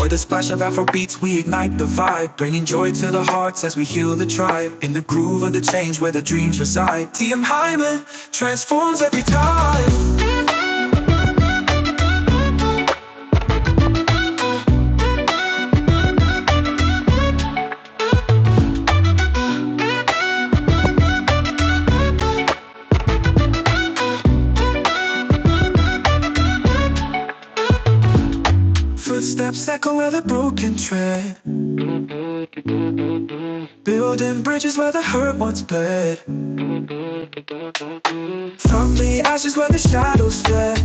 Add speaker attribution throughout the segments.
Speaker 1: With a splash of Afro beats, we ignite the vibe, bringing joy to the hearts as we heal the tribe. In the groove of the change where the dreams reside. TM Hyman transforms every time. Footsteps echo where the broken tread, building bridges where the hurt once bled. From the ashes where the shadows fled,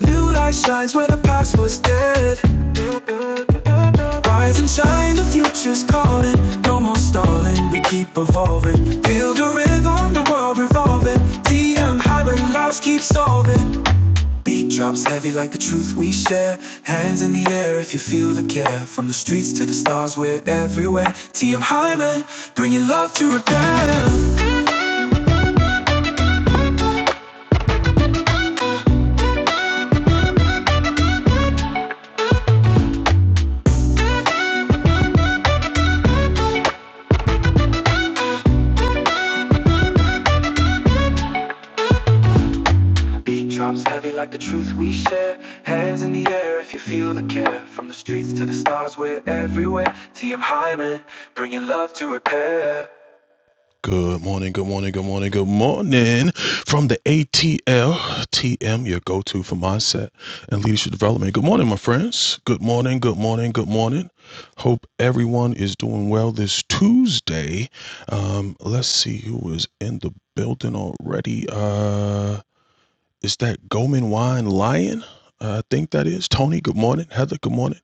Speaker 1: new light shines where the past was dead. Rise and shine, the future's calling. No more stalling, we keep evolving. Build a rhythm, the world revolving. DM high, but lives keep solving. Beat drops heavy like the truth we share. Hands in the air if you feel the care. From the streets to the stars, we're everywhere. TM Hyman, bringing love to repair. Beat drops heavy like the truth we share. Hands in the air if you feel the care. From the streets to the stars, we're everywhere. TM Hyman, bringing love to repair. Good morning, good morning, good morning, good morning from the ATLTM, your go to for mindset and leadership development. Good morning, my friends. Good morning, good morning, good morning. Hope everyone is doing well this Tuesday. Um, let's see who is in the building already. Uh, is that Goldman Wine Lion? Uh, I think that is Tony. Good morning, Heather. Good morning,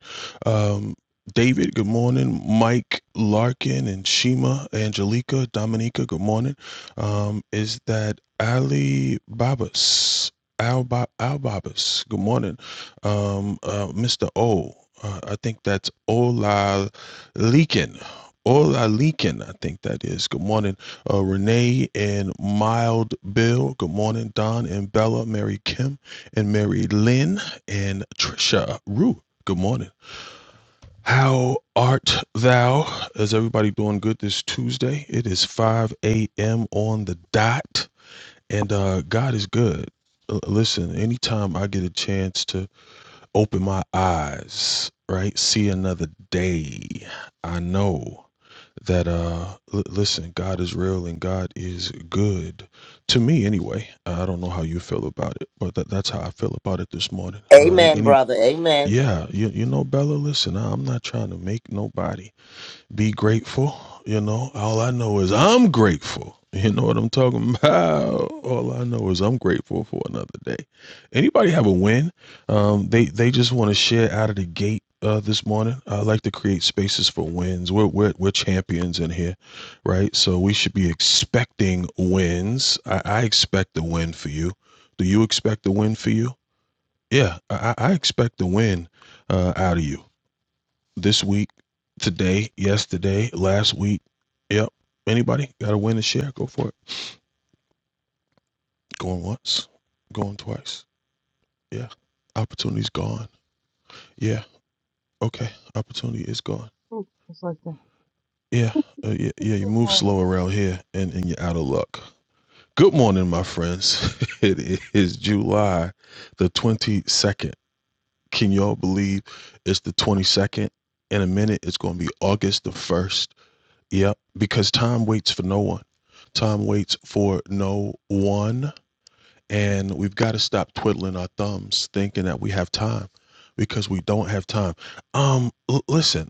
Speaker 1: um, David. Good morning, Mike Larkin and Shima, Angelica, Dominica. Good morning. Um, is that Ali Babas? Al Ba- Al Babas. Good morning, um, uh, Mr. O. Uh, I think that's Ola Leakin. Ola Leakin. I think that is. Good morning uh, Renee and Mild Bill. Good morning, Don and Bella, Mary Kim and Mary Lynn and Trisha Rue. Good morning. How art thou? Is everybody doing good this Tuesday? It is 5 a.m. on the dot, and uh, God is good. L- Listen, anytime I get a chance to open my eyes, right, see another day, I know that uh l- listen god is real and god is good to me anyway i don't know how you feel about it but that, that's how i feel about it this morning uh
Speaker 2: Amen,
Speaker 1: any
Speaker 2: brother. Amen.
Speaker 1: yeah you, you know bella listen I- i'm not trying to make nobody be grateful. You know, all I know is I'm grateful. You know what I'm talking about? All I know is I'm grateful for another day. Anybody have a win? Um, they they just want to share out of the gate uh, this morning. I like to create spaces for wins. We're, we're we're champions in here, right? So we should be expecting wins. I, I expect a win for you. Do you expect a win for you? Yeah, I, I expect a win uh, out of you this week, today, yesterday, last week. Yep. Anybody got a win and share? Go for it. Going once, going twice. Yeah. Opportunity's gone. Yeah. Okay. Opportunity is gone.
Speaker 3: Ooh, it's like that.
Speaker 1: Yeah. Uh, yeah. Yeah. You
Speaker 3: Good
Speaker 1: move
Speaker 3: morning.
Speaker 1: slow around here and, and you're out of luck. Good morning, my friends. it is July the 22nd. Can y'all believe it's the 22nd? In a minute, it's going to be August the 1st. Yep, because time waits for no one. Time waits for no one. And we've got to stop twiddling our thumbs thinking that we have time because we don't have time. Um, l- listen,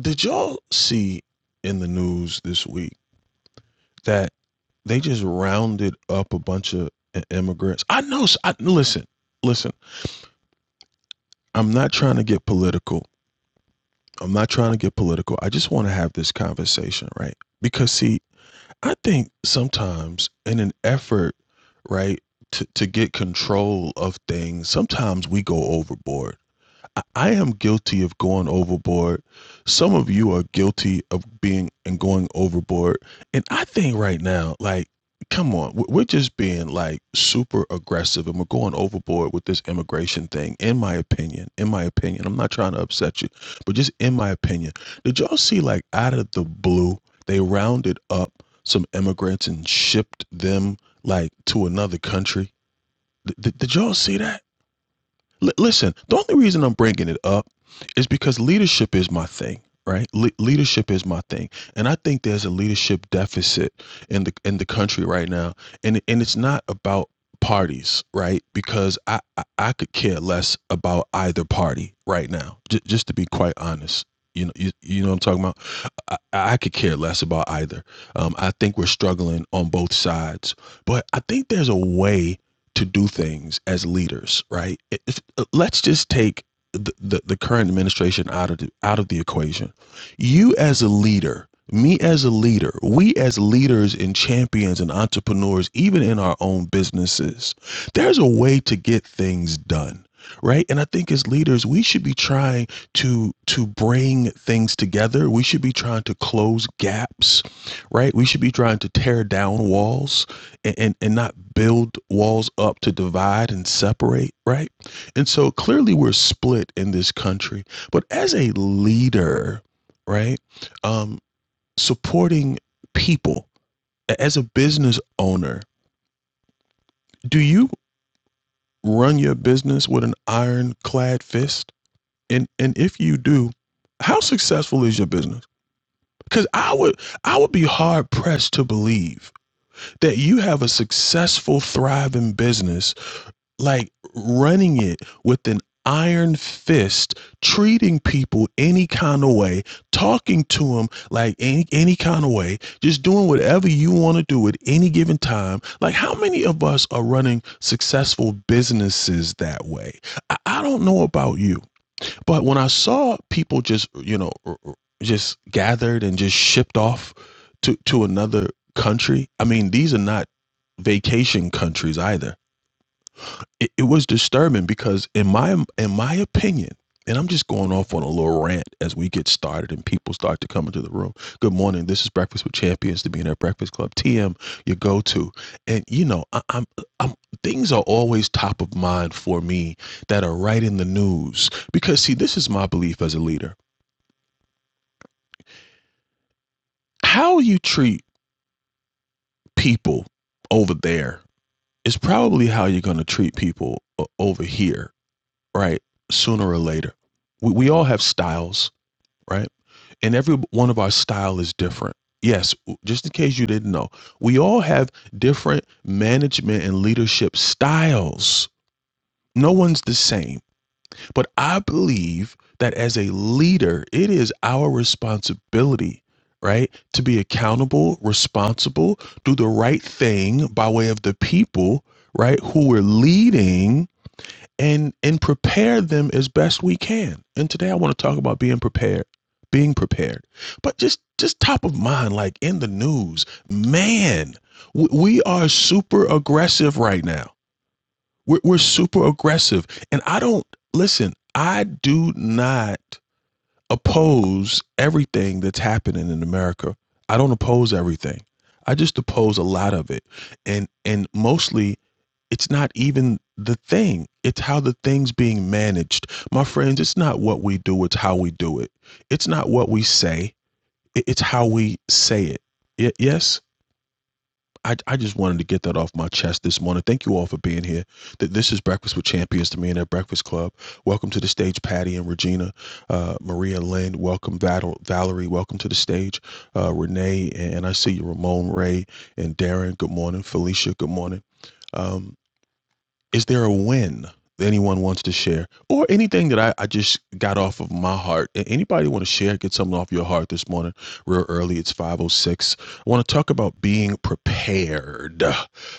Speaker 1: did y'all see in the news this week that they just rounded up a bunch of i- immigrants? I know. s- I, listen, listen, I'm not trying to get political. I'm not trying to get political. I just want to have this conversation, right? Because, see, I think sometimes in an effort, right, to, to get control of things, sometimes we go overboard. I I am guilty of going overboard. Some of you are guilty of being and going overboard. And I think right now, like, come on, we- we're just being like super aggressive and we're going overboard with this immigration thing, in my opinion. In my opinion, I'm not trying to upset you, but just in my opinion, did y'all see, like, out of the blue, they rounded up some immigrants and shipped them, like, to another country? Did, did y'all see that? L- listen, the only reason I'm bringing it up is because leadership is my thing, right? Le- leadership is my thing, and I think there's a leadership deficit in the in the country right now, and and it's not about parties, right? Because I I, I could care less about either party right now, j- just to be quite honest. You know, you, you know what I'm talking about. I, I could care less about either. Um, I think we're struggling on both sides, but I think there's a way to do things as leaders, right? If, uh, let's just take the, the, the current administration out of the, out of the equation. You as a leader, me as a leader, we as leaders and champions and entrepreneurs, even in our own businesses, there's a way to get things done. Right. And I think as leaders, we should be trying to to bring things together. We should be trying to close gaps. Right. We should be trying to tear down walls and, and and not build walls up to divide and separate right and so clearly we're split in this country but as a leader right um supporting people as a business owner do you run your business with an ironclad fist and and if you do how successful is your business because i would i would be hard pressed to believe that you have a successful thriving business like running it with an iron fist, treating people any kind of way, talking to them like any any kind of way, just doing whatever you want to do at any given time. Like how many of us are running successful businesses that way? I, I don't know about you, but when I saw people just, you know, just gathered and just shipped off to to another country, I mean, these are not vacation countries either it, it was disturbing because in my in my opinion and i'm just going off on a little rant as we get started and people start to come into the room good morning this is breakfast with champions to be in our breakfast club tm your go-to and you know I, i'm i'm things are always top of mind for me that are right in the news because see this is my belief as a leader how you treat people over there is probably how you're going to treat people over here right? Sooner or later. We, we all have styles, right? And every one of our style is different. Yes, just in case you didn't know, we all have different management and leadership styles. No one's the same. But I believe that as a leader, it is our responsibility, right, to be accountable, responsible, do the right thing by way of the people, right, who we're leading and and prepare them as best we can. And today I want to talk about being prepared, being prepared. But just just top of mind like in the news, man, we, we are super aggressive right now. We're, we're super aggressive and I don't listen, I do not oppose everything that's happening in America. I don't oppose everything. I just oppose a lot of it. And and mostly it's not even the thing. It's how the thing's being managed. My friends, it's not what we do, it's how we do it. It's not what we say, it's how we say it. Y- yes? I, I just wanted to get that off my chest this morning. Thank you all for being here. Th- This is Breakfast with Champions to me and at Breakfast Club. Welcome to the stage, Patty and Regina, uh, Maria Lynn. Welcome, Val- Valerie. Welcome to the stage, uh, Renee. And I see you, Ramon Ray and Darren. Good morning, Felicia. Good morning. Um, is there a win that anyone wants to share or anything that I, I just got off of my heart A- anybody want to share get something off your heart this morning real early it's 506 i want to talk about being prepared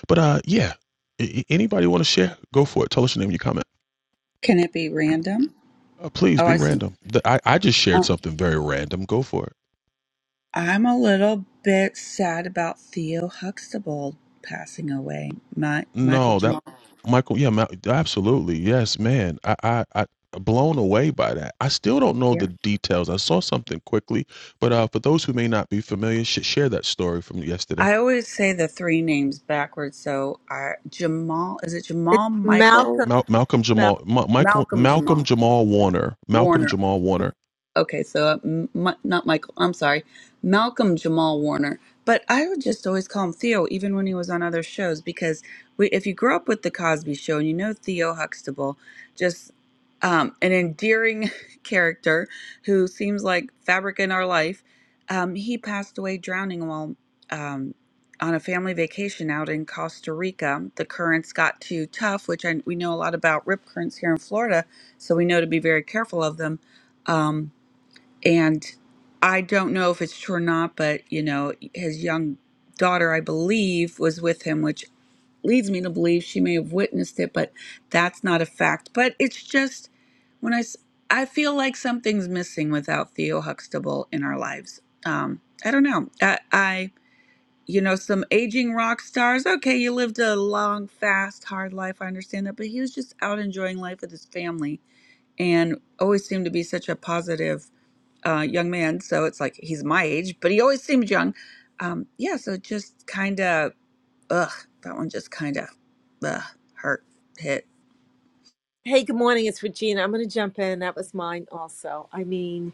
Speaker 1: but uh yeah a- a- anybody want to share go for it tell us your name and your comment
Speaker 4: Can it be random?
Speaker 1: uh, please
Speaker 4: Oh,
Speaker 1: be
Speaker 4: I see.
Speaker 1: random the, I, I just shared
Speaker 4: Uh,
Speaker 1: something very random go for it
Speaker 4: I'm a little bit sad about Theo Huxtable passing away. My, Michael
Speaker 1: No, that
Speaker 4: Jamal.
Speaker 1: Michael, yeah, Ma- absolutely. Yes, man. I, I, I blown away by that. I still don't know the
Speaker 4: Yeah.
Speaker 1: details. I saw something quickly, but uh, for those who may not be familiar, sh- share that story from yesterday.
Speaker 4: I always say the three names backwards. So I, Jamal, is it Jamal,
Speaker 5: It's
Speaker 4: Michael,
Speaker 5: Malcolm.
Speaker 1: Mal- Malcolm Jamal,
Speaker 5: Malcolm.
Speaker 1: Ma- Michael,
Speaker 4: Malcolm
Speaker 1: Malcolm
Speaker 4: Jamal,
Speaker 1: Jamal Warner, Malcolm
Speaker 4: Warner?
Speaker 1: Jamal Warner.
Speaker 4: Okay, so uh, M- not Michael. I'm sorry, Malcolm Jamal Warner. But I would just always call him Theo, even when he was on other shows, because we, if you grew up with the Cosby Show and you know Theo Huxtable, just um, an endearing character who seems like fabric in our life, um, he passed away drowning while um, on a family vacation out in Costa Rica. The currents got too tough, which I, we know a lot about rip currents here in Florida, so we know to be very careful of them. Um, and I don't know if it's true or not, but you know, his young daughter, I believe, was with him, which leads me to believe she may have witnessed it, but that's not a fact. But it's just when I, s- I feel like something's missing without Theo Huxtable in our lives. Um, I don't know. I, I, you know, some aging rock stars. Okay, you lived a long, fast, hard life. I understand that, but he was just out enjoying life with his family and always seemed to be such a positive uh, young man, so it's like he's my age, but he always seemed young. Um, yeah, so just kind of, ugh, that one just kind of, ugh, hurt, hit.
Speaker 5: Hey, good morning. It's Regina. I'm going to jump in. That was mine also. I mean,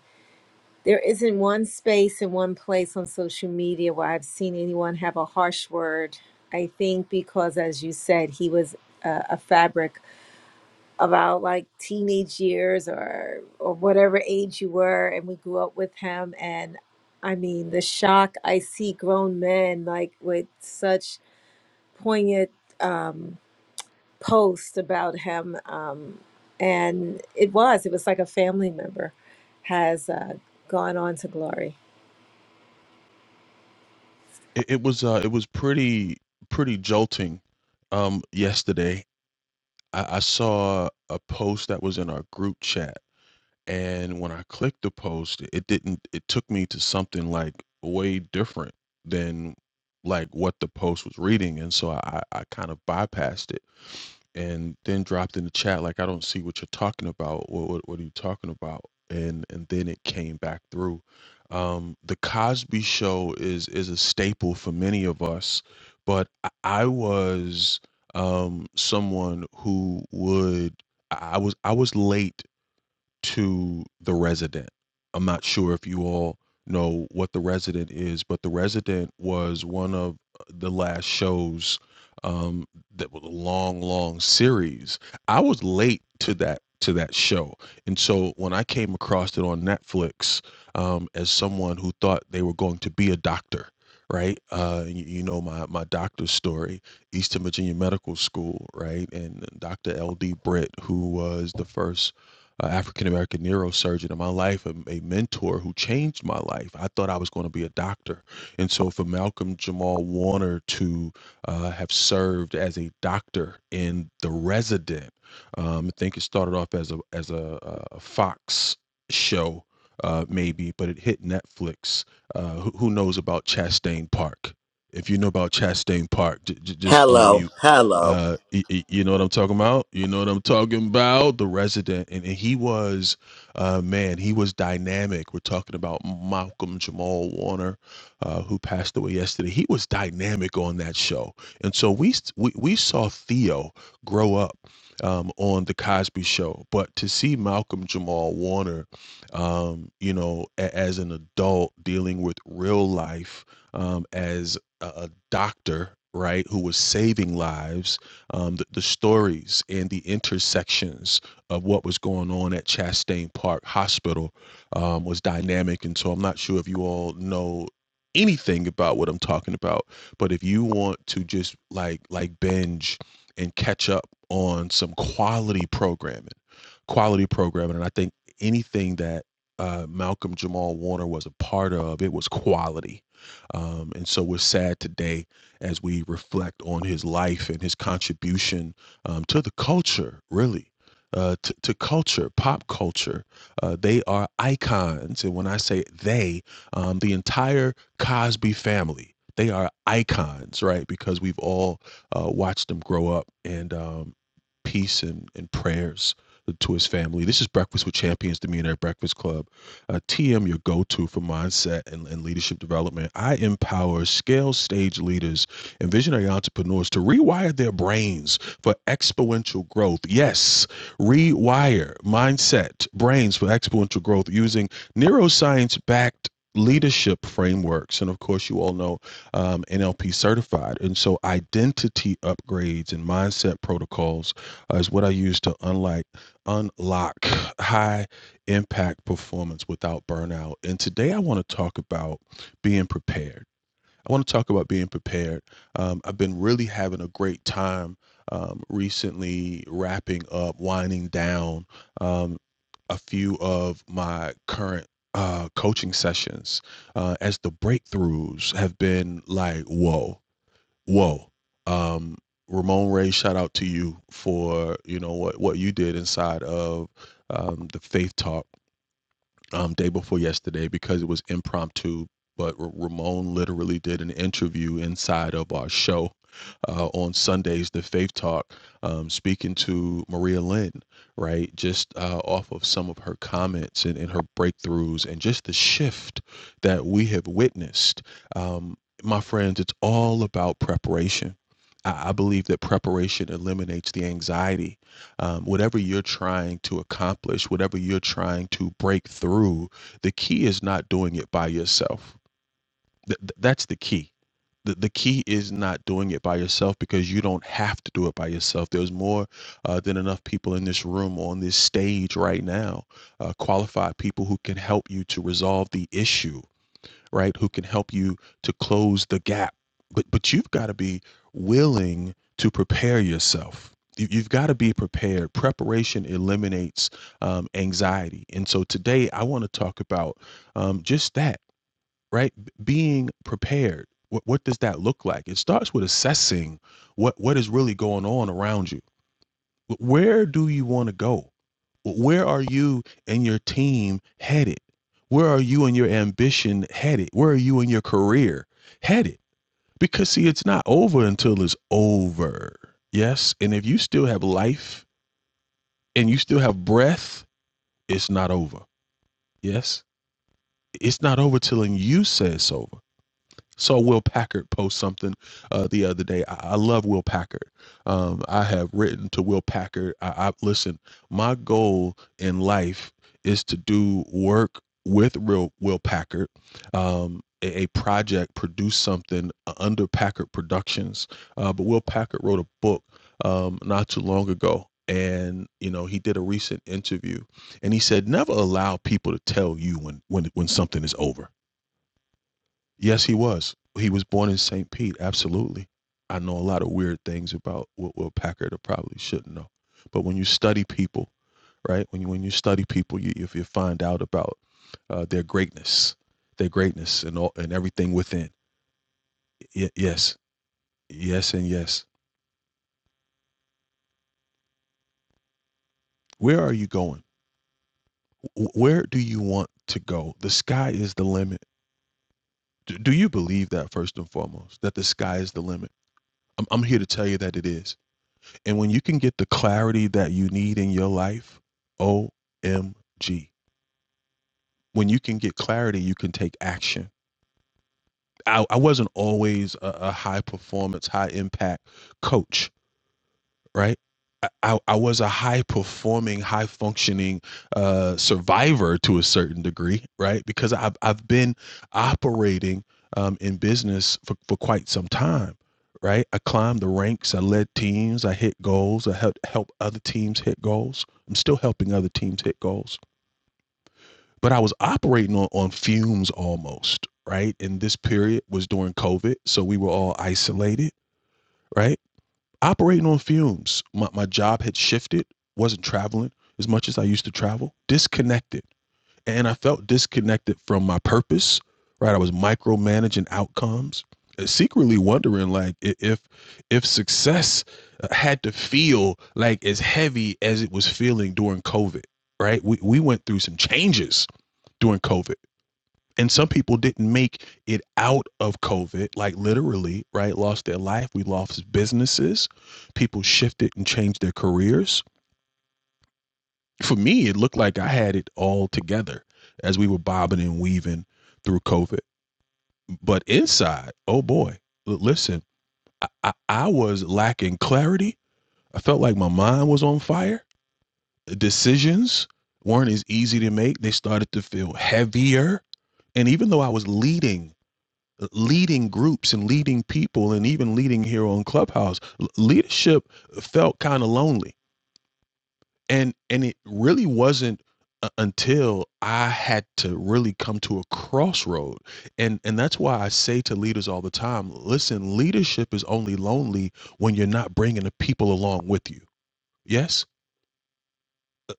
Speaker 5: there isn't one space and one place on social media where I've seen anyone have a harsh word. I think because, as you said, he was a, a fabric of our like teenage years or or whatever age you were, and we grew up with him. And I mean, the shock I see grown men like with such poignant. Um, post about him um, and it was it was like a family member has uh, gone on to glory
Speaker 1: It, it was, uh, it was pretty, pretty jolting. Um, yesterday, I, I saw a post that was in our group chat And when I clicked the post, it didn't, it took me to something like way different than like what the post was reading. And so I, I kind of bypassed it and then dropped in the chat, like, I don't see what you're talking about. What, what, what are you talking about? And, and then it came back through. Um, the Cosby show is, is a staple for many of us, but I I was, um, someone who would, I I was, I was late to the resident. I'm not sure if you all know what the resident is, but the resident was one of uh, the last shows um, that was a long, long series. I was late to that to that show, and so when I came across it on Netflix, um, as someone who thought they were going to be a doctor. Right, uh, you, you know my my doctor's story, Eastern Virginia Medical School, right, and Dr. L. D. Britt, who was the first an African American neurosurgeon in my life, a, a mentor who changed my life. I thought I was going to be a doctor. And so for Malcolm Jamal Warner to uh, have served as a doctor in The Resident, um, I think it started off as a, as a, uh, a Fox show. Uh, maybe, but it hit Netflix. Uh, who, who knows about Chastain Park? If you know about Chastain Park, j- j- just unmute
Speaker 2: Hello, hello.
Speaker 1: uh, you know what I'm talking about? You know what I'm talking about? The resident, and, and he was, uh, man, he was dynamic. We're talking about Malcolm Jamal Warner, uh, who passed away yesterday. He was dynamic on that show, and so we we, we saw Theo grow up um, on the Cosby Show, but to see Malcolm Jamal Warner, um, you know, a- as an adult dealing with real life um, as a, doctor, right, who was saving lives, um, the, the stories and the intersections of what was going on at Chastain Park Hospital um, was dynamic. And so I'm not sure if you all know anything about what I'm talking about, but if you want to just like like binge and catch up on some quality programming, quality programming, and I think anything that uh, Malcolm Jamal Warner was a part of, it was quality um, and so we're sad today as we reflect on his life and his contribution um, to the culture, really. Uh, to, to culture, pop culture. Uh, they are icons. And when I say they, um, the entire Cosby family, they are icons, right? Because we've all uh, watched them grow up and um, peace and, and prayers to his family. This is Breakfast with Champions, the Millionaire Breakfast Club uh, TM, your go to for mindset and, and leadership development. I empower scale stage leaders and visionary entrepreneurs to rewire their brains for exponential growth. Yes, rewire mindset, brains for exponential growth using neuroscience backed leadership frameworks and of course you all know um, nlp certified and so identity upgrades and mindset protocols uh, is what i use to unlike unlock high impact performance without burnout. And today I want to talk about being prepared. I want to talk about being prepared. Um, I've been really having a great time um, recently wrapping up, winding down um, a few of my current uh, coaching sessions uh, as the breakthroughs have been like, whoa, whoa. Um, Ramon Ray, shout out to you for you know what what you did inside of um, the Faith Talk um, day before yesterday because it was impromptu. But Ramon literally did an interview inside of our show uh, on Sundays, the Faith Talk, um, speaking to Maria Lynn, right? Just uh, off of some of her comments and, and her breakthroughs and just the shift that we have witnessed. Um, my friends, it's all about preparation. I I believe that preparation eliminates the anxiety um, whatever you're trying to accomplish, whatever you're trying to break through, the key is not doing it by yourself. Th- th- that's the key. The, the key is not doing it by yourself because you don't have to do it by yourself. There's more uh, than enough people in this room, on this stage right now, uh, qualified people who can help you to resolve the issue right? Who can help you to close the gap. But but you've got to be willing to prepare yourself. You, you've got to be prepared. Preparation eliminates um, anxiety. And so today I want to talk about um, just that, right? Being prepared. What, what does that look like? It starts with assessing what, what is really going on around you where do you want to go? Where are you and your team headed? Where are you and your ambition headed? Where are you and your career headed? Because, see, it's not over until it's over. Yes. And if you still have life and you still have breath, it's not over. Yes. It's not over till you say it's over. Saw Will Packard post something uh, the other day. I, I love Will Packard. Um, I have written to Will Packard. I, I listen. My goal in life is to do work with real Will Packard, um, a, a project, produce something uh, under Packard Productions. Uh, but Will Packard wrote a book um, not too long ago, and you know he did a recent interview, and he said never allow people to tell you when when when something is over Yes, he was. He was born in St. Pete. Absolutely. I know a lot of weird things about what Will Packard I probably shouldn't know. But when you study people, right? When you when you study people, you if you find out about uh, their greatness, their greatness, and all and everything within. Y- yes, yes, and yes. Where are you going? W- Where do you want to go? The sky is the limit. Do, do you believe that first and foremost? That the sky is the limit. I'm, I'm here to tell you that it is And when you can get the clarity that you need in your life, OMG. When you can get clarity, you can take action. I, I wasn't always a, a high performance, high impact coach. right? I, I I was a high performing, high functioning uh, survivor to a certain degree, right? Because I've, I've been operating um, in business for, for quite some time, right? I climbed the ranks, I led teams, I hit goals, I helped help other teams hit goals. I'm still helping other teams hit goals, but I was operating on, on fumes almost, right? And this period was during COVID, so we were all isolated, right? operating on fumes. My, my job had shifted, wasn't traveling as much as I used to travel, disconnected. And I felt disconnected from my purpose, right? I was micromanaging outcomes, uh, secretly wondering like if if success uh, had to feel like as heavy as it was feeling during COVID, right? We we went through some changes during COVID and some people didn't make it out of covid like literally right lost their life we lost businesses people shifted and changed their careers for me it looked like i had it all together as we were bobbing and weaving through covid but inside oh boy l- listen i, I, I was lacking clarity i felt like my mind was on fire decisions weren't as easy to make they started to feel heavier and even though i was leading leading groups and leading people and even leading here on clubhouse l- leadership felt kind of lonely and and it really wasn't u- until i had to really come to a crossroad and and that's why i say to leaders all the time listen leadership is only lonely when you're not bringing the people along with you yes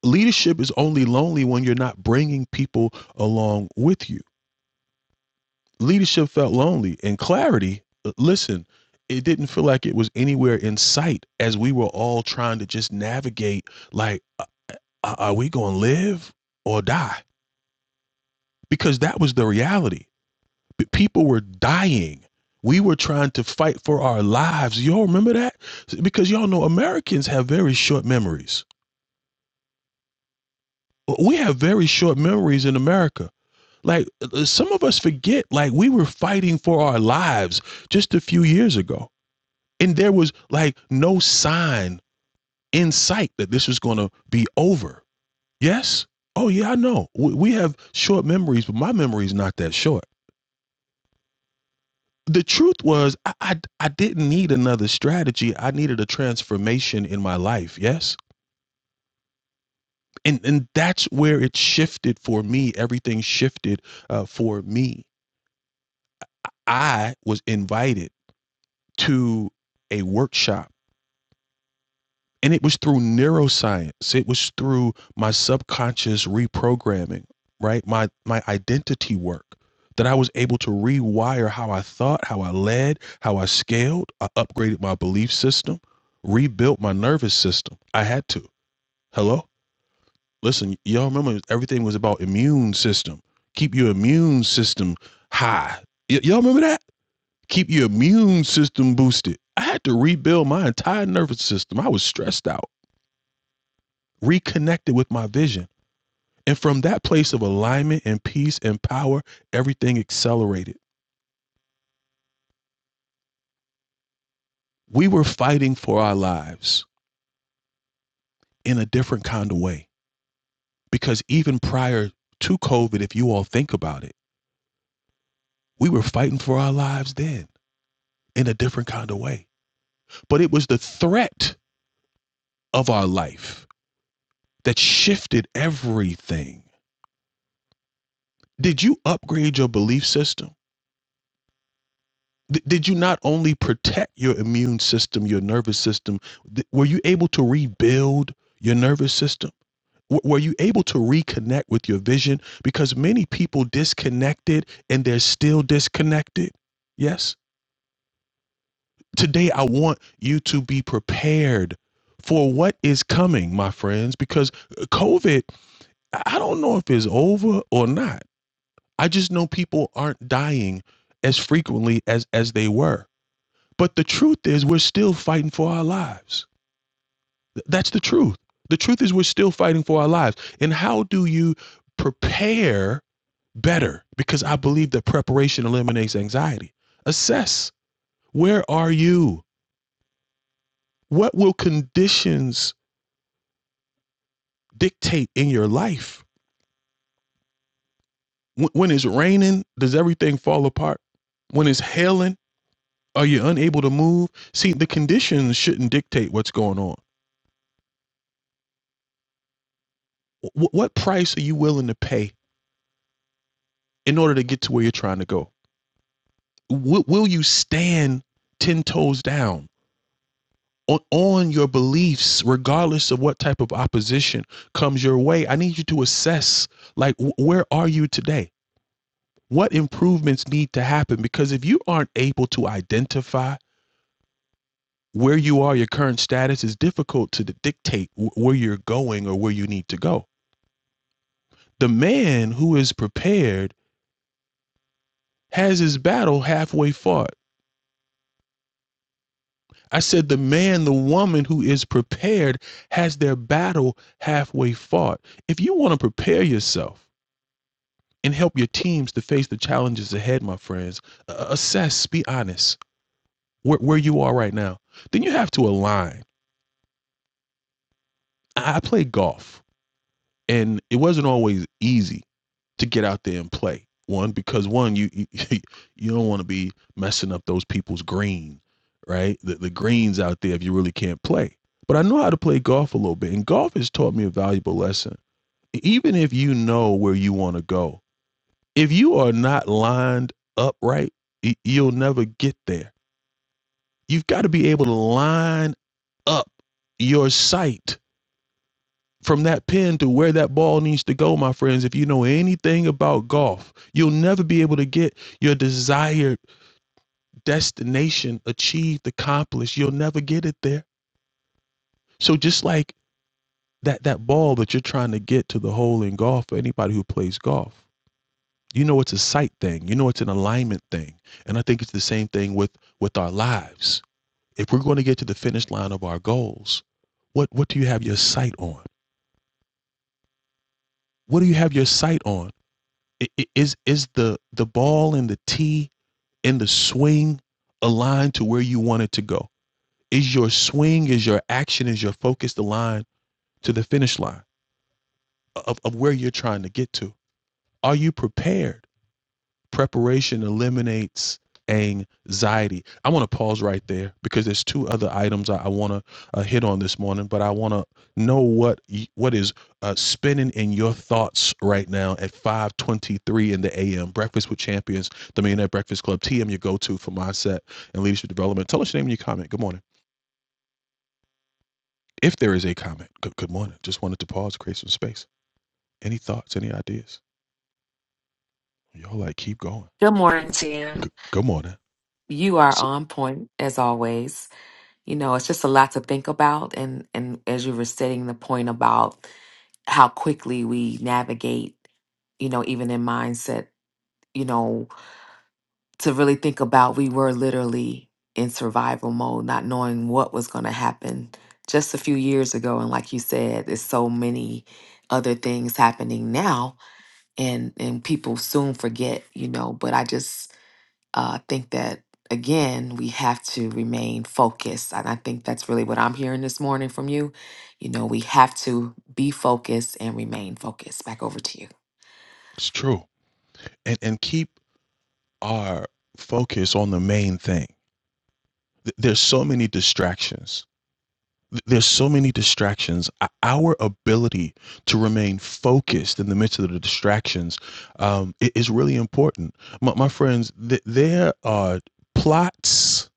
Speaker 1: leadership is only lonely when you're not bringing people along with you leadership felt lonely and clarity uh, listen it didn't feel like it was anywhere in sight as we were all trying to just navigate like are we going to live or die because that was the reality but people were dying we were trying to fight for our lives y'all remember that because y'all know americans have very short memories we have very short memories in america like uh, uh, some of us forget like we were fighting for our lives just a few years ago And there was like no sign in sight that this was going to be over. Yes? Oh, yeah, I know. We, have short memories, but my memory is not that short. The truth was, I, I, I didn't need another strategy. I needed a transformation in my life. Yes? And, and that's where it shifted for me. Everything shifted uh, for me. I was invited to a workshop And it was through neuroscience. It was through my subconscious reprogramming, right? My my identity work that I was able to rewire how I thought, how I led, how I scaled. I upgraded my belief system, rebuilt my nervous system. I had to. Hello? Listen, y'all remember everything was about immune system. Keep your immune system high. Y- y'all remember that? Keep your immune system boosted. I had to rebuild my entire nervous system. I was stressed out reconnected with my vision. And from that place of alignment and peace and power, everything accelerated. We were fighting for our lives in a different kind of way because even prior to COVID, if you all think about it, we were fighting for our lives then in a different kind of way. But it was the threat of our life that shifted everything. Did you upgrade your belief system? Th- did you not only protect your immune system, your nervous system, th- were you able to rebuild your nervous system? W- Were you able to reconnect with your vision? Because many people disconnected and they're still disconnected. Yes. Today, I want you to be prepared for what is coming, my friends, because uh, COVID, I I don't know if it's over or not. I just know people aren't dying as frequently as as they were But the truth is, we're still fighting for our lives. That's the truth. The truth is, we're still fighting for our lives. And how do you prepare better? Because I believe that preparation eliminates anxiety. Assess where are you? What will conditions dictate in your life? When it's raining, does everything fall apart? When it's hailing, are you unable to move? See, the conditions shouldn't dictate what's going on. What price are you willing to pay in order to get to where you're trying to go? Will, will you stand 10 toes down on, on your beliefs, regardless of what type of opposition comes your way? I need you to assess, like, wh- where are you today? What improvements need to happen? Because if you aren't able to identify where you are, your current status is difficult to dictate wh- where you're going or where you need to go. The man who is prepared has his battle halfway fought I said, the man, the woman who is prepared has their battle halfway fought. If you want to prepare yourself and help your teams to face the challenges ahead, my friends, uh, assess, be honest where, where you are right now. Then you have to align. I, I played golf and it wasn't always easy. to get out there and play. One, because one, you you, you don't want to be messing up those people's green, right? The, the greens out there if you really can't play. But I know how to play golf a little bit, and golf has taught me a valuable lesson. E, Even if you know where you want to go, if you are not lined up right, you'll never get there. You've got to be able to line up your sight from that pin to where that ball needs to go, my friends, if you know anything about golf, you'll never be able to get your desired destination achieved, accomplished. You'll never get it there. So just like that that ball that you're trying to get to the hole in golf for anybody who plays golf, you know it's a sight thing. You know it's an alignment thing. And I think it's the same thing with with our lives. If we're going to get to the finish line of our goals, what what do you have your sight on? What do you have your sight on? Is is the the ball and the tee and the swing aligned to where you want it to go? Is your swing, is your action, is your focus aligned to the finish line of, of where you're trying to get to? Are you prepared? Preparation eliminates anxiety. I want to pause right there because there's two other items I, I want to uh, hit on this morning, but I want to know what what is uh, spinning in your thoughts right now at 5:23 in the a.m. Breakfast with Champions, the Millionaire Breakfast Club. TM, your go-to for mindset and leadership development. Tell us your name and your comment. Good morning. If there is a comment, good, good morning. Just wanted to pause, create some space. Any thoughts? Any ideas? Y'all like keep going.
Speaker 6: Good morning, Jan.
Speaker 1: Good, good morning.
Speaker 6: You are
Speaker 1: What's up?
Speaker 6: on point as always. You know, it's just a lot to think about and and as you were stating the point about how quickly we navigate, you know, even in mindset, you know, to really think about we were literally in survival mode, not knowing what was going to happen just a few years ago and like you said, there's so many other things happening now and and people soon forget, you know, but I just uh, I think that again we have to remain focused, and I think that's really what I'm hearing this morning from you. You know, we have to be focused and remain focused. Back over to you.
Speaker 1: It's true. And and keep are focused on the main thing. There's so many distractions. There's so many distractions. Our ability to remain focused in the midst of the distractions um, is really important. My, my friends, th- there are plots,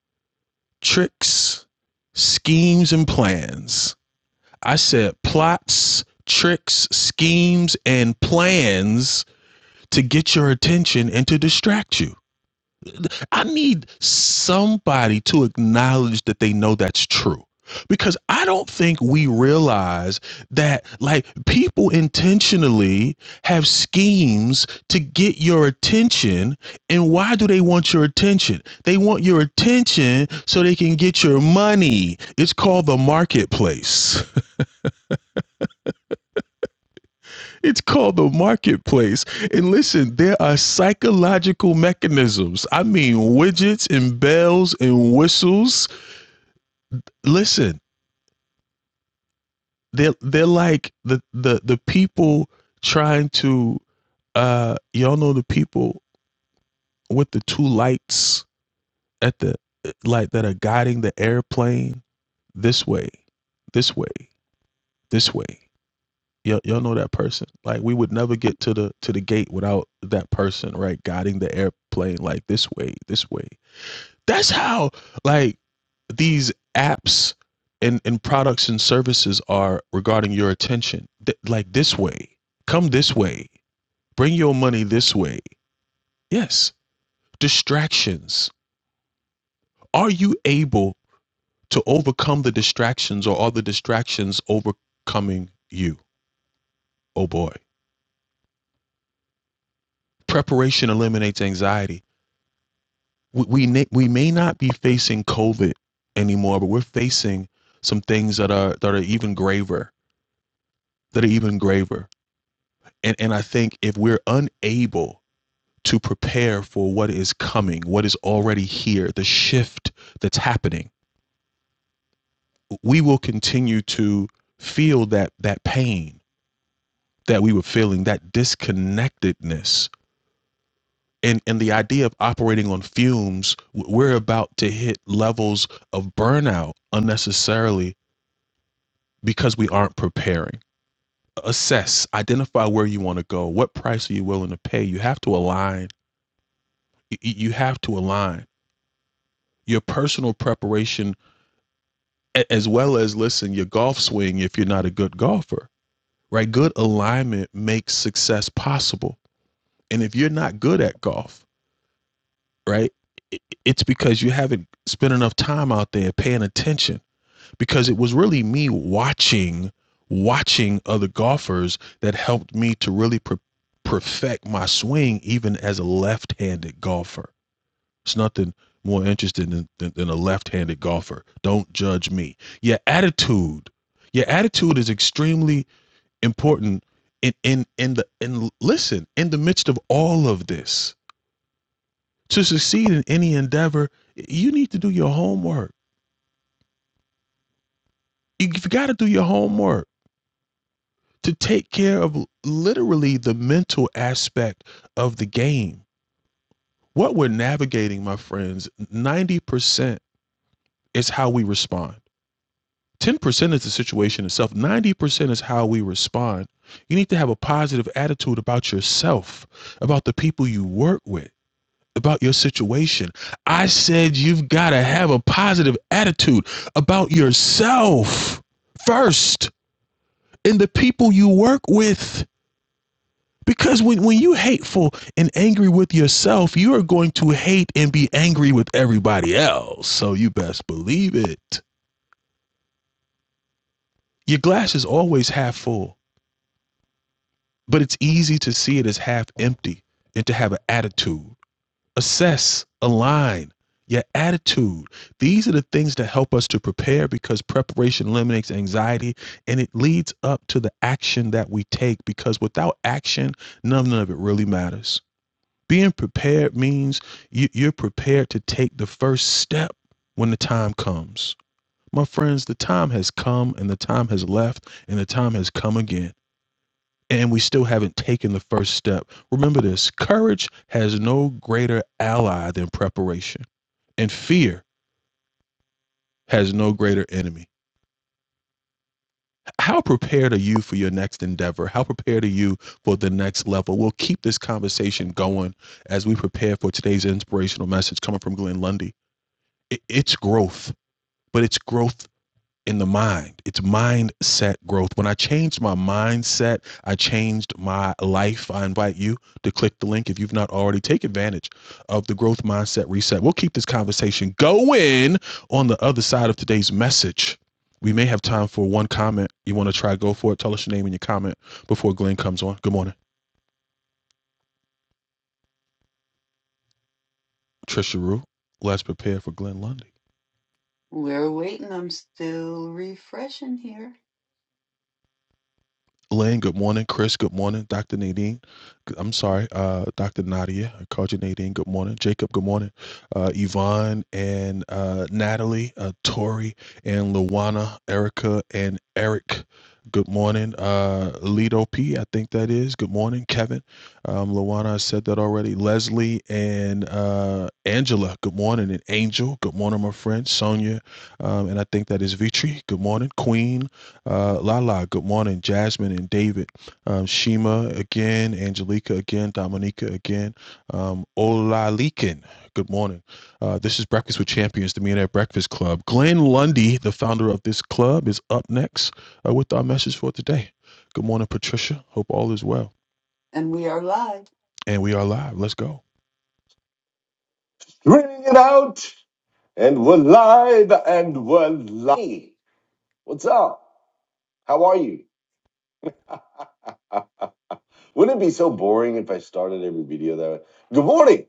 Speaker 1: tricks, schemes, and plans. I said plots, tricks, schemes, and plans to get your attention and to distract you. I need somebody to acknowledge that they know that's true. Because I don't think we realize that, like, people intentionally have schemes to get your attention. And why do they want your attention? They want your attention so they can get your money. It's called the marketplace. It's called the marketplace. And listen, there are psychological mechanisms. I mean, widgets and bells and whistles listen, they're they're like the the the people trying to uh y'all know the people with the two lights at the light that are guiding the airplane this way, this way, this way. Y'all, y'all know that person. Like we would never get to the to the gate without that person, right? Guiding the airplane like this way, this way. That's how like these apps and, and products and services are regarding your attention. Th- like this way, come this way, bring your money this way. Yes, distractions. Are you able to overcome the distractions or are the distractions overcoming you? Oh boy. Preparation eliminates anxiety. We, we, na- we may not be facing COVID anymore, but we're facing some things that are that are even graver, that are even graver and and I think if we're unable to prepare for what is coming, what is already here, the shift that's happening, we will continue to feel that that pain that we were feeling, that disconnectedness. And, and the idea of operating on fumes, we're about to hit levels of burnout unnecessarily because we aren't preparing. Assess, identify where you want to go. What price are you willing to pay? You have to align. Y- You have to align your personal preparation as well as listen your golf swing if you're not a good golfer right good alignment makes success possible and if you're not good at golf right it's because you haven't spent enough time out there paying attention because it was really me watching watching other golfers that helped me to really pre- perfect my swing even as a left-handed golfer It's nothing more interesting than, than, than a left-handed golfer. Don't judge me. Your attitude, your attitude is extremely important in in in the in listen in the midst of all of this. To succeed in any endeavor, you need to do your homework. You've got to do your homework to take care of literally the mental aspect of the game. What we're navigating, my friends, 90% is how we respond. 10% is the situation itself, 90% is how we respond. You need to have a positive attitude about yourself, about the people you work with, about your situation. I said you've got to have a positive attitude about yourself first and the people you work with. Because when, when you hateful and angry with yourself, you are going to hate and be angry with everybody else. So you best believe it. Your glass is always half full But it's easy to see it as half empty and to have an attitude. Assess, align your attitude. These are the things that help us to prepare because preparation eliminates anxiety and it leads up to the action that we take because without action, none of it really matters. Being prepared means you- are prepared to take the first step when the time comes. My friends, the time has come and the time has left and the time has come again and we still haven't taken the first step. Remember this courage has no greater ally than preparation, and fear has no greater enemy. How prepared are you for your next endeavor? How prepared are you for the next level? We'll keep this conversation going as we prepare for today's inspirational message coming from Glenn Lundy. It's growth, but it's growth in the mind. It's mindset growth. When I changed my mindset, I changed my life. I invite you to click the link if you've not already. Take advantage of the growth mindset reset. We'll keep this conversation going on the other side of today's message. We may have time for one comment. You want to try, go for it. Tell us your name and your comment before Glenn comes on. Good morning. Trisha Rue. Let's prepare for Glenn Lundy.
Speaker 3: We're waiting. I'm still refreshing here.
Speaker 1: Lane, good morning. Chris, good morning. Dr. Nadine, g- I'm sorry, uh, Dr. Nadia, I called you Nadine, good morning. Jacob, good morning. Uh, Yvonne and uh, Natalie, uh, Tori and Luana, Erica and Eric, good morning. Uh, Lido P, I think that is, good morning. Kevin, um, Luana, I said that already. Leslie and uh, Angela, good morning. And Angel, good morning, my friend. Sonia, um, and I think that is Vitri, good morning. Queen, uh, Lala, good morning. Jasmine and David. Um, Shima again. Angelica again. Dominica again. Um, Olalikin, good morning. Uh, this is Breakfast with Champions, the Millionaire Breakfast Club. Glenn Lundy, the founder of this club, is up next uh, with our message for today. Good morning, Patricia. Hope all is well.
Speaker 3: And we are live.
Speaker 1: And we are live. Let's go.
Speaker 3: Ring it out, and we're live, and we're live. What's up? How are you? Wouldn't it be so boring if I started every video that way? Good morning.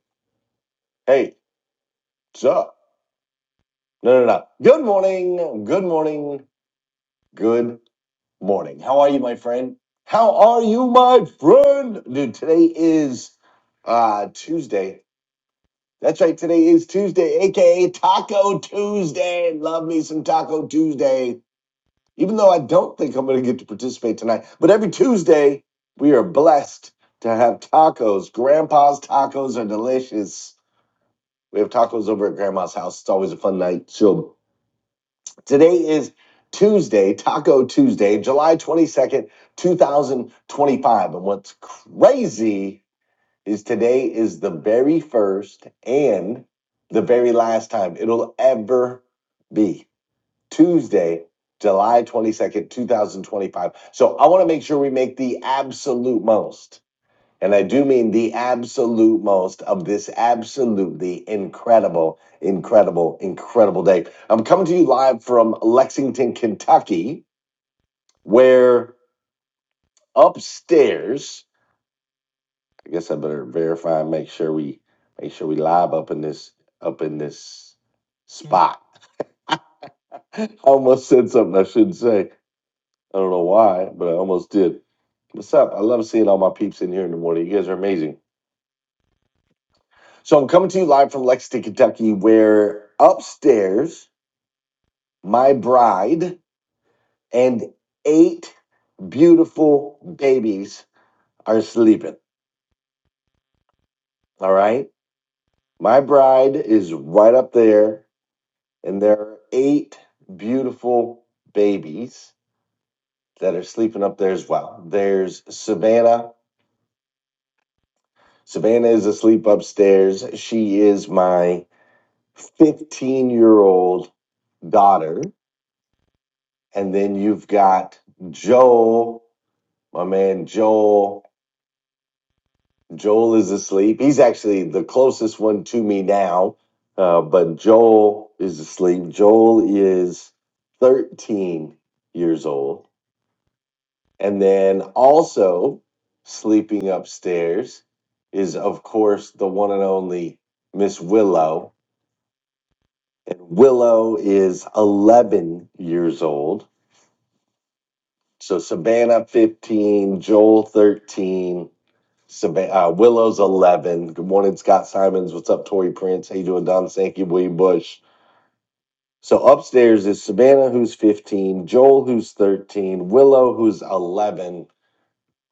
Speaker 3: Hey, what's up? No, no, no. Good morning. Good morning. Good morning. How are you, my friend? How are you, my friend? Dude, today is uh Tuesday. That's right. Today is Tuesday, aka Taco Tuesday. Love me some Taco Tuesday. Even though I don't think I'm going to get to participate tonight, but every Tuesday we are blessed to have tacos. Grandpa's tacos are delicious. We have tacos over at Grandma's house. It's always a fun night. So today is Tuesday, Taco Tuesday, July 22nd, 2025. And what's crazy is today is the very first and the very last time it'll ever be Tuesday, July 22nd, 2025. So I want to make sure we make the absolute most, and I do mean the absolute most of this absolutely incredible, incredible, incredible day. I'm coming to you live from Lexington, Kentucky, where upstairs I guess I better verify and make sure we make sure we live up in this up in this spot. I almost said something I shouldn't say. I don't know why, but I almost did. What's up? I love seeing all my peeps in here in the morning. You guys are amazing. So I'm coming to you live from Lexington, Kentucky, where upstairs my bride and eight beautiful babies are sleeping. All right. My bride is right up there and there are eight beautiful babies that are sleeping up there as well. There's Savannah. Savannah is asleep upstairs. She is my 15 year old daughter. And then you've got Joel, my man Joel. Joel is asleep. He's actually the closest one to me now, uh, but Joel is asleep. Joel is 13 years old And then also sleeping upstairs is, of course, the one and only Miss Willow. And Willow is 11 years old. So Savannah 15, Joel 13, Sab- uh, Willow's 11. Good morning, Scott Simons. What's up, Tori Prince? How you doing, Don Sankey, William Bush? So upstairs is Savannah, who's 15, Joel, who's 13, Willow, who's 11,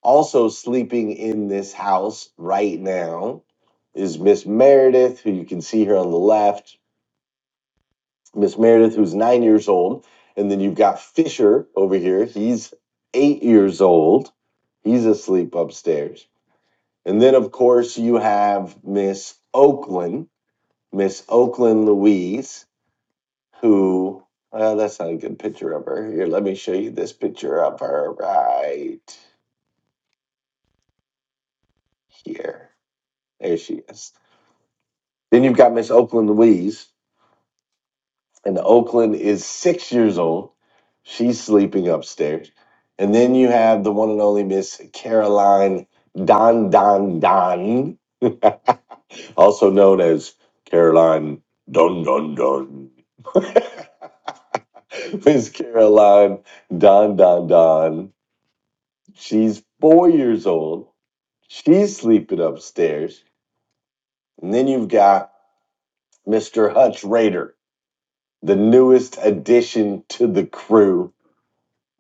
Speaker 3: Also sleeping in this house right now is Miss Meredith, who you can see here on the left. Miss Meredith, who's nine years old. And then you've got Fisher over here. He's eight years old. He's asleep upstairs. And then, of course, you have Miss Oakland, Miss Oakland Louise, who, well, that's not a good picture of her. Here, let me show you this picture of her right here. There she is Then you've got Miss Oakland Louise, and Oakland is six years old. She's sleeping upstairs. And then you have the one and only Miss Caroline Don Don Don, also known as Caroline Don Don Don. Miss Caroline Don Don Don. She's four years old. She's sleeping upstairs. And then you've got Mr. Hutch Rader. the newest addition to the crew,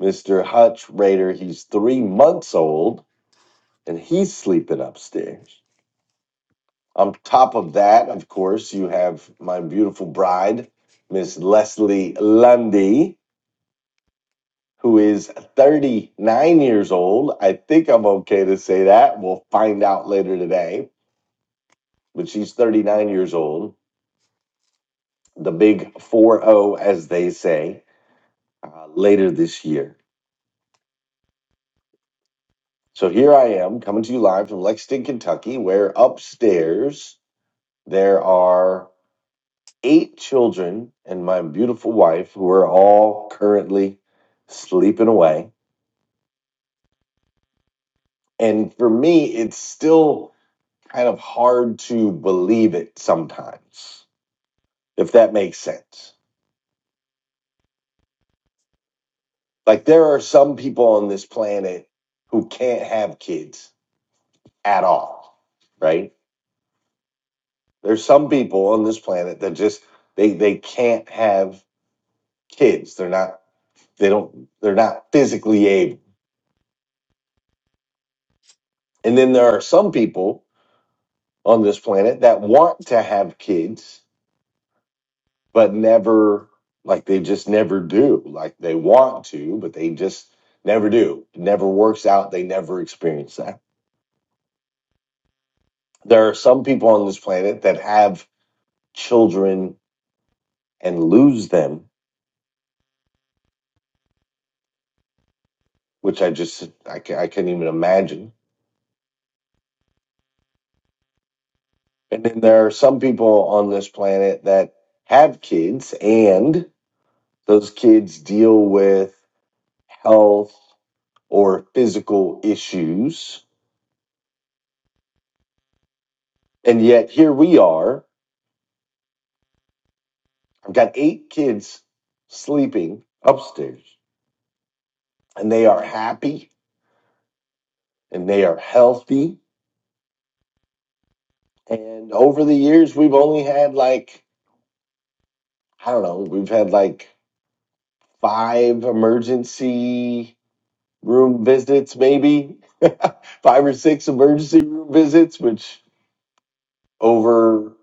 Speaker 3: Mr. Hutch Raider. He's three months old and he's sleeping upstairs. On top of that, of course, you have my beautiful bride, Miss Leslie Lundy, who is 39 years old. I think I'm okay to say that. We'll find out later today, but she's 39 years old, the big 4 0, as they say, uh, later this year. So here I am coming to you live from Lexington, Kentucky, where upstairs there are eight children and my beautiful wife who are all currently sleeping away. And for me, it's still kind of hard to believe it sometimes, if that makes sense. Like there are some people on this planet who can't have kids at all, right? There's some people on this planet that just they they can't have kids. They're not they don't they're not physically able. And then there are some people on this planet that want to have kids but never like they just never do. Like they want to, but they just never do. It never works out. They never experience that. There are some people on this planet that have children and lose them, which I just I can, I can't even imagine. And then there are some people on this planet that have kids and Those kids deal with health or physical issues. And yet here we are. I've got eight kids sleeping upstairs, and they are happy and they are healthy. And over the years, we've only had like, I don't know, we've had like five emergency room visits, maybe five or six emergency room visits, which over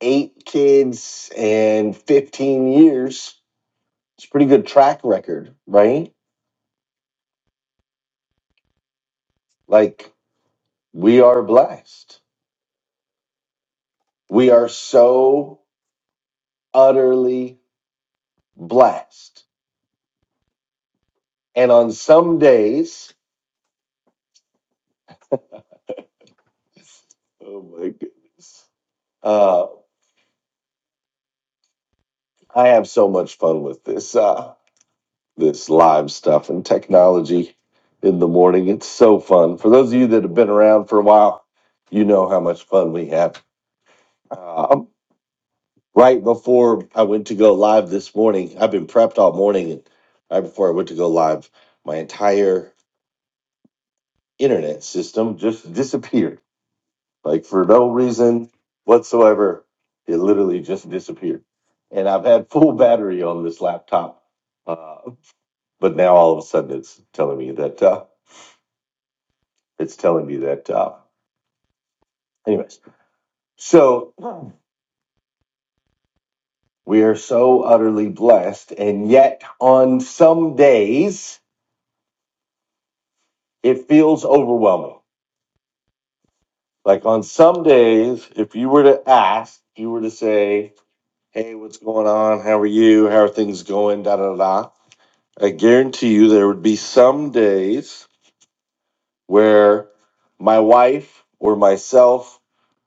Speaker 3: eight kids and 15 years. It's a pretty good track record, right? Like, we are blessed. We are so utterly blessed. And on some days, oh my goodness, uh, I have so much fun with this uh, this live stuff and technology in the morning. It's so fun. For those of you that have been around for a while, you know how much fun we have. Um, right before I went to go live this morning. I've been prepped all morning, and right before I went to go live, my entire internet system just disappeared. Like for no reason whatsoever, it literally just disappeared. And I've had full battery on this laptop, uh, but now all of a sudden it's telling me that uh, it's telling me that. Uh, anyways, so we are so utterly blessed, and yet on some days it feels overwhelming Like on some days, if you were to ask, if you were to say, "Hey, what's going on? How are you? How are things going?" Da da da. I guarantee you, there would be some days where my wife or myself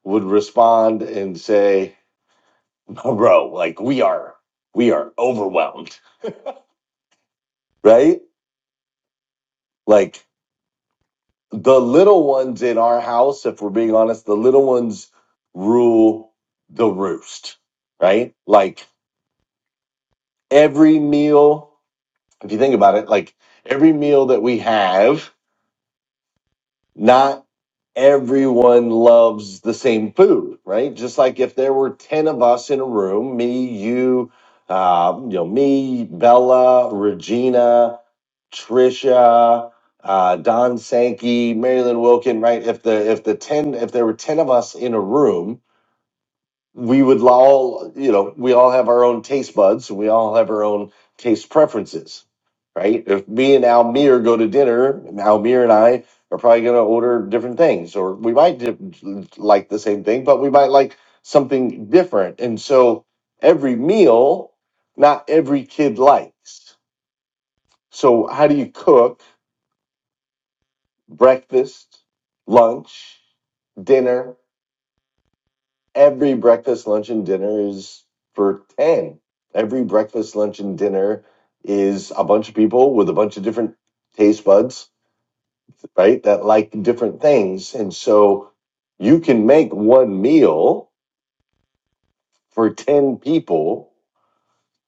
Speaker 3: would respond and say, "Oh, "Bro, like we are, we are overwhelmed, right? Like the little ones in our house. If we're being honest, the little ones rule the roost, right? Like." every meal, if you think about it, like every meal that we have, not everyone loves the same food, right? Just like if there were 10 of us in a room, me, you, uh, you know, me, Bella, Regina, Trisha, uh, Don Sankey, Marilyn Wilkin, right? If the if the 10 if there were 10 of us in a room, we would all, you know, we all have our own taste buds and we all have our own taste preferences, right? If me and Almir go to dinner, Almir and I are probably going to order different things, or we might di- like the same thing, but we might like something different. And so every meal, not every kid likes. So, how do you cook breakfast, lunch, dinner? every breakfast, lunch, and dinner is for 10. Every breakfast, lunch, and dinner is a bunch of people with a bunch of different taste buds, right? That like different things. And so you can make one meal for 10 people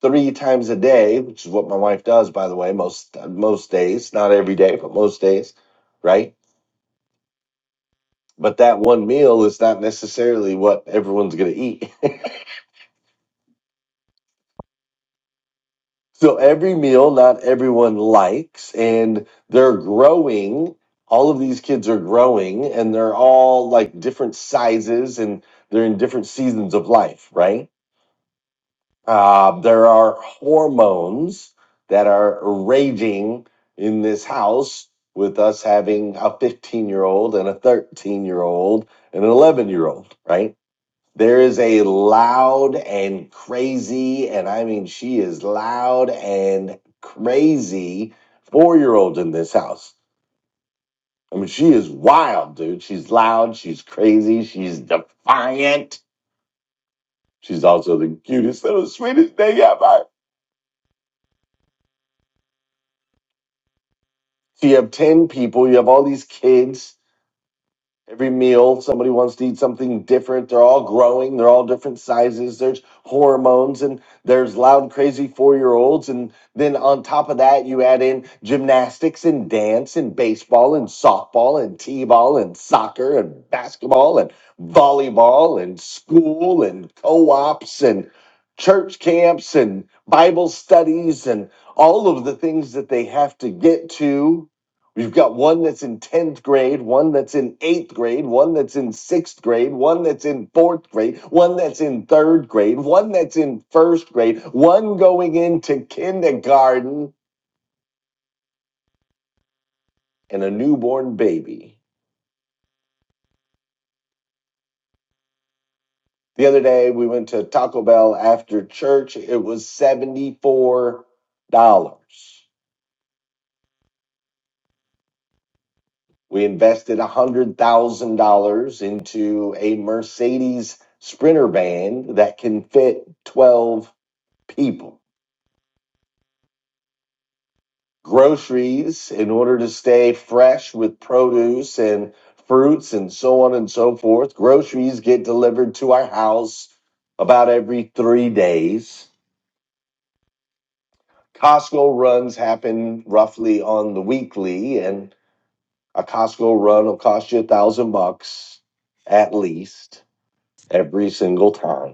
Speaker 3: three times a day, which is what my wife does, by the way, most, most days, not every day, but most days, right? But that one meal is not necessarily what everyone's going to eat. So every meal, not everyone likes, and they're growing. All of these kids are growing, and they're all like different sizes, and they're in different seasons of life, right? Uh, there are hormones that are raging in this house with us having a 15 year old and a 13 year old and an 11 year old, right? There is a loud and crazy, and I mean, she is loud and crazy four year old in this house. I mean, she is wild, dude. She's loud, she's crazy, she's defiant. She's also the cutest, little sweetest thing ever. So you have 10 people, you have all these kids Every meal, somebody wants to eat something different. They're all growing. They're all different sizes. There's hormones and there's loud, crazy four year olds. And then on top of that, you add in gymnastics and dance and baseball and softball and t ball and soccer and basketball and volleyball and school and co ops and church camps and Bible studies and all of the things that they have to get to We've got one that's in 10th grade, one that's in 8th grade, one that's in 6th grade, one that's in 4th grade, one that's in 3rd grade, one that's in 1st grade, one going into kindergarten, and a newborn baby. The other day we went to Taco Bell after church. It was $74. We invested $100,000 into a Mercedes Sprinter van that can fit 12 people. groceries in order to stay fresh with produce and fruits and so on and so forth. Groceries get delivered to our house about every three days. Costco runs happen roughly on the weekly, and a Costco run will cost you a thousand bucks at least every single time.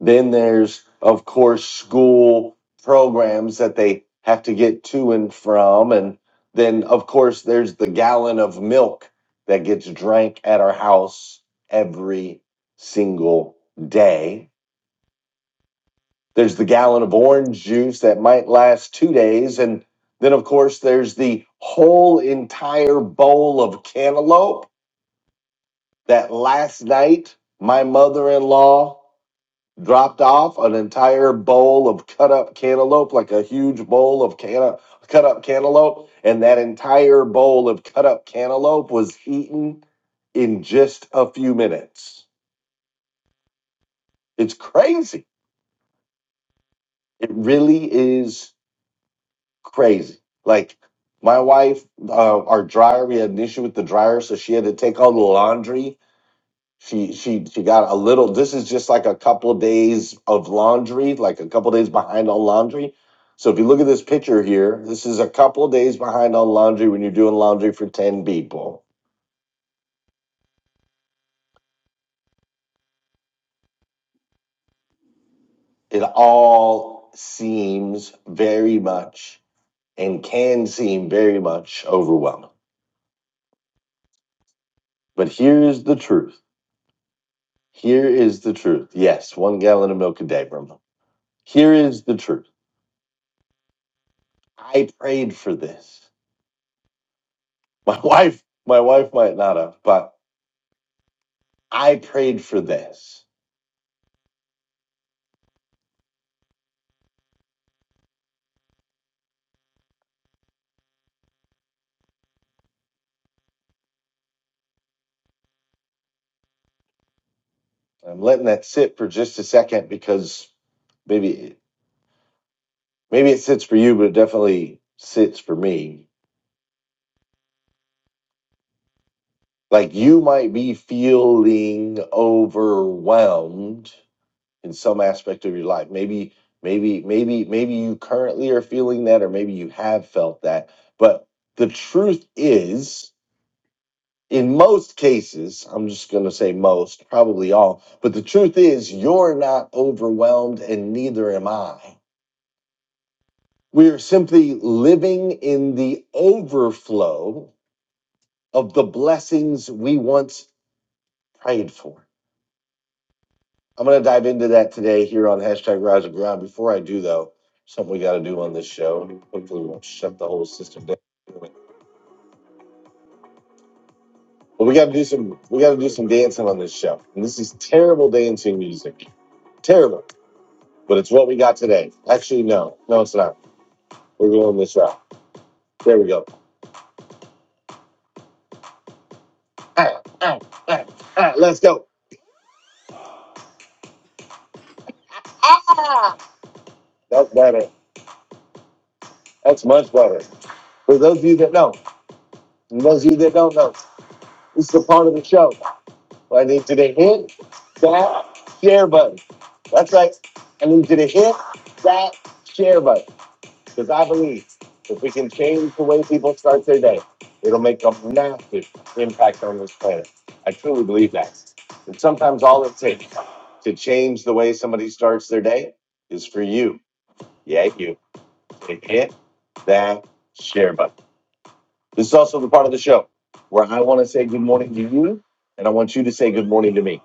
Speaker 3: Then there's, of course, school programs that they have to get to and from. And then, of course, there's the gallon of milk that gets drank at our house every single day. There's the gallon of orange juice that might last two days. And then, of course, there's the whole entire bowl of cantaloupe that last night my mother in law dropped off an entire bowl of cut up cantaloupe, like a huge bowl of canna- cut up cantaloupe, and that entire bowl of cut up cantaloupe was eaten in just a few minutes. It's crazy. It really is crazy. Like my wife, uh, our dryer, we had an issue with the dryer, so she had to take all the laundry she she she got a little this is just like a couple of days of laundry like a couple of days behind on laundry so if you look at this picture here this is a couple of days behind on laundry when you're doing laundry for 10 people it all seems very much and can seem very much overwhelming but here is the truth here is the truth yes one gallon of milk a day Brahma. here is the truth i prayed for this my wife my wife might not have but I prayed for this. I'm letting that sit for just a second because maybe maybe it sits for you, but it definitely sits for me. Like you might be feeling overwhelmed in some aspect of your life. Maybe, maybe, maybe, maybe you currently are feeling that, or maybe you have felt that. But the truth is in most cases, I'm just going to say most, probably all, but the truth is, you're not overwhelmed and neither am I. We are simply living in the overflow of the blessings we once prayed for. I'm going to dive into that today here on hashtag Rise of Ground. Before I do, though, something we got to do on this show. Hopefully, we won't shut the whole system down. But we got to do some. We got to do some dancing on this show, and this is terrible dancing music. Terrible. but it's what we got today. Actually, no, no, it's not. We're going this route. There we go. Ah, ah, ah, ah, let's go. That's better. That's much better. For those of you that know, and those of you that don't know, this is the part of the show where I need you to hit that share button. That's right. I need you to hit that share button. Because I believe if we can change the way people start their day, it'll make a massive impact on this planet. I truly believe that. And sometimes all it takes to change the way somebody starts their day is for you. Yeah, you. Hit that share button. This is also the part of the show where I want to say good morning to you, and I want you to say good morning to me.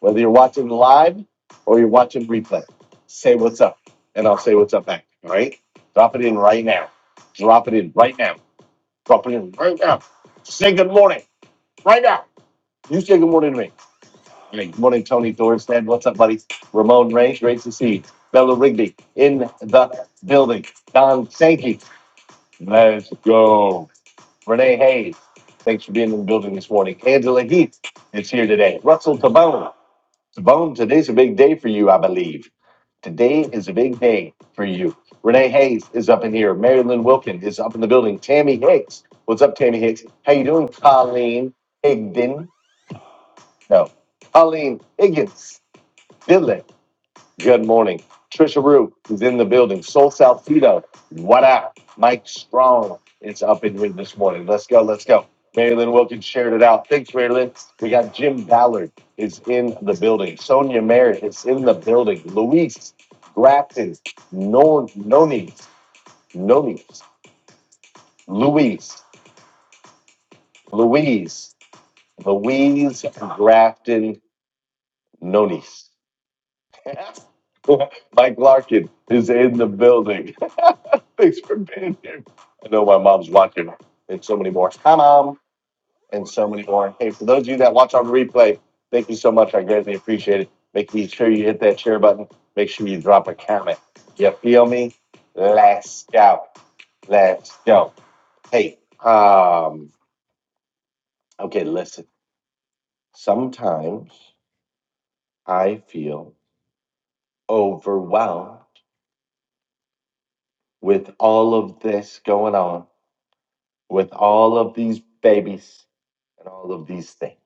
Speaker 3: Whether you're watching live or you're watching replay, say what's up, and I'll say what's up back. All right? Drop it in right now. Drop it in right now. Drop it in right now. Say good morning right now. You say good morning to me. All right, Good morning, Tony Thorstad. What's up, buddy? Ramon Ray, great to see you. Bella Rigby in the building. Don Sankey. Let's go. Renee Hayes, thanks for being in the building this morning. Angela Heath is here today. Russell Tabone. Tabone, today's a big day for you, I believe. Today is a big day for you. Renee Hayes is up in here. Mary Lynn Wilkin is up in the building. Tammy Hicks. What's up, Tammy Hicks? How you doing, Colleen Higdon? No. Colleen Higgins. Good morning. Trisha Rue is in the building. Soul Salcido, what up? Mike Strong is up and in this morning. Let's go, let's go. Marilyn Wilkins shared it out. Thanks, Marilyn. We got Jim Ballard is in the building. Sonia Merritt is in the building. Luis Grafton, no, Noni, Noni, Luis, Louise, Louise Grafton, Nonis. Mike Larkin is in the building. Thanks for being here. I know my mom's watching, and so many more. Hi, mom, and so many more. Hey, for those of you that watch on replay, thank you so much. I greatly appreciate it. Make sure you hit that share button. Make sure you drop a comment. You feel me? Let's go. Let's go. Hey, um, okay, listen. Sometimes I feel overwhelmed with all of this going on with all of these babies and all of these things.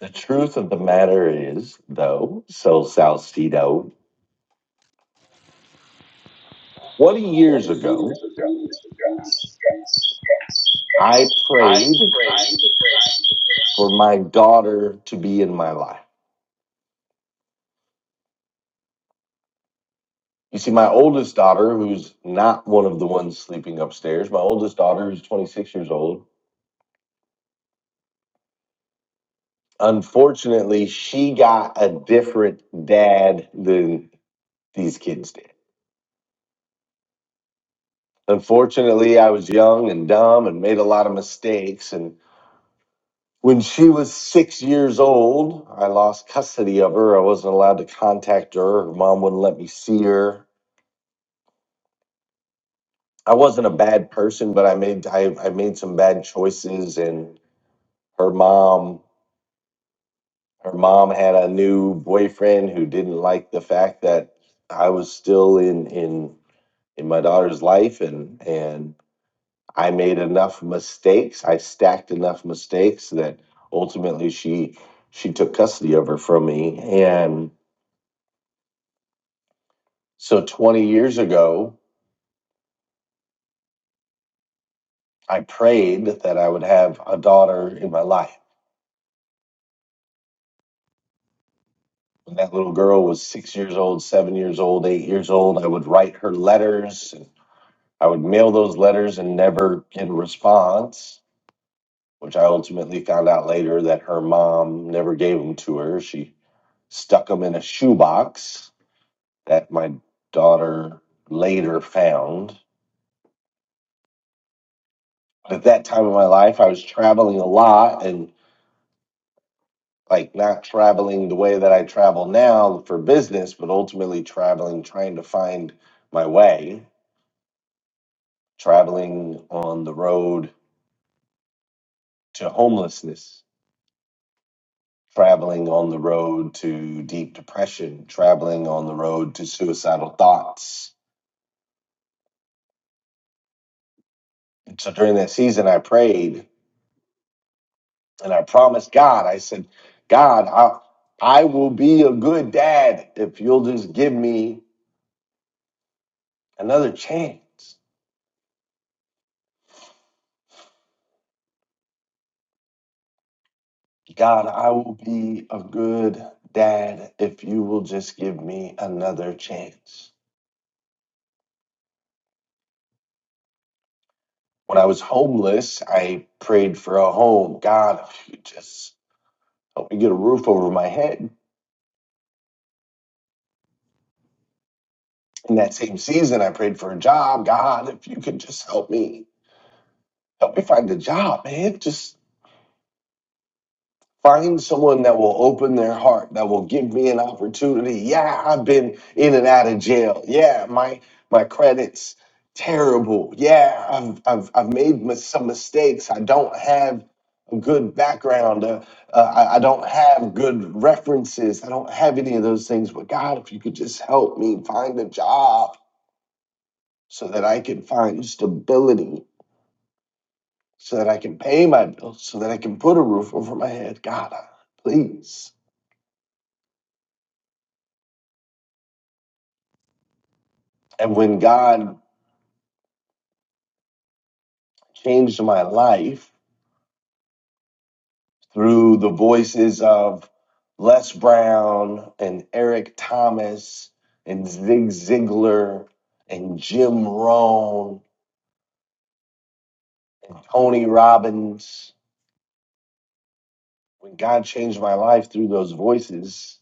Speaker 3: The truth of the matter is, though, so Salcedo, 20 years ago, I prayed for my daughter to be in my life. You see, my oldest daughter, who's not one of the ones sleeping upstairs, my oldest daughter is 26 years old. Unfortunately, she got a different dad than these kids did. Unfortunately, I was young and dumb and made a lot of mistakes. and. When she was six years old, I lost custody of her. I wasn't allowed to contact her. Her mom wouldn't let me see her. I wasn't a bad person, but I made I, I made some bad choices and her mom her mom had a new boyfriend who didn't like the fact that I was still in in in my daughter's life and and I made enough mistakes. I stacked enough mistakes that ultimately she she took custody of her from me and So 20 years ago, I prayed that I would have a daughter in my life. When that little girl was six years old, seven years old, eight years old, I would write her letters. And I would mail those letters and never get a response, which I ultimately found out later that her mom never gave them to her. She stuck them in a shoebox that my daughter later found. At that time of my life, I was traveling a lot and. like not traveling the way that I travel now for business, but ultimately traveling, trying to find my way, traveling on the road to homelessness, traveling on the road to deep depression, traveling on the road to suicidal thoughts. And so during that season, I prayed and I promised God, I said, God, I, I will be a good dad if you'll just give me another chance. God, I will be a good dad if you will just give me another chance. When I was homeless, I prayed for a home. God, if you just help me get a roof over my head. In that same season, I prayed for a job. God, if you could just help me, help me find a job, man. Just Find someone that will open their heart, that will give me an opportunity. Yeah, I've been in and out of jail. Yeah, my my credits terrible. Yeah, I've I've I've made mis- some mistakes. I don't have a good background. Uh, uh, I, I don't have good references. I don't have any of those things. But God, if you could just help me find a job so that I can find stability, so that I can pay my bills, so that I can put a roof over my head. God, uh, please. And when God changed my life through the voices of Les Brown and Eric Thomas and Zig Ziglar and Jim Rohn and Tony Robbins, when God changed my life through those voices,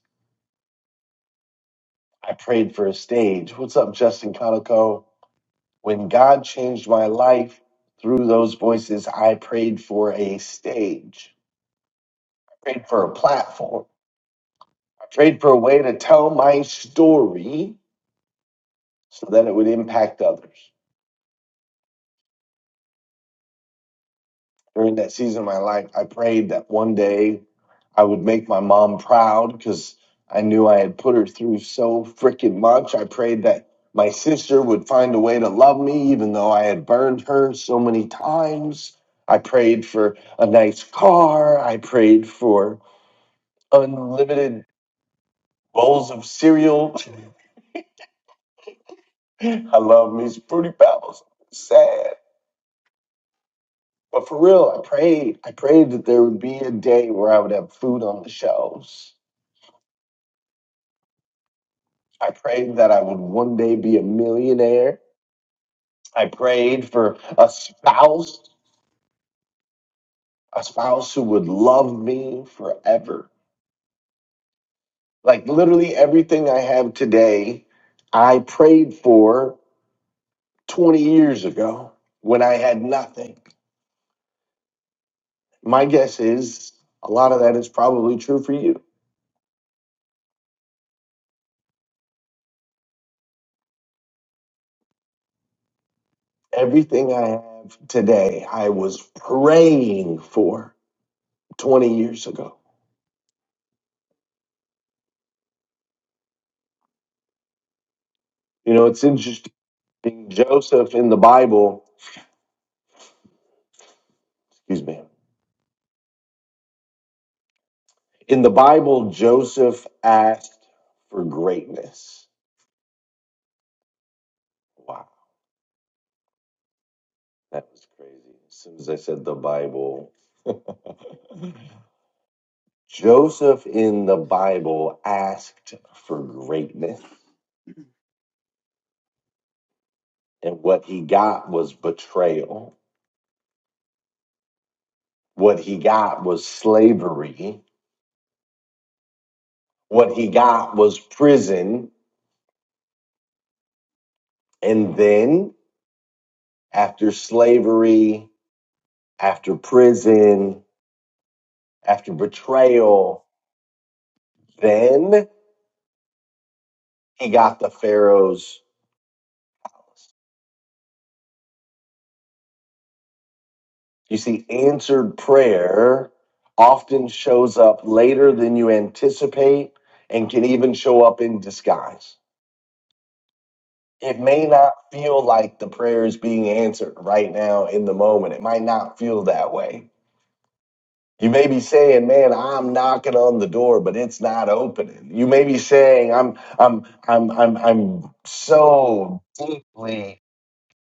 Speaker 3: I prayed for a stage. What's up, Justin Conico? When God changed my life through those voices, I prayed for a stage. I prayed for a platform. prayed for a way to tell my story so that it would impact others. During that season of my life, I prayed that one day I would make my mom proud because I knew I had put her through so freaking much. I prayed that my sister would find a way to love me, even though I had burned her so many times. I prayed for a nice car. I prayed for unlimited bowls of cereal. I love me some fruity pebbles. Sad. But for real, I prayed. I prayed that there would be a day where I would have food on the shelves. I prayed that I would one day be a millionaire. I prayed for a spouse, a spouse who would love me forever. Like literally everything I have today, I prayed for 20 years ago when I had nothing. My guess is a lot of that is probably true for you. Everything I have today, I was praying for. 20 years ago. You know, it's interesting. Joseph in the Bible, excuse me, in the Bible, Joseph asked for greatness. Wow, that was crazy. As soon as I said the Bible, Joseph in the Bible asked for greatness. And what he got was betrayal. What he got was slavery. What he got was prison. And then after slavery, after prison, after betrayal. Then he got the Pharaoh's. You see, answered prayer often shows up later than you anticipate and can even show up in disguise. It may not feel like the prayer is being answered right now in the moment. It might not feel that way. You may be saying, "Man, I'm knocking on the door, but it's not opening." You may be saying, "I'm, I'm, I'm, I'm, I'm so deeply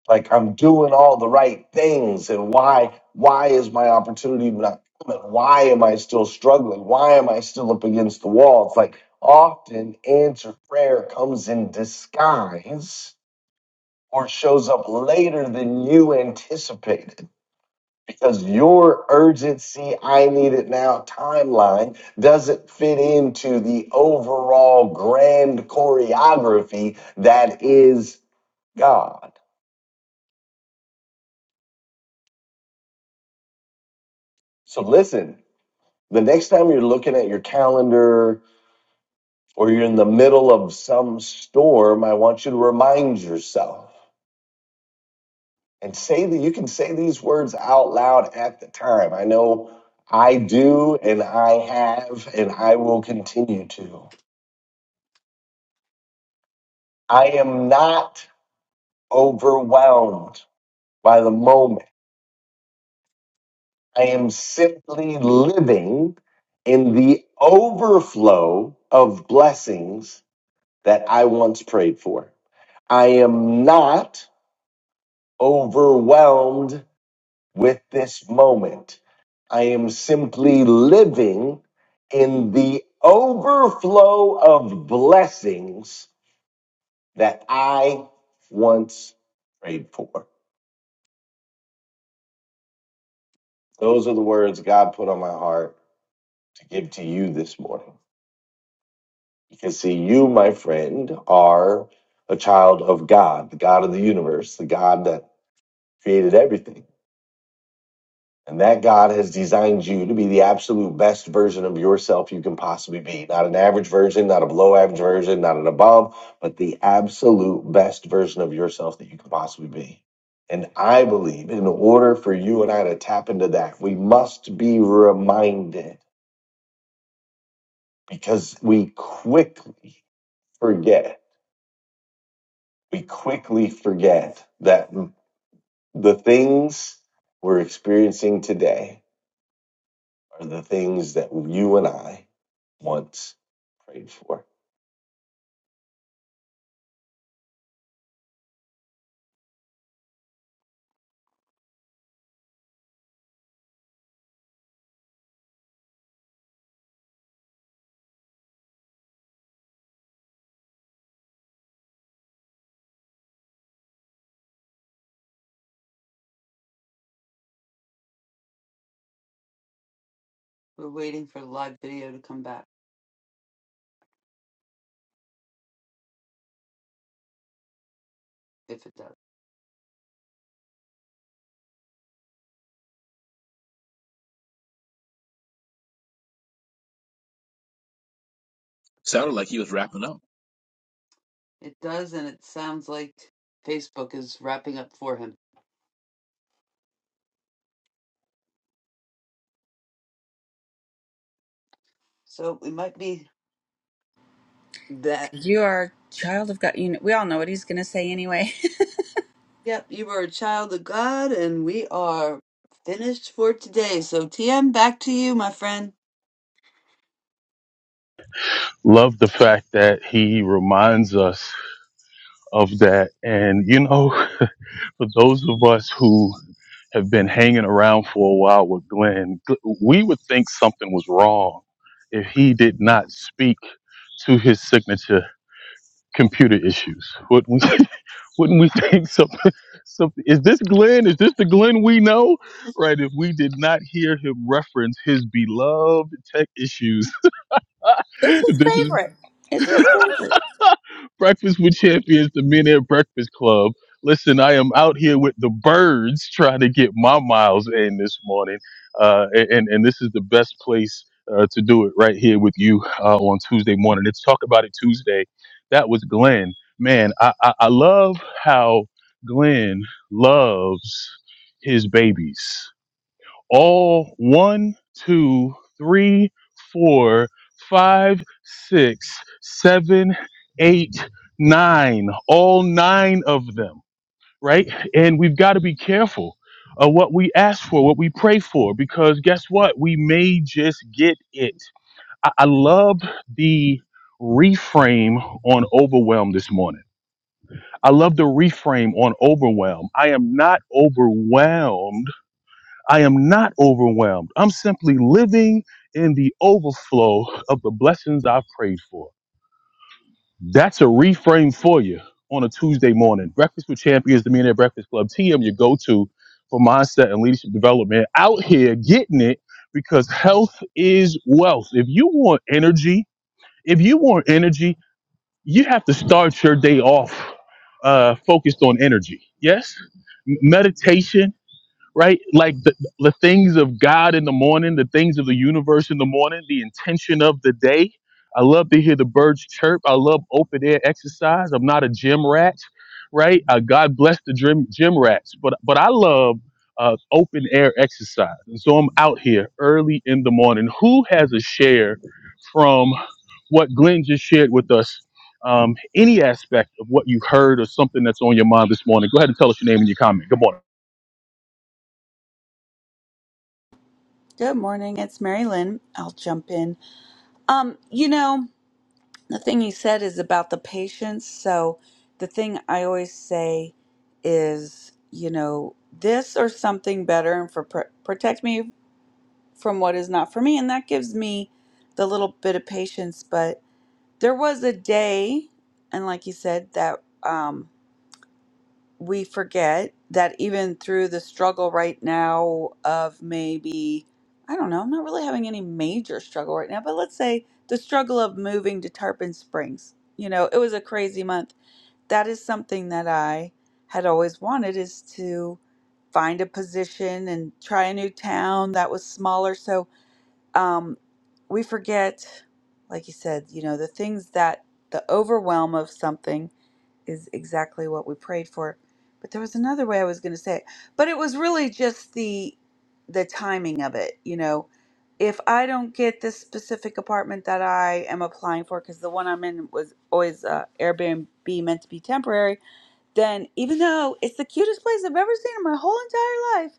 Speaker 3: like I'm doing all the right things, and why, why is my opportunity not coming? Why am I still struggling? Why am I still up against the wall?" It's like often answered prayer comes in disguise or shows up later than you anticipated because your urgency, I need it now timeline doesn't fit into the overall grand choreography that is God. So listen, the next time you're looking at your calendar or you're in the middle of some storm, I want you to remind yourself and say that you can say these words out loud at the time. I know I do, and I have, and I will continue to. I am not overwhelmed by the moment. I am simply living in the overflow of blessings that I once prayed for. I am not overwhelmed with this moment. I am simply living in the overflow of blessings that I once prayed for. Those are the words God put on my heart to give to you this morning. Because, see, you, my friend, are a child of God, the God of the universe, the God that created everything. And that God has designed you to be the absolute best version of yourself you can possibly be. Not an average version, not a below average version, not an above, but the absolute best version of yourself that you can possibly be. And I believe in order for you and I to tap into that, we must be reminded because we quickly forget we quickly forget that the things we're experiencing today are the things that you and I once prayed for. We're waiting for the live video to come back if it does. It does, and it sounds like Facebook is wrapping up for him. So we might be that.
Speaker 4: 'Cause You are a child of God. You know, we all know what he's going to say anyway.
Speaker 3: Yep, you were a child of God, and we are finished for today. So, TM, back to you, my friend.
Speaker 1: Love the fact that he reminds us of that. And, you know, for those of us who have been hanging around for a while with Glenn, gl- we would think something was wrong if he did not speak to his signature computer issues. Wouldn't we, wouldn't we think something? Something, is this Glenn? Is this the Glenn we know? Right. If we did not hear him reference his beloved tech issues,
Speaker 4: it's his
Speaker 1: this is.
Speaker 4: favorite. It's his favorite.
Speaker 1: breakfast with champions, the Men at Breakfast Club. Listen, I am out here with the birds trying to get my miles in this morning, uh, and and this is the best place uh, to do it right here with you uh, on Tuesday morning. Let's talk about it Tuesday. That was Glenn. Man, I I, I love how Glenn loves his babies all one, two, three, four, five, six, seven, eight, nine, all nine of them, right? And we've got to be careful of what we ask for, what we pray for, because guess what? We may just get it. I, I love the reframe on overwhelm this morning. I love the reframe on overwhelm. I am not overwhelmed I am not overwhelmed. I'm simply living in the overflow of the blessings I've prayed for. That's a reframe for you on a Tuesday morning. Breakfast with Champions, the Millionaire Breakfast Club, TM, your go to for mindset and leadership development. Out here getting it because health is wealth. If you want energy, if you want energy, you have to start your day off uh, focused on energy. Yes? M- Meditation right? Like the, the things of God in the morning, the things of the universe in the morning, the intention of the day. I love to hear the birds chirp. I love open air exercise. I'm not a gym rat, right? Uh, God bless the gym, gym rats, but but I love uh, open air exercise, and so I'm out here early in the morning. Who has a share from what Glenn just shared with us? Um, any aspect of what you've heard or something that's on your mind this morning? Go ahead and tell us your name and your comment. Good morning.
Speaker 4: Good morning. It's Mary Lynn. I'll jump in. Um, you know, the thing he said is about the patience. So the thing I always say is, you know, this or something better, and for pr- protect me from what is not for me. And that gives me the little bit of patience. But there was a day, and like you said, that um, we forget that even through the struggle right now of maybe, I don't know, I'm not really having any major struggle right now, but let's say the struggle of moving to Tarpon Springs. You know, it was a crazy month. That is something that I had always wanted is to find a position and try a new town that was smaller. So um, we forget, like you said, you know, the things that the overwhelm of something is exactly what we prayed for. But there was another way I was going to say it, but it was really just the the timing of it. You know, if I don't get this specific apartment that I am applying for, because the one I'm in was always uh, Airbnb meant to be temporary, then even though it's the cutest place I've ever seen in my whole entire life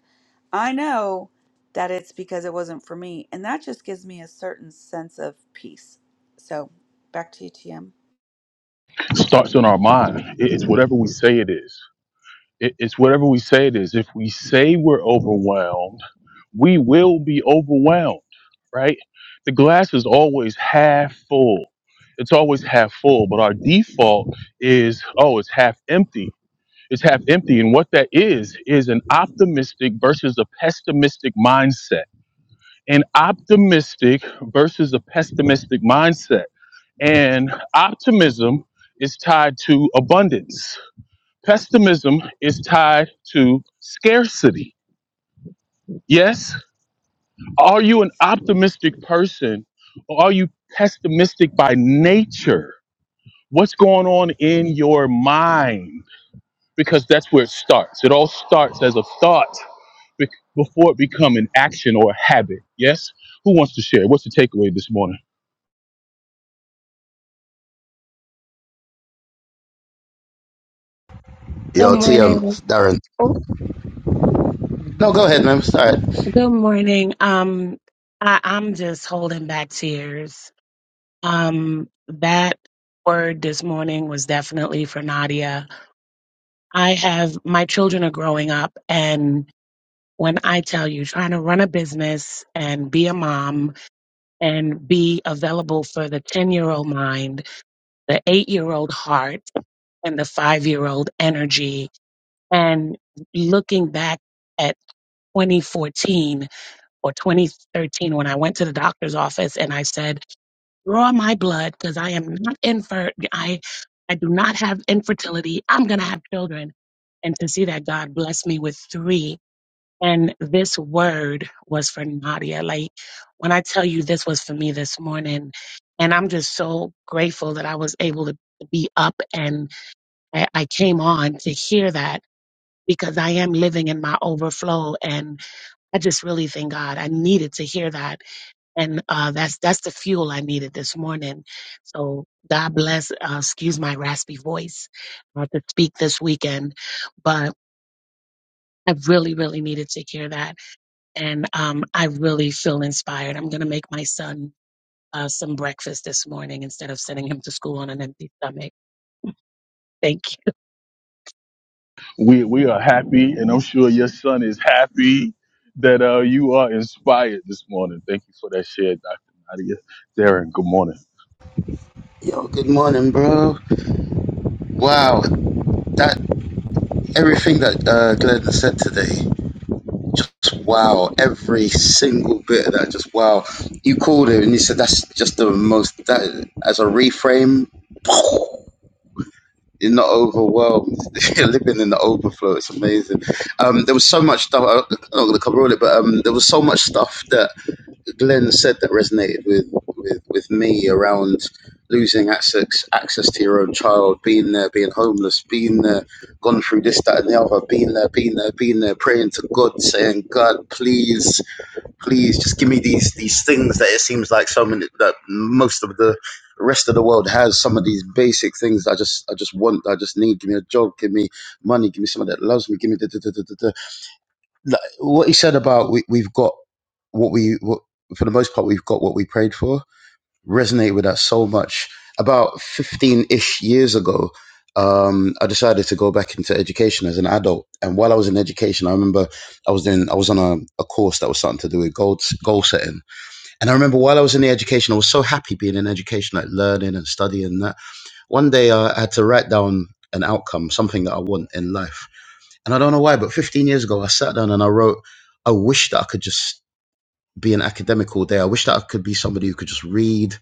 Speaker 4: I know that it's because it wasn't for me. And that just gives me a certain sense of peace. So back to you, TM.
Speaker 1: starts in our mind. It- It's whatever we say it is. It- It's whatever we say it is. If we say we're overwhelmed, we will be overwhelmed, right? The glass is always half full. It's always half full, but our default is, oh, it's half empty. It's half empty. And what that is, is an optimistic versus a pessimistic mindset. An optimistic versus a pessimistic mindset and optimism is tied to abundance. Pessimism is tied to scarcity. Yes? Are you an optimistic person or are you pessimistic by nature? What's going on in your mind? Because that's where it starts. It all starts as a thought be- before it become an action or a habit. Yes? Who wants to share? What's the takeaway this morning?
Speaker 7: Good
Speaker 8: Yo, TM,
Speaker 7: morning.
Speaker 8: Darren.
Speaker 7: Oh,
Speaker 8: No,
Speaker 7: Good
Speaker 8: go ahead, man. Start.
Speaker 7: morning. Um, I, I'm just holding back tears. Um, that word this morning was definitely for Nadia. I have my children are growing up, and when I tell you, trying to run a business and be a mom and be available for the 10 year old mind, the eight year old heart, and the five year old energy, and looking back at 2014 or 2013 when I went to the doctor's office and I said, draw my blood because I am not infer, I, I do not have infertility. I'm going to have children. And to see that God blessed me with three. And this word was for Nadia. Like when I tell you this was for me this morning, and I'm just so grateful that I was able to be up and I, I came on to hear that because I am living in my overflow. And I just really thank God. I needed to hear that and uh, that's that's the fuel I needed this morning. So God bless. Uh, excuse my raspy voice uh, to speak this weekend, but I really, really needed to hear that, and um, I really feel inspired. I'm gonna make my son uh, some breakfast this morning instead of sending him to school on an empty stomach. Thank you.
Speaker 1: we we are happy, and I'm sure your son is happy that uh, you are inspired this morning. Thank you for that share, Dr. Nadia. Darren, good morning.
Speaker 8: Yo, good morning, bro. Wow, that everything that uh, Glenn said today, just wow. Every single bit of that, just wow. You called it and you said that's just the most. That as a reframe, you're not overwhelmed. you're living in the overflow. It's amazing. Um, there was so much stuff. I'm not going to cover all it, but um, there was so much stuff that. Glenn said that resonated with, with, with me around losing access access to your own child, being there, being homeless, being there, gone through this, that, and the other, being there, being there, being there, praying to God, saying, God, please, please, just give me these these things that it seems like so many that most of the rest of the world has some of these basic things that I just I just want, that I just need. Give me a job, give me money, give me someone that loves me, give me da da da da da like, what he said about we, we've got what we what, for the most part we've got what we prayed for resonated with that so much about 15-ish years ago um, i decided to go back into education as an adult and while i was in education i remember i was in i was on a, a course that was something to do with goal, goal setting and i remember while i was in the education i was so happy being in education like learning and studying and that one day i had to write down an outcome something that i want in life and I don't know why, but 15 years ago, I sat down and I wrote, I wish that I could just be an academic all day. I wish that I could be somebody who could just read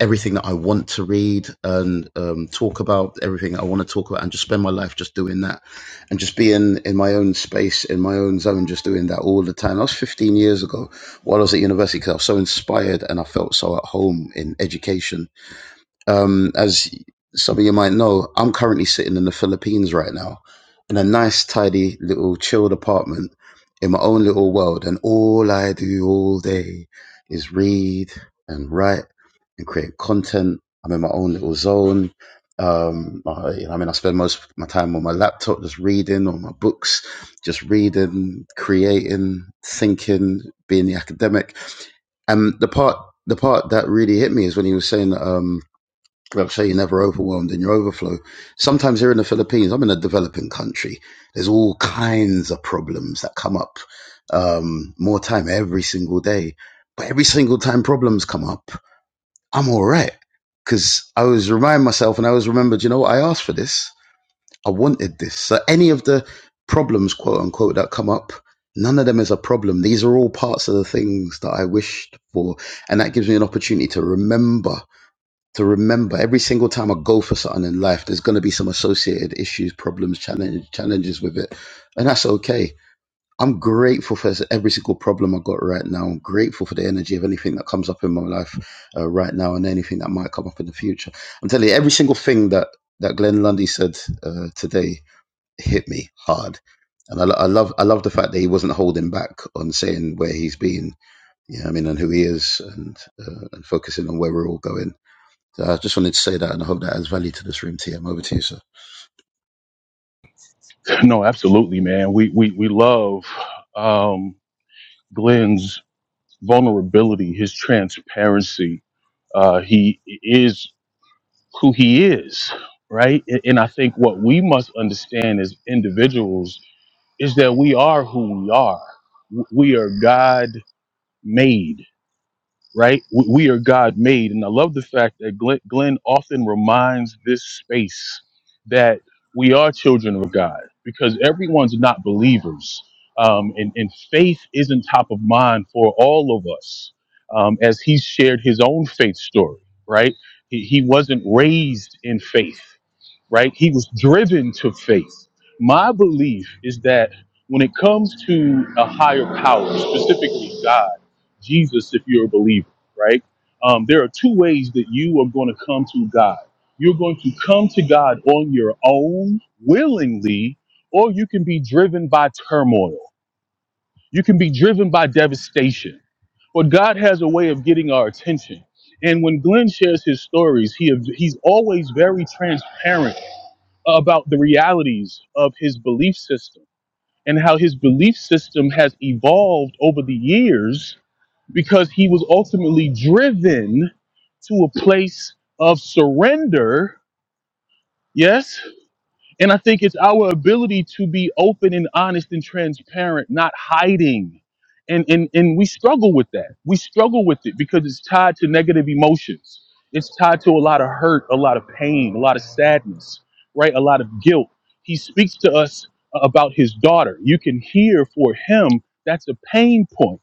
Speaker 8: everything that I want to read and um, talk about everything I want to talk about and just spend my life just doing that and just be in, in my own space, in my own zone, just doing that all the time. That was 15 years ago while I was at university because I was so inspired and I felt so at home in education um, as some of you might know, I'm currently sitting in the Philippines right now in a nice, tidy, little, chilled apartment in my own little world. And all I do all day is read and write and create content. I'm in my own little zone. Um, I, you know, I mean, I spend most of my time on my laptop just reading or my books, just reading, creating, thinking, being the academic. And the part, the part that really hit me is when he was saying, um, like I say, you're never overwhelmed in your overflow. Sometimes here in the Philippines, I'm in a developing country. There's all kinds of problems that come up um, more time every single day. But every single time problems come up, I'm all right. Because I was reminding myself and I was remembered, you know, I asked for this. I wanted this. So any of the problems, quote unquote, that come up, none of them is a problem. These are all parts of the things that I wished for. And that gives me an opportunity to remember to remember every single time I go for something in life, there's going to be some associated issues, problems, challenge, challenges with it. And that's okay. I'm grateful for every single problem I got right now. I'm grateful for the energy of anything that comes up in my life uh, right now and anything that might come up in the future. I'm telling you, every single thing that, that Glenn Lundy said uh, today hit me hard. And I, lo- I love I love the fact that he wasn't holding back on saying where he's been, you know what I mean, and who he is, and uh, and focusing on where we're all going so I just wanted to say that and I hope that adds value to this room, TM. Over to you, sir.
Speaker 1: No, absolutely, man. We we we love um, Glenn's vulnerability, his transparency. Uh, he is who he is, right? And and I think what we must understand as individuals is that we are who we are. W- We are God made right? We, we are God made. And I love the fact that Glenn, Glenn often reminds this space that we are children of God because everyone's not believers. Um, and, and faith isn't top of mind for all of us um, as he shared his own faith story, right? He, he wasn't raised in faith right? He was driven to faith. My belief is that when it comes to a higher power, specifically God, Jesus, if you're a believer, right? Um, there are two ways that you are going to come to God. You're going to come to God on your own, willingly, or you can be driven by turmoil. You can be driven by devastation. But God has a way of getting our attention. And when Glenn shares his stories, he he's always very transparent about the realities of his belief system and how his belief system has evolved over the years because he was ultimately driven to a place of surrender, yes, and I think it's our ability to be open and honest and transparent, not hiding. And, and, and we struggle with that. We struggle with it because it's tied to negative emotions. It's tied to a lot of hurt, a lot of pain, a lot of sadness, right? A lot of guilt. He speaks to us about his daughter. You can hear for him that's a pain point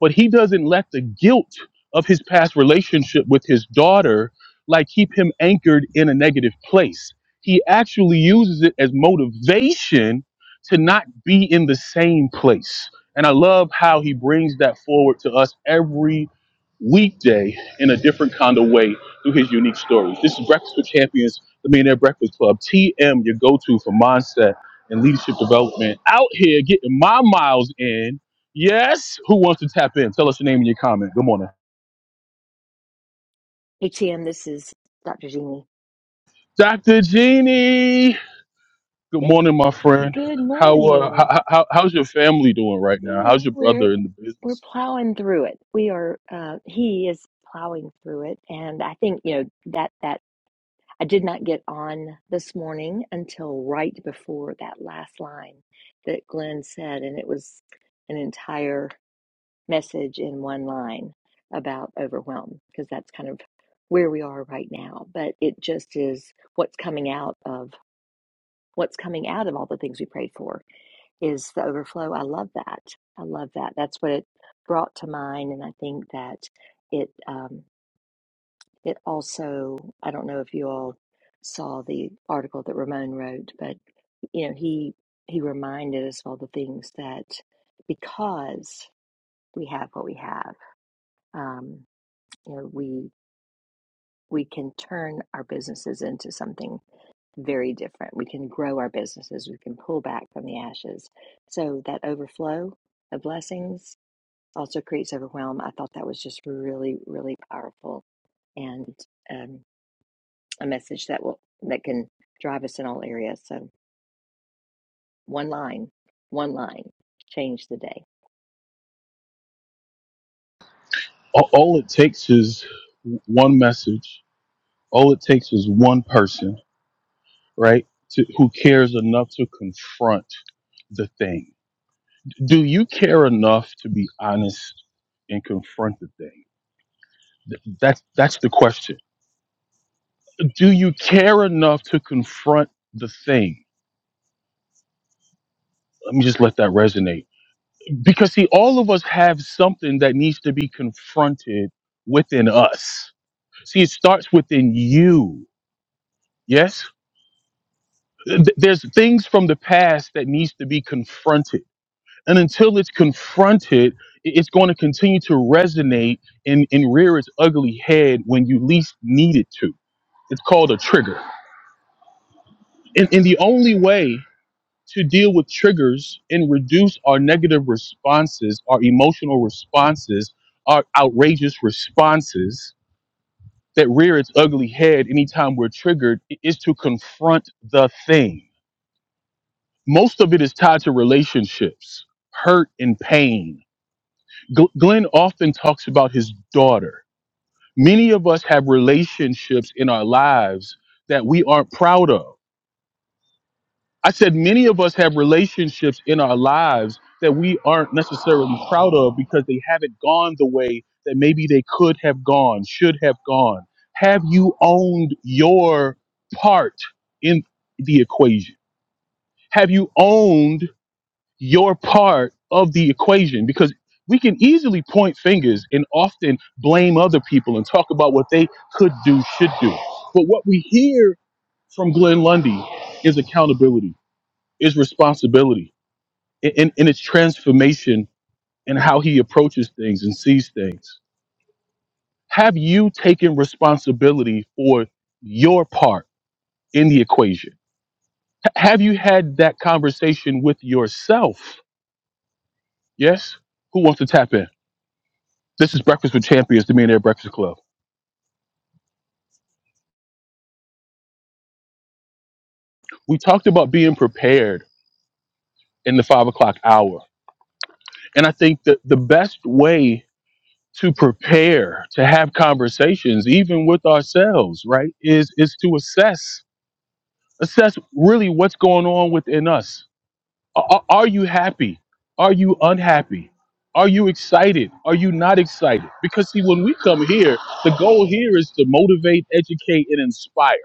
Speaker 1: but he doesn't let the guilt of his past relationship with his daughter like keep him anchored in a negative place he actually uses it as motivation to not be in the same place and i love how he brings that forward to us every weekday in a different kind of way through his unique stories this is breakfast with champions the millionaire breakfast club tm your go-to for mindset and leadership development out here getting my miles in Yes. Who wants to tap in? Tell us your name and your comment. Good morning,
Speaker 9: ATM, this is Dr. Jeannie.
Speaker 1: Dr. Jeannie. Good
Speaker 9: It,
Speaker 1: morning, my friend.
Speaker 9: good
Speaker 1: How, uh,
Speaker 9: morning.
Speaker 1: how, how how's your family doing right
Speaker 9: You
Speaker 1: now? How's
Speaker 9: know,
Speaker 1: your
Speaker 9: we're
Speaker 1: brother in the
Speaker 9: we're
Speaker 1: business?
Speaker 9: plowing through it. We are uh he is plowing through it and I think, you know, that that I did not get on this morning until right before that last line that Glenn said and it was an entire message in one line about overwhelm because that's kind of where we are right now, but it just is what's coming out of what's coming out of all the things we prayed for is the overflow. I love that. I love that. That's what it brought to mind, and I think that it um, it also. I don't know if you all saw the article that Ramon wrote, but you know he he reminded us of all the things that because we have what we have, um, you know we we can turn our businesses into something very different. We can grow our businesses, we can pull back from the ashes. So that overflow of blessings also creates overwhelm. I thought that was just really, really powerful and um, a message that will that can drive us in all areas. So one line, one line, change the day.
Speaker 1: All, all it takes is w- one message. All it takes is one person, right? To, who cares enough to confront the thing. Do you care enough to be honest and confront the thing? Th- That's that's the question. Do you care enough to confront the thing? Let me just let that resonate. Because, see, all of us have something that needs to be confronted within us. See, it starts within you. Yes? Th- There's things from the past that needs to be confronted. And until it's confronted, i- it's going to continue to resonate and, and rear its ugly head when you least need it to. It's called a trigger. And, and the only way to deal with triggers and reduce our negative responses, our emotional responses, our outrageous responses that rear its ugly head anytime we're triggered is to confront the thing. Most of it is tied to relationships, hurt, and pain. Gl- Glenn often talks about his daughter. Many of us have relationships in our lives that we aren't proud of I said many of us have relationships in our lives that we aren't necessarily proud of because they haven't gone the way that maybe they could have gone, should have gone. Have you owned your part in the equation? Have you owned your part of the equation? Because we can easily point fingers and often blame other people and talk about what they could do, should do. But what we hear from Glenn Lundy is accountability, is responsibility in, in in its transformation and how he approaches things and sees things. Have you taken responsibility for your part in the equation? H- have you had that conversation with yourself? Yes? Who wants to tap in? This is Breakfast with Champions, the Millionaire Breakfast Club. We talked about being prepared in the five o'clock hour. And I think that the best way to prepare to have conversations, even with ourselves, right, is is to assess Assess really what's going on within us. Are, are are you happy? Are you unhappy? Are you excited? Are you not excited? Because see, when we come here, the goal here is to motivate, educate, and inspire.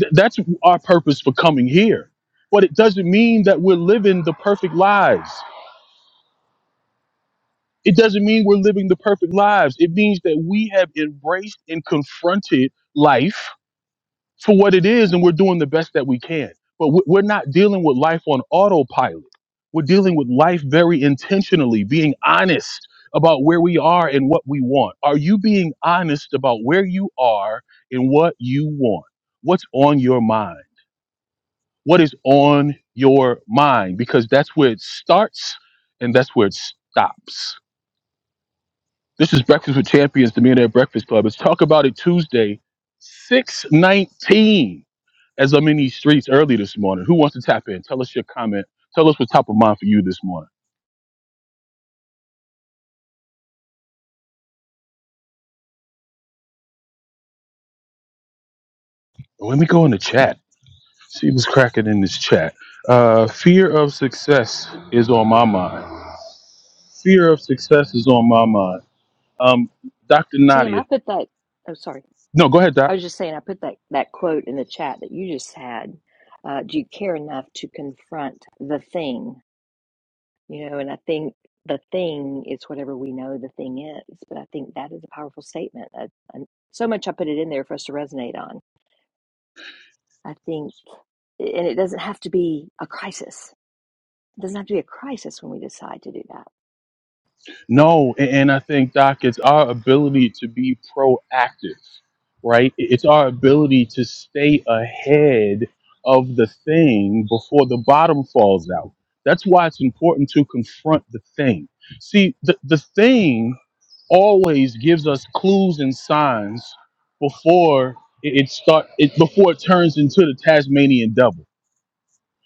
Speaker 1: Th- that's our purpose for coming here. But it doesn't mean that we're living the perfect lives. It doesn't mean we're living the perfect lives. It means that we have embraced and confronted life for what it is and we're doing the best that we can. But we- we're not dealing with life on autopilot. We're dealing with life very intentionally, being honest about where we are and what we want. Are you being honest about where you are and what you want? What's on your mind? What is on your mind? Because that's where it starts and that's where it stops. This is Breakfast with Champions, the Millionaire Breakfast Club. It's Talk About It Tuesday, 619 as I'm in these streets early this morning, who wants to tap in? Tell us your comment. Tell us what's top of mind for you this morning. Well, Let me go in the chat. See what's cracking in this chat. Uh, fear of success is on my mind. Fear of success is on my mind. Um, Dr.
Speaker 9: TM,
Speaker 1: Nadia.
Speaker 9: I put that. Oh, sorry.
Speaker 1: No, go ahead, Doc.
Speaker 9: I was just saying, I put that that quote in the chat that you just had. Uh, do you care enough to confront the thing You know, and I think the thing is whatever we know the thing is, but I think that is a powerful statement. I, I, so much I put it in there for us to resonate on. I think, and it doesn't have to be a crisis. It doesn't have to be a crisis when we decide to do that.
Speaker 1: No, a- and I think, Doc, it's our ability to be proactive, right? I- It's our ability to stay ahead of the thing before the bottom falls out. That's why it's important to confront the thing. See, the, the thing always gives us clues and signs before it, it start it, before it turns into the Tasmanian devil.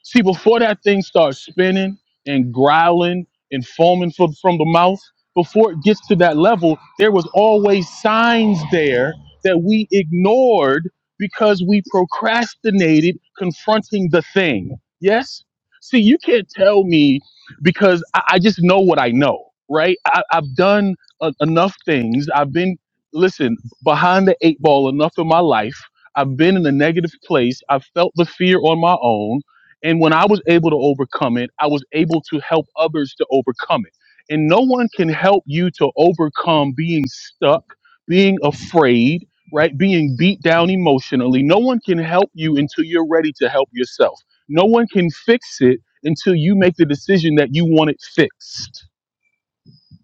Speaker 1: See, before that thing starts spinning and growling and foaming from, from the mouth, before it gets to that level, there was always signs there that we ignored because we procrastinated confronting the thing. Yes? See, you can't tell me because I, I just know what I know, right? I, I've done a, enough things. I've been, listen, behind the eight ball enough in my life. I've been in a negative place. I've felt the fear on my own. And when I was able to overcome it, I was able to help others to overcome it. And no one can help you to overcome being stuck, being afraid, right? Being beat down emotionally. No one can help you until you're ready to help yourself. No one can fix it until you make the decision that you want it fixed.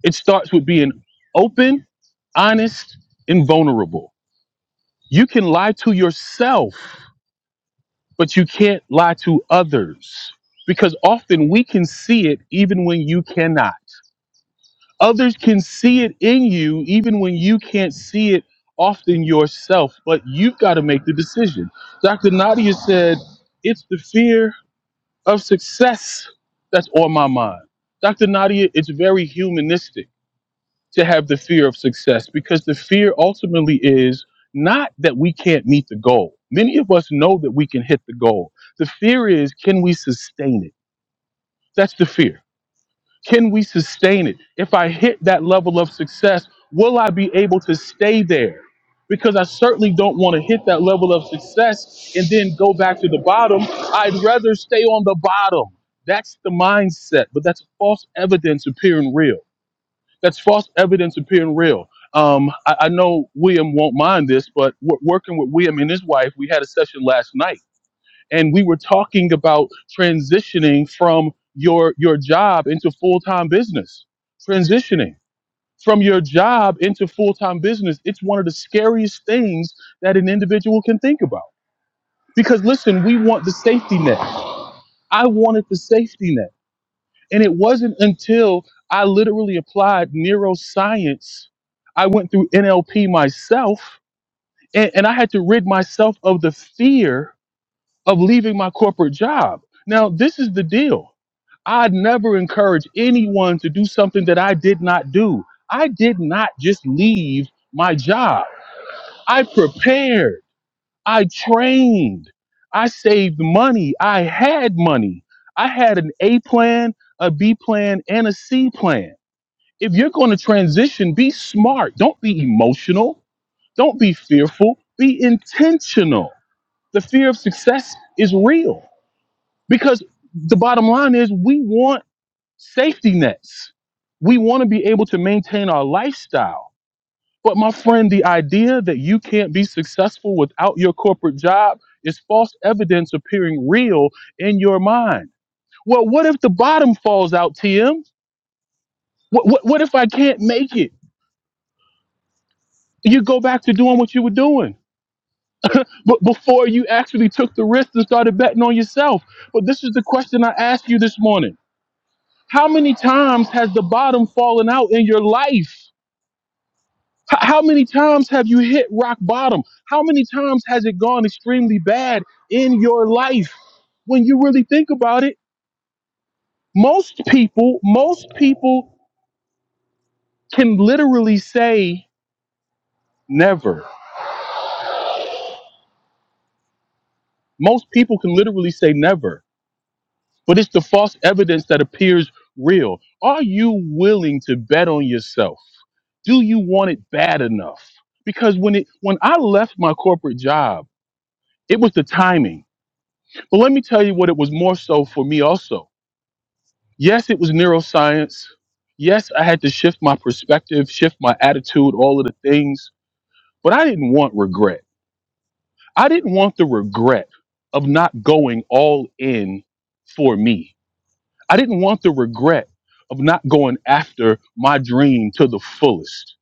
Speaker 1: It starts with being open, honest, and vulnerable. You can lie to yourself but you can't lie to others because often we can see it even when you cannot. Others can see it in you even when you can't see it often yourself, but you've got to make the decision. Dr. Nadia said, It's the fear of success that's on my mind. Dr. Nadia, it's very humanistic to have the fear of success because the fear ultimately is not that we can't meet the goal. Many of us know that we can hit the goal. The fear is can we sustain it? That's the fear. Can we sustain it? If I hit that level of success, will I be able to stay there? Because I certainly don't want to hit that level of success and then go back to the bottom. I'd rather stay on the bottom. That's the mindset, but that's false evidence appearing real that's false evidence appearing real. Um, I, I know William won't mind this, but w- working with William and his wife, we had a session last night, and we were talking about transitioning from your your job into full time business. Transitioning from your job into full time business, it's one of the scariest things that an individual can think about. Because listen, we want the safety net. I wanted the safety net. And it wasn't until I literally applied neuroscience, I went through NLP myself, and, and I had to rid myself of the fear of leaving my corporate job. Now, this is the deal I'd never encourage anyone to do something that I did not do. I did not just leave my job, I prepared, I trained, I saved money, I had money, I had an A plan, a B plan, and a C plan if you're going to transition, be smart. Don't be emotional. Don't be fearful. Be intentional. The fear of success is real because the bottom line is we want safety nets. We want to be able to maintain our lifestyle. But my friend, the idea that you can't be successful without your corporate job is false evidence appearing real in your mind. Well, what if the bottom falls out, TM? What, what, what if I can't make it? you go back to doing what you were doing but before you actually took the risk and started betting on yourself but this is the question i asked you this morning how many times has the bottom fallen out in your life H- how many times have you hit rock bottom how many times has it gone extremely bad in your life when you really think about it most people most people can literally say never most people can literally say never but it's the false evidence that appears real. Are you willing to bet on yourself? Do you want it bad enough? Because when it when I left my corporate job, it was the timing. But let me tell you what it was more so for me also. Yes, it was neuroscience. Yes, I had to shift my perspective, shift my attitude, all of the things, but I didn't want regret. I didn't want the regret of not going all in for me. I didn't want the regret of not going after my dream to the fullest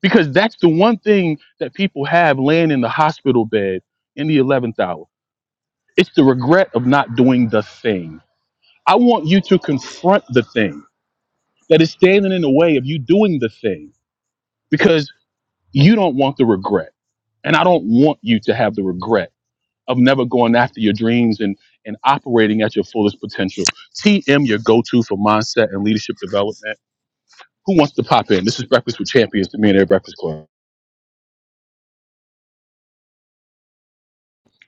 Speaker 1: because that's the one thing that people have laying in the hospital bed in the 11th hour. It's the regret of not doing the thing. I want you to confront the thing that is standing in the way of you doing the thing because you don't want the regret. And I don't want you to have the regret of never going after your dreams and, and operating at your fullest potential. TM, your go to for mindset and leadership development Who wants to pop in? This is Breakfast with Champions, the Millionaire Breakfast Club.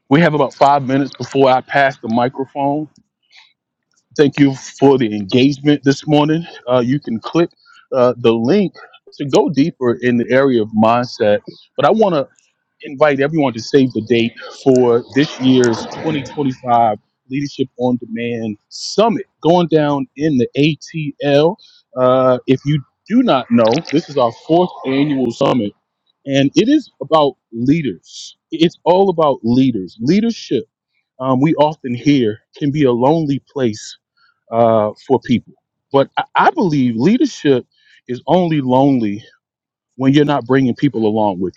Speaker 1: We have about five minutes before I pass the microphone. Thank you for the engagement this morning. Uh, you can click uh, the link to go deeper in the area of mindset. But I want to invite everyone to save the date for this year's 2025 Leadership on Demand Summit going down in the ATL. Uh, if you do not know, this is our fourth annual summit, and it is about leaders. It's all about leaders. Leadership, um, we often hear, can be a lonely place uh, for people. But I, I believe leadership is only lonely when you're not bringing people along with you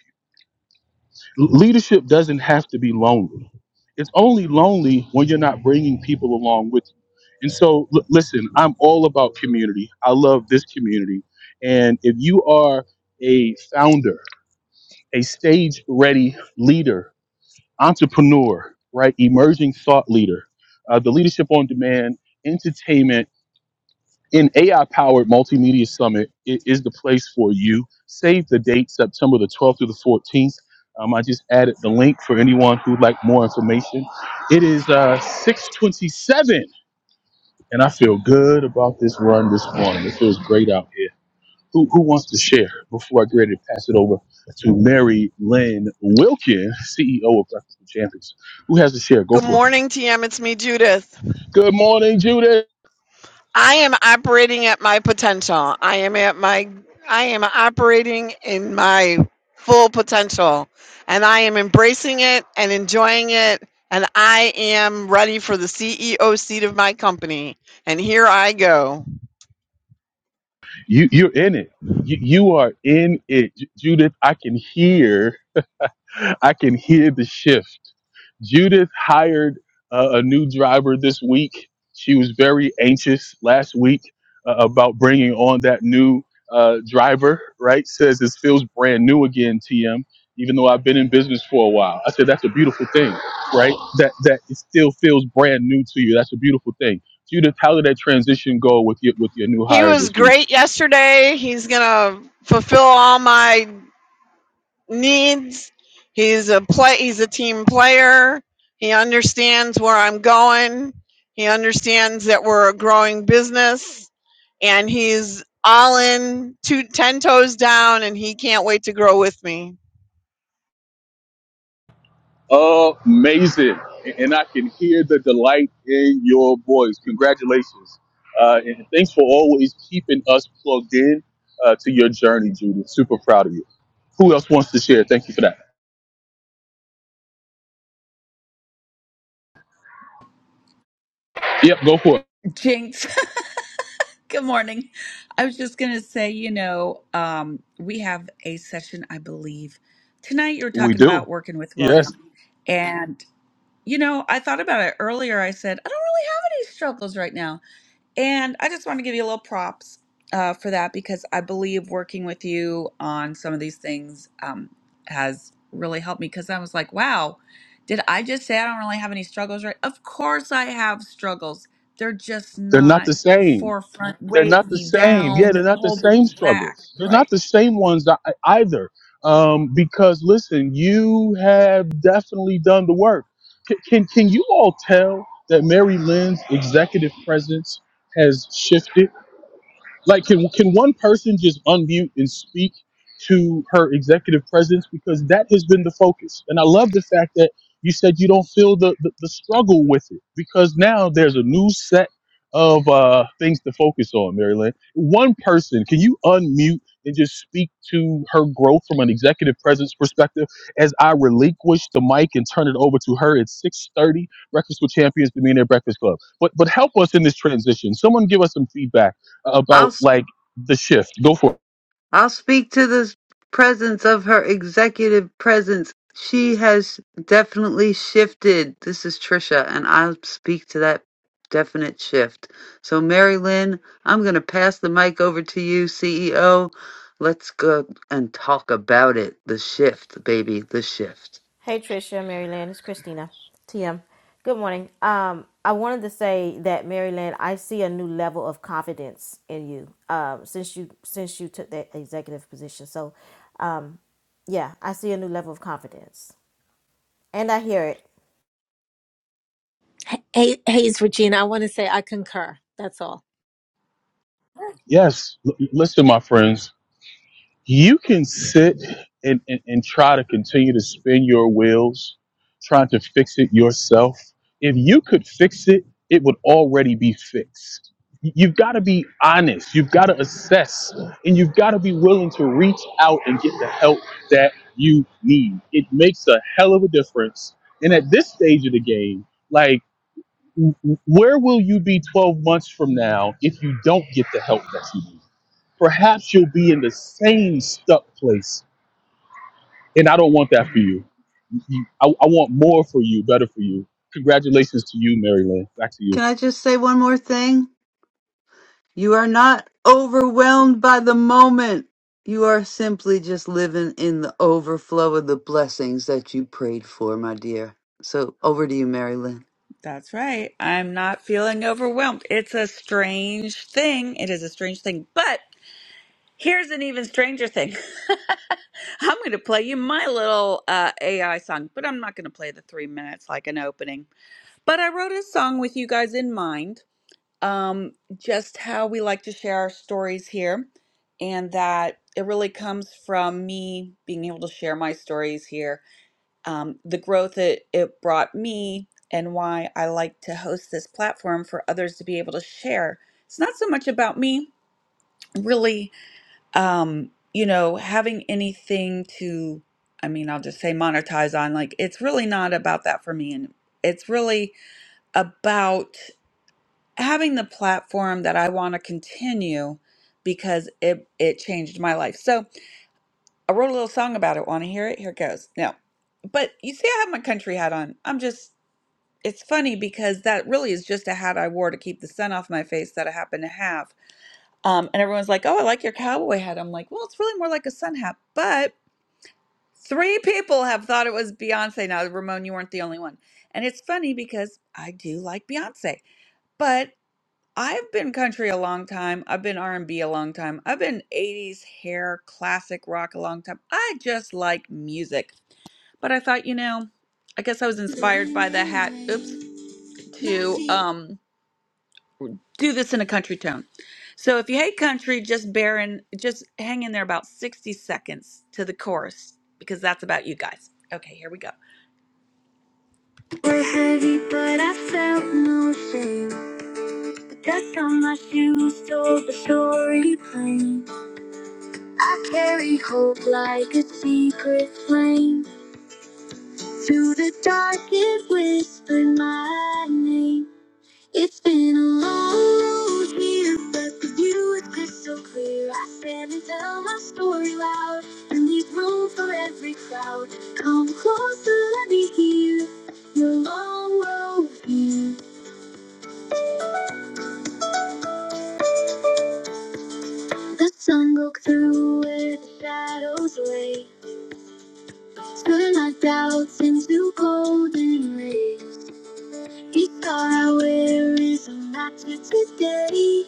Speaker 1: leadership doesn't have to be lonely. It's only lonely when you're not bringing people along with you. And so, l- listen, I'm all about community. I love this community. And if you are a founder, a stage ready leader, entrepreneur, right, emerging thought leader, uh, the Leadership on Demand, entertainment, an AI powered multimedia summit i- is the place for you. Save the date, September the 12th through the 14th. Um, I just added the link for anyone who'd like more information. It is uh, 627, and I feel good about this run this morning. It feels great out here. Who, who wants to share before I get ready to pass it over to Mary Lynn Wilkin, CEO of Breakfast with Champions? Who has to share? Go
Speaker 10: Good
Speaker 1: for it.
Speaker 10: morning, TM. It's me, Judith.
Speaker 1: Good morning, Judith.
Speaker 10: I am operating at my potential. I am at my I am operating in my full potential and I am embracing it and enjoying it and I am ready for the CEO seat of my company. And here I go.
Speaker 1: you you're in it you, you are in it Ju- judith i can hear i can hear the shift judith hired uh, a new driver this week she was very anxious last week uh, about bringing on that new uh, driver right says this feels brand new again tm even though i've been in business for a while i said that's a beautiful thing right that that it still feels brand new to you that's a beautiful thing judith how did that transition go with your with your new
Speaker 10: He
Speaker 1: hire
Speaker 10: was
Speaker 1: this week
Speaker 10: great yesterday. He's going to fulfill all my needs. He's a play. He's a team player. He understands where I'm going. He understands that we're a growing business, and he's all in, two, ten toes down, and he can't wait to grow with me.
Speaker 1: Amazing. And I can hear the delight in your voice. Congratulations. Uh, and thanks for always keeping us plugged in uh, to your journey, Judith. Super proud of you. Who else wants to share? Thank you for that. Yep, go for it.
Speaker 4: Jinx, good morning. I was just going to say, you know, um, we have a session, I believe, tonight you were
Speaker 1: We
Speaker 4: talking
Speaker 1: do.
Speaker 4: about working with William.
Speaker 1: Yes,
Speaker 4: And, you know, I thought about it earlier. I said, I don't really have any struggles right now. And I just want to give you a little props uh, for that because I believe working with you on some of these things um, has really helped me because I was like, wow, did I just say I don't really have any struggles, right? Of course I have struggles. They're just
Speaker 1: they're not
Speaker 4: not
Speaker 1: the same.
Speaker 4: forefront,
Speaker 1: They're
Speaker 4: weighing
Speaker 1: not the
Speaker 4: me
Speaker 1: same. Yeah,
Speaker 4: down,
Speaker 1: they're not the
Speaker 4: holding
Speaker 1: same
Speaker 4: me back,
Speaker 1: struggles. They're
Speaker 4: right?
Speaker 1: not the same ones ei- either. Um, because listen, you have definitely done the work. Can, can can you all tell that Mary Lynn's executive presence has shifted? Like, can can one person just unmute and speak to her executive presence? Because that has been the focus, and I love the fact that you said you don't feel the the, the struggle with it because now there's a new set of uh, things to focus on, Maryland. One person, can you unmute and just speak to her growth from an executive presence perspective? As I relinquish the mic and turn it over to her at six thirty, Breakfast with Champions, the Millionaire Breakfast Club. But but help us in this transition. Someone give us some feedback about
Speaker 3: I'll.
Speaker 1: like the shift. Go for it.
Speaker 3: I'll speak to the presence of her executive presence. She has definitely shifted. This is Trisha, and I'll speak to that definite shift. So, Mary Lynn, I'm going to pass the mic over to you, CEO. Let's go and talk about it. The shift, baby, the shift.
Speaker 11: Hey Tricia, Maryland, it's Christina. TM. Good morning. Um, I wanted to say that Maryland, I see a new level of confidence in you. Um, since you since you took that executive position. So um yeah, I see a new level of confidence. And I hear it.
Speaker 5: hey hey, it's regina i want to say i concur that's all
Speaker 1: Yes. L- listen, my friends, you can sit and, and, and try to continue to spin your wheels, trying to fix it yourself. If you could fix it, it would already be fixed. Y- You've got to be honest. You've got to assess and you've got to be willing to reach out and get the help that you need. It makes a hell of a difference. And at this stage of the game, like, where will you be 12 months from now if you don't get the help that you need? Perhaps you'll be in the same stuck place. And I don't want that for you. You- I, I want more for you, better for you. Congratulations to you, Mary Lynn. Back to you.
Speaker 3: Can I just say one more thing? You are not overwhelmed by the moment. You are simply just living in the overflow of the blessings that you prayed for, my dear. So over to you, Mary Lynn.
Speaker 4: That's right. I'm not feeling overwhelmed. It's a strange thing. It is a strange thing, but Here's an even stranger thing. I'm going to play you my little uh, AI song, but I'm not going to play the three minutes like an opening. But I wrote a song with you guys in mind, um, just how we like to share our stories here, and that it really comes from me being able to share my stories here, um, the growth that it brought me, and why I like to host this platform for others to be able to share. It's not so much about me, really um, you know, having anything to, I mean, I'll just say monetize on, like, it's really not about that for me. And it's really about having the platform that I want to continue because it, it changed my life. So I wrote a little song about it. Want to hear it? Here it goes. No. But you see, I have my country hat on. I'm just, it's funny because that really is just a hat I wore to keep the sun off my face that I happen to have. Um, and everyone's like, oh, I like your cowboy hat. I'm like, well, it's really more like a sun hat, but..." Three people have thought it was Beyonce. Now, Ramon, you weren't the only one. And it's funny because I do like Beyonce, but I've been country a long time. I've been r and B a long time. I've been 80s hair, classic rock a long time. I just like music. But I thought, you know, I guess I was inspired by the hat, oops, to um do this in a country tone. So if you hate country, just bear in, just hang in there about 60 seconds to the chorus because that's about you guys. Okay, here we go. Were heavy, but I felt no shame. The dust on my shoes told the story plain. I carry hope like a secret flame. Through the dark, it whispered my name. It's been a long road here, but the view is crystal clear. I stand and tell my story loud, and leave room for every crowd. Come closer, let me hear your long road here. The sun broke through where the shadows lay. Turned my doubts into golden rays. Each star I wear is a matter today.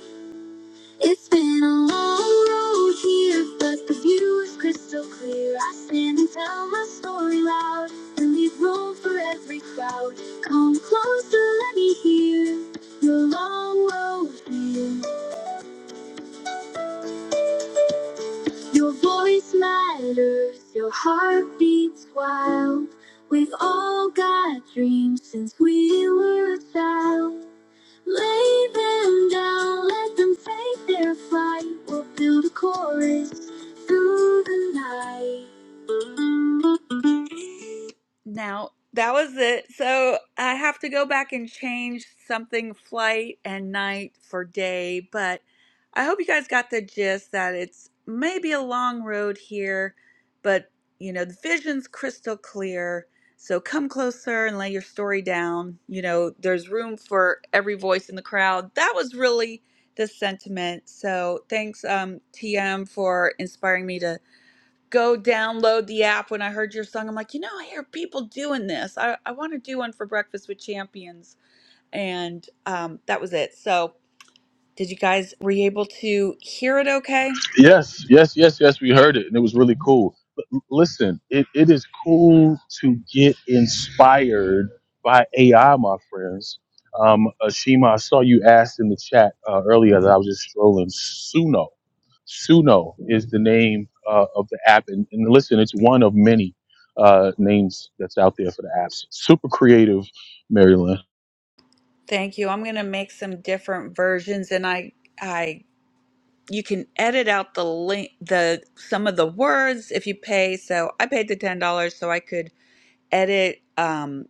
Speaker 4: It's been a long road here, but the view is crystal clear. I stand and tell my story loud and leave room for every crowd. Come closer, let me hear your long road here. Your voice matters, your heart beats wild. We've all got dreams since we were a child. Lay them down, let them fight their fight. We'll build a chorus through the night. Now, that was it. So I have to go back and change something flight and night for day, but I hope you guys got the gist that it's maybe a long road here, but you know, the vision's crystal clear. So come closer and lay your story down. You know, there's room for every voice in the crowd. That was really the sentiment. So thanks, um, TM, for inspiring me to go download the app. When I heard your song, I'm like, you know, I hear people doing this. I, I want to do one for Breakfast with Champions. And um, that was it. So did you guys were you able to hear it okay?
Speaker 1: Yes, yes, yes, yes. We heard it and it was really cool. But l- listen, it, it is cool to get inspired by AI, my friends. Um, Ashima, I saw you asked in the chat uh, earlier that I was just strolling. Suno. Suno is the name uh, of the app, and, and listen, it's one of many uh, names that's out there for the apps. Super creative, Maryland.
Speaker 4: Thank you. I'm going to make some different versions and I I you can edit out the link the some of the words if you pay. So I paid the $10 so I could edit um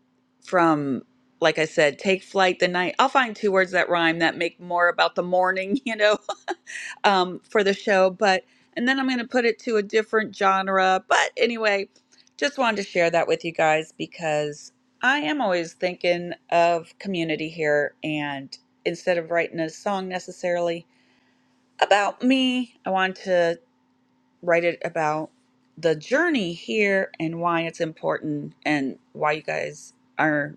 Speaker 4: from like I said, take flight the night. I'll find two words that rhyme that make more about the morning, you know, um, for the show, but and then I'm going to put it to a different genre. But anyway, just wanted to share that with you guys because I am always thinking of community here, and instead of writing a song necessarily about me, I want to write it about the journey here and why it's important and why you guys are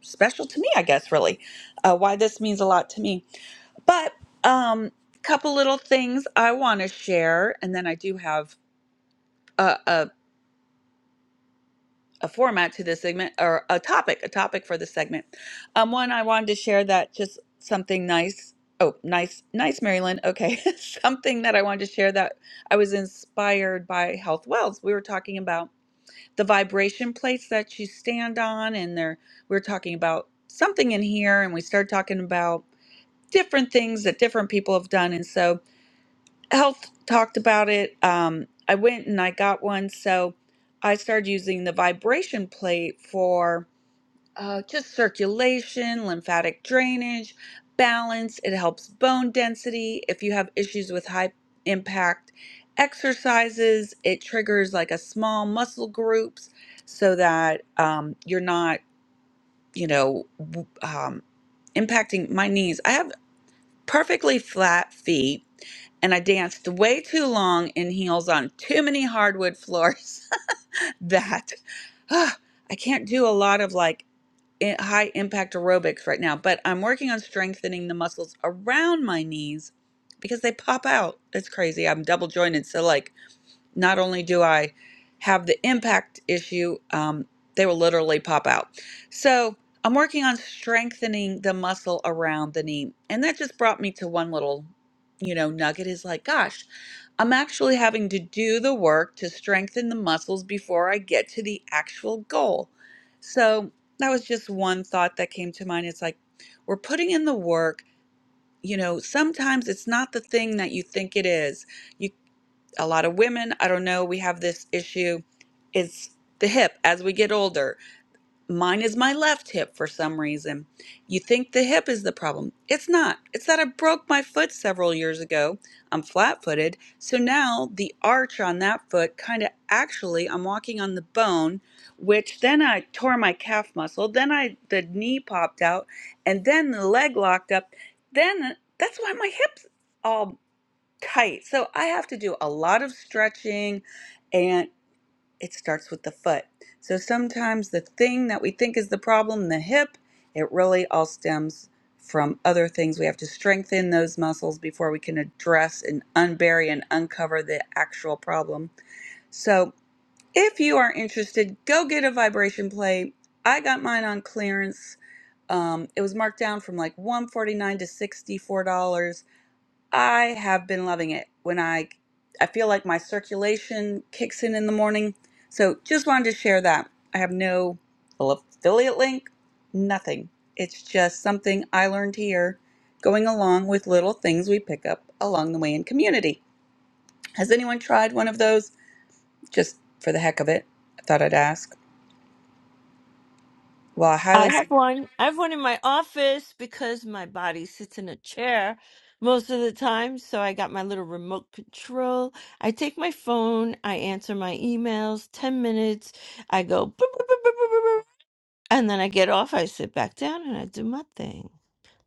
Speaker 4: special to me, I guess, really, uh, why this means a lot to me. But um, couple little things I want to share, and then I do have a, a a format to this segment or a topic, a topic for the segment. Um, one I wanted to share that just something nice. Oh, nice, nice, Maryland. Okay, something that I wanted to share that I was inspired by Health Wells. We were talking about the vibration plates that you stand on, and there we were talking about something in here, and we started talking about different things that different people have done, and so health talked about it. Um, I went and I got one, so I started using the vibration plate for uh, just circulation, lymphatic drainage, balance. It helps bone density. If you have issues with high impact exercises, it triggers like a small muscle groups so that um, you're not, you know, w- um, impacting my knees. I have perfectly flat feet and I danced way too long in heels on too many hardwood floors that ah, I can't do a lot of like i- high impact aerobics right now, but I'm working on strengthening the muscles around my knees because they pop out. It's crazy. I'm double jointed, so like not only do I have the impact issue, um, they will literally pop out. So I'm working on strengthening the muscle around the knee. And that just brought me to one little, you know, nugget is like, gosh, I'm actually having to do the work to strengthen the muscles before I get to the actual goal. So that was just one thought that came to mind. It's like, we're putting in the work. You know, sometimes it's not the thing that you think it is You a lot of women, I don't know, we have this issue. It's the hip as we get older. Mine is my left hip for some reason. You think the hip is the problem. It's not. It's that I broke my foot several years ago. I'm flat footed. So now the arch on that foot kind of actually, I'm walking on the bone, which then I tore my calf muscle. Then I, the knee popped out and then the leg locked up. Then uh, that's why my hips. all tight. So I have to do a lot of stretching and it starts with the foot. So sometimes the thing that we think is the problem, the hip, it really all stems from other things. We have to strengthen those muscles before we can address and unbury and uncover the actual problem. So if you are interested, go get a vibration plate. I got mine on clearance. Um, it was marked down from like 149 to $64 I have been loving it. When I I feel like my circulation kicks in in the morning. So just wanted to share that. I have no affiliate link, nothing. It's just something I learned here going along with little things we pick up along the way in community. Has anyone tried one of those just for the heck of it? I thought I'd ask. Well, I highly
Speaker 12: I have one. I have one in my office because my body sits in a chair most of the time. So I got my little remote control. I take my phone, I answer my emails, 10 minutes. I go, boop, boop, boop, boop, boop, boop, boop, and then I get off, I sit back down, and I do my thing.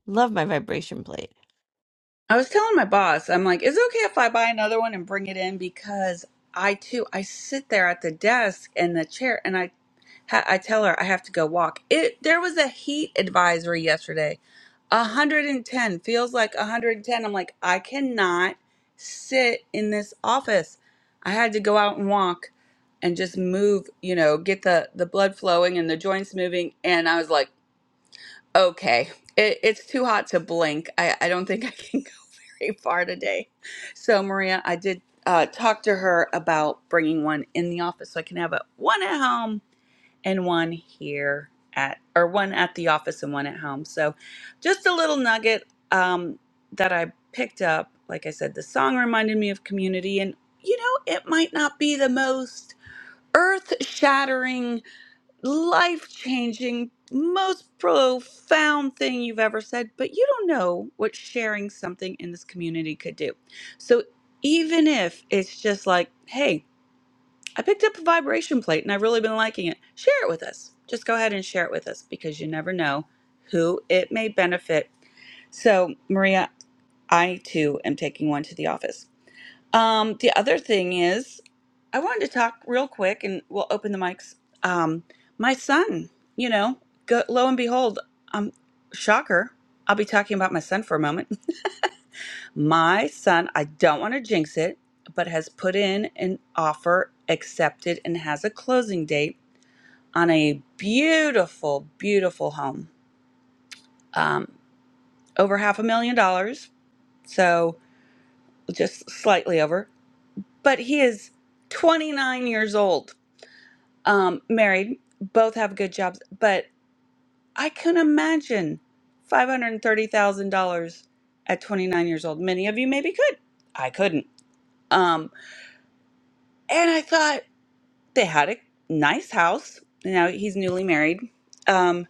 Speaker 12: Love my vibration plate.
Speaker 4: I was telling my boss, I'm like, is it okay if I buy another one and bring it in? Because I too, I sit there at the desk and the chair, and I, ha- I tell her I have to go walk. It there was a heat advisory yesterday, 110 feels like 110. I'm like, I cannot sit in this office. I had to go out and walk, and just move, you know, get the the blood flowing and the joints moving. And I was like. Okay. It, it's too hot to blink. I, I don't think I can go very far today. So, Maria, I did uh, talk to her about bringing one in the office so I can have a, one at home and one here at, or one at the office and one at home. So, just a little nugget um, that I picked up. Like I said, the song reminded me of community, and you know, it might not be the most earth shattering life changing, most profound thing you've ever said, but you don't know what sharing something in this community could do. So even if it's just like, hey, I picked up a vibration plate and I've really been liking it, share it with us. Just go ahead and share it with us because you never know who it may benefit. So, Maria, I too am taking one to the office. Um, the other thing is, I wanted to talk real quick, and we'll open the mics. Um, my son, you know, go, lo and behold, um, shocker, I'll be talking about my son for a moment. My son, I don't want to jinx it, but has put in an offer, accepted, and has a closing date on a beautiful, beautiful home, um, over half a million dollars, so just slightly over. But he is 29 years old um, married, both have good jobs, but I can imagine $530,000 at 29 years old. Many of you maybe could. I couldn't. Um, and I thought they had a nice house. Now he's newly married. Um,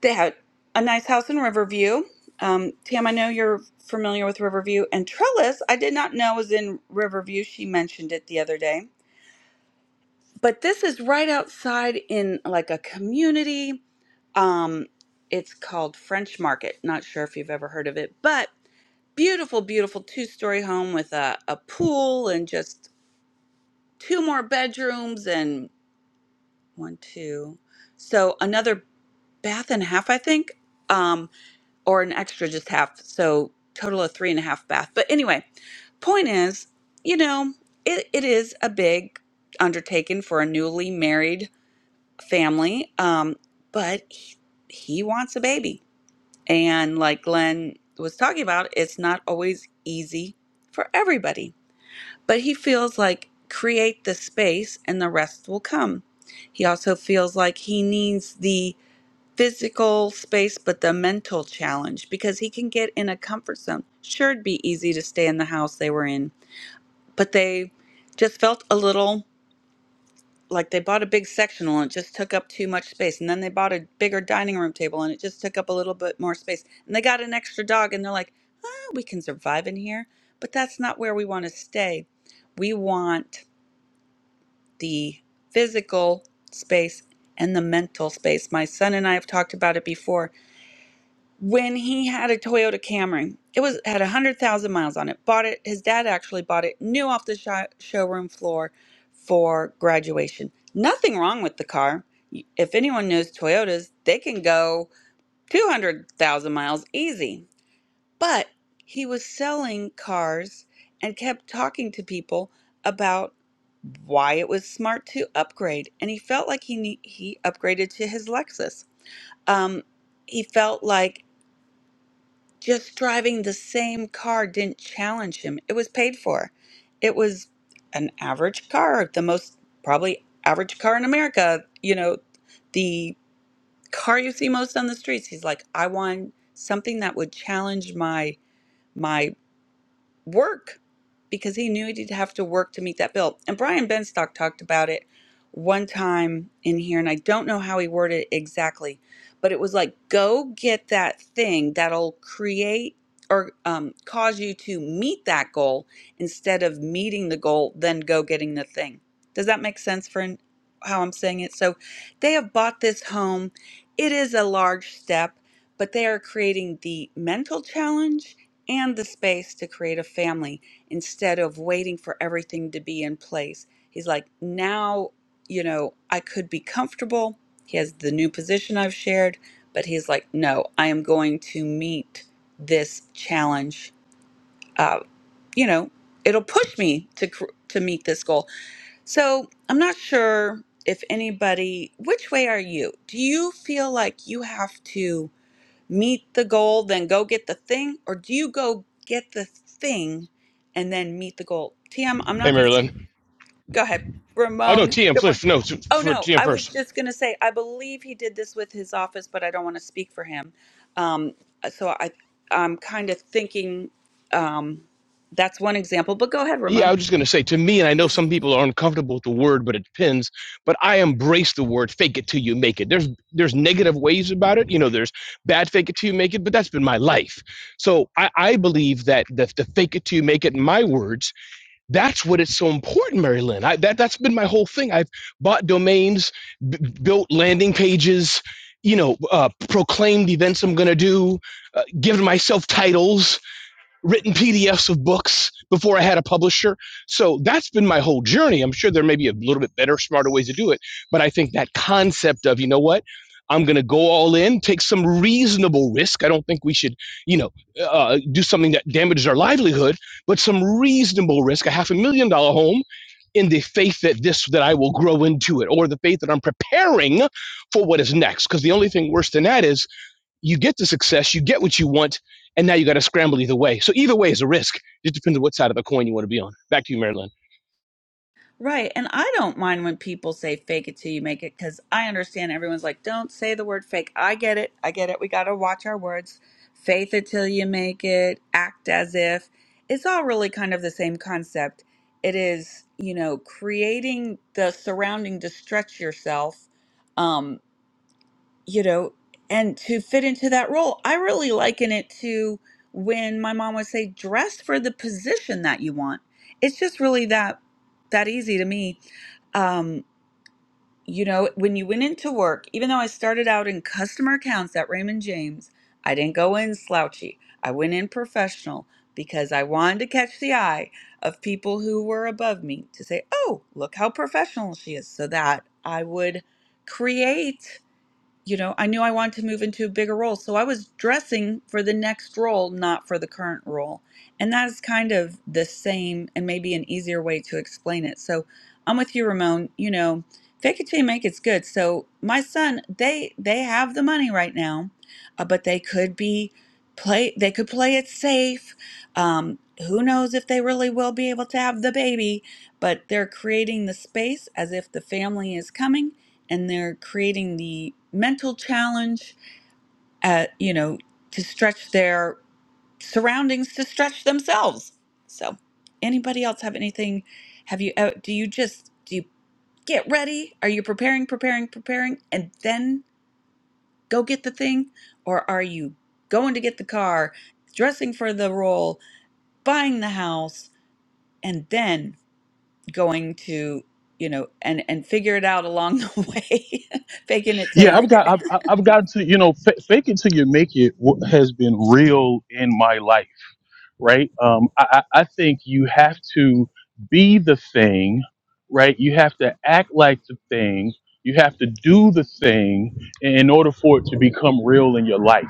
Speaker 4: they had a nice house in Riverview. Um, Tam, I know you're familiar with Riverview. And Trellis, I did not know was in Riverview. She mentioned it the other day. but this is right outside in like a community. Um, it's called French Market. Not sure if you've ever heard of it, but beautiful, beautiful two story home with a, a pool and just two more bedrooms and one, two. So another bath and a half, I think, um, or an extra just half. So total of three and a half bath. But anyway, point is, you know, it, it is a big undertaking for a newly married family. Um, but he, he wants a baby. And like Glenn was talking about, it's not always easy for everybody. But he feels like create the space and the rest will come. He also feels like he needs the physical space, but the mental challenge because he can get in a comfort zone. Sure, it'd be easy to stay in the house they were in, but they just felt a little like they bought a big sectional and it just took up too much space and then they bought a bigger dining room table and it just took up a little bit more space and they got an extra dog and they're like "Ah, we can survive in here but that's not where we want to stay we want the physical space and the mental space my son and i have talked about it before when he had a Toyota Camry. It was had a hundred thousand miles on it. Bought it. His dad actually bought it new off the sho- showroom floor for graduation. Nothing wrong with the car. If anyone knows Toyotas, they can go two hundred thousand miles easy. But he was selling cars and kept talking to people about why it was smart to upgrade, and he felt like he ne- he upgraded to his Lexus. Um, he felt like just driving the same car didn't challenge him. It was paid for. It was an average car, the most probably average car in America, you know, the car you see most on the streets. He's like, I want something that would challenge my my work because he knew he'd have to work to meet that bill. And Brian Benstock talked about it one time in here, and I don't know how he worded it exactly, but it was like, go get that thing that'll create or um, cause you to meet that goal instead of meeting the goal, then go getting the thing. Does that make sense for an- how I'm saying it? So they have bought this home. It is a large step, but they are creating the mental challenge and the space to create a family instead of waiting for everything to be in place. He's like, now, you know, I could be comfortable. He has the new position I've shared, but he's like, no, I am going to meet this challenge. Uh, you know, it'll push me to cr- to meet this goal. So I'm not sure if anybody. Which way are you? Do you feel like you have to? meet the goal, then go get the thing? Or do you go get the thing and then meet the goal? TM, I'm
Speaker 13: Hey,
Speaker 4: not going to
Speaker 13: Marilyn.
Speaker 4: go ahead.
Speaker 13: Oh, no,
Speaker 4: Ramon,
Speaker 13: TM
Speaker 4: good morning.
Speaker 13: first. No,
Speaker 4: Oh,
Speaker 13: for
Speaker 4: no,
Speaker 13: TM
Speaker 4: I was
Speaker 13: first.
Speaker 4: just going to say, I believe he did this with his office, but I don't want to speak for him. Um, so I, I'm kind of thinking um, that's one example, but go ahead,
Speaker 13: Yeah, I
Speaker 4: Ramon.
Speaker 13: was just going to say to me, and I know some people are uncomfortable with the word, but it depends. But I embrace the word fake it till you make it. There's there's negative ways about it. You know, there's bad fake it till you make it, but that's been my life. So I, I believe that the, the fake it till you make it, in my words, that's what it's so important, Marilyn. I, that, that's been my whole thing. I've bought domains, b- built landing pages, you know, uh, proclaimed events I'm going to do, uh, given myself titles written PDFs of books before I had a publisher. So that's been my whole journey. I'm sure there may be a little bit better, smarter ways to do it. But I think that concept of, you know what? I'm going to go all in, take some reasonable risk. I don't think we should, you know, uh, do something that damages our livelihood, but some reasonable risk, a half a million dollar home in the faith that this that I will grow into it or the faith that I'm preparing for what is next because the only thing worse than that is you get the success, you get what you want, and now you got to scramble either way. So either way is a risk. It just depends on what side of the coin you want to be on. Back to you, Marilyn.
Speaker 4: Right. And I don't mind when people say fake it till you make it because I understand everyone's like, don't say the word fake. I get it. I get it. We got to watch our words. Faith it till you make it. Act as if. It's all really kind of the same concept. It is, you know, creating the surrounding to stretch yourself. um, you know, and to fit into that role. I really liken it to when my mom would say, dress for the position that you want. It's just really that that easy to me. Um, you know, when you went into work, even though I started out in customer accounts at Raymond James, I didn't go in slouchy. I went in professional because I wanted to catch the eye of people who were above me to say, oh, look how professional she is, so that I would create you know, I knew I wanted to move into a bigger role. So I was dressing for the next role, not for the current role. And that's kind of the same and maybe an easier way to explain it. So I'm with you, Ramon. You know, fake it till you make it's good. So my son, they they have the money right now, uh, but they could be play they could play it safe. Um, who knows if they really will be able to have the baby, but they're creating the space as if the family is coming and they're creating the mental challenge at you know to stretch their surroundings to stretch themselves so anybody else have anything have you uh, do you just do you get ready are you preparing preparing preparing and then go get the thing or are you going to get the car dressing for the role buying the house and then going to you know and and figure it out along the way faking it till you
Speaker 1: Yeah, I've
Speaker 4: make
Speaker 1: got, I've,
Speaker 4: it
Speaker 1: I've I've gotten to, you know, fa fake it till you make it w- has been real in my life, right? Um, I, I I think you have to be the thing, right? You have to act like the thing. You have to do the thing in in order for it to become real in your life.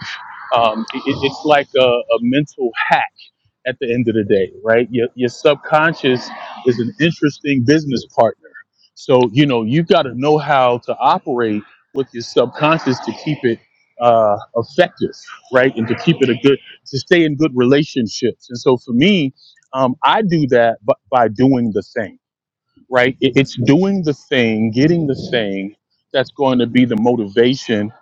Speaker 1: Um, it, it- it's like a, a mental hack at the end of the day, right? Your, your subconscious is an interesting business partner. So, you know, you got to know how to operate with your subconscious to keep it uh, effective, right? And to keep it a good, to stay in good relationships. And so for me, um, I do that b- by doing the thing right? It- It's doing the thing, getting the thing that's going to be the motivation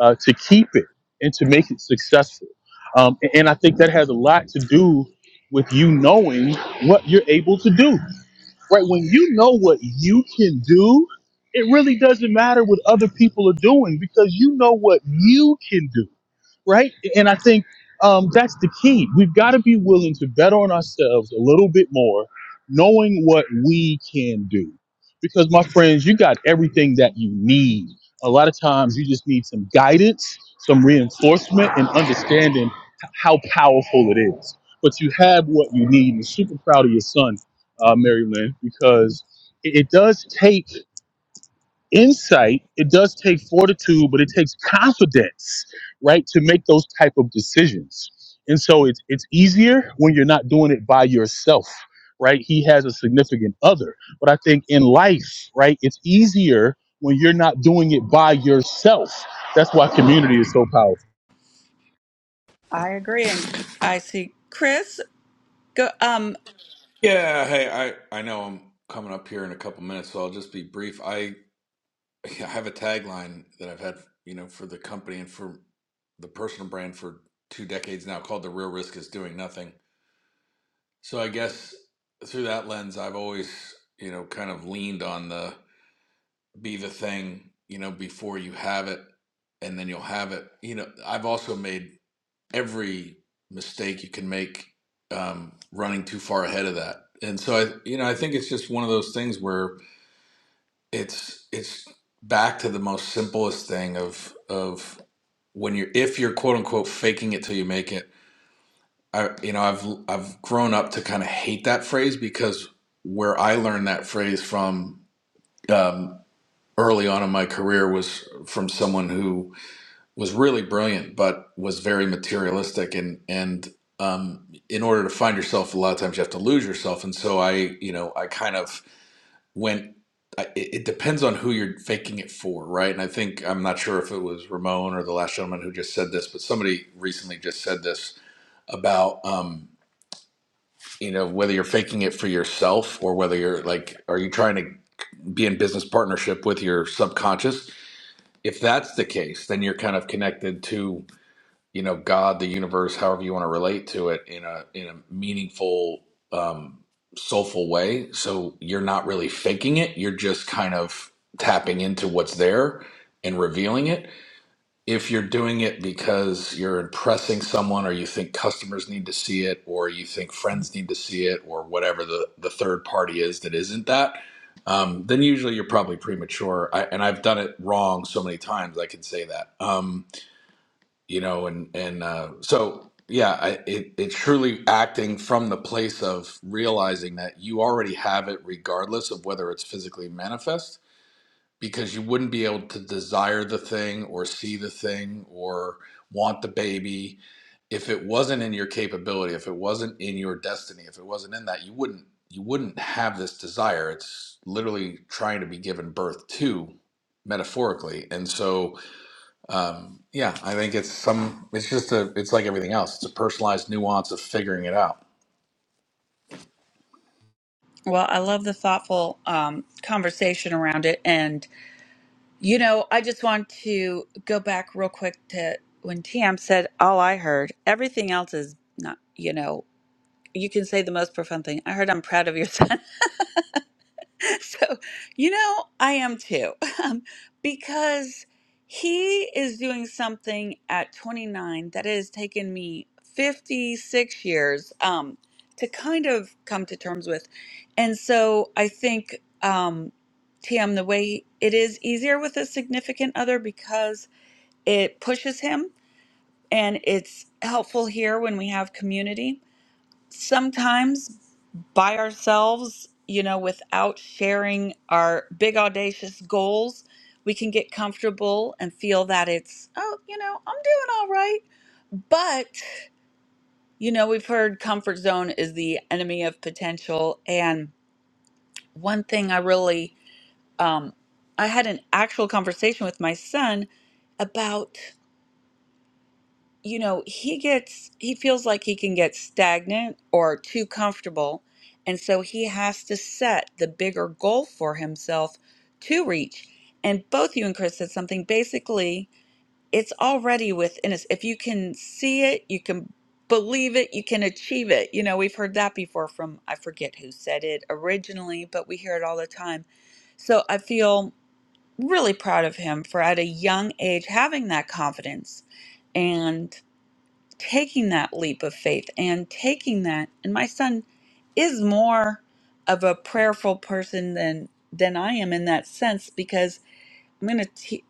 Speaker 1: uh, to keep it and to make it successful. Um, a- and I think that has a lot to do with you knowing what you're able to do, right? When you know what you can do, it really doesn't matter what other people are doing because you know what you can do right? And I think um, that's the key. We've got to be willing to bet on ourselves a little bit more, knowing what we can do. Because, my friends, you got everything that you need. A lot of times, you just need some guidance, some reinforcement, and understanding h- how powerful it is. But you have what you need. And super proud of your son, uh, Mary Lynn, because it, it does take insight it does take fortitude but it takes confidence right to make those type of decisions and so it's it's easier when you're not doing it by yourself right he has a significant other but i think in life right it's easier when you're not doing it by yourself that's why community is so powerful
Speaker 4: I agree, and I see Chris. Go, um,
Speaker 14: Yeah, hey, I I know I'm coming up here in a couple minutes, so I'll just be brief. I I have a tagline that I've had, you know, for the company and for the personal brand for two decades now called The Real Risk is Doing Nothing. So I guess through that lens, I've always, you know, kind of leaned on the be the thing, you know, before you have it and then you'll have it. You know, I've also made every mistake you can make um, running too far ahead of that. And so I, you know, I think it's just one of those things where it's it's back to the most simplest thing of of when you're if you're quote unquote faking it till you make it. I, you know, I've I've grown up to kind of hate that phrase because where I learned that phrase from um, early on in my career was from someone who was really brilliant, but was very materialistic. And and um, in order to find yourself, a lot of times you have to lose yourself. And so I, you know, I kind of went. I, it it depends on who you're faking it for, right? And I think I'm not sure if it was Ramon or the last gentleman who just said this, but somebody recently just said this about um, you know whether you're faking it for yourself or whether you're like, are you trying to be in business partnership with your subconscious? If that's the case, then you're kind of connected to you know god the universe however you want to relate to it in a in a meaningful um soulful way so you're not really faking it you're just kind of tapping into what's there and revealing it if you're doing it because you're impressing someone or you think customers need to see it or you think friends need to see it or whatever the the third party is that isn't that um, then usually you're probably premature I, and i've done it wrong so many times i can say that Um, you know and and uh, so yeah I, it, it's truly acting from the place of realizing that you already have it regardless of whether it's physically manifest because you wouldn't be able to desire the thing or see the thing or want the baby if it wasn't in your capability if it wasn't in your destiny if it wasn't in that you wouldn't you wouldn't have this desire it's literally trying to be given birth to metaphorically and so um, yeah, I think it's some. It's just a. It's like everything else. It's a personalized nuance of figuring it out.
Speaker 4: well, I love the thoughtful um, conversation around it, and you know, I just want to go back real quick to when Tam said, "All I heard, everything else is not." You know, you can say the most profound thing. I heard, "I'm proud of your son." So, you know, I am too, um, because he is doing something at 29 that has taken me 56 years um, to kind of come to terms with. And so I think, um, Tam, the way it is easier with a significant other because it pushes him and it's helpful here when we have community. Sometimes by ourselves, you know, without sharing our big audacious goals, we can get comfortable and feel that it's, oh, you know, I'm doing all right. But, you know, we've heard comfort zone is the enemy of potential. And one thing I really, um, I had an actual conversation with my son about. you know, he gets, he feels like he can get stagnant or too comfortable. And so he has to set the bigger goal for himself to reach. And both you and Chris said something basically, it's already within us. If you can see it, you can believe it, you can achieve it. You know, we've heard that before from, I forget who said it originally, but we hear it all the time. So I feel really proud of him for at a young age having that confidence. and taking that leap of faith and taking that and my son is more of a prayerful person than than i am in that sense because i'm going to te-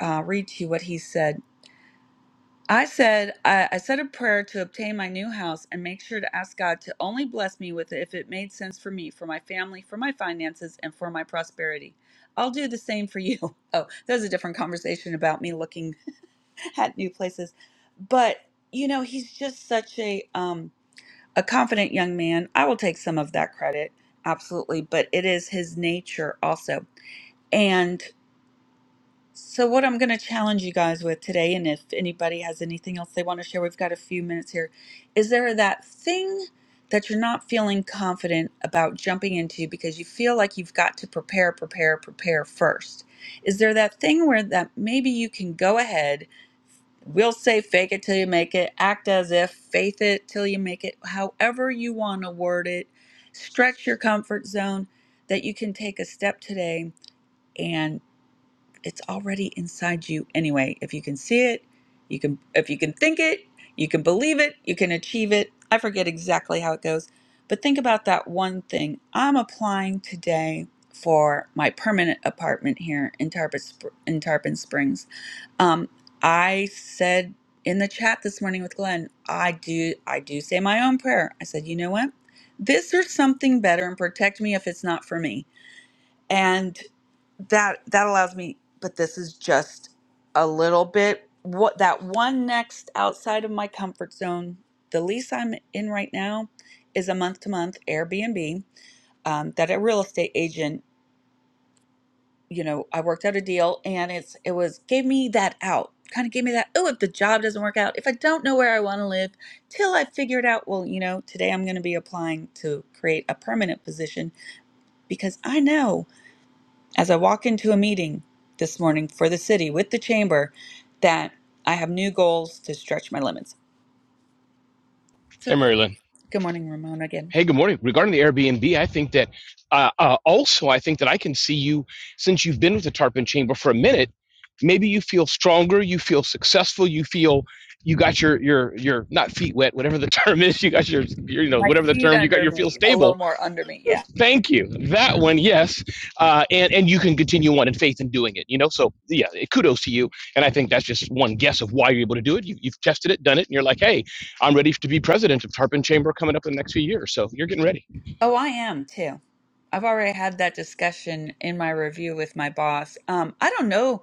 Speaker 4: uh, read to you what he said i said I, I said a prayer to obtain my new house and make sure to ask god to only bless me with it if it made sense for me for my family for my finances and for my prosperity i'll do the same for you oh that was a different conversation about me looking at new places. But you know, he's just such a um a confident young man. I will take some of that credit, absolutely, but it is his nature also. And so what I'm going to challenge you guys with today and if anybody has anything else they want to share, we've got a few minutes here. Is there that thing that you're not feeling confident about jumping into because you feel like you've got to prepare, prepare, prepare first? Is there that thing where that maybe you can go ahead We'll say fake it till you make it, act as if, faith it till you make it, however you want to word it. Stretch your comfort zone that you can take a step today and it's already inside you anyway. If you can see it, you can if you can think it, you can believe it, you can achieve it. I forget exactly how it goes, but think about that one thing. I'm applying today for my permanent apartment here in Tarpon, Spr- in Tarpon Springs um, I said in the chat this morning with Glenn, I do I do say my own prayer. I said, you know what? This or something better and protect me if it's not for me. And that that allows me, but this is just a little bit what that one next outside of my comfort zone. The lease I'm in right now is a month to month Airbnb um, that a real estate agent you know, I worked out a deal and it's it was gave me that out. Kind of gave me that, oh, if the job doesn't work out, if I don't know where I want to live, till I figure it out, well, you know, today I'm going to be applying to create a permanent position because I know as I walk into a meeting this morning for the city with the chamber that I have new goals to stretch my limits. So,
Speaker 13: Hey, Marilyn.
Speaker 4: good morning, Ramona again.
Speaker 13: Hey, good morning. Regarding the Airbnb, I think that uh, uh, also I think that I can see you since you've been with the Tarpon Chamber for a minute. Maybe you feel stronger, you feel successful, you feel you got your your your not feet wet, whatever the term is. You got your, your you know
Speaker 4: My
Speaker 13: whatever the
Speaker 4: feet
Speaker 13: term you got
Speaker 4: under
Speaker 13: your feel
Speaker 4: me, a
Speaker 13: stable.
Speaker 4: little more under me. yeah.
Speaker 13: Thank you. That one, yes, uh, and and you can continue on in faith in doing it. You know, so yeah, kudos to you. And I think that's just one guess of why you're able to do it. You, you've tested it, done it, and you're like, hey, I'm ready to be president of Tarpon Chamber coming up in the next few years. So you're getting ready.
Speaker 4: Oh, I am too. I've already had that discussion in my review with my boss. Um, I don't know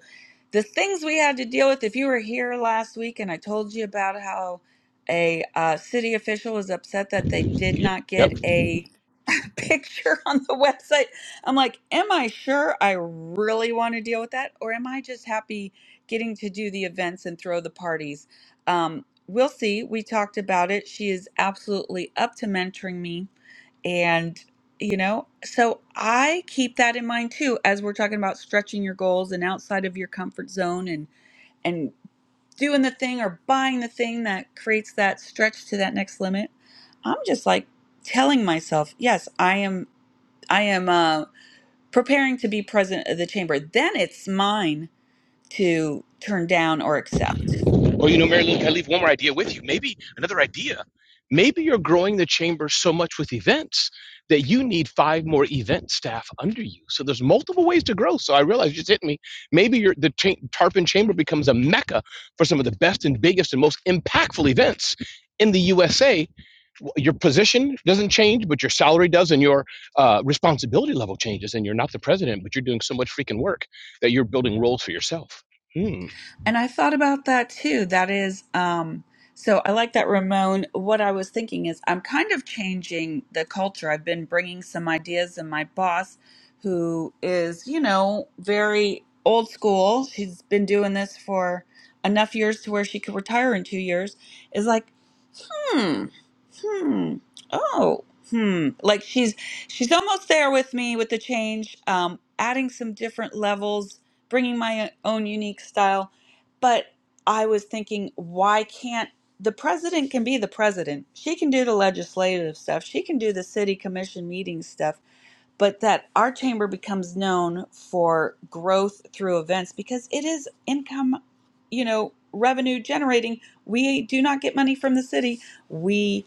Speaker 4: the things we had to deal with. If you were here last week and I told you about how a uh, city official was upset that they did not get
Speaker 13: Yep.
Speaker 4: a picture on the website, I'm like, am I sure I really want to deal with that? Or am I just happy getting to do the events and throw the parties? Um, we'll see. We talked about it. She is absolutely up to mentoring me and, you know, so I keep that in mind too as we're talking about stretching your goals and outside of your comfort zone and and doing the thing or buying the thing that creates that stretch to that next limit. I'm just like telling myself, yes, I am I am uh preparing to be president of the chamber. Then it's mine to turn down or accept.
Speaker 13: Or you know, Mary Lou, can I leave one more idea with you? Maybe another idea. Maybe you're growing the chamber so much with events that you need five more event staff under you. So there's multiple ways to grow. So I realize you just hit me. Maybe your the cha- Tarpon Chamber becomes a mecca for some of the best and biggest and most impactful events in the USA. Your position doesn't change, but your salary does, and your uh, responsibility level changes. And you're not the president, but you're doing so much freaking work that you're building roles for yourself. Hmm.
Speaker 4: And I thought about that too. That is, um, so I like that, Ramon. What I was thinking is, I'm kind of changing the culture. I've been bringing some ideas, and my boss, who is, you know, very old school, she's been doing this for enough years to where she could retire in two years, is like, hmm, hmm, oh, hmm. Like she's she's almost there with me with the change, um, adding some different levels, bringing my own unique style. But I was thinking, why can't the president can be the president? She can do the legislative stuff. She can do the city commission meeting stuff but that our chamber becomes known for growth through events because it is income, you know, revenue generating. We do not get money from the city. We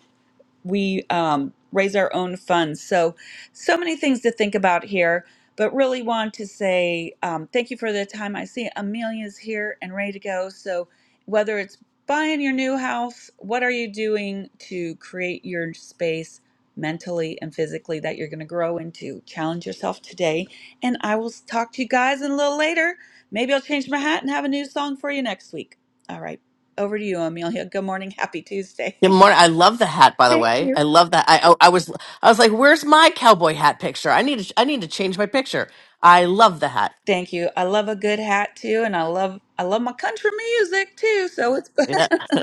Speaker 4: we um, raise our own funds. So, so many things to think about here, but really want to say um, thank you for the time. I see Amelia's here and ready to go. So, whether it's buying your new house, what are you doing to create your space mentally and physically that you're going to grow into? Challenge yourself today. And I will talk to you guys in a little later. Maybe I'll change my hat and have a new song for you next week. All right. Over to you, Amelia. Good morning. Happy Tuesday.
Speaker 15: Good morning. I love the hat, by the
Speaker 4: Thank
Speaker 15: way.
Speaker 4: you.
Speaker 15: I love that. I, I I was I was like, "Where's my cowboy hat picture? I need to I need to change my picture." I love the hat.
Speaker 4: Thank you. I love a good hat too, and I love I love my country music too. So it's
Speaker 15: Yeah,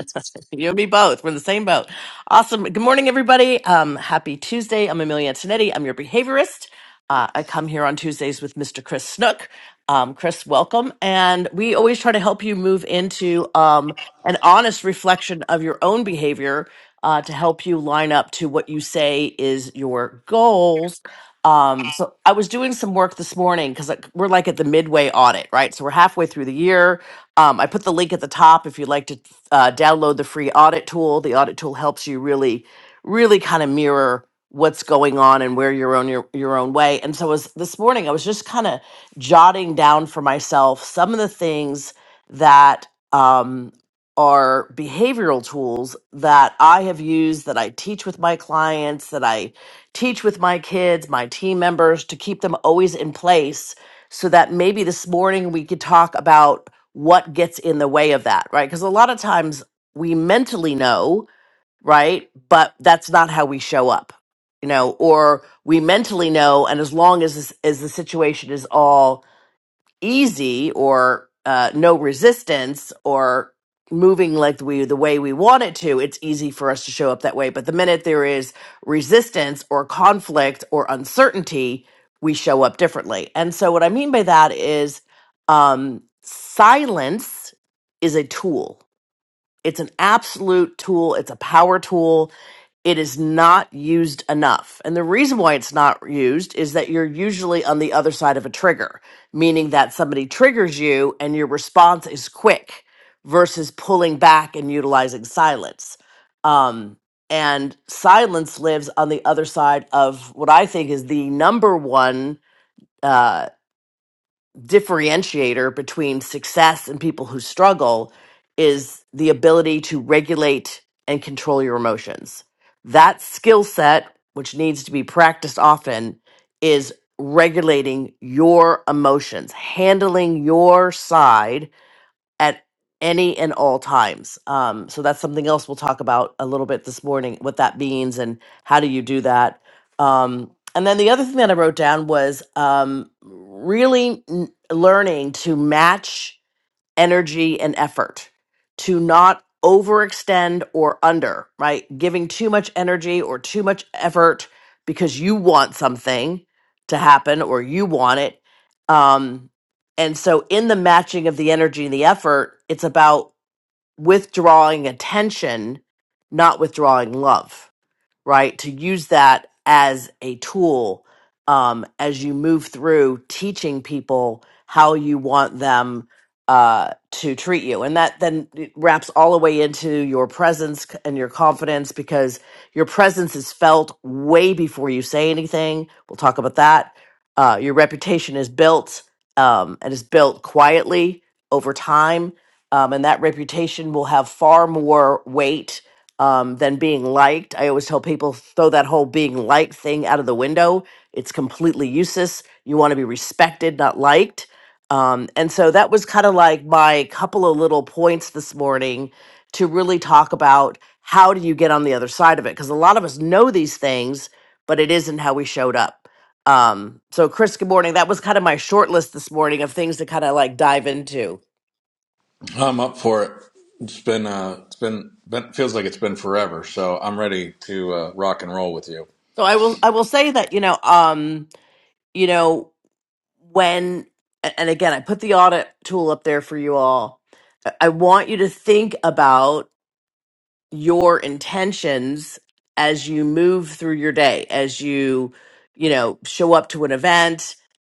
Speaker 15: you and me both. We're in the same boat. Awesome. Good morning, everybody. Um, happy Tuesday. I'm Amelia Antonetti. I'm your behaviorist. Uh, I come here on Tuesdays with Mr. Chris Snook. Um, Chris, welcome. And we always try to help you move into um, an honest reflection of your own behavior uh, to help you line up to what you say is your goals Um, so I was doing some work this morning because we're like at the midway audit, right? So we're halfway through the year. Um, I put the link at the top if you'd like to uh, download the free audit tool. The audit tool helps you really, really kind of mirror what's going on and where you're on your, your own way. And so as this morning, I was just kind of jotting down for myself some of the things that um, are behavioral tools that I have used, that I teach with my clients, that I teach with my kids, my team members to keep them always in place so that maybe this morning we could talk about what gets in the way of that, right? Because a lot of times we mentally know, right? But that's not how we show up, you know, or we mentally know. And as long as, this, as the situation is all easy or uh, no resistance or moving like we the way we want it to it's easy for us to show up that way but the minute there is resistance or conflict or uncertainty we show up differently and so what i mean by that is um silence is a tool it's an absolute tool it's a power tool it is not used enough. And the reason why it's not used is that you're usually on the other side of a trigger, meaning that somebody triggers you and your response is quick versus pulling back and utilizing silence. Um, and silence lives on the other side of what I think is the number one. uh, differentiator between success and people who struggle is the ability to regulate and control your emotions. That skill set, which needs to be practiced often, is regulating your emotions, handling your side at any and all times. Um, so that's something else we'll talk about a little bit this morning, what that means and how do you do that. Um, and then the other thing that I wrote down was um, really n- learning to match energy and effort to not overextend or under, right? Giving too much energy or too much effort because you want something to happen or you want it. Um, and so, in the matching of the energy and the effort, it's about withdrawing attention, not withdrawing love right? To use that as a tool um, as you move through teaching people how you want them uh, to treat you. And that then wraps all the way into your presence and your confidence because your presence is felt way before you say anything. We'll talk about that. Uh, your reputation is built um, and is built quietly over time. Um, and that reputation will have far more weight um, than being liked. I always tell people throw that whole being liked thing out of the window. It's completely useless. You want to be respected, not liked. Um, and so that was kind of like my couple of little points this morning to really talk about how do you get on the other side of it? Because a lot of us know these things, but it isn't how we showed up. Um, so Chris, good morning. That was kind of my short list this morning of things to kind of like dive into.
Speaker 14: I'm up for it. It's been. Uh, it's been. Been feels like it's been forever. So I'm ready to uh, rock and roll with you.
Speaker 15: So I will I will say that, you know, um, you know when and again i put the audit tool up there for you all i I want you to think about your intentions as you move through your day as you you know show up to an event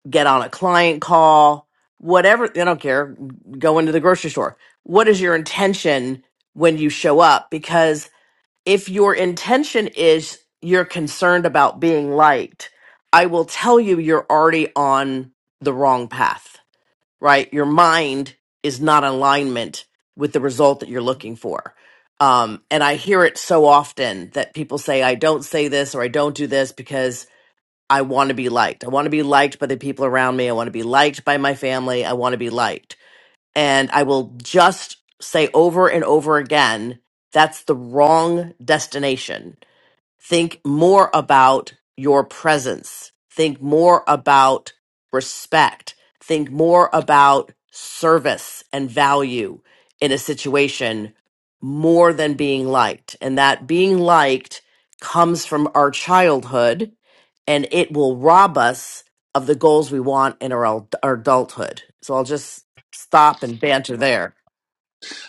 Speaker 15: get on a client call whatever i don't care go into the grocery store what is your intention when you show up because if your intention is you're concerned about being liked i will tell you you're already on the wrong path right? Your mind is not in alignment with the result that you're looking for. Um, and I hear it so often that people say, I don't say this or I don't do this because I want to be liked. I want to be liked by the people around me. I want to be liked by my family. I want to be liked. And I will just say over and over again, that's the wrong destination Think more about your presence. Think more about respect. Think more about service and value in a situation more than being liked. And that being liked comes from our childhood and it will rob us of the goals we want in our, ad- our adulthood. So I'll just stop and banter there.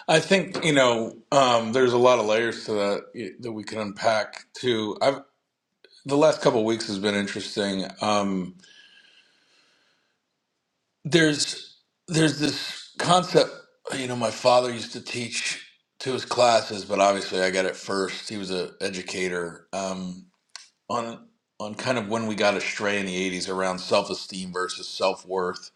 Speaker 14: I think you know. Um, there's a lot of layers to that that we can unpack too. I've the last couple of weeks has been interesting. Um, there's there's this concept you know my father used to teach to his classes but obviously i got it first he was a educator um, on on kind of when we got astray in the 80s around self-esteem versus self-worth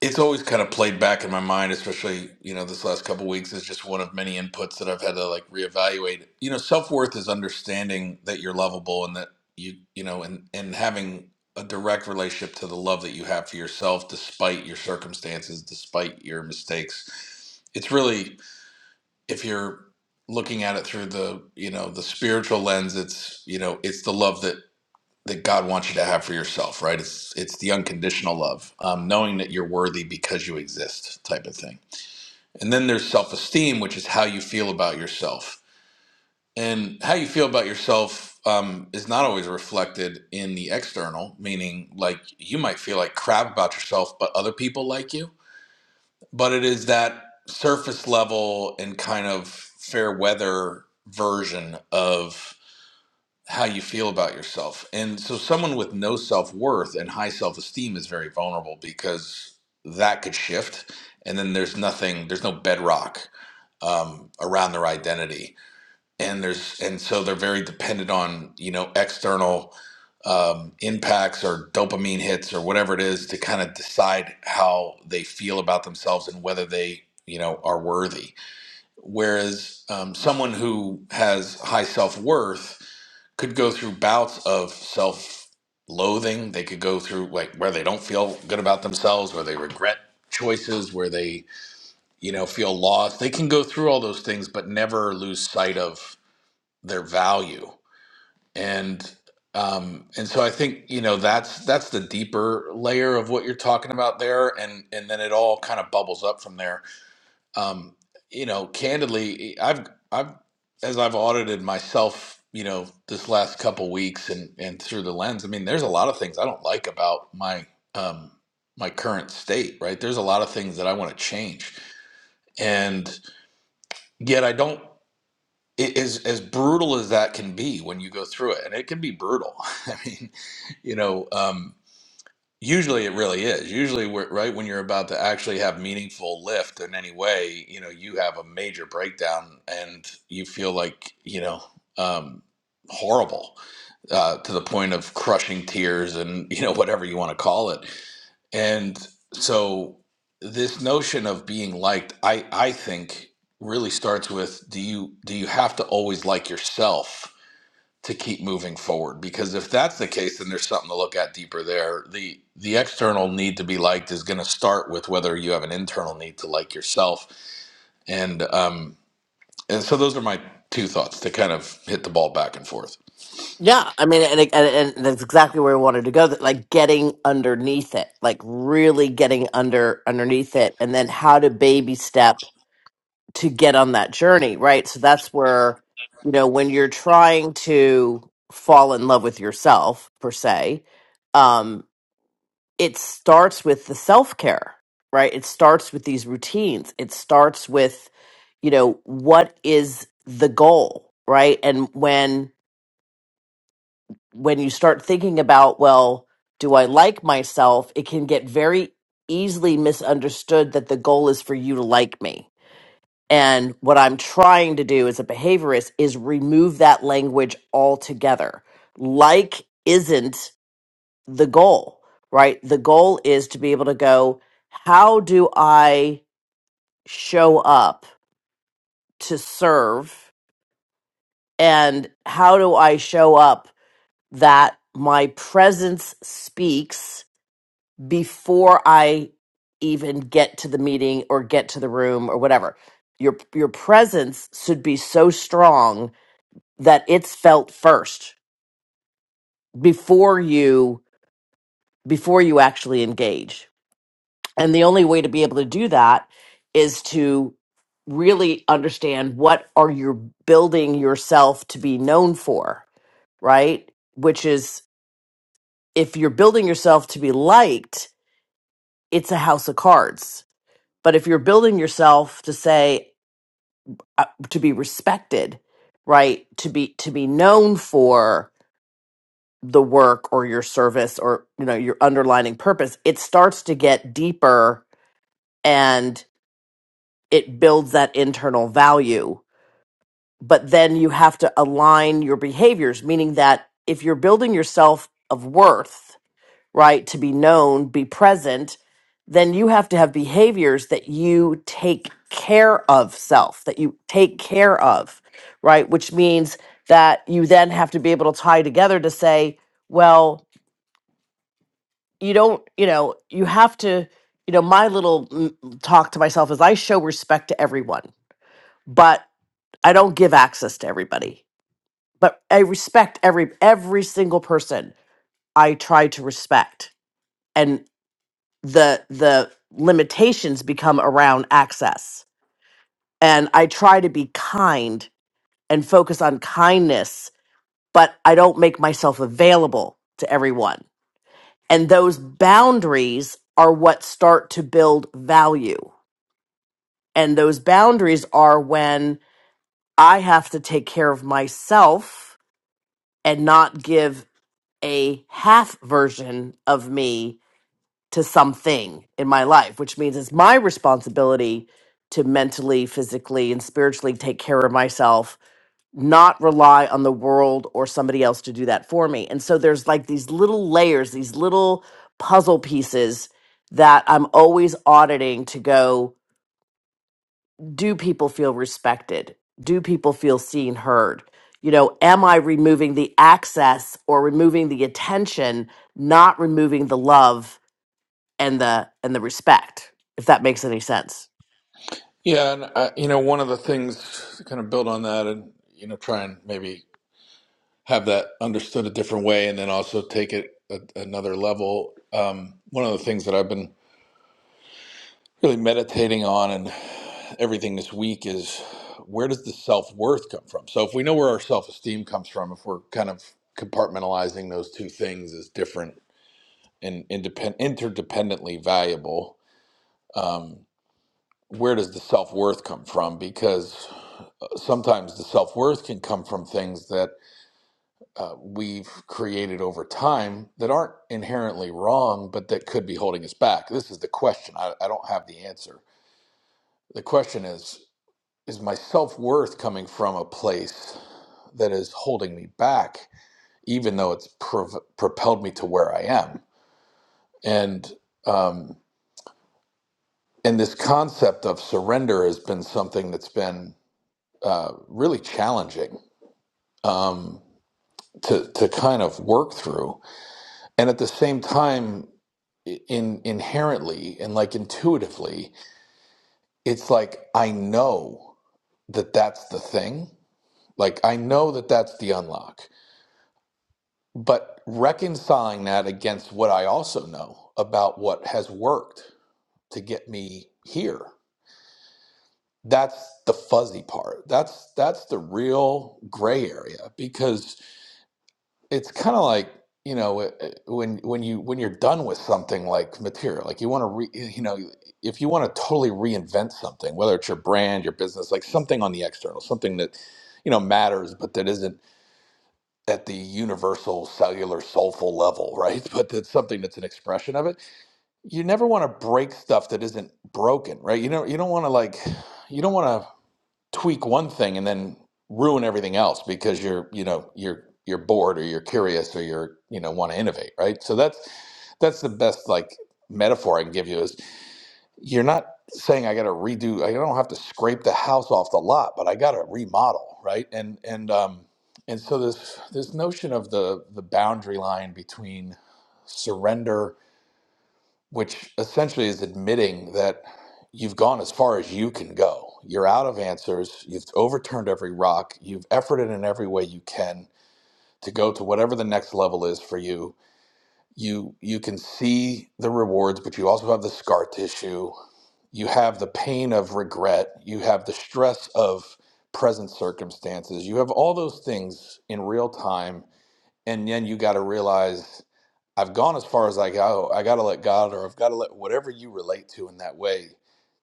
Speaker 14: it's always kind of played back in my mind, especially you know this last couple weeks is just one of many inputs that I've had to like reevaluate. You know, self worth is understanding that you're lovable and that you you know and and having a direct relationship to the love that you have for yourself, despite your circumstances, despite your mistakes. It's really if you're looking at it through the you know the spiritual lens, it's you know it's the love that that God wants you to have for yourself, right? It's it's the unconditional love, um, knowing that you're worthy because you exist, type of thing. And then there's self-esteem, which is how you feel about yourself, and how you feel about yourself um, is not always reflected in the external. Meaning, like you might feel like crap about yourself, but other people like you. But it is that surface level and kind of fair weather version of how you feel about yourself. And so someone with no self-worth and high self-esteem is very vulnerable because that could shift and then there's nothing there's no bedrock um, around their identity and there's and so they're very dependent on you know external um, impacts or dopamine hits or whatever it is to kind of decide how they feel about themselves and whether they you know are worthy whereas um, someone who has high self-worth could go through bouts of self loathing. They could go through like where they don't feel good about themselves, where they regret choices, where they, you know, feel lost. They can go through all those things, but never lose sight of their value. And um, and so I think you know that's that's the deeper layer of what you're talking about there, and and then it all kind of bubbles up from there um, you know, candidly, I've I've as I've audited myself, you know, this last couple weeks and and through the lens, I mean, there's a lot of things I don't like about my um my current state, right? There's a lot of things that I want to change. And yet I don't it is as brutal as that can be when you go through it and it can be brutal i mean you know um Usually it really is. Usually we're, right when you're about to actually have meaningful lift in any way, you know, you have a major breakdown and you feel like, you know, um horrible uh to the point of crushing tears and, you know, whatever you want to call it. And so this notion of being liked, I I think really starts with do you do you have to always like yourself? to keep moving forward because if that's the case then there's something to look at deeper there the the external need to be liked is going to start with whether you have an internal need to like yourself and um and so those are my two thoughts to kind of hit the ball back and forth
Speaker 15: Yeah, I mean, and, it- and and that's exactly where we wanted to go. That like getting underneath it, like really getting under underneath it, and then how to baby step to get on that journey, right? So that's where you know when you're trying to fall in love with yourself per se, um, it starts with the self care, right? It starts with these routines. It starts with you know what is the goal, right? And when when you start thinking about, well, do I like myself? It can get very easily misunderstood that the goal is for you to like me. And what I'm trying to do as a behaviorist is remove that language altogether. Like isn't the goal, right? The goal is to be able to go, how do I show up to serve? And how do I show up that my presence speaks? before I even get to the meeting or get to the room or whatever. Your your presence should be so strong that it's felt first before you before you actually engage. And the only way to be able to do that is to really understand what are you building yourself to be known for, right? Which is if you're building yourself to be liked, it's a house of cards But if you're building yourself to say uh, to be respected, right, to be to be known for the work or your service or you know your underlining purpose, it starts to get deeper and it builds that internal value. But then you have to align your behaviors, meaning that if you're building yourself of worth right? To be known, be present, then you have to have behaviors that you take care of self, that you take care of, right? Which means that you then have to be able to tie together to say, well, you don't, you know, you have to, you know, my little mm, talk to myself is I show respect to everyone, but I don't give access to everybody. But I respect every every single person I try to respect and. the the limitations become around access and i try to be kind and focus on kindness but i don't make myself available to everyone and those boundaries are what start to build value and those boundaries are when i have to take care of myself and not give a half version of me to something in my life, which means it's my responsibility to mentally, physically, and spiritually take care of myself, not rely on the world or somebody else to do that for me. And so there's like these little layers, these little puzzle pieces that I'm always auditing to go, do people feel respected? Do people feel seen, heard? You know, am I removing the access or removing the attention, not removing the love and the and the respect if that makes any sense
Speaker 14: yeah and I, you know one of the things to kind of build on that and you know try and maybe have that understood a different way and then also take it a, another level um one of the things that i've been really meditating on and everything this week is where does the self worth come from? So, if we know where our self esteem comes from, if we're kind of compartmentalizing those two things as different and independ- interdependently valuable, um, where does the self worth come from? Because uh, sometimes the self worth can come from things that uh, we've created over time that aren't inherently wrong, but that could be holding us back. This is the question. I, I don't have the answer. The question is is my self worth coming from a place that is holding me back, even though it's prov- propelled me to where I am? And um, and this concept of surrender has been something that's been uh, really challenging um, to to kind of work through, and at the same time, in inherently and like intuitively, it's like I know that that's the thing. Like I know that that's the unlock But reconciling that against what I also know about what has worked to get me here, that's the fuzzy part. That's that's the real gray area because it's kind of like you know eh, eh, when when you when you're done with something like material like you want to re, eh, you know if you want to totally reinvent something whether it's your brand your business like something on the external something that you know matters but that isn't at the universal cellular soulful level, right? But that's something that's an expression of it. You never want to break stuff that isn't broken, right? You know, you don't want to like, you don't want to tweak one thing and then ruin everything else because you're, you know, you're you're bored or you're curious or you're, you know, want to innovate, right? So that's that's the best like metaphor I can give you is you're not saying I got to redo. I don't have to scrape the house off the lot, but I got to remodel, right? And and um and so this this notion of the the boundary line between surrender, which essentially is admitting that you've gone as far as you can go. You're out of answers. You've overturned every rock. You've efforted in every way you can to go to whatever the next level is for you. You you can see the rewards, but you also have the scar tissue you have the pain of regret, you have the stress of present circumstances, you have all those things in real time, and then you got to realize I've gone as far as I go. I got to let God, or I've got to let whatever you relate to in that way,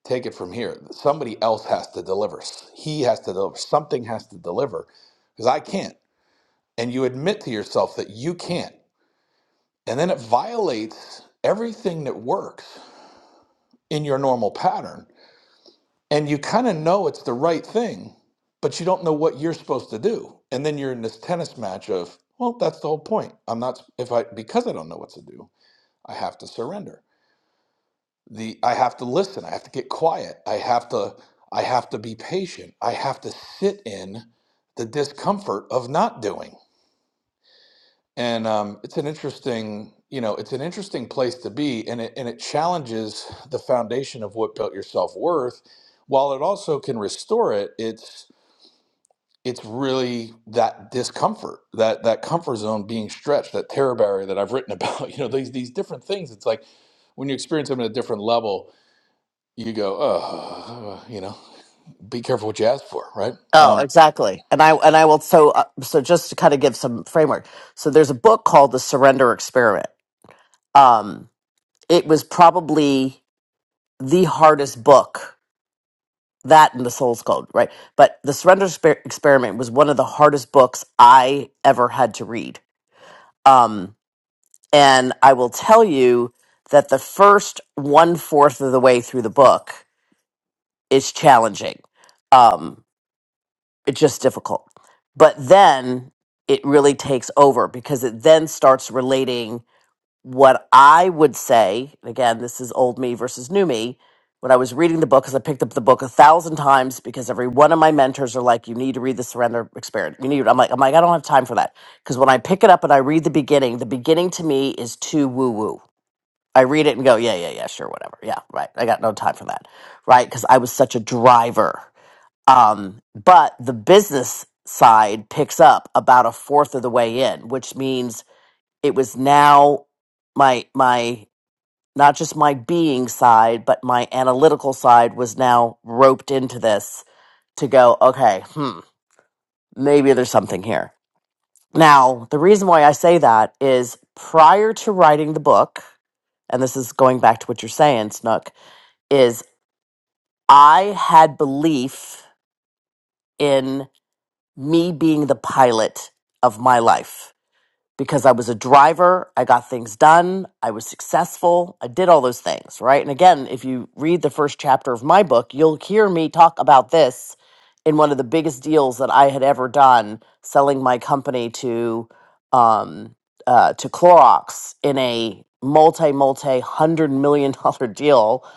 Speaker 14: take it from here. Somebody else has to deliver. He has to deliver. Something has to deliver because I can't. And you admit to yourself that you can't. And then it violates everything that works in your normal pattern and you kind of know it's the right thing, but you don't know what you're supposed to do. And then you're in this tennis match of, well, that's the whole point. I'm not if I because I don't know what to do, I have to surrender. The I have to listen, I have to get quiet. I have to I have to be patient. I have to sit in the discomfort of not doing. And um, it's an interesting, you know, it's an interesting place to be, and it and it challenges the foundation of what built your self worth, while it also can restore it. It's it's really that discomfort, that that comfort zone being stretched, that terror barrier that I've written about. You know, these these different things. It's like when you experience them at a different level, you go, oh, you know, be careful what you ask for, right?
Speaker 15: Oh,
Speaker 14: Um,
Speaker 15: exactly. And I and I will so uh, so just to kind of give some framework. So there's a book called The Surrender Experiment. Um it was probably the hardest book that and the Soul's Code, right? But The Surrender Exper- Experiment was one of the hardest books I ever had to read. Um and I will tell you that the first one fourth of the way through the book is challenging. Um it's just difficult. But then it really takes over because it then starts relating what I would say. and Again, this is old me versus new me. When I was reading the book, because I picked up the book a thousand times, because every one of my mentors are like, "You need to read the Surrender Experiment." You need. I'm like, I'm like, I don't have time for that. Because when I pick it up and I read the beginning, the beginning to me is too woo woo. I read it and go, yeah, yeah, yeah, sure, whatever. Yeah, right. I got no time for that, right? Because I was such a driver um, but the business side picks up about a fourth of the way in, which means it was now my my not just my being side, but my analytical side was now roped into this to go, okay, hmm, maybe there's something here. Now, the reason why I say that is prior to writing the book, and this is going back to what you're saying, Snook, is I had belief me being the pilot of my life because I was a driver. I got things done. I was successful. I did all those things, right? And again, if you read the first chapter of my book, you'll hear me talk about this in one of the biggest deals that I had ever done, selling my company to um, uh, to Clorox in a multi multi hundred million dollar deal,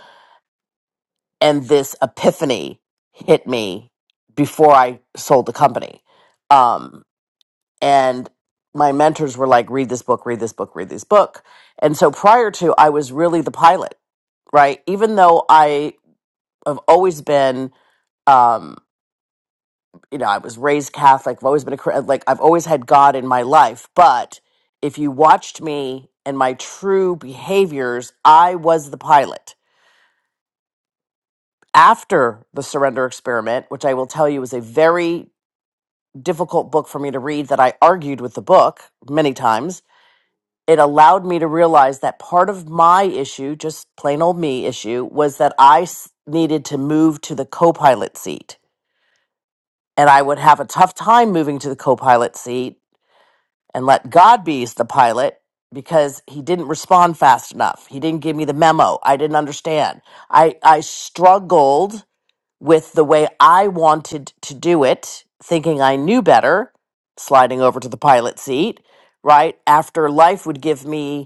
Speaker 15: and this epiphany hit me before I sold the company. Um, and my mentors were like read this book read this book read this book and so prior to i was really the pilot right even though i have always been um you know i was raised catholic i've always been a Chri- like i've always had god in my life but if you watched me and my true behaviors i was the pilot after the surrender experiment which i will tell you is a very difficult book for me to read that i argued with the book many times it allowed me to realize that part of my issue, just plain old me issue, was that I s- needed to move to the co pilot seat. And I would have a tough time moving to the co pilot seat and let God be the pilot because he didn't respond fast enough. He didn't give me the memo. I didn't understand. I, I struggled with the way I wanted to do it, thinking I knew better, sliding over to the pilot seat, right? After life would give me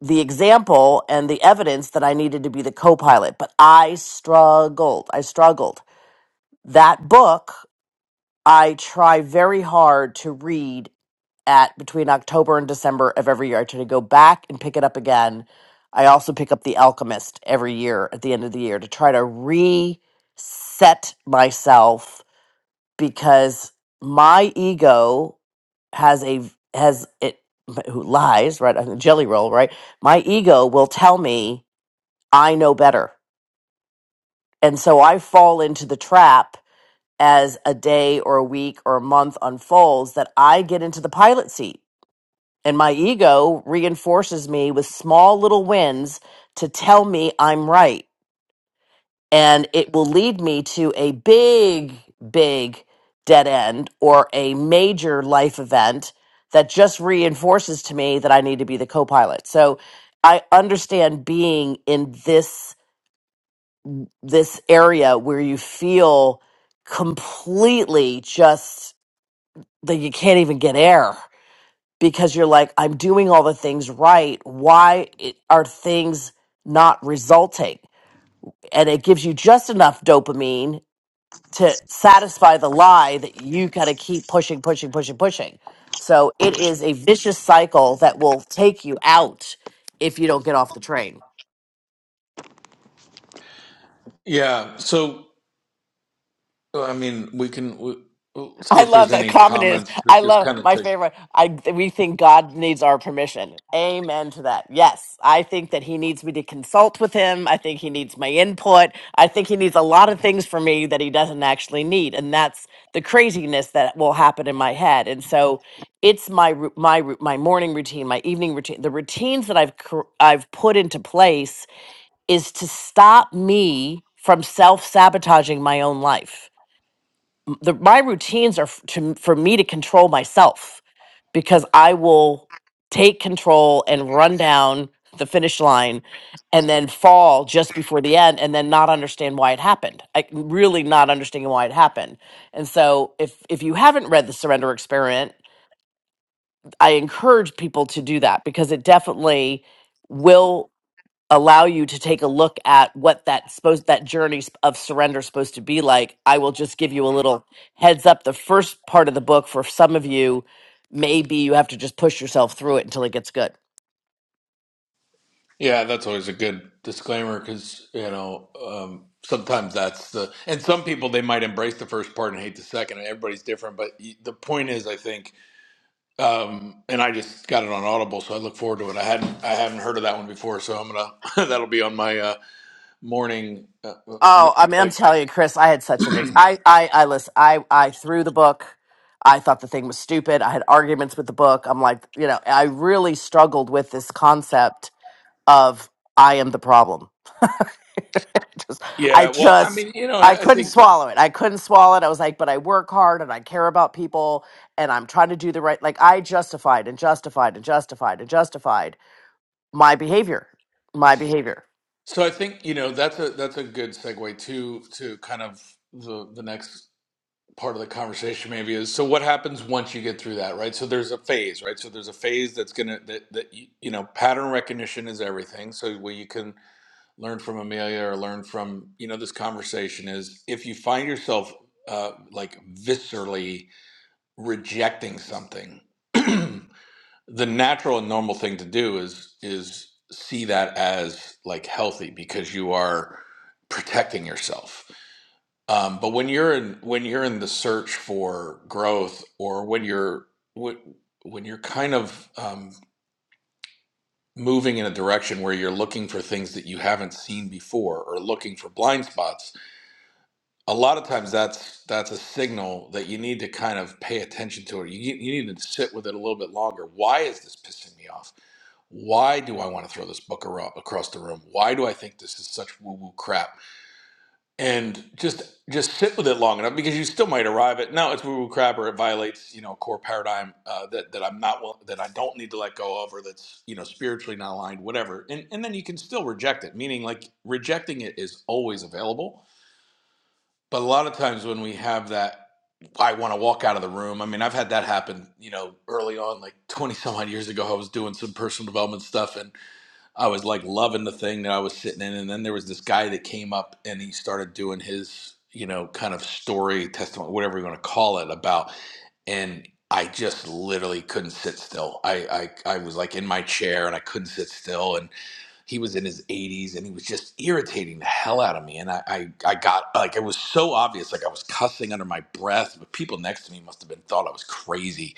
Speaker 15: the example and the evidence that I needed to be the co pilot, but I struggled. I struggled. That book I try very hard to read at between October and December of every year. I try to go back and pick it up again. I also pick up The Alchemist every year at the end of the year to try to reset myself because my ego has a has it who lies right on the jelly roll right my ego will tell me I know better. And so I fall into the trap as a day or a week or a month unfolds that I get into the pilot seat and my ego reinforces me with small little wins to tell me I'm right. And it will lead me to a big, big dead end or a major life event that just reinforces to me that I need to be the co pilot. So I understand being in this this area where you feel completely just that you can't even get air because you're like, I'm doing all the things right. Why i- are things not resulting? And it gives you just enough dopamine to satisfy the lie that you got to keep pushing, pushing, pushing, pushing. So it is a vicious cycle that will take you out if you don't get off the train.
Speaker 14: yeah. So well, I mean, we can we, we'll see
Speaker 15: I
Speaker 14: if
Speaker 15: love
Speaker 14: there's
Speaker 15: that
Speaker 14: any
Speaker 15: comment is
Speaker 14: comments that
Speaker 15: I
Speaker 14: just
Speaker 15: love
Speaker 14: kind of
Speaker 15: my
Speaker 14: take.
Speaker 15: favorite. I we think God needs our permission. Amen to that. Yes, I think that He needs me to consult with Him. I think He needs my input. I think He needs a lot of things from me that He doesn't actually need, and that's the craziness that will happen in my head. And so, it's my ru- my ru- my morning routine, my evening routine, the routines that I've cr- I've put into place is to stop me from self sabotaging my own life the my routines are f- to for me to control myself because I will take control and run down the finish line and then fall just before the end and then not understand why it happened. I really not understanding why it happened. And so if if you haven't read the surrender experiment, I encourage people to do that because it definitely will allow you to take a look at what that supposed that journey s- of surrender is supposed to be like i will just give you a little heads up the first part of the book for some of you maybe you have to just push yourself through it until it gets good
Speaker 14: Yeah, that's always a good disclaimer because you know um, sometimes that's the and some people they might embrace the first part and hate the second, and everybody's different. But y- the point is, I think Um, and I just got it on Audible, so I look forward to it. I hadn't I haven't heard of that one before, so I'm gonna that'll be on my uh, morning. Uh, uh,
Speaker 15: oh i mean i'm
Speaker 14: like,
Speaker 15: telling you chris i had such an ex- i i i listen i i threw the book i thought the thing was stupid i had arguments with the book i'm like you know i really struggled with this concept of i am the problem just I
Speaker 14: yeah, well, I
Speaker 15: just
Speaker 14: mean, you know,
Speaker 15: I
Speaker 14: I, I
Speaker 15: couldn't
Speaker 14: think
Speaker 15: swallow it. I couldn't swallow it. I was like, but I work hard and I care about people and I'm trying to do the right like I justified and justified and justified and justified my behavior. My behavior.
Speaker 14: so. I think you know that's a that's a good segue to to kind of the the next part of the conversation maybe is so what happens once you get through that right so there's a phase right so there's a phase that's gonna that, that you know pattern recognition is everything so where you can learn from Amelia or learn from you know this conversation is if you find yourself uh, like viscerally rejecting something, the natural and normal thing to do is is see that as like healthy because you are protecting yourself. Um, but when you're in when you're in the search for growth or when you're when when you're kind of um, moving in a direction where you're looking for things that you haven't seen before or looking for blind spots a lot of times that's that's a signal that you need to kind of pay attention to it. You, you need to sit with it a little bit longer. Why is this pissing me off? Why do I want to throw this book aro- across the room? Why do I think this is such woo woo crap? And just just sit with it long enough because you still might arrive at no, it's woo woo crap or it violates you know a core paradigm uh, that that I'm not will- that I don't need to let go of or that's you know spiritually not aligned, whatever. And and then you can still reject it. Meaning like rejecting it is always available but a lot of times when we have that, I want to walk out of the room. I mean, I've had that happen, you know, early on, like 20 some odd years ago. I was doing some personal development stuff and I was like loving the thing that I was sitting in. And then there was this guy that came up and he started doing his, you know, kind of story, testimony, whatever you want to call it, about. And I just literally couldn't sit still. I, I, I was like in my chair and I couldn't sit still. And he was in his 80s and he was just irritating the hell out of me and I, I i got like it was so obvious like i was cussing under my breath but people next to me must have been thought i was crazy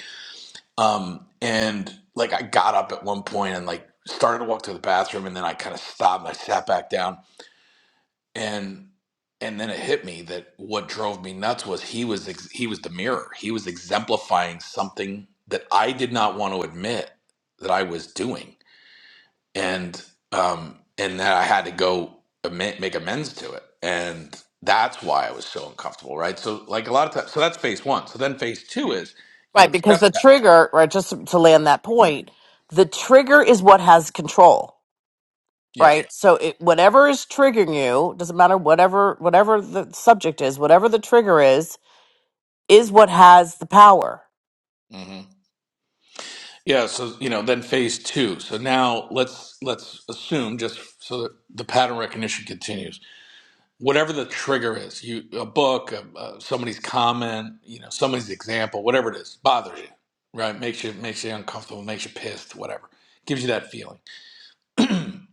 Speaker 14: um and like i got up at one point and like started to walk to the bathroom and then i kind of stopped and i sat back down and and then it hit me that what drove me nuts was he was ex- he was the mirror he was exemplifying something that i did not want to admit that i was doing and um and that I had to go ama- make amends to it, and that's why I was so uncomfortable, right? So like a lot of times, so that's phase one. So then phase two is you
Speaker 15: Right, because the
Speaker 14: accept that,
Speaker 15: trigger, right, just to to land that point, the trigger is what has control.
Speaker 14: yeah,
Speaker 15: Right. So it, whatever is triggering you, doesn't matter whatever whatever the subject is, whatever the trigger is, is what has the power.
Speaker 14: hmm yeah. So you know, then phase two. So now let's let's assume just so that the pattern recognition continues. Whatever the trigger is, you a book, a, a, somebody's comment, you know, somebody's example, whatever it is, bothers you, right? Makes you makes you uncomfortable, makes you pissed, whatever, gives you that feeling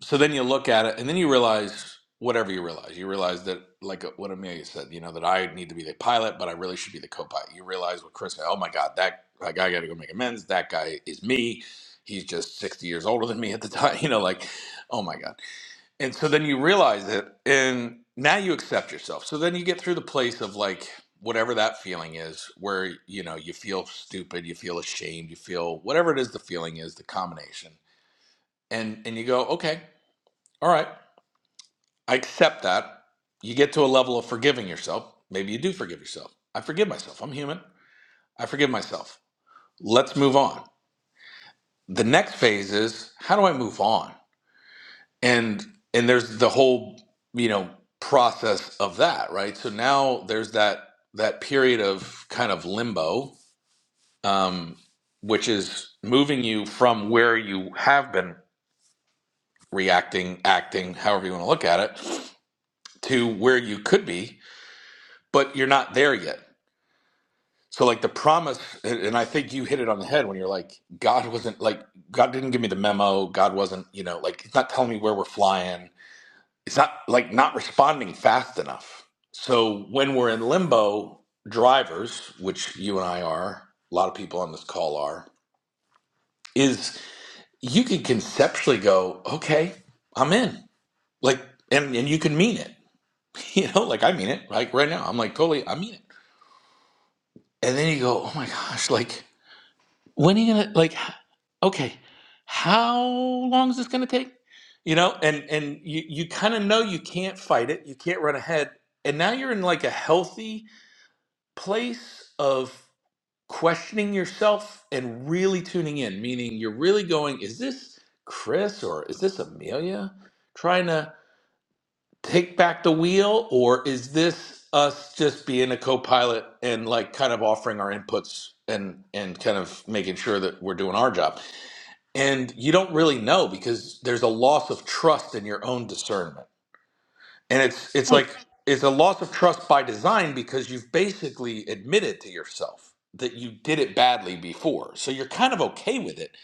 Speaker 14: so then you look at it and then you realize whatever you realize you realize that like uh, what amelia said you know that i need to be the pilot but i really should be the co-pilot you realize what chris said. oh my god that, that guy gotta go make amends that guy is me he's just 60 years older than me at the time you know like oh my god and so then you realize it and now you accept yourself so then you get through the place of like whatever that feeling is where you know you feel stupid you feel ashamed you feel whatever it is the feeling is the combination and and you go okay all right I accept that. You get to a level of forgiving yourself. Maybe you do forgive yourself. I forgive myself. I'm human. I forgive myself. Let's move on. The next phase is how do I move on? And and there's the whole, you know, process of that, right? So now there's that that period of kind of limbo, um, which is moving you from where you have been reacting, acting, however you want to look at it, to where you could be, but you're not there yet So like the promise, and I think you hit it on the head when you're like, God wasn't like God didn't give me the memo. God wasn't, you know, like it's not telling me where we're flying. It's not like not responding fast enough. So when we're in limbo, drivers, which you and I are, a lot of people on this call are, is you can conceptually go, okay, I'm in, like, and and you can mean it, you know, like I mean it, like right now, I'm like totally, I mean it, and then you go, oh my gosh, like when are you gonna like? okay how long is this going to take you know and and you you kind of know you can't fight it you can't run ahead and now you're in like a healthy place of questioning yourself and really tuning in meaning you're really going is this chris or is this amelia trying to take back the wheel or is this us just being a co-pilot and like kind of offering our inputs and and kind of making sure that we're doing our job and you don't really know because there's a loss of trust in your own discernment and it's it's
Speaker 16: Hey,
Speaker 14: like it's a loss of trust by design because you've basically admitted to yourself that you did it badly before so you're kind of okay with it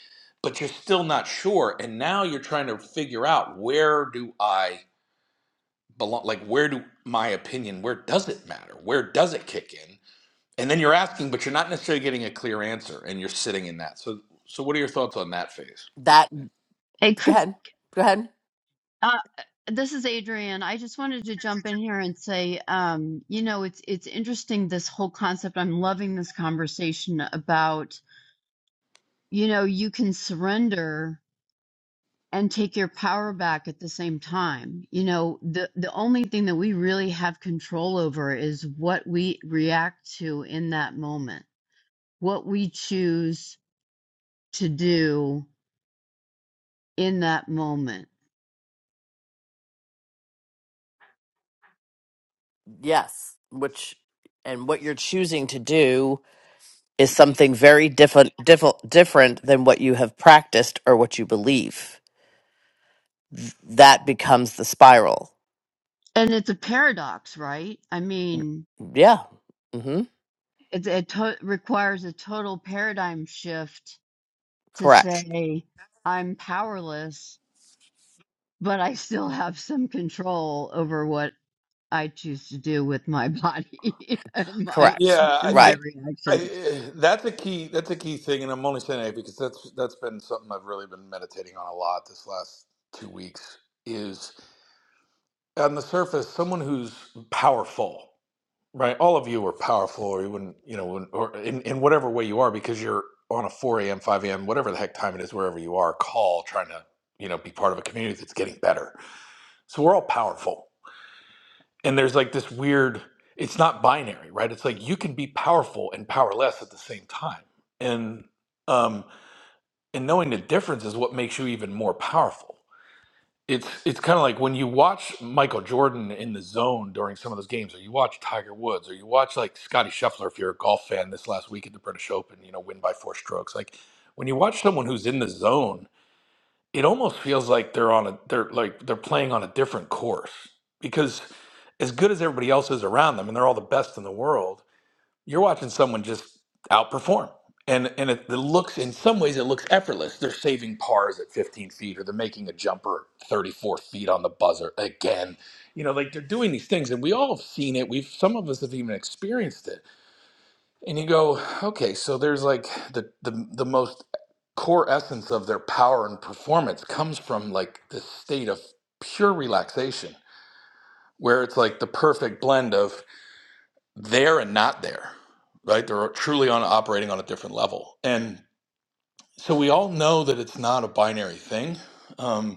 Speaker 14: but you're still not sure and now you're trying to figure out where do i belong like where do my opinion where does it matter where does it kick in and then you're asking but you're not necessarily getting a clear answer and you're sitting in that so so what are your thoughts on that phase
Speaker 15: That
Speaker 16: hey,
Speaker 15: go
Speaker 16: Chris.
Speaker 15: ahead. Go ahead.
Speaker 16: Uh, this is Adrian. I just wanted to jump in here and say, um, you know, it's it's interesting this whole concept. I'm loving this conversation about, you know, you can surrender and take your power back at the same time. You know, the the only thing that we really have control over is what we react to in that moment, what we choose to do in that moment.
Speaker 15: Yes, which and what you're choosing to do is something very different different different than what you have practiced or what you believe. Th- That becomes the spiral.
Speaker 16: And it's a paradox, right? I mean,
Speaker 15: Yeah. Mhm.
Speaker 16: it, it to- requires a total paradigm shift to
Speaker 15: Correct.
Speaker 16: say i'm powerless but i still have some control over what i choose to do with my body and my
Speaker 15: Correct.
Speaker 14: Yeah, I
Speaker 16: and my
Speaker 15: Right.
Speaker 14: think I,
Speaker 16: reactions
Speaker 14: eh, that's a key. That's a key thing, and I'm only saying that because that's that's been something I've really been meditating on a lot this last two weeks. Is on the surface, someone who's powerful, right? All of you are powerful, or you wouldn't, you know, wouldn't- or in, in whatever way you are, because you're on a 4 a.m., 5 a.m., whatever the heck time it is, wherever you are, call trying to, you know, be part of a community that's getting better. So we're all powerful and there's like this weird it's not binary right it's like you can be powerful and powerless at the same time and um and knowing the difference is what makes you even more powerful it's it's kind of like when you watch michael jordan in the zone during some of those games or you watch tiger woods or you watch like scotty scheffler if you're a golf fan this last week at the british open you know win by four strokes like when you watch someone who's in the zone it almost feels like they're on a they're like they're playing on a different course because as good as everybody else is around them and they're all the best in the world you're watching someone just outperform and and it, it looks in some ways it looks effortless they're saving pars at 15 feet or they're making a jumper at 34 feet on the buzzer again you know like they're doing these things and we all have seen it we've some of us have even experienced it and you go okay so there's like the the, the most core essence of their power and performance comes from like this state of pure relaxation where it's like the perfect blend of there and not there right they're truly on operating on a different level and so we all know that it's not a binary thing um,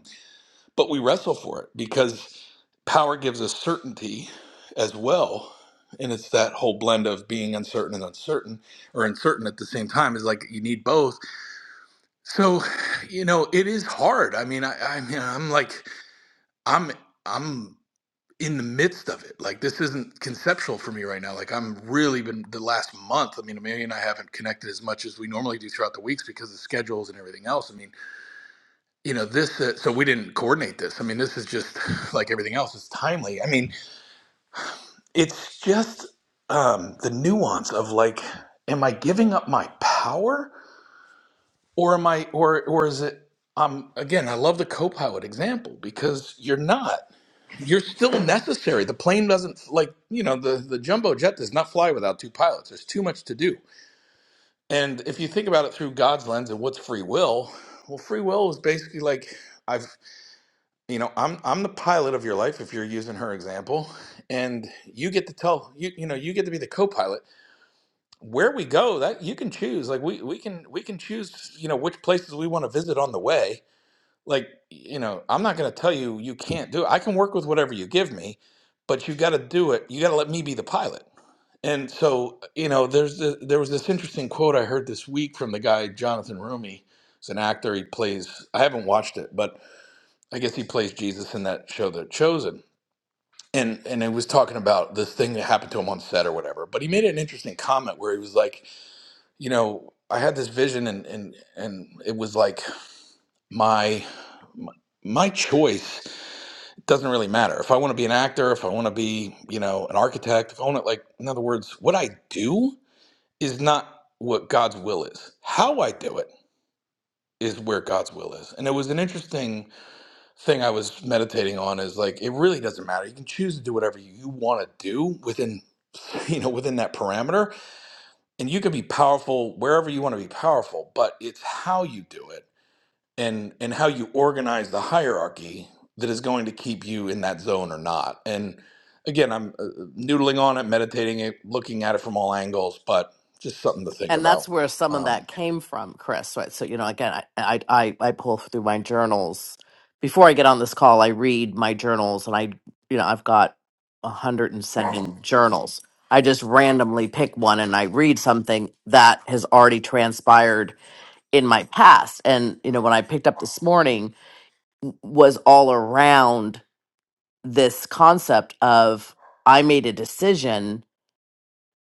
Speaker 14: but we wrestle for it because power gives us certainty as well. And it's that whole blend of being uncertain and uncertain or uncertain at the same time is like you need both. So, you know, it is hard. I mean, I, I mean, I'm like, I'm, I'm in the midst of it. Like this isn't conceptual for me right now. Like I'm really been the last month. I mean, Amelia and I haven't connected as much as we normally do throughout the weeks because of schedules and everything else. I mean, you know this uh, so we didn't coordinate this i mean this is just like everything else it's timely i mean it's just um the nuance of like am i giving up my power or am i or or is it um again i love the co-pilot example because you're not you're still necessary the plane doesn't like you know the the jumbo jet does not fly without two pilots there's too much to do and if you think about it through god's lens and what's free will well free will is basically like I've. you know i'm i'm the pilot of your life if you're using her example and you get to tell you you know you get to be the co-pilot where we go that you can choose like we we can we can choose you know which places we want to visit on the way like you know i'm not going to tell you you can't do it i can work with whatever you give me but you got to do it you got to let me be the pilot and so you know there's the, there was this interesting quote i heard this week from the guy jonathan rumi he's an actor he plays i haven't watched it but I guess he plays Jesus in that show, The Chosen. And and it was talking about this thing that happened to him on set or whatever. But he made an interesting comment where he was like, you know, I had this vision and and and it was like my my my choice doesn't really matter. If I want to be an actor, if I want to be, you know, an architect, if I want to like in other words, what I do is not what God's will is. How I do it is where God's will is. And it was an interesting thing I was meditating on is like it really doesn't matter. You can choose to do whatever you want to do within you know within that parameter and you can be powerful wherever you want to be powerful, but it's how you do it and and how you organize the hierarchy that is going to keep you in that zone or not. And again, I'm uh, noodling on it, meditating it, looking at it from all angles, but just something to think
Speaker 15: and that's
Speaker 14: about.
Speaker 15: where some of that
Speaker 14: Um
Speaker 15: came from, Chris. Right. So you know, again, I I I, I pull through my journals before I get on this call. I read my journals, and I you know I've got one hundred and seven journals. I just randomly pick one and I read something that has already transpired in my past. And you know, when I picked up this morning, w- was all around this concept of I made a decision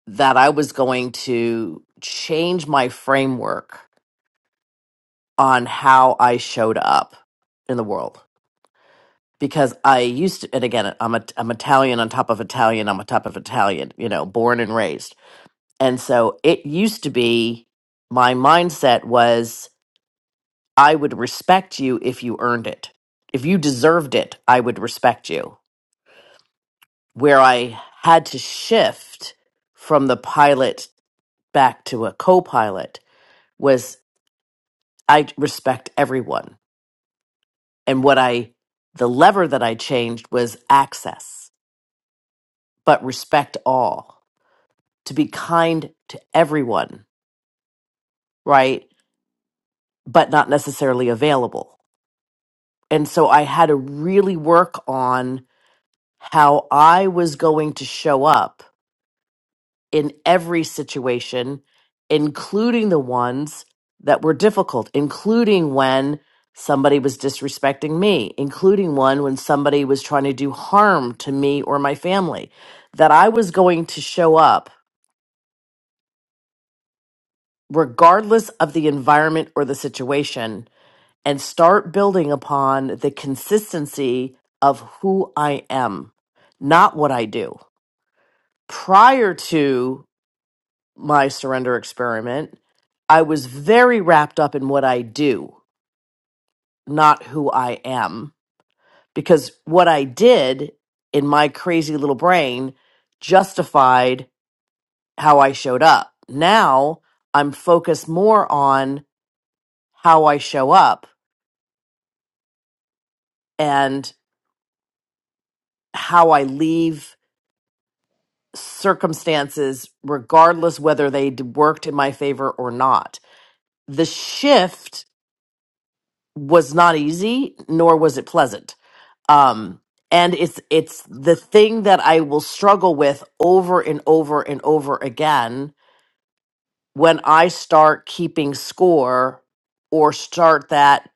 Speaker 15: that I was going to change my framework on how I showed up in the world because I used to, and again, I'm a, I'm Italian on top of Italian, I'm on top of Italian, you know, born and raised. And so it used to be my mindset was I would respect you if you earned it. If you deserved it, I would respect you. Where I had to shift from the pilot back to a co pilot was I respect everyone And what I, the lever that I changed was access, but respect all, to be kind to everyone, right? But not necessarily available. And so I had to really work on how I was going to show up in every situation, including the ones that were difficult, including when somebody was disrespecting me, including one when somebody was trying to do harm to me or my family, that I was going to show up regardless of the environment or the situation and start building upon the consistency of who I am, not what I do. Prior to my surrender experiment, I was very wrapped up in what I do, not who I am. Because what I did in my crazy little brain justified how I showed up. Now I'm focused more on how I show up and how I leave circumstances, regardless whether they d- worked in my favor or not. The shift was not easy, nor was it pleasant um and it's it's the thing that i will struggle with over and over and over again when i start keeping score or start that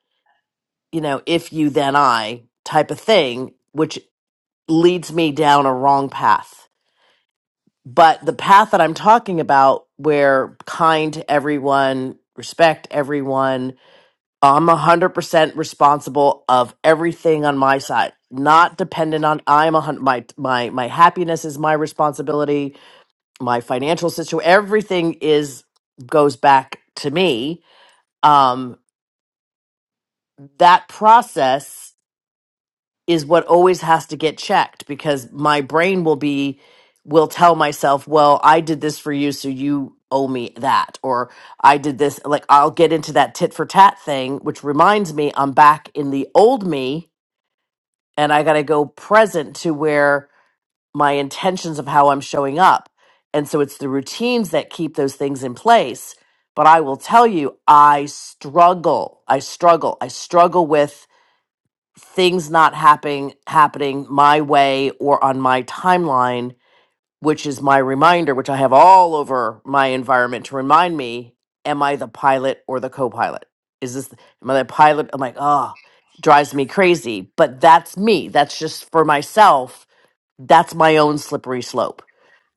Speaker 15: you know if you then i type of thing which leads me down a wrong path but the path that i'm talking about where kind to everyone respect everyone I'm 100% responsible of everything on my side, not dependent on I'm a hundred. my my my happiness is my responsibility, my financial situation, everything is goes back to me. Um that process is what always has to get checked because my brain will be will tell myself, "Well, I did this for you, so you owe me that." Or I did this like I'll get into that tit for tat thing, which reminds me I'm back in the old me and I got to go present to where my intentions of how I'm showing up. And so it's the routines that keep those things in place. But I will tell you, I struggle. I struggle. I struggle with things not happening happening my way or on my timeline which is my reminder, which I have all over my environment to remind me, am I the pilot or the co-pilot? Is this am I the pilot? I'm like, oh, drives me crazy. But that's me. That's just for myself that's my own slippery slope.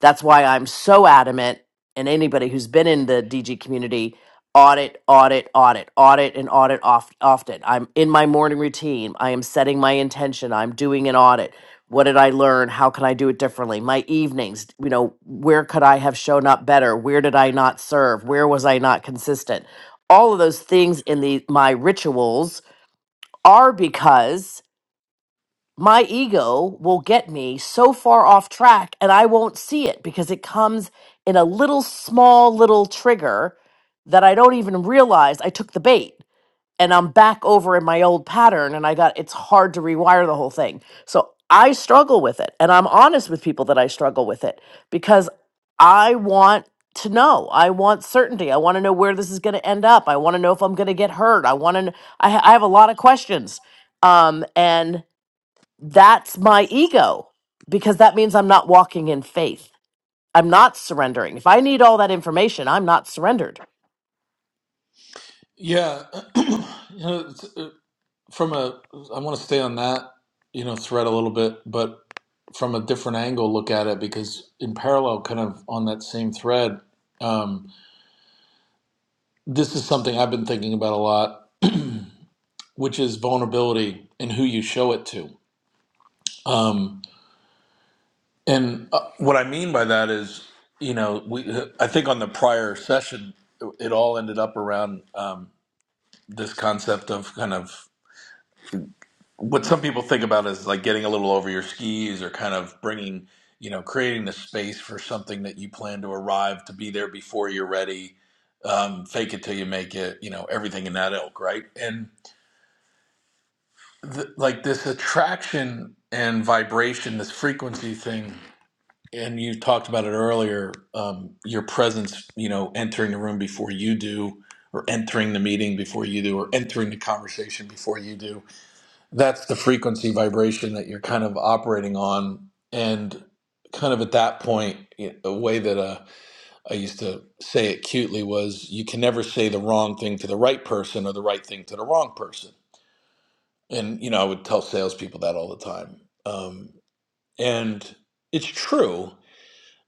Speaker 15: That's why I'm so adamant, and anybody who's been in the DG community, audit, audit, audit, audit, and audit off, often. I'm in my morning routine. I am setting my intention. I'm doing an audit. What did I learn? How can I do it differently? My evenings, you know, where could I have shown up better? Where did I not serve? Where was I not consistent? All of those things in the my rituals are because my ego will get me so far off track and I won't see it because it comes in a little small little trigger that I don't even realize I took the bait and I'm back over in my old pattern and I got it's hard to rewire the whole thing. So I struggle with it and I'm honest with people that I struggle with it because I want to know. I want certainty. I want to know where this is going to end up. I want to know if I'm going to get hurt. I want to I, ha- I have a lot of questions. Um and that's my ego because that means I'm not walking in faith. I'm not surrendering. If I need all that information, I'm not surrendered.
Speaker 14: Yeah, you know, from a i want to stay on that you know thread a little bit but from a different angle look at it because in parallel kind of on that same thread um, this is something i've been thinking about a lot which is vulnerability and who you show it to um, and uh, what i mean by that is you know we i think on the prior session it all ended up around um, this concept of kind of what some people think about is like getting a little over your skis or kind of bringing you know creating the space for something that you plan to arrive to be there before you're ready um, fake it till you make it you know everything in that ilk right and th- like this attraction and vibration this frequency thing and you talked about it earlier um, your presence you know entering the room before you do or entering the meeting before you do or entering the conversation before you do that's the frequency vibration that you're kind of operating on and kind of at that point y- a way that uh, i used to say it cutely was you can never say the wrong thing to the right person or the right thing to the wrong person and you know i would tell salespeople that all the time um, and it's true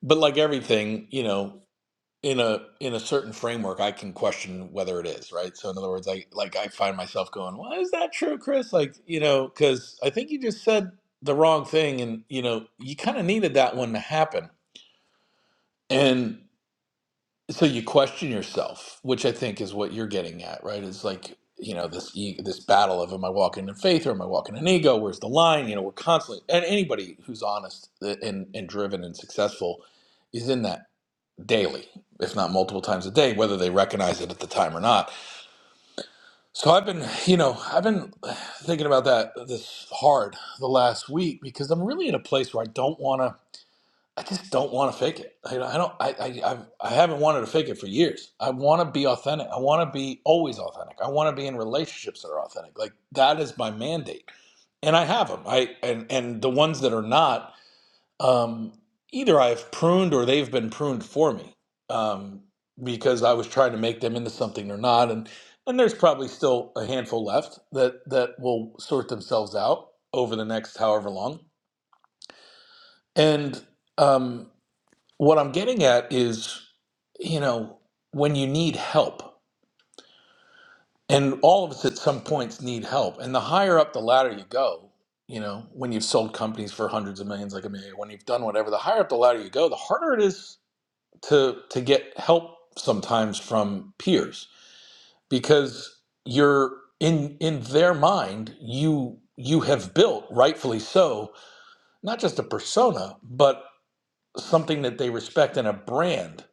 Speaker 14: but like everything you know in a in a certain framework i can question whether it is right so in other words i like i find myself going well is that true chris like you know because i think you just said the wrong thing and you know you kind of needed that one to happen and so you question yourself which i think is what you're getting at right is like you know this e- this battle of am i walking in faith or am i walking in ego where's the line you know we're constantly and anybody who's honest eh, and, and driven and successful is in that daily, if not multiple times a day, whether they recognize it at the time or not. So I've been, you know, I've been thinking about that this hard the last week because I'm really in a place where I don't want to. I just don't want to fake it. I, I don't. I, I I've, I haven't wanted to fake it for years. I want to be authentic. I want to be always authentic. I want to be in relationships that are authentic. Like that is my mandate, and I have them. I and and the ones that are not um, either I've pruned or they've been pruned for me um, because I was trying to make them into something or not. And and there's probably still a handful left that that will sort themselves out over the next however long. And um, what I'm getting at is, you know, when you need help, and all of us at some points need help, and the higher up the ladder you go. You know, when you've sold companies for hundreds of millions, like Amelia, when you've done whatever, the higher up the ladder you go, the harder it is to to get help sometimes from peers because you're in in their mind you you have built rightfully so not just a persona but something that they respect and a brand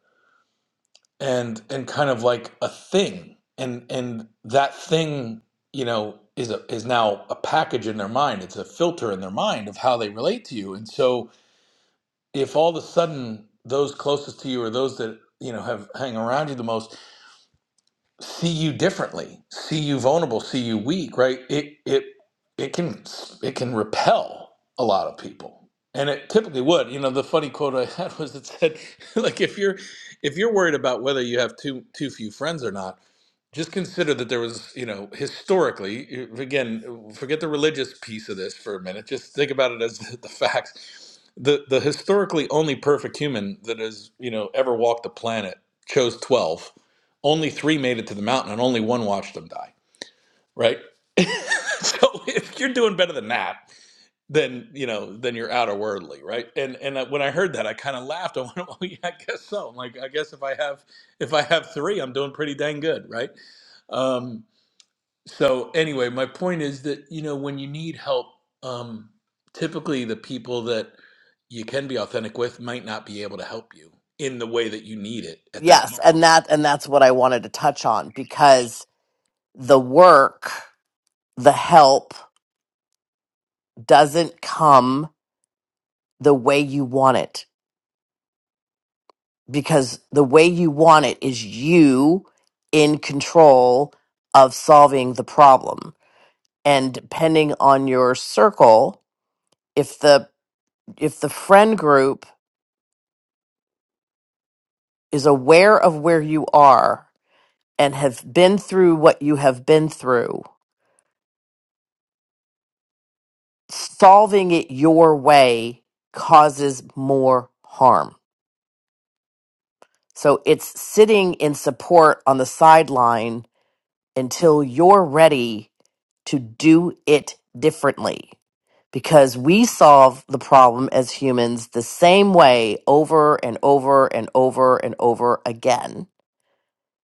Speaker 14: and and kind of like a thing and and that thing you know is a, is now a package in their mind it's a filter in their mind of how they relate to you and so if all of a sudden those closest to you or those that you know have hang around you the most see you differently, see you vulnerable, see you weak, right? It it it can it can repel a lot of people. And it typically would. You know, the funny quote I had was it said, like if you're if you're worried about whether you have too too few friends or not, just consider that there was, you know, historically, you- again, forget the religious piece of this for a minute. Just think about it as the facts. The the historically only perfect human that has, you know, ever walked the planet chose 12 only three made it to the mountain and only one watched them die right so if you're doing better than that then you know then you're out of worldly right and and uh, when i heard that i kind of laughed i went oh yeah i guess so I'm like i guess if i have if i have three i'm doing pretty dang good right um so anyway my point is that you know when you need help um typically the people that you can be authentic with might not be able to help you in the way that you need it at that
Speaker 15: Yes,
Speaker 14: moment
Speaker 15: and that and that's what I wanted to touch on because the work, the help doesn't come the way you want it because the way you want it is you in control of solving the problem. And depending on your circle, if the if the friend group is aware of where you are and have been through what you have been through, solving it your way causes more harm. So it's sitting in support on the sideline until you're ready to do it differently. Because we solve the problem as humans the same way over and over and over and over again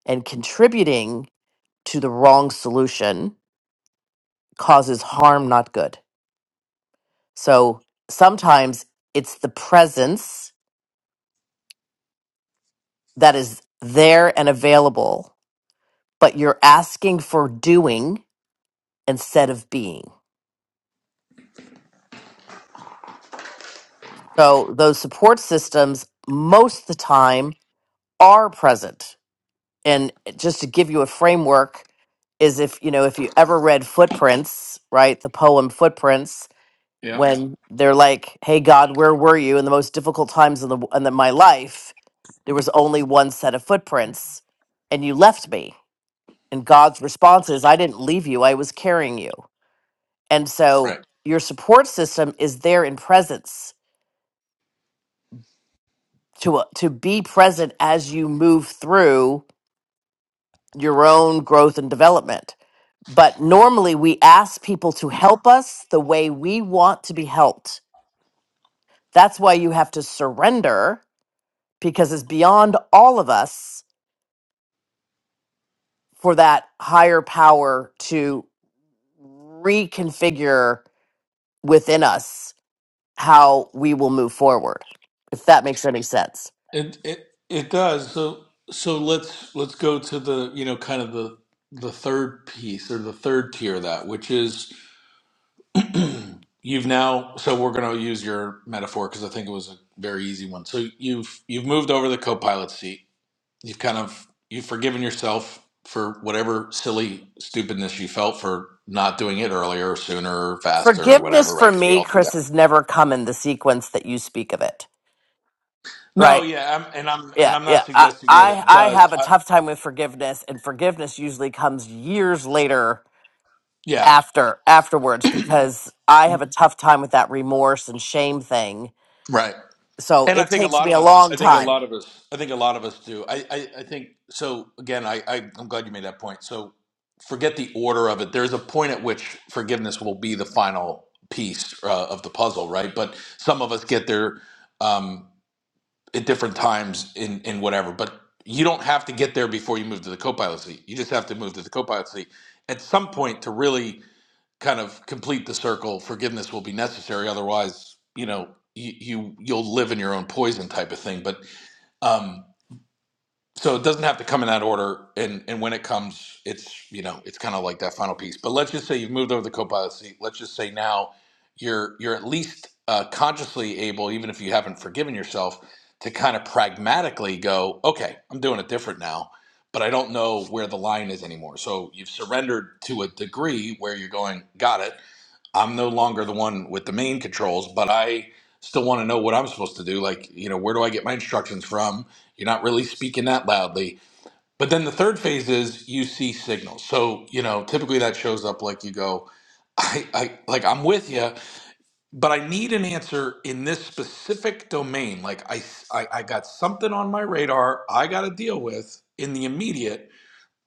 Speaker 15: and contributing to the wrong solution causes harm, not good. So sometimes it's the presence that is there and available, but you're asking for doing instead of being. So those support systems, most of the time, are present. And just to give you a framework, is if you know if you ever read Footprints, right? The poem Footprints,
Speaker 14: Yeah.
Speaker 15: when they're like, "Hey God, where were you in the most difficult times in the in the, my life? There was only one set of footprints, and you left me." And God's response is, "I didn't leave you. I was carrying you." And so
Speaker 14: right
Speaker 15: your support system is there in presence to uh, to be present as you move through your own growth and development. But normally we ask people to help us the way we want to be helped. That's why you have to surrender because it's beyond all of us for that higher power to reconfigure within us how we will move forward, if that makes any sense.
Speaker 14: It it it does. So so let's let's go to the you know kind of the the third piece or the third tier of that, which is you've now. So we're going to use your metaphor because I think it was a very easy one. So you've you've moved over the co-pilot seat. You've kind of you've forgiven yourself for whatever silly stupidness you felt for not doing it earlier or sooner or faster or whatever,
Speaker 15: Forgiveness
Speaker 14: right?
Speaker 15: for
Speaker 14: Because we
Speaker 15: me,
Speaker 14: all do
Speaker 15: Chris,
Speaker 14: that.
Speaker 15: has never come in the sequence that you speak of it,
Speaker 14: No,
Speaker 15: right?
Speaker 14: yeah, I'm, and I'm and
Speaker 15: Yeah,
Speaker 14: I'm
Speaker 15: yeah.
Speaker 14: not
Speaker 15: I,
Speaker 14: suggesting that
Speaker 15: I,
Speaker 14: it
Speaker 15: I
Speaker 14: does.
Speaker 15: have a
Speaker 14: I,
Speaker 15: tough time with forgiveness, and forgiveness usually comes years later
Speaker 14: yeah,
Speaker 15: after afterwards because I have a tough time with that remorse and shame thing.
Speaker 14: right.
Speaker 15: So
Speaker 14: And I
Speaker 15: it
Speaker 14: think a
Speaker 15: takes
Speaker 14: lot
Speaker 15: me
Speaker 14: of
Speaker 15: a
Speaker 14: us, I
Speaker 15: long
Speaker 14: think a
Speaker 15: time.
Speaker 14: lot of us, I think a lot of us do. I, I, I think so. Again, I, I, I'm glad you made that point. So forget the order of it. There's a point at which forgiveness will be the final piece uh, of the puzzle, right? But some of us get there um, at different times in, in whatever. But you don't have to get there before you move to the co-pilot seat. You just have to move to the co-pilot seat at some point to really kind of complete the circle, forgiveness will be necessary. Otherwise, you know, you, you you'll live in your own poison type of thing. But um, so it doesn't have to come in that order. And and when it comes, it's you know, it's kind of like that final piece. But let's just say you've moved over the co-pilot seat. Let's just say now you're you're at least uh, consciously able, even if you haven't forgiven yourself, to kind of pragmatically go, okay, I'm doing it different now. But I don't know where the line is anymore. So you've surrendered to a degree where you're going, got it I'm no longer the one with the main controls, but I still want to know what I'm supposed to do. Like, you know, where do I get my instructions from? You're not really speaking that loudly. But then the third phase is you see signals. So, you know, typically that shows up like you go, I, I like I'm with you, but I need an answer in this specific domain. Like I, I, I got something on my radar I got to deal with in the immediate,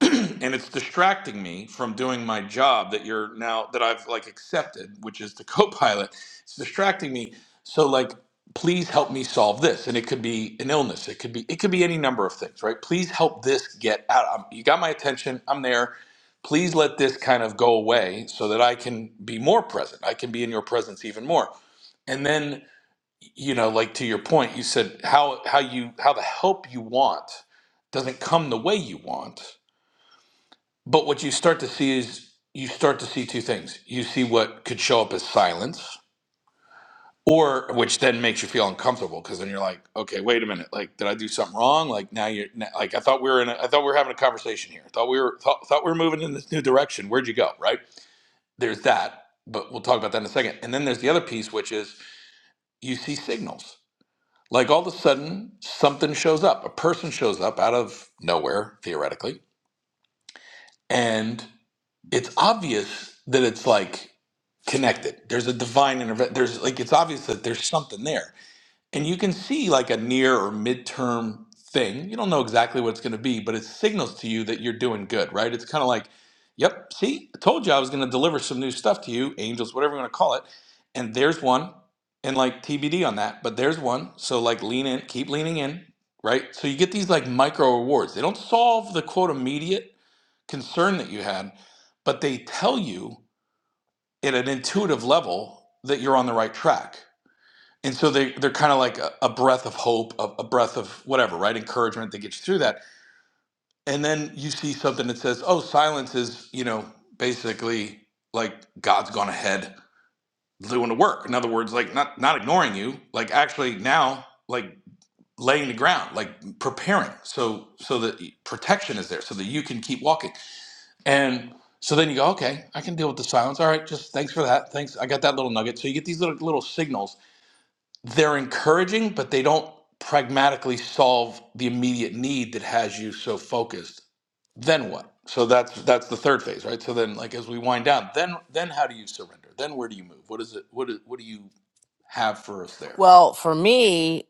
Speaker 14: and it's distracting me from doing my job that you're now that I've like accepted, which is the co-pilot. It's distracting me. So like please help me solve this and it could be an illness it could be it could be any number of things right please help this get out I'm, you got my attention i'm there please let this kind of go away so that i can be more present i can be in your presence even more and then you know like to your point you said how how you how the help you want doesn't come the way you want but what you start to see is you start to see two things. You see what could show up as silence, or which then makes you feel uncomfortable because then you're like, okay, wait a minute, like did I do something wrong? Like now you're now, like I thought we were in, a, I thought we were having a conversation here. I thought we were thought, thought we were moving in this new direction. Where'd you go? Right? There's that, but we'll talk about that in a second. And then there's the other piece, which is you see signals. Like all of a sudden, something shows up. A person shows up out of nowhere, theoretically, and. it's obvious that it's like connected. There's a divine intervention. There's like it's obvious that there's something there, and you can see like a near or midterm thing. You don't know exactly what it's going to be, but it signals to you that you're doing good, right? It's kind of like, yep, see, I told you I was going to deliver some new stuff to you, angels, whatever you want to call it, and there's one, and like TBD on that, but there's one. So like lean in, keep leaning in, right? So you get these like micro rewards. They don't solve the quote immediate concern that you had, but they tell you at an intuitive level that you're on the right track. And so they, they're kind of like a, a breath of hope, a, a breath of whatever, right? Encouragement that gets you through that. And then you see something that says, oh, silence is, you know, basically like God's gone ahead doing the work. In other words, like not, not ignoring you, like actually now, like laying the ground, like preparing so so that protection is there so that you can keep walking And so then you go, okay, I can deal with the silence. All right, just thanks for that. Thanks. I got that little nugget. So you get these little little signals. They're encouraging, but they don't pragmatically solve the immediate need that has you so focused. Then what? So that's that's the third phase, right? So then like as we wind down, then then how do you surrender? Then where do you move? What is it what is, what do you have for us there?
Speaker 15: Well, for me,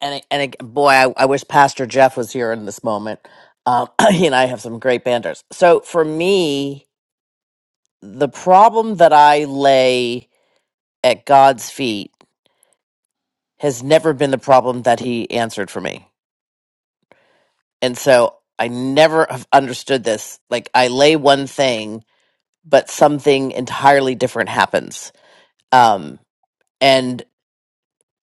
Speaker 15: and and ag- boy, I, I wish Pastor Jeff was here in this moment. Um, he and I have some great banders. So for me, the problem that I lay at God's feet has never been the problem that He answered for me, and so I never have understood this. Like I lay one thing, but something entirely different happens. Um,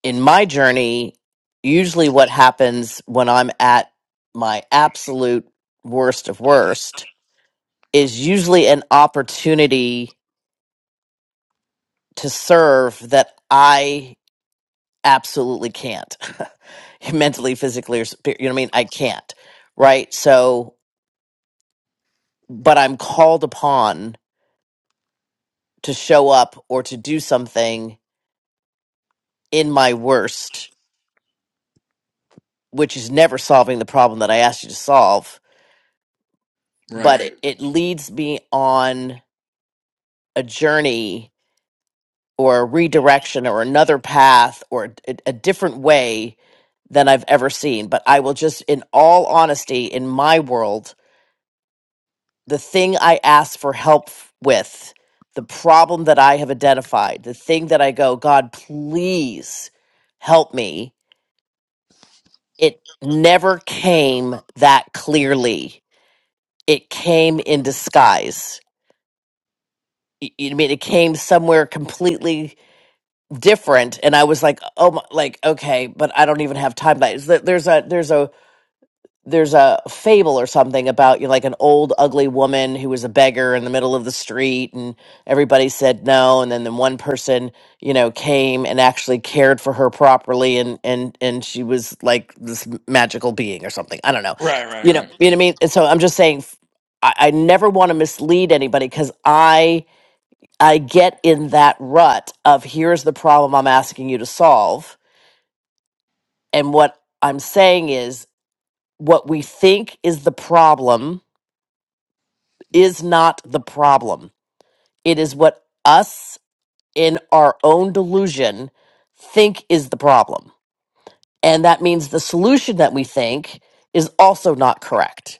Speaker 15: in my journey, usually what happens when I'm at my absolute worst of worst is usually an opportunity to serve that I absolutely can't mentally, physically, or spirit, you know what I mean? I can't, right? So, but I'm called upon to show up or to do something in my worst, which is never solving the problem that I asked you to solve,
Speaker 14: Right.
Speaker 15: but it, it leads me on a journey or a redirection or another path or a, a different way than I've ever seen. But I will just, in all honesty, in my world, the thing I ask for help f- with, the problem that I have identified, the thing that I go, God, please help me, it never came that clearly. It came in disguise. Y- You know what I mean, it came somewhere completely different and i was like oh my, like okay but i don't even have time that is that there's a there's a there's a fable or something about you know, like an old ugly woman who was a beggar in the middle of the street and everybody said no and then the one person you know came and actually cared for her properly and and and she was like this magical being or something i don't know
Speaker 14: Right, right,
Speaker 15: you know
Speaker 14: right.
Speaker 15: you know what i mean and so i'm just saying f- i, I never want to mislead anybody because I. I get in that rut of here's the problem I'm asking you to solve. And what I'm saying is, what we think is the problem is not the problem. It is what us in our own delusion think is the problem. And that means the solution that we think is also not correct.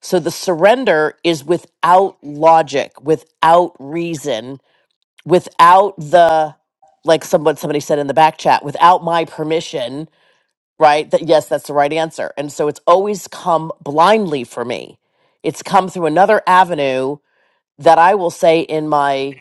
Speaker 15: So the surrender is without logic, without reason without the like someone somebody said in the back chat without my permission right that yes that's the right answer and so it's always come blindly for me it's come through another avenue that i will say in my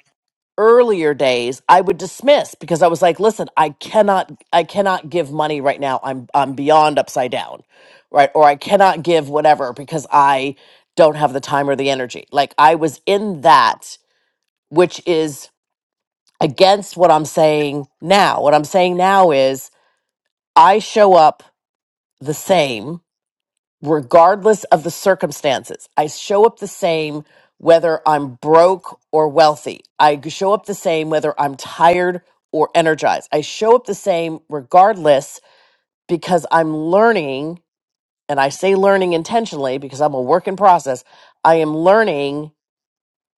Speaker 15: earlier days i would dismiss because i was like listen i cannot i cannot give money right now i'm i'm beyond upside down right or i cannot give whatever because i don't have the time or the energy like i was in that which is against what I'm saying now. What I'm saying now is I show up the same regardless of the circumstances. I show up the same whether I'm broke or wealthy. I g- show up the same whether I'm tired or energized. I show up the same regardless because I'm learning, and I say learning intentionally because I'm a work in process. I am learning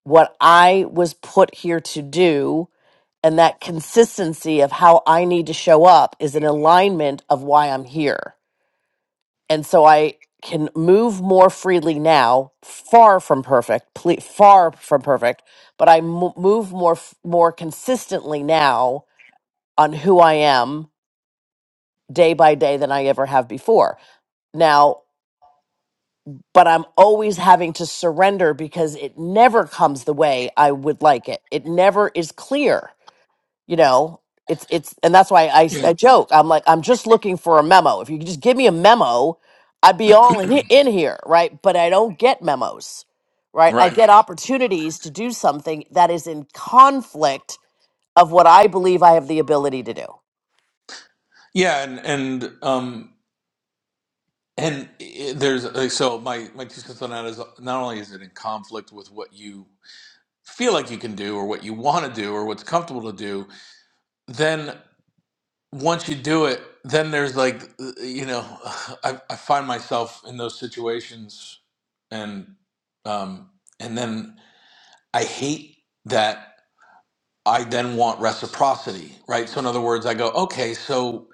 Speaker 15: what I was put here to do and that consistency of how I need to show up is an alignment of why I'm here. And so I can move more freely now, far from perfect, ple- far from perfect, but I mo- move more f- more consistently now on who I am day by day than I ever have before. Now, but I'm always having to surrender because it never comes the way I would like it. It never is clear you know it's it's and that's why I,
Speaker 14: Yeah.
Speaker 15: I joke i'm like i'm just looking for a memo if you could just give me a memo i'd be all in, he- in here right but i don't get memos right i
Speaker 14: Right.
Speaker 15: get Right. opportunities to do something that is in conflict of what i believe i have the ability to do
Speaker 14: Yeah, and and um And it, there's like, so my my two cents on that is not only is it in conflict with what you feel like you can do or what you want to do or what's comfortable to do, then once you do it, then there's like eh, you know, I, I find myself in those situations, and um, and then I hate that I then want reciprocity, right? So in other words, I go, okay, so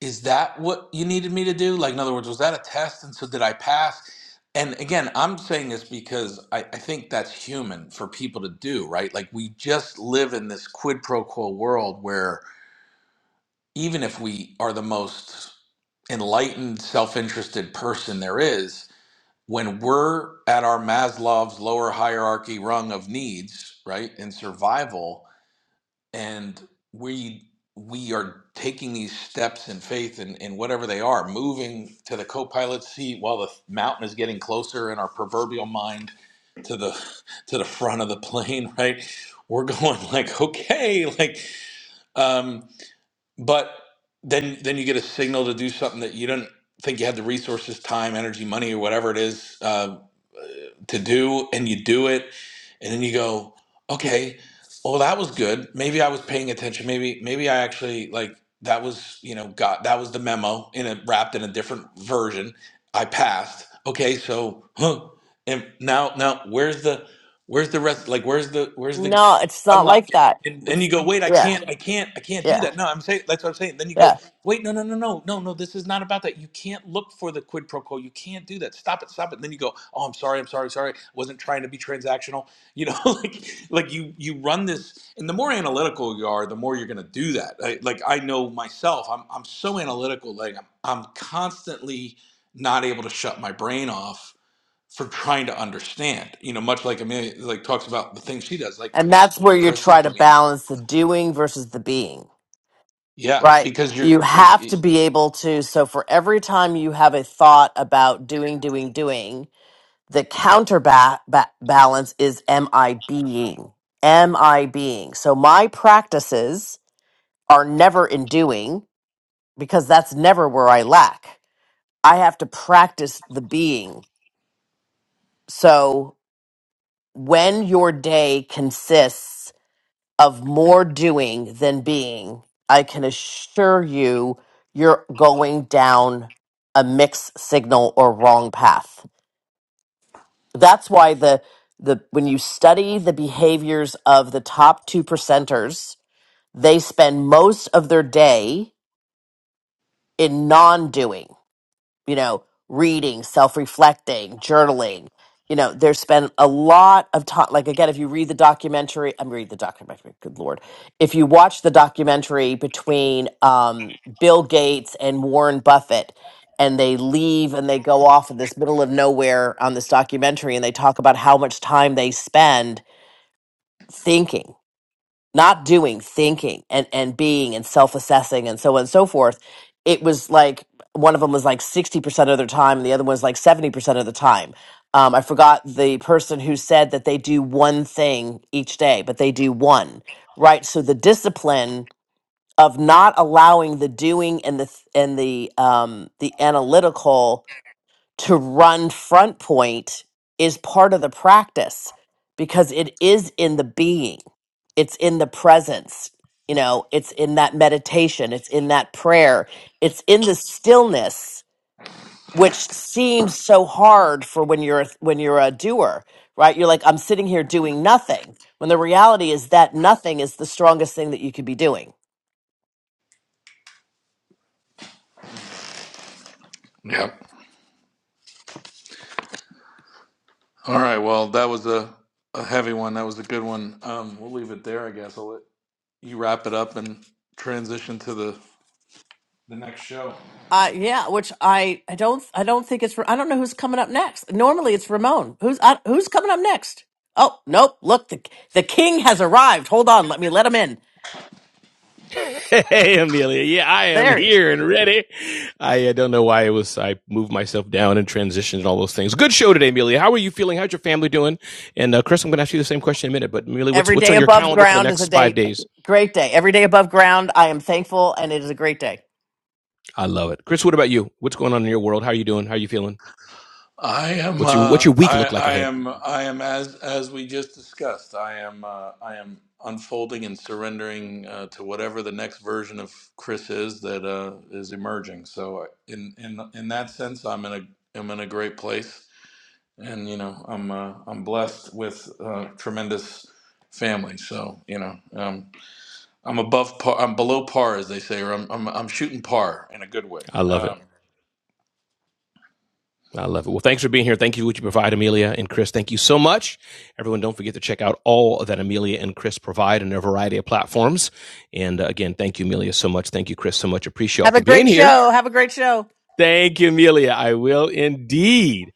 Speaker 14: is that what you needed me to do? Like in other words, was that a test? And so did I pass? And again, I'm saying this because I, I think that's human for people to do, right? Like we just live in this quid pro quo world where even if we are the most enlightened, self-interested person there is, when we're at our Maslow's lower hierarchy rung of needs, right, in survival, and we we are taking these steps in faith and, and whatever they are moving to the co-pilot seat while the mountain is getting closer in our proverbial mind to the to the front of the plane right we're going like okay like um but then then you get a signal to do something that you didn't think you had the resources time energy money or whatever it is uh, to do and you do it and then you go okay well that was good maybe i was paying attention maybe maybe i actually like that was you know got that was the memo in a wrapped in a different version i passed okay so huh and now now where's the where's the rest like where's the where's the
Speaker 15: no it's not
Speaker 14: unlock
Speaker 15: like
Speaker 14: it
Speaker 15: that
Speaker 14: and, and you
Speaker 15: it's
Speaker 14: go wait i
Speaker 15: yeah
Speaker 14: can't i can't i can't do
Speaker 15: yeah
Speaker 14: that no i'm saying that's what i'm saying then you go
Speaker 15: yeah
Speaker 14: Wait, no, no, no, no, no, no. This is not about that. You can't look for the quid pro quo. You can't do that. Stop it, stop it. And then you go, oh, I'm sorry, I'm sorry, sorry. I wasn't trying to be transactional. You know, like, like you you run this, and the more analytical you are, the more you're going to do that. I, like I know myself, I'm I'm so analytical. Like I'm I'm constantly not able to shut my brain off for trying to understand. You know, much like Amelia like talks about the things she does. Like
Speaker 15: and that's where you
Speaker 14: Chris's
Speaker 15: try to
Speaker 14: brain,
Speaker 15: balance the doing versus the being
Speaker 14: yeah,
Speaker 15: Right.
Speaker 14: because you're
Speaker 15: You
Speaker 14: like,
Speaker 15: have
Speaker 14: it-
Speaker 15: to be able to. So, for every time you have a thought about doing, doing, doing, the counterbalance ba- balance is am I being? Am I being? So, my practices are never in doing because that's never where I lack. I have to practice the being. So, when your day consists of more doing than being, I can assure you, you're going down a mixed signal or wrong path. That's why the the when you study the behaviors of the top two percenters, they spend most of their day in non-doing you know, reading, self reflecting, journaling. You know, there's been a lot of time. Like, again, if you read the documentary, I'm read the documentary, good Lord. If you watch the documentary between um, Bill Gates and Warren Buffett, and they leave and they go off in this middle of nowhere on this documentary, and they talk about how much time they spend thinking not doing, thinking and, and being and self assessing and so on and so forth. It was like one of them was like 60% of their time and the other one was like 70% of the time. Um, I forgot the person who said that they do one thing each day, but they do one, right? So the discipline of not allowing the doing and the th- and the um the analytical to run front point is part of the practice because it is in the being it's in the presence you know it's in that meditation it's in that prayer it's in the stillness which seems so hard for when you're a- when you're a doer right you're like i'm sitting here doing nothing when the reality is that nothing is the strongest thing that you could be doing
Speaker 14: yeah. All right. Well, that was a, a heavy one. That was a good one. Um, we'll leave it there, I guess. I'll let you wrap it up and transition to the the next show.
Speaker 15: Uh, yeah, which I, I don't I don't think it's I don't know who's coming up next. Normally it's Ramon. Who's I, who's coming up next? Oh nope! Look, the the king has arrived. Hold on, let me let him in.
Speaker 13: hey, Amelia. Yeah, I am
Speaker 15: There he is.
Speaker 13: here and ready. I uh, don't know why it was. I moved myself down and transitioned and all those things. Good show today, Amelia. How are you feeling? How's your family doing? And uh, Chris, I'm going to ask you the same question in a minute. But Amelia, what's
Speaker 15: Every
Speaker 13: what's
Speaker 15: day
Speaker 13: on your
Speaker 15: above
Speaker 13: calendar for the
Speaker 15: ground is a
Speaker 13: next five
Speaker 15: day,
Speaker 13: days?
Speaker 15: great day. Every day above ground, I am thankful, and it is a great day.
Speaker 13: I love it, Chris. What about you? What's going on in your world? How are you doing? How are you feeling?
Speaker 14: I am.
Speaker 13: What's your what's
Speaker 14: Uh,
Speaker 13: your week
Speaker 14: I,
Speaker 13: look like
Speaker 14: I
Speaker 13: ahead?
Speaker 14: am. I am as as we just discussed. I am. Uh, I am unfolding and surrendering uh, to whatever the next version of Chris is that uh, is emerging. So uh, in in in that sense, I'm in a I'm in a great place. and you know I'm uh, I'm blessed with uh, tremendous family. So you know um, I'm above par, I'm below par, as they say, or I'm I'm, I'm shooting par in a good way.
Speaker 13: I love it.
Speaker 14: Um,
Speaker 13: I love it. Well, thanks for being here. Thank you for what you provide, Amelia and Chris. Thank you so much. Everyone, don't forget to check out all that Amelia and Chris provide in their variety of platforms. And uh, again, thank you, Amelia, so much. Thank you, Chris, so much. Appreciate y'all
Speaker 15: Have a
Speaker 13: for being
Speaker 15: great
Speaker 13: here.
Speaker 15: show. Have a great show.
Speaker 13: Thank you, Amelia. I will indeed.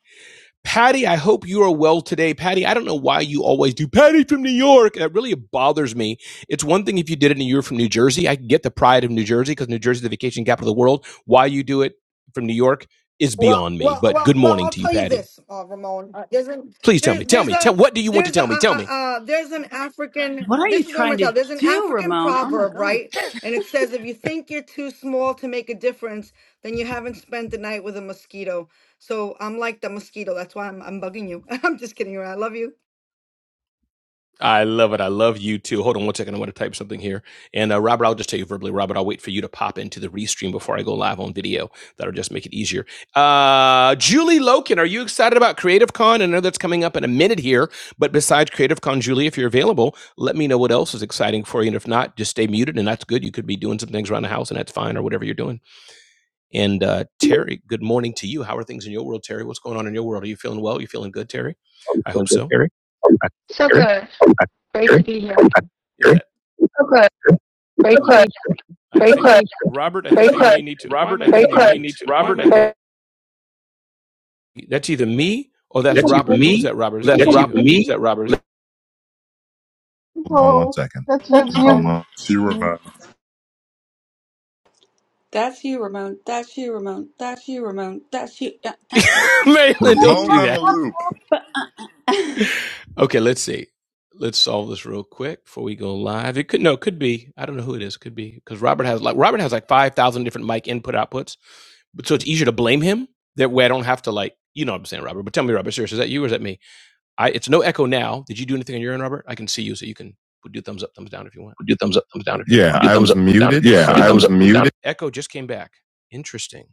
Speaker 13: Patty, I hope you are well today. Patty, I don't know why you always do Patty from New York. That really bothers me. It's one thing if you did it and you were from New Jersey. I can get the pride of New Jersey because New Jersey is the vacation capital of the world. Why you do it from New York is
Speaker 17: Well,
Speaker 13: beyond me.
Speaker 17: well,
Speaker 13: But
Speaker 17: well,
Speaker 13: good
Speaker 17: well.
Speaker 13: morning
Speaker 17: I'll
Speaker 13: to you,
Speaker 17: tell you
Speaker 13: Patty.
Speaker 17: this, uh, Ramon. There's an
Speaker 13: Please tell
Speaker 17: there's
Speaker 13: me. Tell
Speaker 17: there's
Speaker 13: me.
Speaker 17: a
Speaker 13: Tell what do you want to
Speaker 17: there's a uh,
Speaker 13: tell me? Tell me.
Speaker 17: uh, uh, there's an African.
Speaker 4: What are you
Speaker 17: This is what I'm
Speaker 4: trying
Speaker 17: gonna
Speaker 4: to
Speaker 17: tell. There's an
Speaker 4: do,
Speaker 17: African
Speaker 4: Ramon? Oh my
Speaker 17: proverb,
Speaker 4: God.
Speaker 17: right? And it says, if you think you're too small to make a difference, then you haven't spent the night with a mosquito. So I'm like the mosquito. That's why I'm I'm bugging you. I'm just kidding around. I love you.
Speaker 13: I love it. I love you too. Hold on one second. I want to type something here. And uh, Robert, I'll just tell you verbally. Robert, I'll wait for you to pop into the restream before I go live on video. That'll just make it easier. Uh, Julie Loken, are you excited about Creative Con? I know that's coming up in a minute here. But besides Creative Con, Julie, if you're available, let me know what else is exciting for you. And if not, just stay muted, and that's good. You could be doing some things around the house, and that's fine, or whatever you're doing. And uh, Terry, good morning to you. How are things in your world, Terry? What's going on in your world? Are you feeling well? Are You feeling good, Terry? I hope so. Gary? I,
Speaker 18: So
Speaker 13: Gary?
Speaker 18: good. Great to
Speaker 13: Gary?
Speaker 18: be here.
Speaker 13: yeah, Okay. Very quick. Very think quick. Robert, I think quick. need to. Robert, I think quick. need to. Robert, that's either me or that's Robert. me. that Robert? That's Robert. Me? Is that Robert? Hold on one
Speaker 3: Oh,
Speaker 13: second.
Speaker 3: that
Speaker 13: That's
Speaker 3: you've
Speaker 13: you.
Speaker 3: gone.
Speaker 19: She
Speaker 3: Me.
Speaker 19: Ramona.
Speaker 4: that's you, Ramon. That's you, Ramon. That's you, Ramon. That's you. Uh, uh.
Speaker 13: Marilyn, don't do
Speaker 19: Ramona
Speaker 13: that.
Speaker 19: LaLue.
Speaker 13: Okay, let's see. Let's solve this real quick before we go live. It could no, it could be. I don't know who it is. It Could be because Robert has like Robert has like five thousand different mic input outputs. But so it's easier to blame him that way I don't have to like, you know what I'm saying, Robert. But tell me, Robert, seriously, is that you or is that me? I it's no echo now. Did you do anything on your end, Robert? I can see you, so you can do thumbs up, thumbs down if you want. Do thumbs up, thumbs down if you Yeah, want. I was up, muted. Yeah, I was up, muted. Echo just came back. Interesting.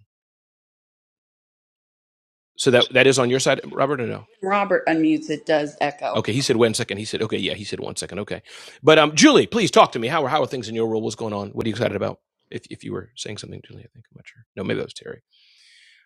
Speaker 13: So that that is on your side, Robert, or no?
Speaker 4: Robert unmutes. It does echo.
Speaker 13: Okay, he said one second. He said okay, yeah, he said one second. Okay, but um, Julie, please talk to me. How are how are things in your world? What's going on? What are you excited about? If if you were saying something, Julie, I think I'm not sure. No, maybe that was Terry.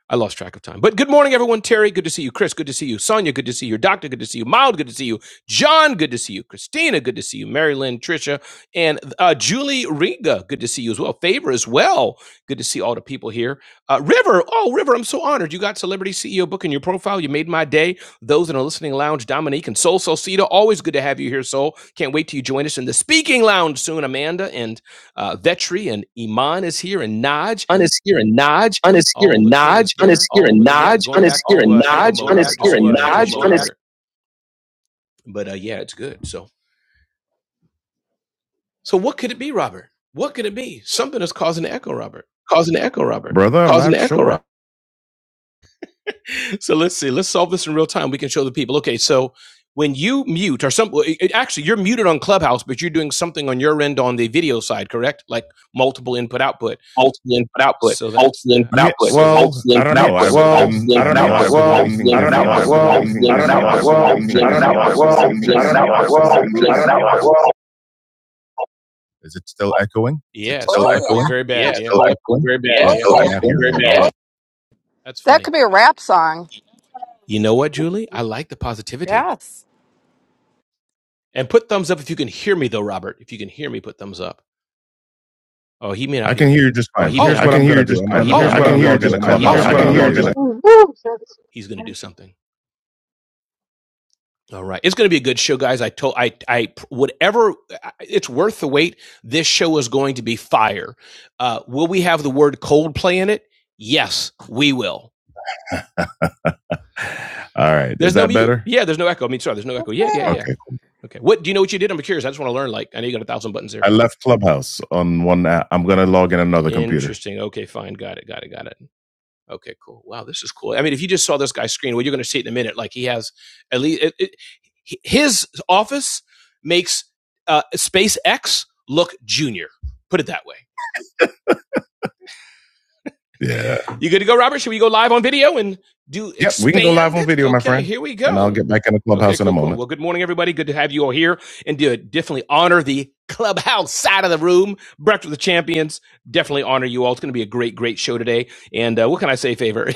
Speaker 13: I lost track of time. But good morning, everyone. Terry, good to see you. Chris, good to see you. Sonia, good to see you. Doctor, good to see you. Mild, good to see you. John, good to see you. Christina, good to see you. Mary Lynn, Tricia, and uh, Julie Riga, good to see you as well. Favor as well. Good to see all the people here. Uh, River, oh, River, I'm so honored. You got Celebrity CEO book in your profile. You made my day. Those in the listening lounge, Dominique and Soul Solcita, always good to have you here, Soul. Can't wait till you join us in the speaking lounge soon. Amanda and uh, Vetri and Iman is here and Naj but uh, yeah, it's good. So So what could it be, Robert? What could it be? Something is causing the echo, Robert. Causing the echo, Robert. Brother, I'm Causing not the echo, sure. Robert. So let's see. Let's solve this in real time. We can show the people. Okay, so when you mute or some, it- it- actually you're muted on Clubhouse, but you're doing something on your end on the video side, correct? Like multiple input output. So that I I was I was I was I was I was Is it still echoing? Yeah, it's still
Speaker 4: Oh
Speaker 13: still echoing echoing?
Speaker 4: yeah.
Speaker 13: very bad. Yeah, Yeah, still echoing echoing? very Yeah, Yeah. echoing. Very bad. Yeah. That's
Speaker 20: That could
Speaker 13: funny.
Speaker 20: be a rap song.
Speaker 13: You know what, Julie? I like the positivity.
Speaker 20: Yes.
Speaker 13: And put thumbs up if you can hear me, though, Robert. If you can hear me, put thumbs up. Oh, he may not. I can hear you just fine. Oh,
Speaker 3: Woo! That's-
Speaker 13: he's going to do something. All right, it's going to be a good show, guys. I told I I whatever it's worth the wait. This show is going to be fire. Uh, will we have the word Coldplay in it? Yes, we will. All right. There's Is no that mute. better? You, Yeah, there's no echo. I mean, sorry, there's no echo. Yeah, yeah, yeah. Okay. yeah. cool. Okay. What do you know what you did? I'm curious. I just want to learn. Like, I know you got a thousand buttons there. I left Clubhouse on one app. I'm going to log in another Interesting. computer. Interesting. Okay, fine. Got it. Got it. Got it. Okay, cool. Wow, this is cool. I mean, if you just saw this guy's screen, well, you're going to see it in a minute. Like he has at least it, it, his office makes uh, SpaceX look junior. Put it that way. Yeah. You good to go, Robert? Should we go live on video and do Yep. We can go live expand on it? video, it? my Okay, friend. here we go. And I'll get back in the Okay, clubhouse okay, in a cool, cool. moment. Cool. Well, good morning, everybody. Good to have you all here and do definitely honor the clubhouse side of the room. Breakfast with the champions. Definitely honor you all. It's going to be a great, great show today. And uh, what can I say, favor?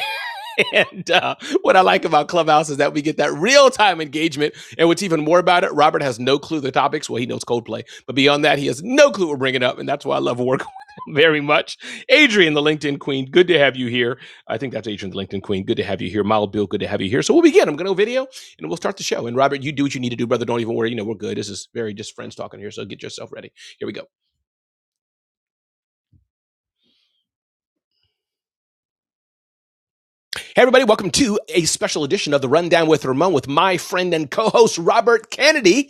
Speaker 13: and uh, what I like about Clubhouse is that we get that real time engagement. And what's even more about it, Robert has no clue the topics. Well, he knows Coldplay, but beyond that, he has no clue we're bringing up. And that's why I love working with him very much. Adrian, the LinkedIn Queen, good to have you here. I think that's Adrian, the LinkedIn Queen. Good to have you here. Mild Bill, good to have you here. So we'll begin. I'm going to go video and we'll start the show. And Robert, you do what you need to do, brother. Don't even worry. You know, we're good. This is very just friends talking here. So get yourself ready. Here we go. Hey, everybody, welcome to a special edition of the Rundown with Ramon with my friend and co host Robert Kennedy.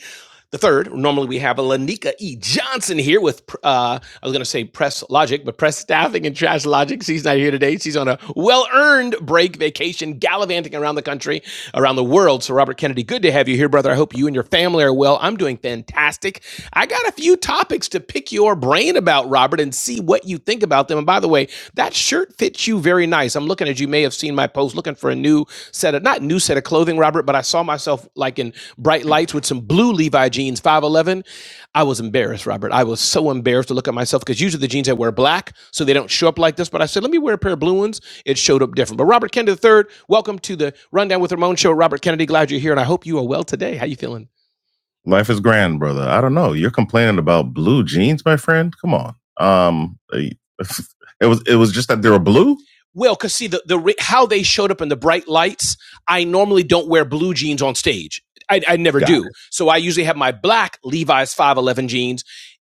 Speaker 13: The third, normally we have Lanika E. Johnson here with, uh, I was going to say press logic, but press staffing and trash logic. She's not here today. She's on a well earned break vacation, gallivanting around the country, around the world. So, Robert Kennedy, good to have you here, brother. I hope you and your family are well. I'm doing fantastic. I got a few topics to pick your brain about, Robert, and see what you think about them. And by the way, that shirt fits you very nice. I'm looking as you may have seen my post looking for a new set of not new set of clothing, Robert, but I saw myself like in bright lights with some blue Levi jeans, 511. I was embarrassed, Robert. I was so embarrassed to look at myself because usually the jeans I wear are black, so they don't show up like this. But I said, let me wear a pair of blue ones. It showed up different. But Robert Kennedy III, welcome to the Rundown with Ramon show. Robert Kennedy, glad you're here, and I hope you are well today. How you feeling? Life is grand, brother. I don't know. You're complaining about blue jeans, my friend. Come on. Um, it was it was just that they were blue. Well, because see the the how they showed up in the bright lights. I normally don't wear blue jeans on stage. I, I never Got do. It. So I usually have my black Levi's five eleven jeans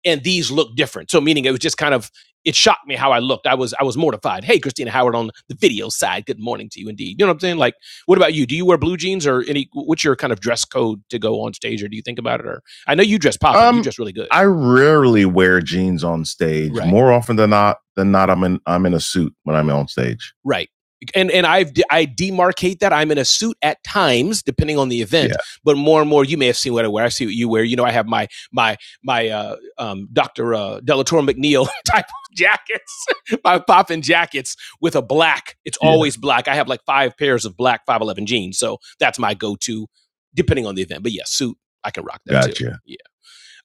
Speaker 13: and these look different. So meaning it was just kind of it shocked me how I looked. I was I was mortified. Hey, Christina Howard on the video side. Good morning to you, indeed. You know what I'm saying? Like, what about you? Do you wear blue jeans or any? What's your kind of dress code to go on stage, or do you think about it? Or I know you dress popping. You Um, dress really good. I rarely wear jeans on stage. Right. More often than not, than not, I'm in I'm in a suit when I'm on stage. Right. And and I've de- I demarcate that I'm in a suit at times, depending on the Yeah. event. Yeah. But more and more, you may have seen what I wear. I see what you wear. You know, I have my my my uh, um, Dr. Uh, Delator McNeil type of jackets, my popping jackets with a black. It's Yeah. always black. I have like five pairs of black 511 jeans. So that's my go to, depending on the event. But yeah, suit, I can rock that gotcha. too. Gotcha. Yeah.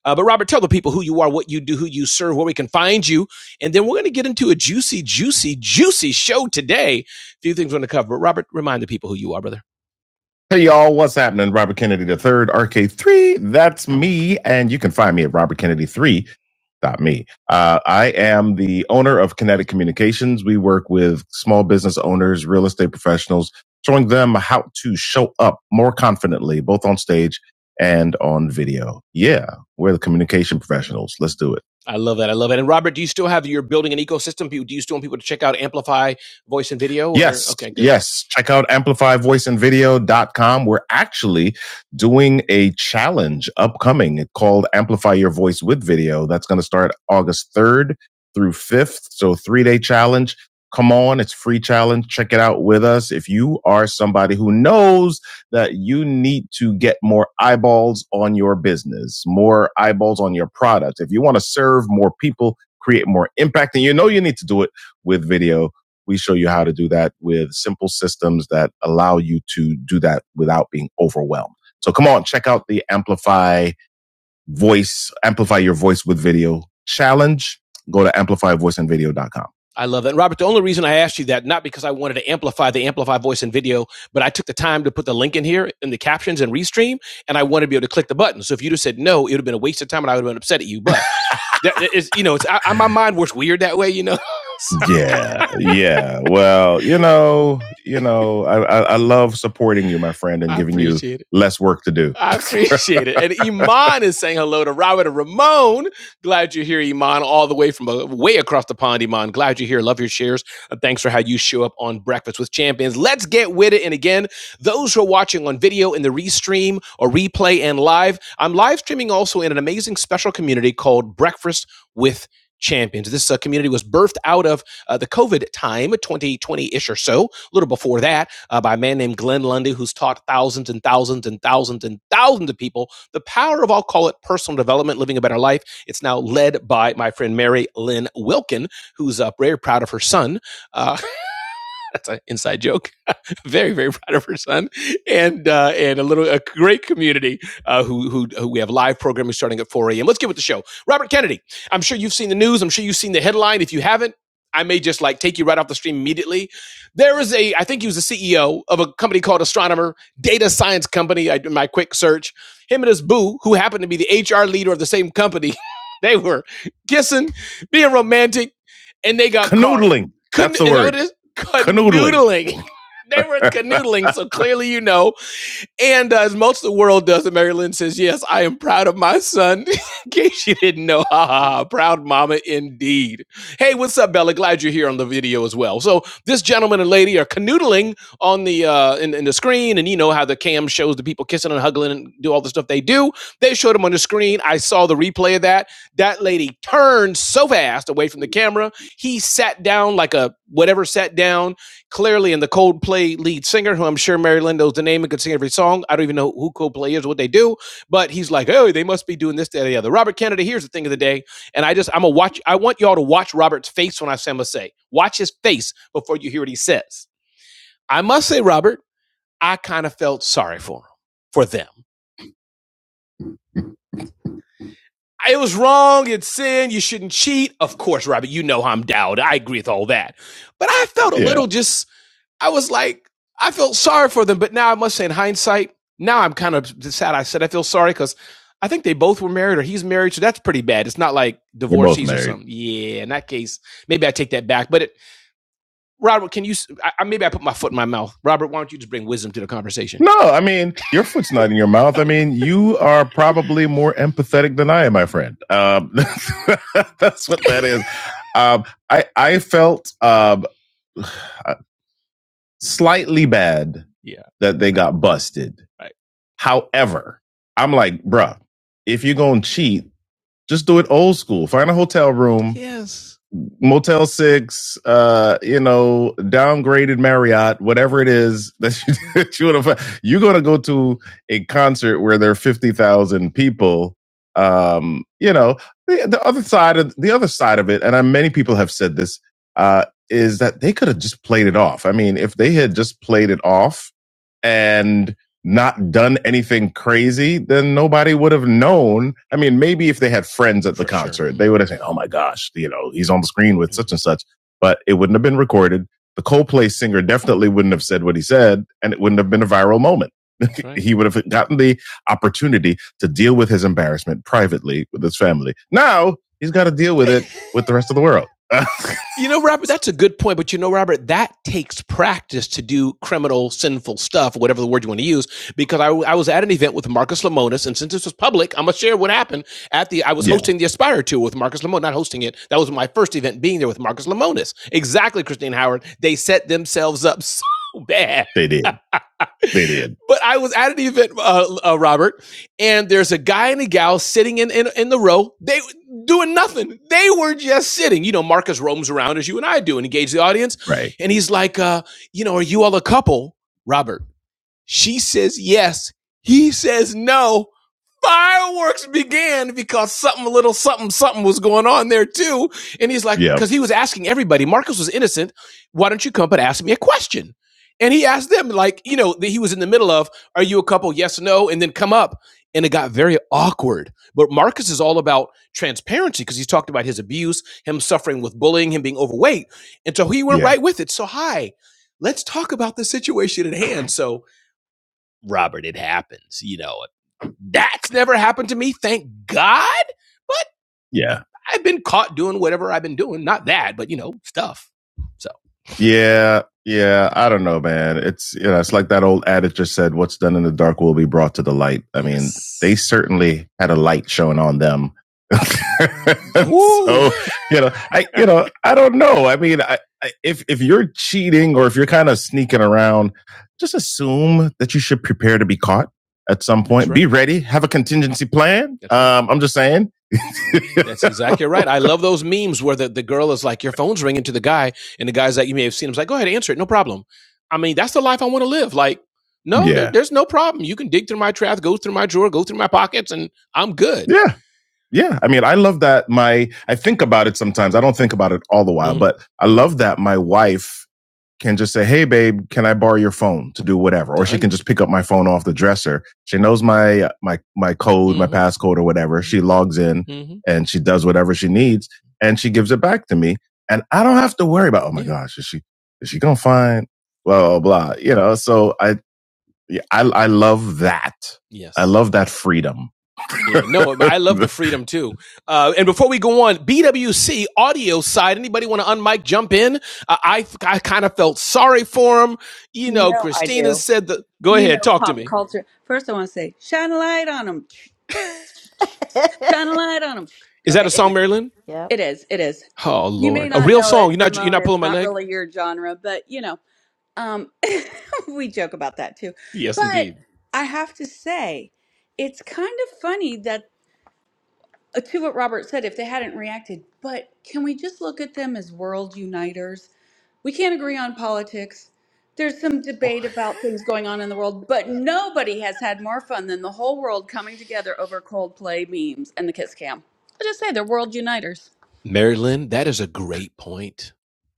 Speaker 13: Uh, but Robert, tell the people who you are, what you do, who you serve, where we can find you. And then we're going to get into a juicy, juicy, juicy show today. A few things we're going to cover. But Robert, remind the people who you are, brother. Hey y'all, what's happening? Robert Kennedy III, RK3. That's me, and you can find me at Robert Kennedy 3 Not me. Uh, I am the owner of Kinetic Communications. We work with small business owners, real estate professionals, showing them how to show up more confidently, both on stage and on video. Yeah, we're the communication professionals. Let's do it. I love that. I love it. And Robert, do you still have your building an ecosystem? do you still want people to check out Amplify? voice and video? or- Yes. Okay. Good. Yes. Check out amplify voice and video dot com. We're actually doing a challenge upcoming called Amplify Your Voice with Video. That's going to start August 3rd through 5th. So, three day challenge. Come on. It's free challenge. Check it out with us. If you are somebody who knows that you need to get more eyeballs on your business, more eyeballs on your product, if you want to serve more people, create more impact, and you know you need to do it with video we show you how to do that with simple systems that allow you to do that without being overwhelmed. So come on, check out the Amplify Voice, Amplify Your Voice with Video Challenge. Go to amplifyvoiceandvideo.com. I love that. And Robert, the only reason I asked you that, not because I wanted to amplify the Amplify voice and video, but I took the time to put the link in here in the captions and restream, and I wanted to be able to click the button. So if you'd have said no, it would have been a waste of time and I would have been upset at you. But that is, you know, it's I, my mind works weird that way, you know. So- yeah, yeah. Well, you know, you know, I, I, I love supporting you, my friend, and I giving you it. less work to do. I appreciate it. And Iman is saying hello to Robert and Ramon. Glad you're here, Iman, all the way from uh, way across the pond, Iman. Glad you're here. Love your shares. Uh, thanks for how you show up on Breakfast with Champions. Let's get with it. And again, those who are watching on video in the restream or replay and live, I'm live streaming also in an amazing special community called Breakfast with Champions. This uh, community was birthed out of uh, the COVID time, 2020 ish or so, a little before that, uh, by a man named Glenn Lundy, who's taught thousands and thousands and thousands and thousands of people the power of, I'll call it personal development, living a better life. It's now led by my friend Mary Lynn Wilkin, who's uh, very proud of her son. uh, that's an inside joke. very, very proud of her son, and uh, and a little a great community uh, who, who who we have live programming starting at 4 a.m. Let's get with the show. Robert Kennedy, I'm sure you've seen the news. I'm sure you've seen the headline. If you haven't, I may just like take you right off the stream immediately. There is a, I think he was the CEO of a company called Astronomer Data Science Company. I did my quick search. Him and his boo, who happened to be the HR leader of the same company, they were kissing, being romantic, and they got Canoodling. couldn't That's Can, the word. it is? Canoodling. canoodling. they were canoodling, so clearly you know. And uh, as most of the world does, and Mary Lynn says, Yes, I am proud of my son. in case you didn't know, ha ha ha, proud mama indeed. Hey, what's up, Bella? Glad you're here on the video as well. So this gentleman and lady are canoodling on the uh in, in the screen, and you know how the cam shows the people kissing and hugging and do all the stuff they do. They showed them on the screen. I saw the replay of that. That lady turned so fast away from the camera, he sat down like a whatever sat down clearly in the Coldplay lead singer, who I'm sure Mary Lynn knows the name and could sing every song. I don't even know who Coldplay is, what they do, but he's like, oh, they must be doing this, that, or the other. Robert Kennedy, here's the thing of the day, and I just I'm a watch. I want y'all to watch Robert's face when I say him say. Watch his face before you hear what he says. I must say, Robert, I kind of felt sorry for him, for them. It was wrong. It's sin. You shouldn't cheat. Of course, Robert, you know how I'm down. I agree with all that. But I felt a Yeah. little just I was like, I felt sorry for them, but now I must say, in hindsight, now I'm kind of sad. I said I feel sorry because I think they both were married, or he's married, so that's pretty bad. It's not like they divorcees or something. Yeah, in that case, maybe I take that back. But it, Robert, can you? s- I, I- maybe I put my foot in my mouth. Robert, why don't you just bring wisdom to the conversation? No, I mean, your foot's not in your mouth. I mean, you are probably more empathetic than I am, my friend. Um, that's what that is. Um, I, I felt, um, slightly bad Yeah. that they got busted. Right. However, I'm like, bruh, if you're gonna cheat, just do it old school. Find a hotel room, Motel Six, uh, you know, downgraded Marriott, whatever it is that you, that you want to find, you're going to go to a concert where there are fifty thousand people. Um, you know, the, the other side of the other side of it, and I, many people have said this, uh, is that they could have just played it off. I mean, if they had just played it off and not done anything crazy, then nobody would have known. I mean, maybe if they had friends at the sure. concert, they would have said, "Oh my gosh, you know, he's on the screen with such and such," but it wouldn't have been recorded. The Coldplay singer definitely wouldn't have said what he said, and it wouldn't have been a viral moment. right. He would have gotten the opportunity to deal with his embarrassment privately with his family. Now he's got to deal with it with the rest of the world. uh, you know, Robert, that's a good point. But you know, Robert, that takes practice to do criminal, sinful stuff, whatever the word you want to use. Because I, I was at an event with Marcus Lemonis, and since this was public, I'm gonna share what happened at the. I was Yeah. hosting the Aspire Tour with Marcus Lemonis, not hosting it. That was my first event being there with Marcus Lemonis. Exactly, Christine Howard. They set themselves up so bad. They did. They did. But I was at an event, uh, uh, Robert, and there's a guy and a gal sitting in, in in the row. They doing nothing. They were just sitting. You know, Marcus roams around as you and I do and engage the audience. Right. And he's like, uh, you know, are you all a couple, Robert? She says yes. He says no fireworks began because something, a little something, something was going on there too. And he's like, Yeah. because yeah. he was asking everybody, Marcus was innocent. Why don't you come but ask me a question? And he asked them, like, you know, that he was in the middle of, are you a couple? Yes, no, and then come up. And it got very awkward. But Marcus is all about transparency because he's talked about his abuse, him suffering with bullying, him being overweight. And so he went Yeah. right with it. So, hi, let's talk about the situation at hand. So, Robert, it happens, you know. That's never happened to me, thank God. But Yeah. I've been caught doing whatever I've been doing. Not that, but you know, stuff. So Yeah. Yeah. I don't know, man. It's, you know, it's like that old adage just said, what's done in the dark will be brought to the light. I mean, Yes. they certainly had a light shone on them so you know, I you know, I don't know. I mean, I, I, if if you're cheating or if you're kind of sneaking around, just assume that you should prepare to be caught at some point. right. Be ready, have a contingency plan. right. Um, I'm just saying. That's exactly right. I love those memes where the, the girl is like, your phone's ringing to the guy, and the guy's like, you may have seen him. He's like, go ahead, answer it. No problem. I mean, that's the life I want to live. Like, no, yeah. there- yeah, there's no problem. You can dig through my trash, go through my drawer, go through my pockets, and I'm good. yeah, yeah, I mean, I love that my I think about it sometimes. I don't think about it all the while, Mhm. but I love that my wife can just say, "Hey babe, can I borrow your phone to do whatever?" Or she can just pick up my phone off the dresser. She knows my uh, my my code, mm-hmm. my hmm passcode or whatever. She logs in hmm and she does whatever she needs and she gives it back to me and I don't have to worry about, "Oh my Yeah. gosh, is she is she going to find blah blah blah." You know, so I yeah, I I love that. Yes, I Yes. love that freedom yeah, no, I love the freedom too. Uh, and before we go on, BWC audio side, anybody want to unmic jump in? Uh, I I kind of felt sorry for him. You
Speaker 4: You
Speaker 13: know,
Speaker 4: know I
Speaker 13: Christina
Speaker 4: do.
Speaker 13: said the. Go
Speaker 4: You
Speaker 13: ahead,
Speaker 4: know
Speaker 13: talk to
Speaker 4: pop
Speaker 13: me.
Speaker 4: culture. First, I want to say shine a light on them. Shine a light on them.
Speaker 13: Is that
Speaker 4: Okay,
Speaker 13: a
Speaker 4: it,
Speaker 13: song, Marilyn?
Speaker 11: Yep.
Speaker 4: it is. It is.
Speaker 13: Oh
Speaker 4: You may
Speaker 13: Lord, a
Speaker 4: not
Speaker 13: real
Speaker 4: know
Speaker 13: song.
Speaker 4: it,
Speaker 13: You're not you're
Speaker 4: Ramon.
Speaker 13: not
Speaker 4: It's
Speaker 13: pulling my
Speaker 4: not
Speaker 13: leg.
Speaker 4: really your genre, but you know. Um, we joke about that too. But I have to say, it's kind of funny that uh, to what Robert said, if they hadn't reacted, but can we just look at them as world uniters? We can't agree on politics. There's some debate about things going on in the world, but nobody has had more fun than the whole world coming together over Coldplay memes and the Kiss Cam. I just say they're world uniters.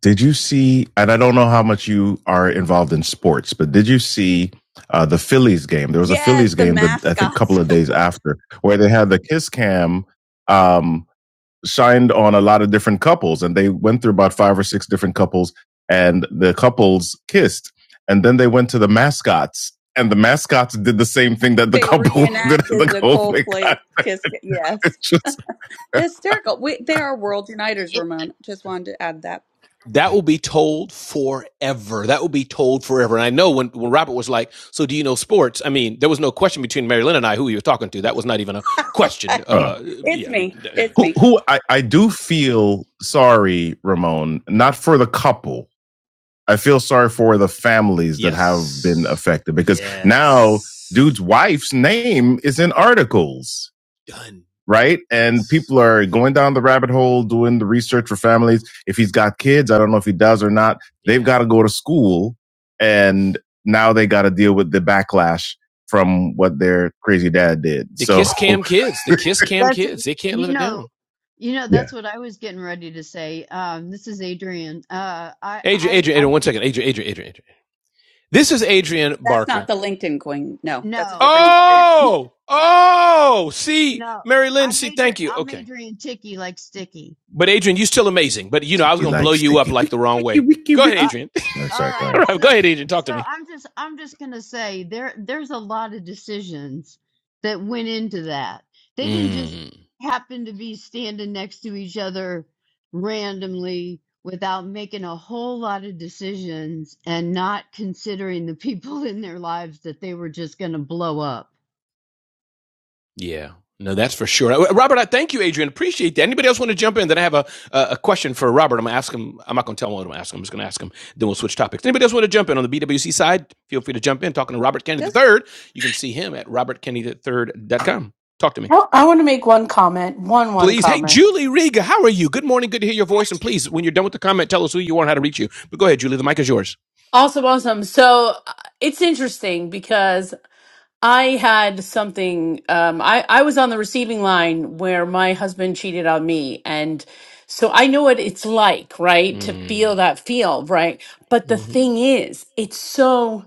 Speaker 13: Did you see? And I don't know how much you are involved in sports, but did you see uh, the Phillies game? There was a
Speaker 4: Yes,
Speaker 13: Phillies
Speaker 4: the
Speaker 13: game that I think a couple
Speaker 4: mascots.
Speaker 13: of days after where they had the kiss cam. Um, shined on a lot of different couples and they went through about five or six different couples and the couples kissed and then they went to the mascots and the mascots did the same thing that the
Speaker 4: they
Speaker 13: couple did at the
Speaker 4: reenacted the
Speaker 13: couple
Speaker 4: Coldplay
Speaker 13: got
Speaker 4: Kiss. Yes. Hysterical. We, they are world uniters,
Speaker 16: It-
Speaker 4: Ramon. Just wanted to add that.
Speaker 13: That will be told forever. That will be told forever. And I know when, when Robert was like, So do you know sports? I mean, there was no question between Mary Lynn and I who he was talking to. That was not even a question. uh,
Speaker 4: Right.
Speaker 13: Uh,
Speaker 4: It's
Speaker 13: yeah, I mean,
Speaker 4: me. It's
Speaker 13: who
Speaker 4: me.
Speaker 13: who I, I do feel sorry ramon not for the couple I feel sorry for the families yes. that have been Yes. affected because yes. now Yes. dude's wife's name is in articles, right? And people are going down the rabbit hole doing the research for families. If he's got kids, I don't know if he does or not. They've Yeah. got to go to school and now they got to deal with the backlash from what their crazy dad did. So
Speaker 16: that's you know you know
Speaker 13: yeah.
Speaker 16: that's what i was getting ready to say um this is adrian uh i i i
Speaker 4: That's not the LinkedIn queen. No, that's a
Speaker 16: no
Speaker 4: different experience.
Speaker 13: Oh, oh, see,
Speaker 16: no
Speaker 13: Mary Lynn,
Speaker 16: i'm
Speaker 13: see,
Speaker 16: adrian
Speaker 13: thank you.
Speaker 16: i'm
Speaker 13: Okay.
Speaker 16: adrian ticky like sticky
Speaker 13: But Adrian, you're still amazing. But you know, I was gonna like blow you up like the wrong way. Adrian. No,
Speaker 16: All
Speaker 13: sorry. Go
Speaker 16: right.
Speaker 13: ahead.
Speaker 16: So
Speaker 13: right, go ahead, Adrian. Talk
Speaker 16: so
Speaker 13: to me.
Speaker 16: I'm just I'm just gonna say there there's a lot of decisions that went into that. They didn't just
Speaker 13: Mm,
Speaker 16: happen to be standing next to each other randomly without making a whole lot of decisions and not considering the people in their lives that they were just gonna blow up.
Speaker 13: yeah. No, that's for sure. Uh, Robert, I thank you, Adrian. Appreciate that. Anybody else want to jump in? Then I have a, a, a question for Robert. I'm going to ask him. I'm not going to tell him what I'm going to ask him. I'm just going to ask him. Then we'll switch topics. Anybody else want to jump in on the BWC side? Feel free to jump in. Talking to Robert Kennedy
Speaker 4: Just,
Speaker 13: III. You can see him at robertkennedy3.com. Talk to me.
Speaker 21: I, I want to make one comment. One one
Speaker 13: please. Hey,
Speaker 21: comment.
Speaker 13: Julie Riga, how are you? Good morning. Good to hear your voice. And please, when you're done with the comment, tell us who you are and how to reach you. But go ahead, Julie. The mic is yours.
Speaker 21: Awesome, awesome. So uh, it's interesting because I had something. Um, I I was on the receiving line where my husband cheated on me, and so I know what it's like, right, to feel that feel, right. But the
Speaker 13: Mm,
Speaker 21: thing is, it's so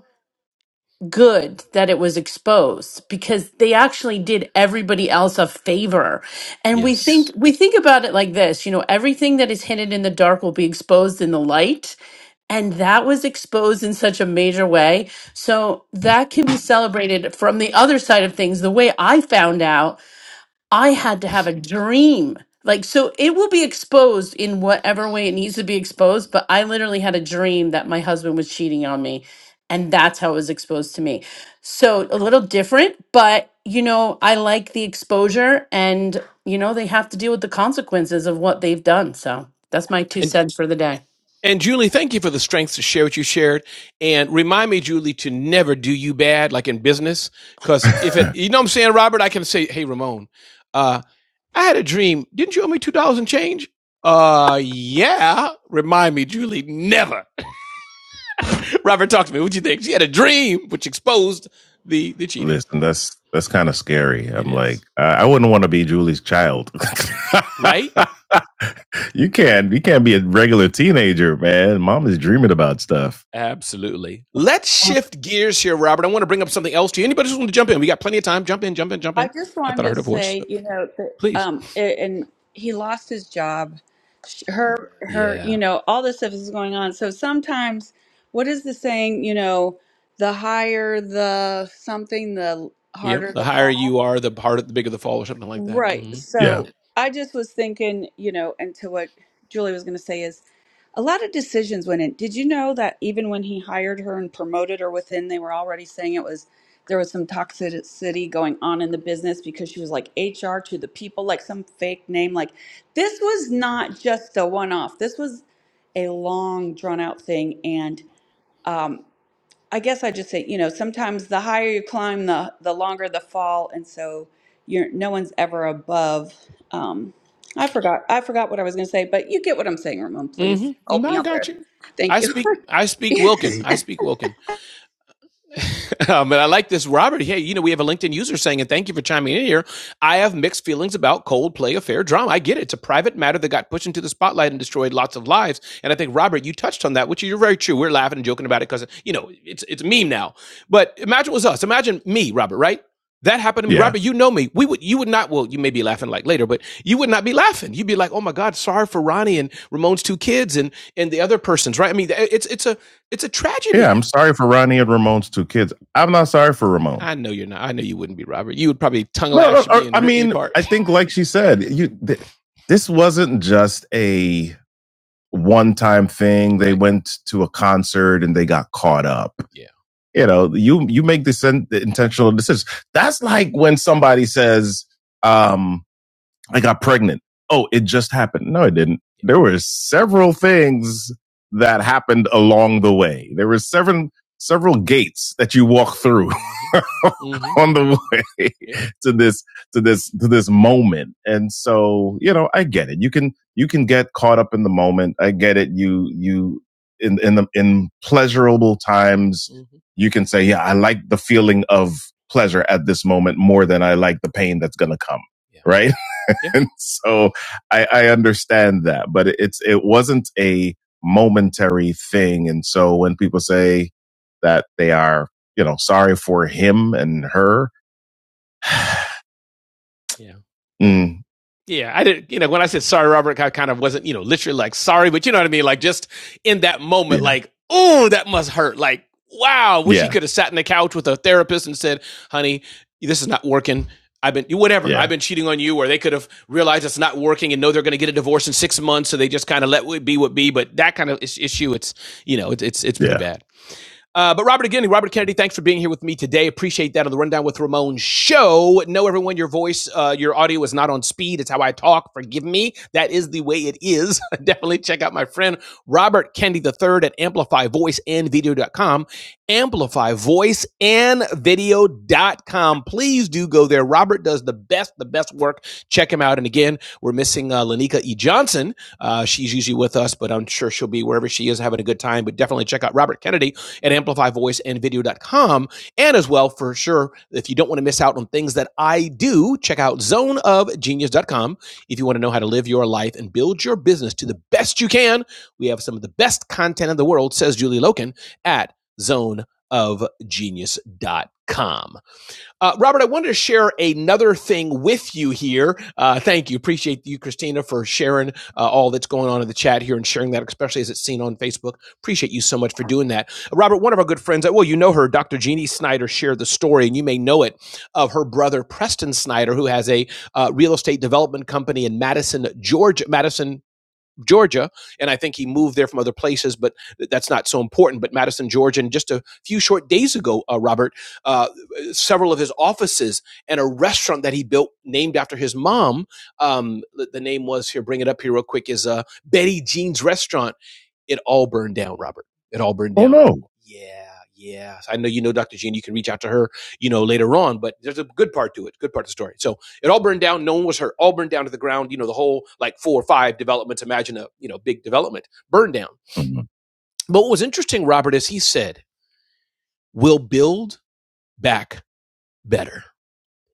Speaker 21: good that it was exposed because they actually did everybody else a favor. And we think
Speaker 13: Yes.
Speaker 21: we think about it like this, you know, everything that is hidden in the dark will be exposed in the light. And that was exposed in such a major way. So that can be celebrated from the other side of things. The way I found out I had to have a dream. Like, so it will be exposed in whatever way it needs to be exposed. But I literally had a dream that my husband was cheating on me. And that's how it was exposed to me. So a little different, but you know, I like the exposure and, you know, they have to deal with the consequences of what they've done. So that's my two
Speaker 13: And
Speaker 21: cents for the day.
Speaker 13: and Julie, thank you for the strength to share what you shared. And remind me, Julie, to never do you bad like in business. Cause if it you know what I'm saying, Robert, I can say, Hey Ramon, uh, I had a dream. Didn't you owe me two dollars and change? Uh yeah. Remind me, Julie, never. Robert, talk to me. What do you think? She had a dream which exposed the the cheating. Listen, that's that's kind of scary. It I'm is. like, is I wouldn't want to be Julie's child. right. you can't, you can't be a regular teenager, man. Mom is dreaming about stuff. Absolutely. Let's shift gears here, Robert. I want to bring up something else to you. Anybody just want to jump in? We got plenty of time. Jump in, jump in, jump
Speaker 4: I
Speaker 13: in.
Speaker 4: just
Speaker 13: I
Speaker 4: wanted
Speaker 13: thought I
Speaker 4: to
Speaker 13: heard a voice. Uh,
Speaker 4: say, you know, that,
Speaker 13: Please.
Speaker 4: um, a- and he lost his job. Sh- Her, her, you
Speaker 13: Yeah.
Speaker 4: know, all this stuff is going on. So sometimes, what is the saying? You know, the higher the something, the
Speaker 13: Yep.
Speaker 4: harder
Speaker 13: The
Speaker 4: the
Speaker 13: higher
Speaker 4: fall.
Speaker 13: you are, the harder, the bigger the fall, or something like that.
Speaker 4: Right.
Speaker 13: hmm Yeah.
Speaker 4: So I just was thinking, you know, and to what Julie was going to say is a lot of decisions went in. Did you know that even when he hired her and promoted her within, they were already saying it was there was some toxicity going on in the business because she was like HR to the people, like some fake name. Like this was not just a one off. This was a long drawn out thing, and um, I guess I just say, you know, sometimes the higher you climb, the the longer the fall, and so you're no one's ever above. Um, I forgot I forgot what I was going to say, but you get what I'm saying, Ramon.
Speaker 13: hmm
Speaker 4: Please help me
Speaker 13: I
Speaker 4: out
Speaker 13: got
Speaker 4: there.
Speaker 13: you.
Speaker 4: Thank
Speaker 13: I
Speaker 4: you.
Speaker 13: speak. I speak Wilkin. I speak Wilkin. um, but I like this, Robert. Hey, you know, we have a LinkedIn user saying, and thank you for chiming in here. I have mixed feelings about Coldplay affair drama. I get it. It's a private matter that got pushed into the spotlight and destroyed lots of lives. And I think, Robert, you touched on that, which is very true. We're laughing and joking about it because, you know, it's, it's a meme now. But imagine it was us. Imagine me, Robert, right? That happened to me, Yeah. Robert. You know me. We would, you would not. Well, you may be laughing like later, but you would not be laughing. You'd be like, "Oh my God, sorry for Ronnie and Ramon's two kids and and the other persons." Right? I mean, it's it's a it's a tragedy. Yeah, I'm sorry for Ronnie and Ramon's two kids. I'm not sorry for Ramon. I know you're not. I know you wouldn't be Robert. You would probably tongue No, out. no, lash I mean, I think like she said, you th- this wasn't just a one-time thing. They Right. went to a concert and they got caught up. Yeah. You know, you you make this in- the intentional decisions. That's like when somebody says, um, "I got pregnant." Oh, it just happened. No, it didn't. There were several things that happened along the way. There were seven several gates that you walk through hmm on the way Yeah. to this to this to this moment and so you know i get it you can you can get caught up in the moment i get it you you in in the in pleasurable times hmm you can say yeah i like the feeling of pleasure at this moment more than i like the pain that's going to come Yeah. right yeah. and so I, I understand that, but it's it wasn't a momentary thing. And so when people say that they are, you know, sorry for him and her, Yeah. Mm, yeah, I didn't. You know, when I said sorry, Robert, I kind of wasn't, you know, literally like sorry, but you know what I mean. Like just in that moment, Yeah. like, oh, that must hurt. Like, wow, wish yeah. he Yeah. could have sat in the couch with a therapist and said, "Honey, this is not working. I've been whatever. yeah. I've Yeah. been cheating on you." Or they could have realized it's not working and know they're going to get a divorce in six months, so they just kind of let it be what be. But that kind of issue, it's you know, it's it's, it's pretty Yeah. bad. Uh, but Robert again, Robert Kennedy, thanks for being here with me today. Appreciate that on the Rundown with Ramon show. Know everyone, your voice, uh, your audio is not on speed. It's how I talk. Forgive me. That is the way it is. Definitely check out my friend Robert Kennedy III at amplify voice and video dot com. amplify voice and video dot com. Please do go there. Robert does the best, the best work. Check him out. And again, we're missing uh, Lanika E. Johnson. Uh, she's usually with us, but I'm sure she'll be wherever she is having a good time. But definitely check out Robert Kennedy at amplifyvoiceandvideo.com. And video dot com. And as well, for sure, if you don't want to miss out on things that I do, check out zone of genius dot com. If you want to know how to live your life and build your business to the best you can, we have some of the best content in the world, says Julie Loken at zone of genius dot com. Uh, Robert, I wanted to share another thing with you here. Uh, thank you. Appreciate you, Christina, for sharing uh, all that's going on in the chat here and sharing that, especially as it's seen on Facebook. Appreciate you so much for doing that. Uh, Robert, one of our good friends, uh, well, you know her, Dr. Jeannie Snyder, shared the story, and you may know it, of her brother, Preston Snyder, who has a uh, real estate development company in Madison, Georgia, Madison, Georgia, and I think he moved there from other places, but that's not so important. But Madison, Georgia, and just a few short days ago, uh, Robert, uh, several of his offices and a restaurant that he built named after his mom. Um, the the name was here, bring it up here real quick, is uh, Betty Jean's Restaurant it all burned down, Robert. It all burned down. Oh no. Yeah, yeah. I know you know Dr. Jean. You can reach out to her, you know, later on, but there's a good part to it, good part of the story. So it all burned down. No one was hurt. All burned down to the ground. You know, the whole like four or five developments. Imagine a, you know, big development burned down. But what was interesting, Robert, is he said, we'll build back better. better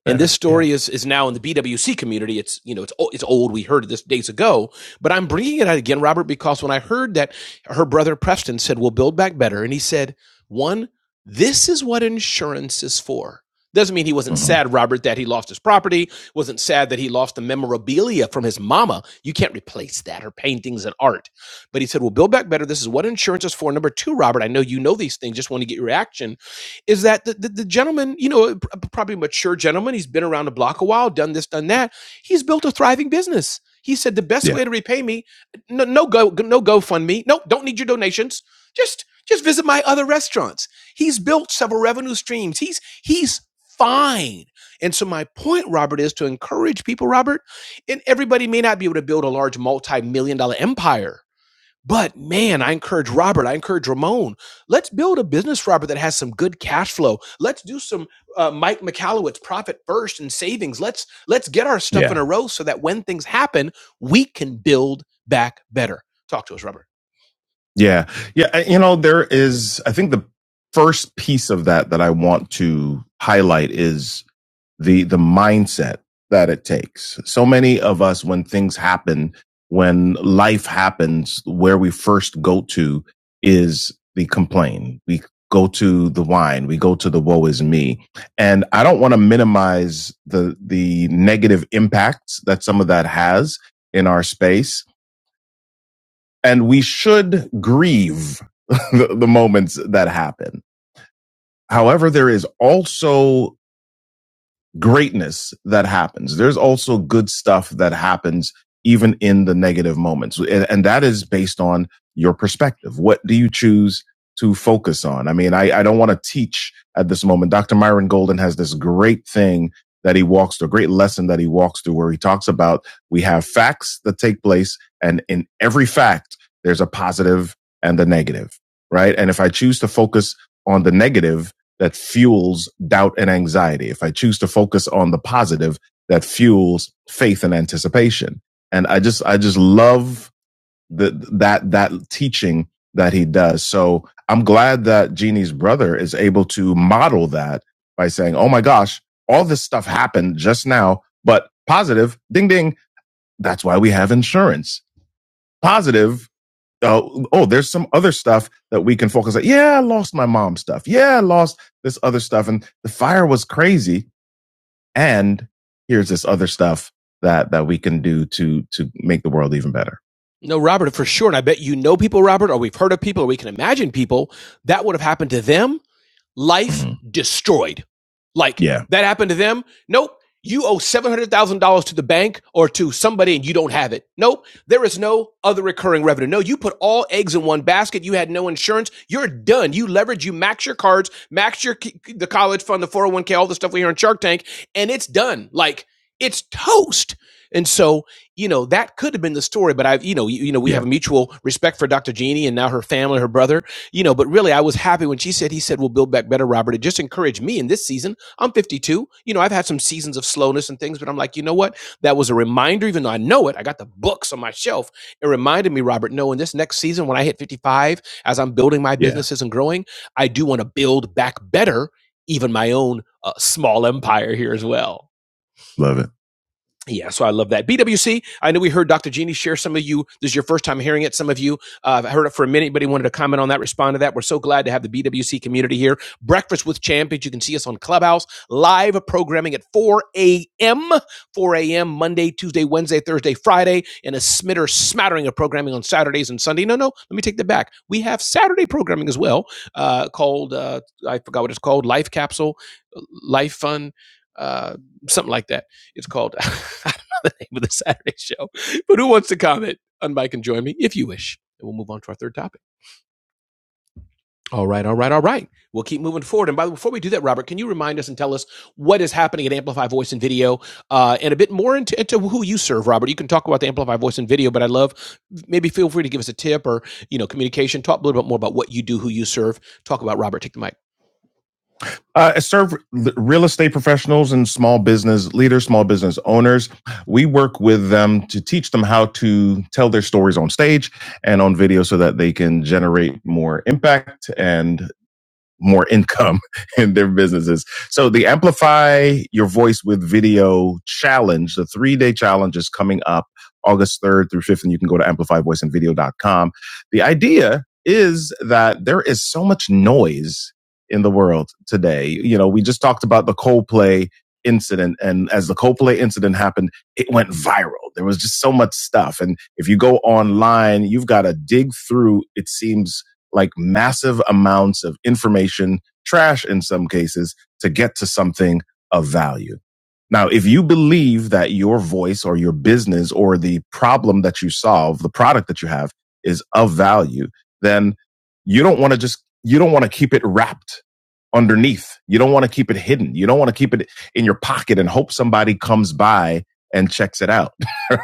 Speaker 13: And this Better. Yeah. story is, is now in the BWC community. It's, you know, it's, it's old. We heard of this days ago, But I'm bringing it out again, Robert, because when I heard that her brother Preston said, We'll build back better, and he said, One, this is what insurance is for. Doesn't mean he wasn't Mhm. sad, Robert, that he lost his property, wasn't sad that he lost the memorabilia from his mama. You can't replace that, her paintings and art. But he said, We'll build back better. This is what insurance is for. Number two, Robert, I know you know these things, just want to get your reaction is that the, the, the gentleman, you know, a p- probably a mature gentleman, he's been around the block a while, done this, done that. He's built a thriving business he said the best Yeah. way to repay me, no, no go, no GoFundMe, no, don't need your donations. Just, just visit my other restaurants. He's built several revenue streams. He's, he's fine. And so my point, Robert, is to encourage people, Robert, and everybody may not be able to build a large multi-million dollar empire but man, I encourage Robert, I encourage Ramon. Let's build a business, Robert, that has some good cash flow. Let's do some uh, Mike McAllowitz profit first and savings. Let's let's get our stuff Yeah. in a row so that when things happen, we can build back better. Talk to us, Robert. Yeah. Yeah. You know, there is, I think the first piece of that that I want to highlight is the the mindset that it takes. So many of us, when things happen, when life happens, where we first go to is the complain. We go to the whine. We go to the woe is me. And I don't want to minimize the the negative impacts that some of that has in our space. And we should grieve the, the moments that happen. However, there is also greatness that happens. There's also good stuff that happens even in the negative moments. And, and that is based on your perspective. What do you choose to focus on? I mean, I, I don't want to teach at this moment. Dr. Myron Golden has this great thing that he walks through, a great lesson that he walks through where he talks about we have facts that take place and in every fact, there's a positive and the negative, right? And if I choose to focus on the negative, that fuels doubt and anxiety. If I choose to focus on the positive, that fuels faith and anticipation. And I just, I just love the, that, that teaching that he does. So I'm glad that Jeannie's brother is able to model that by saying, Oh my gosh, all this stuff happened just now, but positive, ding, ding. That's why we have insurance. Positive uh, oh, there's some other stuff that we can focus on. Yeah, I lost my mom stuff. Yeah, I lost this other stuff. And the fire was crazy. And here's this other stuff that, that we can do to, to make the world even better. No, Robert, for sure. And I bet you know people, Robert, or we've heard of people, or we can imagine people that would have happened to them life mm-hmm. destroyed. Like Yeah. that happened to them. Nope. You owe seven hundred thousand dollars to the bank or to somebody, and you don't have it. Nope. There is no other recurring revenue. No, you put all eggs in one basket. You had no insurance. You're done. You leverage. You max your cards. Max your the college fund, the four hundred one k, all the stuff we hear on Shark Tank, and it's done. Like it's toast. And so, you know, that could have been the story, but I've, you know, you, you know, we Yeah. have a mutual respect for Dr. Jeannie and now her family, her brother, you know, but really, I was happy when she said, he said, we'll build back better, Robert. It just encouraged me in this season. I'm 52. You know, I've had some seasons of slowness and things, but I'm like, you know what? That was a reminder, even though I know it. I got the books on my shelf. It reminded me, Robert, no, in this next season, when I hit 55, as I'm building my Yeah. businesses and growing, I do want to build back better, even my own uh, small empire here as well. Love it. Yeah, so I love that. BWC, I know we heard Dr. Jeannie share some of you. This is your first time hearing it. Some of you uh, heard it for a minute. Anybody wanted to comment on that, respond to that. We're so glad to have the BWC community here. Breakfast with Champions. You can see us on Clubhouse, live programming at 4 a.m., 4 a.m., Monday, Tuesday, Wednesday, Thursday, Friday, and a smitter smattering of programming on Saturdays and Sunday. No, no, let me take that back. We have Saturday programming as well uh, called, uh, I forgot what it's called, Life Capsule, Life Fun, uh, something like that it's called I don't know the name of the Saturday show. But who wants to comment on Mike and join me if you wish? And we'll move on to our third topic. All right, all right, all right. We'll keep moving forward. And by the way, before we do that, Robert, can you remind us and tell us what is happening at Amplify Voice and Video, uh, and a bit more into, into who you serve, Robert? You can talk about the Amplify Voice and Video, but I would love maybe feel free to give us a tip or you know communication. Talk a little bit more about what you do, who you serve. Talk about Robert. Take the mic. Uh, serve real estate professionals and small business leaders, small business owners. We work with them to teach them how to tell their stories on stage and on video so that they can generate more impact and more income in their businesses. So the Amplify Your Voice with Video Challenge, the three day challenge is coming up August 3rd through 5th, and you can go to amplify voice and video dot com. The idea is that there is so much noise in the world today. You know, we just talked about the Coldplay incident and as the Coldplay incident happened, it went viral. There was just so much stuff. And if you go online, you've got to dig through, it seems like massive amounts of information, trash in some cases, to get to something of value. Now, if you believe that your voice or your business or the problem that you solve, the product that you have is of value, then you don't want to just, you don't want to keep it wrapped underneath. You don't want to keep it hidden. You don't want to keep it in your pocket and hope somebody comes by and checks it out.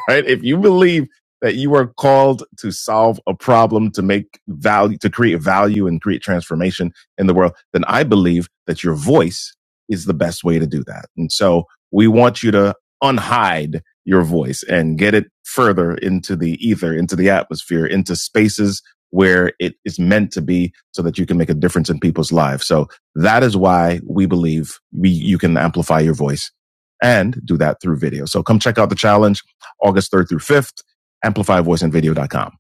Speaker 13: Right. If you believe that you are called to solve a problem, to make value, to create value and create transformation in the world, then I believe that your voice is the best way to do that. And so we want you to unhide your voice and get it further into the ether, into the atmosphere, into spaces where it is meant to be so that you can make a difference in people's lives. So that is why we believe we, you can amplify your voice and do that through video. So come check out the challenge August 3rd through 5th amplify voice and video dot com.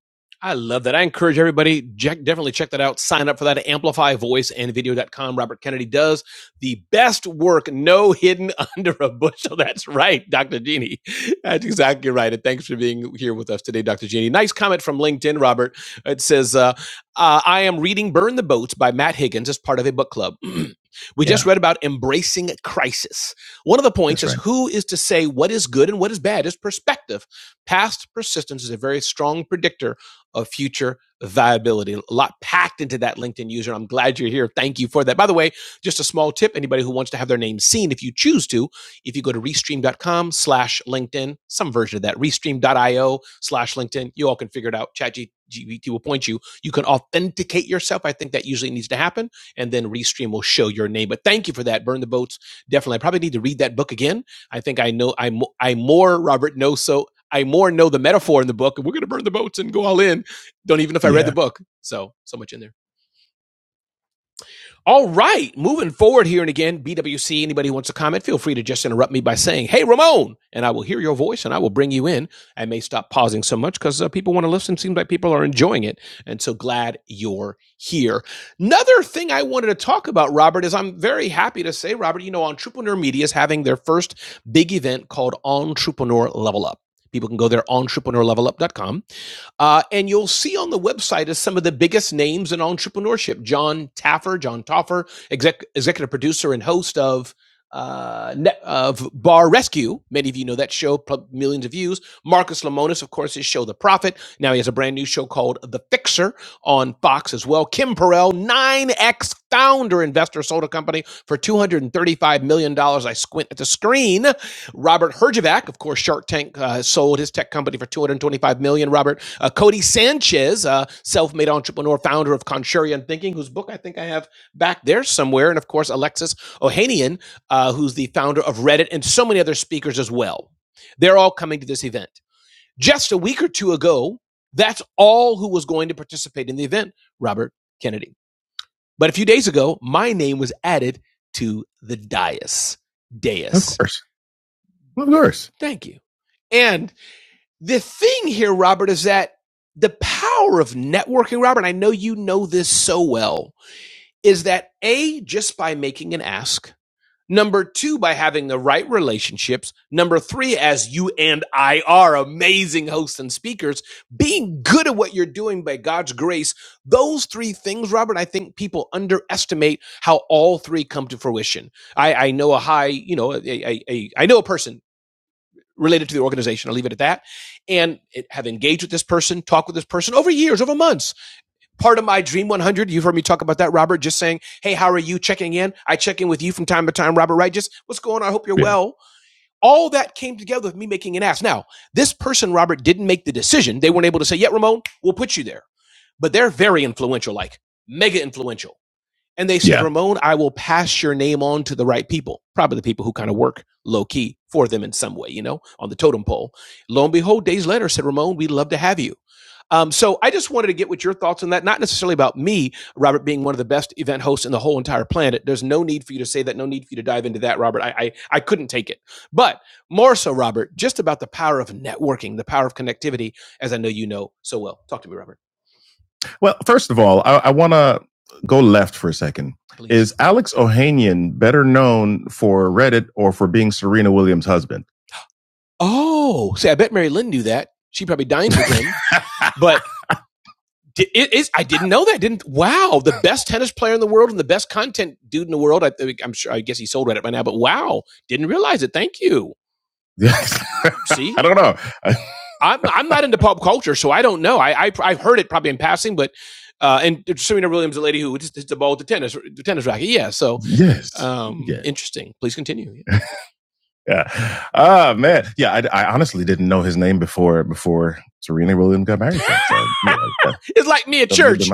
Speaker 13: I love that. I encourage everybody, check, definitely check that out. Sign up for that at amplify voice and video dot com. Robert Kennedy does the best work, no hidden under a bushel. That's right, Dr. Jeannie. That's exactly right. And thanks for being here with us today, Dr. Jeannie. Nice comment from LinkedIn, Robert. It says, uh, uh, I am reading Burn the Boats by Matt Higgins as part of a book club. we yeah. just Yeah, read about embracing crisis. One of the points that's is right. who is to say what is good and what is bad is perspective. Past persistence is a very strong predictor of future viability. A lot packed into that LinkedIn user. I'm glad you're here. Thank you for that. By the way, just a small tip. Anybody who wants to have their name seen, if you choose to, if you go to restream.com slash LinkedIn, some version of that, restream.io slash LinkedIn, you all can figure it out. ChatGPT will point you. You can authenticate yourself. I think that usually needs to happen. And then Restream will show your name. But thank you for that. Burn the boats. Definitely. I probably need to read that book again. I think I know I'm, I'm more Robert Noso I more know the metaphor in the book. We're going to burn the boats and go all in. Don't even know if I yeah. read the Yeah. book. So, so much in there. All right. Moving forward here and again, BWC, anybody who wants to comment, feel free to just interrupt me by saying, Hey, Ramon. And I will hear your voice and I will bring you in. I may stop pausing so much because uh, people want to listen. Seems like people are enjoying it. And so glad you're here. Another thing I wanted to talk about, Robert, is I'm very happy to say, Robert, you know, Entrepreneur Media is having their first big event called Entrepreneur Level Up. People can go there, entrepreneurlevelup.com uh, and you'll see on the website is some of the biggest names in entrepreneurship. John Taffer, John Taffer, exec- executive producer and host of uh, of Bar Rescue. Many of you know that show, millions of views. Marcus Lemonis, of course, his show The Prophet. Now he has a brand new show called The Fixer on Fox as well. Kim Perrell, 9X founder, investor, sold a company for $235 million. dollars. I squint at the screen. Robert Herjavec, of course, Shark Tank uh, sold his tech company for $225 million. dollars. Robert uh, Cody Sanchez, a self-made entrepreneur, founder of Contrarian Thinking, whose book I think I have back there somewhere, and of course Alexis Ohanian, uh, who's the founder of Reddit, and so many other speakers as well. They're all coming to this event. Just a week or two ago, that's all who was going to participate in the event, Robert Kennedy. But a few days ago, my name was added to the dais. Dais, Of course. Of course. Thank you. And the thing here, Robert, is that the power of networking, Robert, and I know you know this so well, is that A, just by making an ask, number two, by having the right relationships, number three, as you and I are amazing hosts and speakers, being good at what you're doing by God's grace, those three things, Robert, I think people underestimate how all three come to fruition. I, I know a high, you know, a, a, a, I know a person related to the organization. I'll leave it at that. And it, have engaged with this person, talked with this person over years, over months. Part of my Dream 100, you've heard me talk about that, Robert, just saying, hey, how are you checking in? I check in with you from time to time, Robert, right? Just what's going on? I hope you're Yeah. well. All that came together with me making an ask. Now, this person, Robert, didn't make the decision. They weren't able to say, yeah, Ramon, we'll put you there. But they're very influential, like mega influential and they said, Yeah. Ramon, I will pass your name on to the right people, probably the people who kind of work low key for them in some way, you know, on the totem pole. Lo and behold, days later said, Ramon, we'd love to have you. Um, so I just wanted to get what your thoughts on that, not necessarily about me, Robert, being one of the best event hosts in the whole entire planet. There's no need for you to say that, no need for you to dive into that, Robert. I, I, I couldn't take it. But more so, Robert, just about the power of networking, the power of connectivity, as I know you know so well. Talk to me, Robert. Well, first of all, I, I want to go left for a second. Please. Is Alex Ohanian better known for Reddit or for being Serena Williams' husband? Oh, see, I bet Mary Lynn knew that. She probably dined with him, but it is. I didn't know that. Didn't wow, the best tennis player in the world and the best content dude in the world. I, I'm sure. I guess he sold Reddit by now, but wow, didn't realize it. Thank you. See? I don't know. I'm I'm not into pop culture, so I don't know. I I I've heard it probably in passing, but uh, and Serena Williams, the lady who just hit the ball with the tennis the tennis racket, yeah. So Yes. um, Yeah. interesting. Please continue. Yeah. Ah, yeah. uh, man. Yeah. I, I honestly didn't know his name before before Serena Williams got married. So, yeah, it's like me at that my church.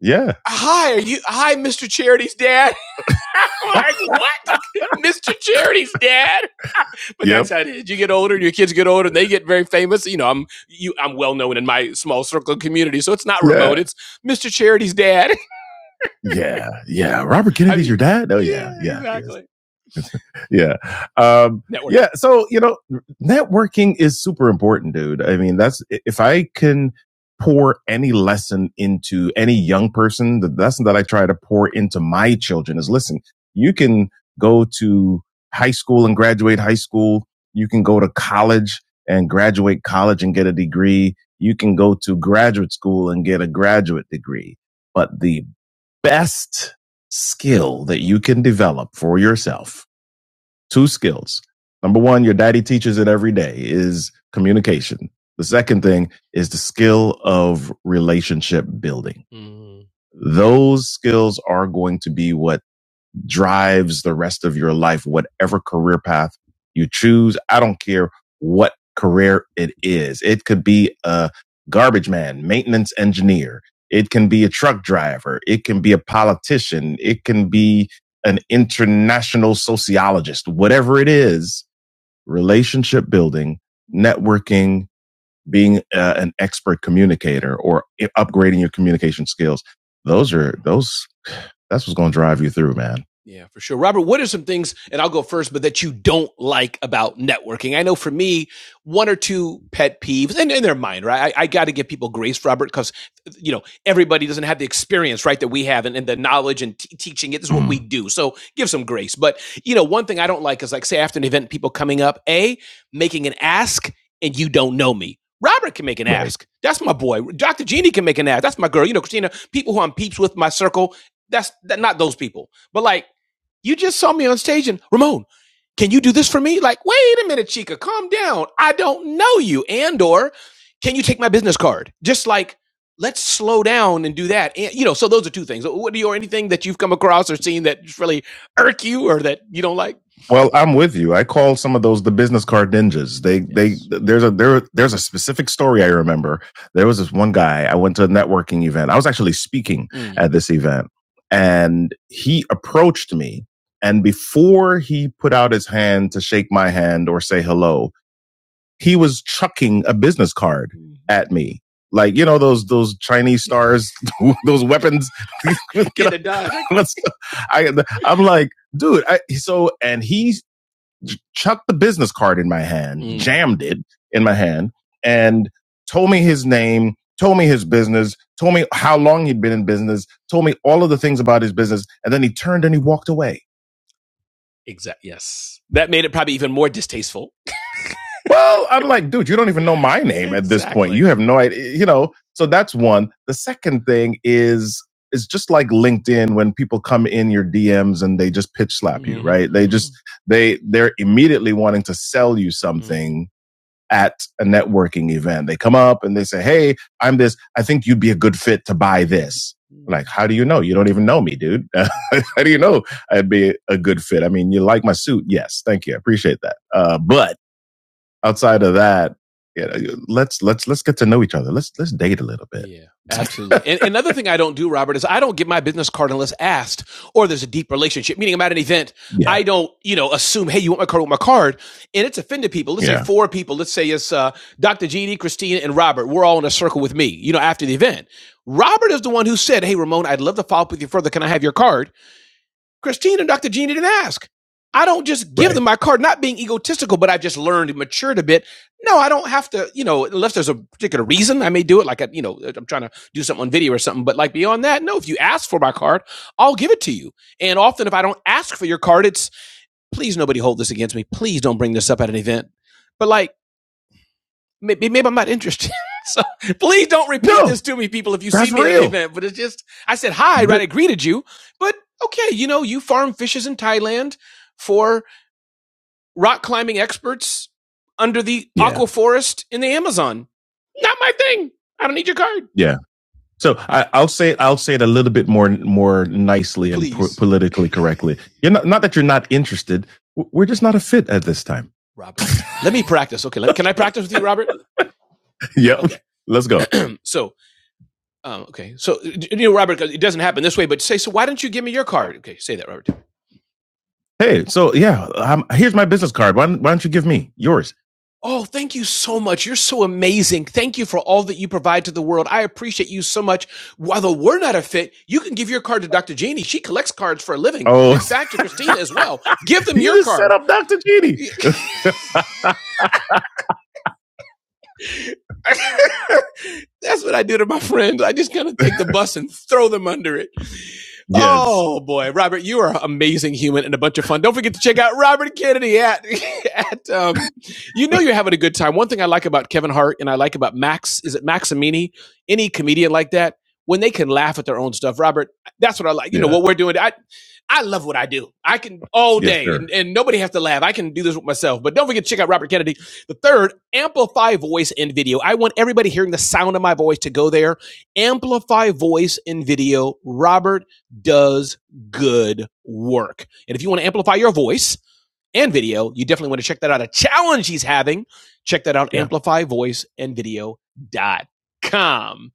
Speaker 13: Yeah. Hi, are you? Hi, Mr. Charity's dad. I'm like what? Mr. Charity's dad. But Yep. that's how it is. You get older, and your kids get older, and they get very famous. You know, I'm you, I'm well known in my small circle of community, so it's not Yeah. remote. Yeah. It's Mr. Charity's dad. Yeah. Yeah. Robert Kennedy's I mean, your dad? Oh yeah. Yeah. exactly yeah. Um, yeah. So, you know, networking is super important, dude. I mean, that's, if I can pour any lesson into any young person, the lesson that I try to pour into my children is listen, you can go to high school and graduate high school. You can go to college and graduate college and get a degree. You can go to graduate school and get a graduate degree. But the best skill that you can develop for yourself two skills. Number one, your daddy teaches it every day is communication. The second thing is the skill of relationship building. Mm-hmm. Those skills are going to be what drives the rest of your life, whatever career path you choose. I don't care what career it is. It could be a garbage man, maintenance engineer. It can be a truck driver. It can be a politician. It can be an international sociologist. Whatever it is, relationship building, networking, being uh, an expert communicator or upgrading your communication skills. Those are those that's what's going to drive you through, man. Yeah, for sure. Robert, what are some things, and I'll go first, but that you don't like about networking? I know for me, one or two pet peeves, and, and they're mine, right? I, I got to give people grace, Robert, because, you know, everybody doesn't have the experience, right, that we have and, and the knowledge and t- teaching it. This is what mm. we Mm. do. So give some grace. But, you know, one thing I don't like is, like, say, after an event, people coming up, A, making an ask, and you don't know me. Robert can make an Right. ask. That's my boy. Dr. Jeannie can make an ask. That's my girl. You know, Christina, people who I'm peeps with, my circle, that's that, not those people, but like you just saw me on stage and Ramon, can you do this for me? Like, wait a minute, Chica, calm down. I don't know you. And or can you take my business card? Just like let's slow down and do that. And you know, so those are two things. What do you or anything that you've come across or seen that just really irk you or that you don't like? Well, I'm with you. I call some of those the business card ninjas. They Yes. they Yes. there's a there there's a specific story I remember. There was this one guy. I went to a networking event. I was actually speaking Mm. at this event, and he approached me and before he put out his hand to shake my hand or say hello, he was chucking a business card at me. Like, you know, those, those Chinese stars, those weapons. Get it done. I, I'm like, dude, I, so, and he chucked the business card in my hand, Mm. jammed it in my hand and told me his name, told me his business, told me how long he'd been in business, told me all of the things about his business. And then he turned and he walked away Exactly. Yes, that made it probably even more distasteful. Well, I'm like, dude, you don't even know my name at this exactly. point. exactly. You have no idea, you know. So that's one. The second thing is it's just like LinkedIn when people come in your DMs and they just pitch slap mm-hmm. you, hmm right? They just they they're immediately wanting to sell you hmm something at a networking event. They come up and they say, Hey, I'm this. I think you'd be a good fit to buy this. Like, how do you know? You don't even know me, dude. how do you know I'd be a good fit? I mean, you like my suit. Yes. Thank you. I appreciate that. Uh, but outside of that, yeah, let's let's let's get to know each other. Let's let's date a little bit. Yeah, absolutely. And another thing I don't do, Robert, is I don't get my business card unless asked or there's a deep relationship, meaning I'm at an event. yeah, I don't, you know, assume, hey, you want my card? I want my card. And it's offended people. Let's yeah. say yeah, four people. Let's say it's uh, Dr. GD, Christina, and Robert. We're all in a circle with me, you know, after the event. Robert is the one who said, hey, Ramon, I'd love to follow up with you further. Can I have your card? Christine and Dr. Jeannie didn't ask. I don't just give Right. them my card, not being egotistical, but I've just learned and matured a bit. No, I don't have to, you know, unless there's a particular reason I may do it. Like, I, you know, I'm trying to do something on video or something. But like beyond that, no, if you ask for my card, I'll give it to you. And often if I don't ask for your card, it's please nobody hold this against me. Please don't bring this up at an event. But like, maybe, maybe I'm not interested. so please don't repeat No, this to me, people, if you see that's me real. at an event. But it's just, I said hi, right? I greeted you. But okay, you know, you farm fishes in Thailand for rock climbing experts under the yeah, aqua forest in the Amazon. Not my thing. I don't need your card. yeah. So I, I'll say it. I'll say it a little bit more more nicely Please. and po- politically correctly. You're not not that you're not interested. We're just not a fit at this time. Robert, let me practice. Okay, let, can I practice with you, Robert? Yeah. Okay. Let's go. so, um, okay. So, you know, Robert, it doesn't happen this way, but say, so why don't you give me your card? Okay. Say that, Robert. Hey, so yeah, um, here's my business card. Why don't, why don't you give me yours? Oh, thank you so much. You're so amazing. Thank you for all that you provide to the world. I appreciate you so much. Although we're not a fit, you can give your card to Dr. Jeannie. She collects cards for a living. Oh, In fact, to Christina as well. Give them you your just card. set up Dr. Genie. That's what I do to my friends. I just kind of take the bus and throw them under it. Yes. Oh boy, Robert, you are an amazing human and a bunch of fun. Don't forget to check out Robert Kennedy at at um, you know you're having a good time. One thing I like about Kevin Hart and I like about Max is it Maximini, any comedian like that, when they can laugh at their own stuff. Robert, that's what I like. You yeah. know Yeah. what we're doing. I I love what I do. I can all Yes, day sir. and, and nobody has to laugh. I can do this with myself. But don't forget to check out Robert Kennedy. The third, amplify voice and video. I want everybody hearing the sound of my voice to go there. Amplify voice and video. Robert does good work. And if you want to amplify your voice, and video. You definitely want to check that out. A challenge he's having. Check that out. Yeah. amplify voice and video dot com.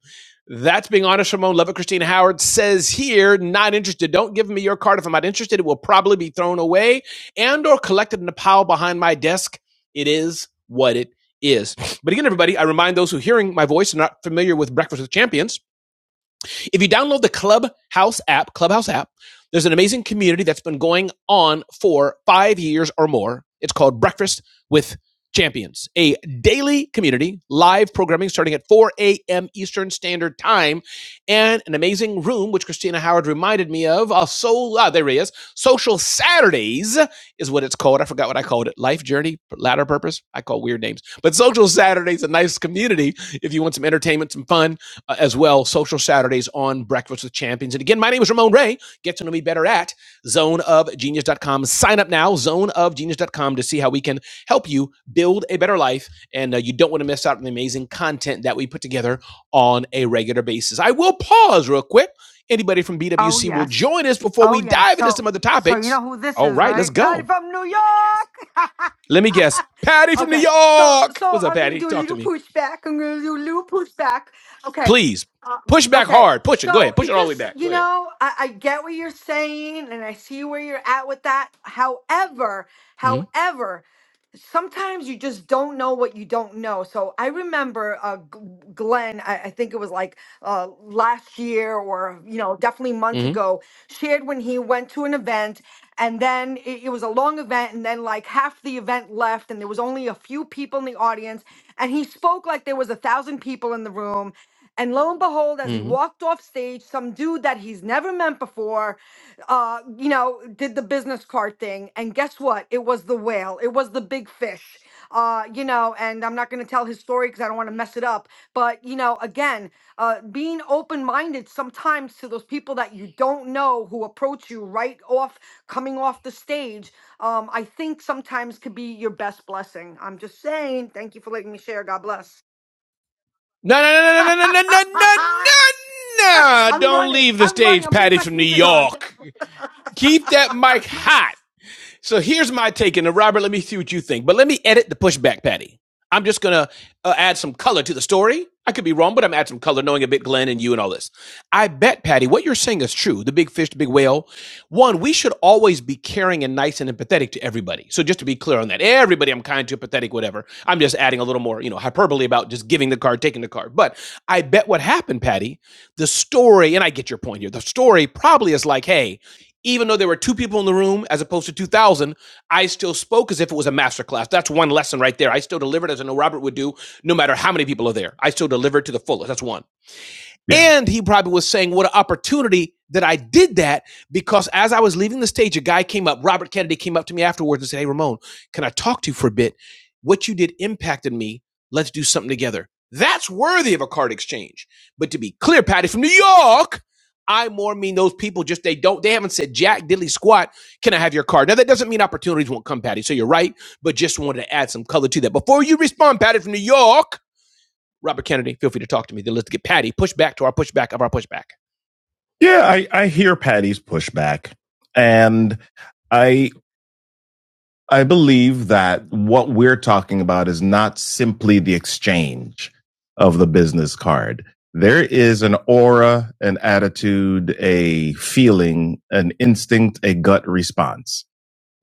Speaker 13: That's being honest. Ramon Levitt, Christina Howard says here, not interested. Don't give me your card. If I'm not interested, it will probably be thrown away and or collected in a pile behind my desk. It is what it is. But again, everybody, I remind those who are hearing my voice and not familiar with Breakfast with Champions if you download the Clubhouse app, Clubhouse app, there's an amazing community that's been going on for five years or more. It's called Breakfast with Champions, a daily community, live programming starting at 4 a.m. Eastern Standard Time, and an amazing room, which Christina Howard reminded me of. Oh, so, ah, there he is. Social Saturdays is what it's called. I forgot what I called it. Life Journey, Ladder Purpose. I call weird names. But Social Saturdays, a nice community if you want some entertainment, some fun uh, as well. Social Saturdays on Breakfast with Champions. And again, my name is Ramon Ray. Get to know me better at zone of genius dot com. Sign up now, zone of genius dot com, to see how we can help you build a better life. And uh, you don't want to miss out on the amazing content that we put together on a regular basis. I will pause real quick. Anybody from
Speaker 17: Oh
Speaker 13: BWC will
Speaker 17: yes.
Speaker 13: join us before
Speaker 17: Oh
Speaker 13: we
Speaker 17: yes.
Speaker 13: dive into
Speaker 17: So
Speaker 13: some other
Speaker 17: so you
Speaker 13: topics.
Speaker 17: know who this
Speaker 13: All
Speaker 17: is,
Speaker 13: right, let's
Speaker 17: right? Patty
Speaker 13: go.
Speaker 17: from New York.
Speaker 13: Let me guess. Patty from New
Speaker 17: okay. So
Speaker 13: York.
Speaker 17: so
Speaker 13: What's up,
Speaker 17: I'm gonna
Speaker 13: Patty?
Speaker 17: do a
Speaker 13: Talk to
Speaker 17: little
Speaker 13: me.
Speaker 17: pushback. I'm gonna do a little pushback. Okay.
Speaker 13: Please
Speaker 17: Uh,
Speaker 13: push back
Speaker 17: okay.
Speaker 13: hard. Push it. Go
Speaker 17: So
Speaker 13: ahead. Push
Speaker 17: it
Speaker 13: it all the way
Speaker 17: just
Speaker 13: back.
Speaker 17: you
Speaker 13: Go ahead.
Speaker 17: know I, I get what you're saying and I see where you're at with that. However,
Speaker 13: Mm-hmm.
Speaker 17: however sometimes you just don't know what you don't know. So I remember uh, G- Glenn, I, I think it was like uh, last year or, you know, definitely months
Speaker 13: Mm-hmm.
Speaker 17: ago, shared when he went to an event and then it, it was a long event and then like half the event left and there was only a few people in the audience and he spoke like there was a thousand people in the room and lo and behold, as he
Speaker 13: hmm
Speaker 17: walked off stage, some dude that he's never met before, uh, you know, did the business card thing. And guess what? It was the whale. It was the big fish. Uh, you know, and I'm not going to tell his story because I don't want to mess it up. But you know, again, uh, being open-minded sometimes to those people that you don't know who approach you right off coming off the stage, um, I think sometimes could be your best blessing. I'm just saying. Thank you for letting me share. God bless.
Speaker 13: No, no, no, no, no, no, no, no, no, no, no!
Speaker 17: I'm
Speaker 13: Don't
Speaker 17: running.
Speaker 13: leave the
Speaker 17: I'm running.
Speaker 13: stage,
Speaker 17: I'm putting
Speaker 13: Patty
Speaker 17: my
Speaker 13: from New
Speaker 17: sneakers on.
Speaker 13: York. Keep that mic hot. So here's my take, and uh, Robert, let me see what you think. But let me edit the pushback, Patty. I'm just gonna uh, add some color to the story. I could be wrong, but I'm adding some color, knowing a bit Glenn and you and all this. I bet, Patty, what you're saying is true. The big fish, the big whale. One, we should always be caring and nice and empathetic to everybody. So just to be clear on that, everybody I'm kind to, empathetic, whatever. I'm just adding a little more, you know, hyperbole about just giving the card, taking the card. But I bet what happened, Patty, the story, and I get your point here. The story probably is like, hey, even though there were two people in the room as opposed to 2000 i still spoke as if it was a master class that's one lesson right there i still delivered as i know robert would do no matter how many people are there i still delivered to the fullest that's one yeah. And he probably was saying, What an opportunity that I did that. Because as I was leaving the stage, a guy came up, Robert Kennedy came up to me afterwards and said, Hey, Ramon, can I talk to you for a bit? What you did impacted me. Let's do something together. That's worthy of a card exchange. But to be clear, Patty, from New York, I more mean those people just they don't they haven't said jack diddly squat. Can I have your card? Now that doesn't mean opportunities won't come, Patty. So you're right, but just wanted to add some color to that. Before you respond, Patty from New York, Robert Kennedy, feel free to talk to me. Then let's get Patty pushback to our pushback of our pushback. Yeah, I, I hear Patty's pushback. And I I believe that what we're talking about is not simply the exchange of the business card. There is an aura, an attitude, a feeling, an instinct, a gut response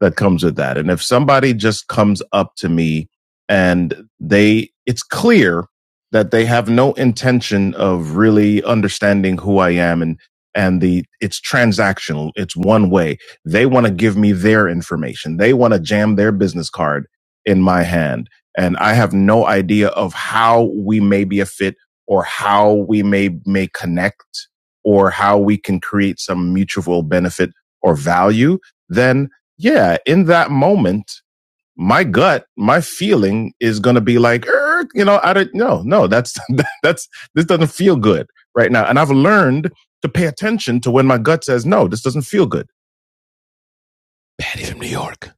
Speaker 13: that comes with that. And if somebody just comes up to me and they, it's clear that they have no intention of really understanding who I am and, and the, it's transactional. It's one way. They want to give me their information. They want to jam their business card in my hand. And I have no idea of how we may be a fit or how we may, may connect or how we can create some mutual benefit or value. Then yeah, in that moment, my gut, my feeling is going to be like, "Er," you know, I don't, no, no, that's, that's, this doesn't feel good right now. And I've learned to pay attention to when my gut says, no, this doesn't feel good. Patty from New York.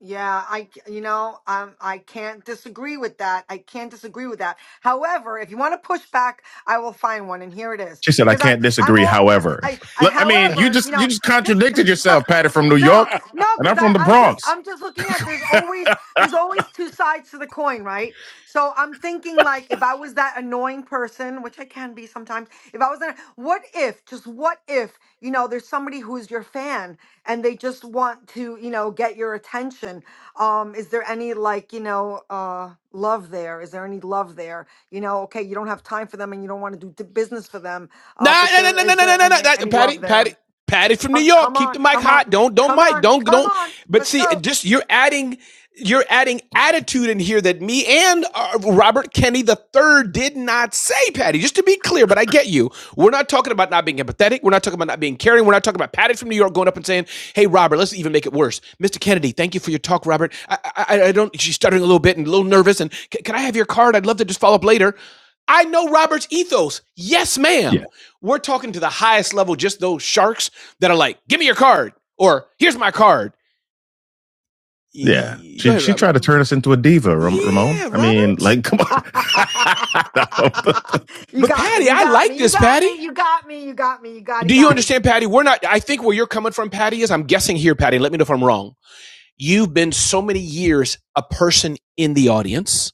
Speaker 17: Yeah, I c- you know, um I can't disagree with that. I can't disagree with that. However, if you want to push back, I will find one and here it is.
Speaker 13: She said, I
Speaker 17: Because I
Speaker 13: can't
Speaker 17: I'm
Speaker 13: disagree.
Speaker 17: all I,
Speaker 13: However,
Speaker 17: I I-
Speaker 13: I mean, you
Speaker 17: however, you
Speaker 13: just, you
Speaker 17: know,
Speaker 13: just
Speaker 17: just
Speaker 13: contradicted yourself, Patty from New
Speaker 17: No,
Speaker 13: York
Speaker 17: no,
Speaker 13: and
Speaker 17: cuz
Speaker 13: I'm from
Speaker 17: I
Speaker 13: the
Speaker 17: I'm just
Speaker 13: Bronx.
Speaker 17: I'm just looking at there's always there's always two sides to the coin, right? So I'm thinking like if I was that annoying person, which I can be sometimes, if I was that what if just what if, you know, there's somebody who's your fan and they just want to you know get your attention um is there any like you know uh love there is there any love there you know okay you don't have time for them and you don't want to do t- business for them
Speaker 13: Nah,
Speaker 17: uh but
Speaker 13: nah, nah,
Speaker 17: there
Speaker 13: nah, nah,
Speaker 17: is
Speaker 13: nah, nah,
Speaker 17: there
Speaker 13: nah, nah.
Speaker 17: any,
Speaker 13: That,
Speaker 17: any love
Speaker 13: Patty,
Speaker 17: there
Speaker 13: Patty, Patty from New
Speaker 17: come,
Speaker 13: York.
Speaker 17: come
Speaker 13: Keep
Speaker 17: on
Speaker 13: the mic
Speaker 17: come on
Speaker 13: hot. Don't, don't
Speaker 17: come
Speaker 13: mic.
Speaker 17: on
Speaker 13: Don't,
Speaker 17: come
Speaker 13: don't.
Speaker 17: on
Speaker 13: But
Speaker 17: let's
Speaker 13: see,
Speaker 17: go
Speaker 13: just you're adding, you're adding attitude in here that me and uh, Robert Kennedy the third did not say, Patty. Just to be clear, but I get you. We're not talking about not being empathetic. We're not talking about not being caring. We're not talking about Patty from New York going up and saying, "Hey, Robert, let's even make it worse." Mr. Kennedy, thank you for your talk, Robert. I, I, I don't. She's stuttering a little bit and a little nervous. And "C- can I have your card? I'd love to just follow up later. I know Robert's ethos. Yes, ma'am. We're talking to the highest level, just those sharks that are like, give me your card or here's my card. Yeah. She ahead, she tried to turn us into a diva, Ram- Ramon. Yeah, Ramon. I Robert. mean, like, come on.
Speaker 17: you
Speaker 13: But
Speaker 17: got me
Speaker 13: Patty,
Speaker 17: you
Speaker 13: I
Speaker 17: got
Speaker 13: like
Speaker 17: me you
Speaker 13: this,
Speaker 17: got
Speaker 13: Patty.
Speaker 17: me you got me you got me you got it
Speaker 13: Do you
Speaker 17: got
Speaker 13: understand, Patty? We're not, I think where you're coming from, Patty, is I'm guessing here, Patty, let me know if I'm wrong. You've been so many years a person in the audience.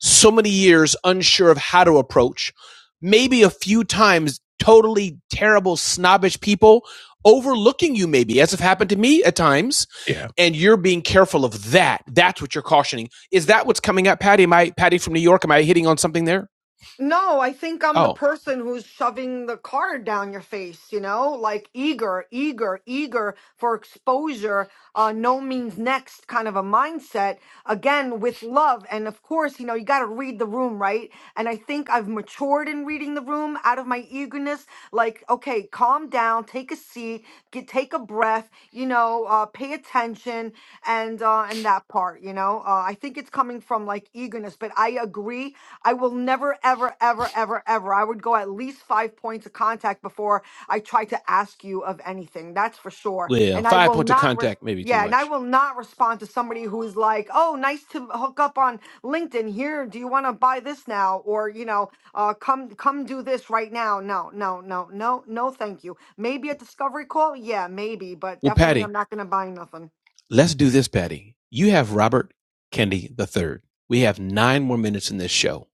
Speaker 13: so many years unsure of how to approach, maybe a few times totally terrible, snobbish people overlooking you, maybe, as have happened to me at times, Yeah. and you're being careful of that. That's what you're cautioning. Is that what's coming up, Patty? Am I Patty from New York? Am I hitting on something there?
Speaker 17: No, I think I'm the
Speaker 13: Oh,
Speaker 17: person who's shoving the card down your face, you know, like eager, eager, eager for exposure, uh, no means next kind of a mindset. Again, with love. And of course, you know, you got to read the room, right? And I think I've matured in reading the room out of my eagerness. Like, okay, calm down, take a seat, get, take a breath, you know, uh, pay attention and, uh, and that part, you know, uh, I think it's coming from like eagerness, but I agree I will never, ever, ever, ever, ever. I would go at least five points of contact before I try to ask you of anything. That's for sure.
Speaker 13: well,
Speaker 17: And I
Speaker 13: five
Speaker 17: will
Speaker 13: points of
Speaker 17: not, res-
Speaker 13: contact, maybe too
Speaker 17: yeah, and I
Speaker 13: much.
Speaker 17: will not respond to somebody who is like, oh, nice to hook up on LinkedIn. Here, do you want to buy this now? Or, you know, uh, come, come do this right now. No, no, no, no, no, thank you. Maybe a discovery call. Yeah, maybe, but
Speaker 13: Well,
Speaker 17: definitely I'm
Speaker 13: Patty,
Speaker 17: not going to buy nothing.
Speaker 13: let's do this, Patty. You have Robert Kennedy III. We have nine more minutes in this show.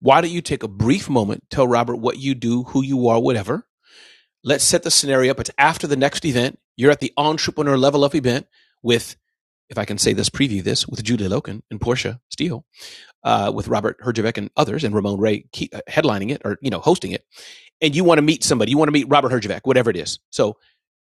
Speaker 13: Why don't you take a brief moment, tell Robert what you do, who you are, whatever, let's set the scenario up. It's after the next event. You're at the entrepreneur level up event with, if I can say this, preview this with Julie Loken and Portia Steele, uh, with Robert Herjavec and others, and Ramon Ray Ke- uh, headlining it or you know hosting it and you want to meet somebody, you want to meet Robert Herjavec, whatever it is. So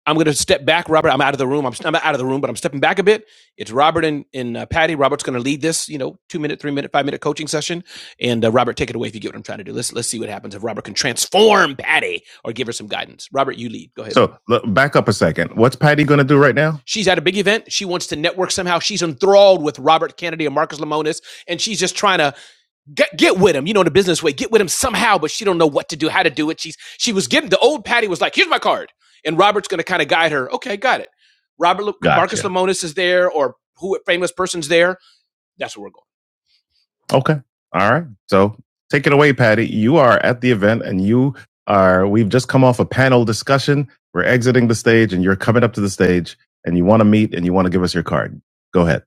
Speaker 13: I'm going to step back, Robert. I'm out of the room. I'm, I'm out of the room, but I'm stepping back a bit. It's Robert and, and uh, Patty. Robert's going to lead this, you know, two minute, three minute, five minute coaching session. And uh, Robert, take it away if you get what I'm trying to do. Let's let's see what happens if Robert can transform Patty or give her some guidance. Robert, you lead. Go ahead. So l- back up a second. What's Patty going to do right now? She's at a big event. She wants to network somehow. She's enthralled with Robert Kennedy and Marcus Lemonis, and she's just trying to get, get with him, you know, in the business way, get with him somehow, but she don't know what to do, how to do it. She's she was given the old Patty was like, here's my card. And Robert's gonna kind of guide her. Okay, got it. Robert Lu- Marcus Gotcha. Lemonis is there or who famous person's there. That's where we're going. Okay. All right. So take it away, Patty. You are at the event and you are, we've just come off a panel discussion. We're exiting the stage and you're coming up to the stage and you want to meet and you want to give us your card. Go ahead.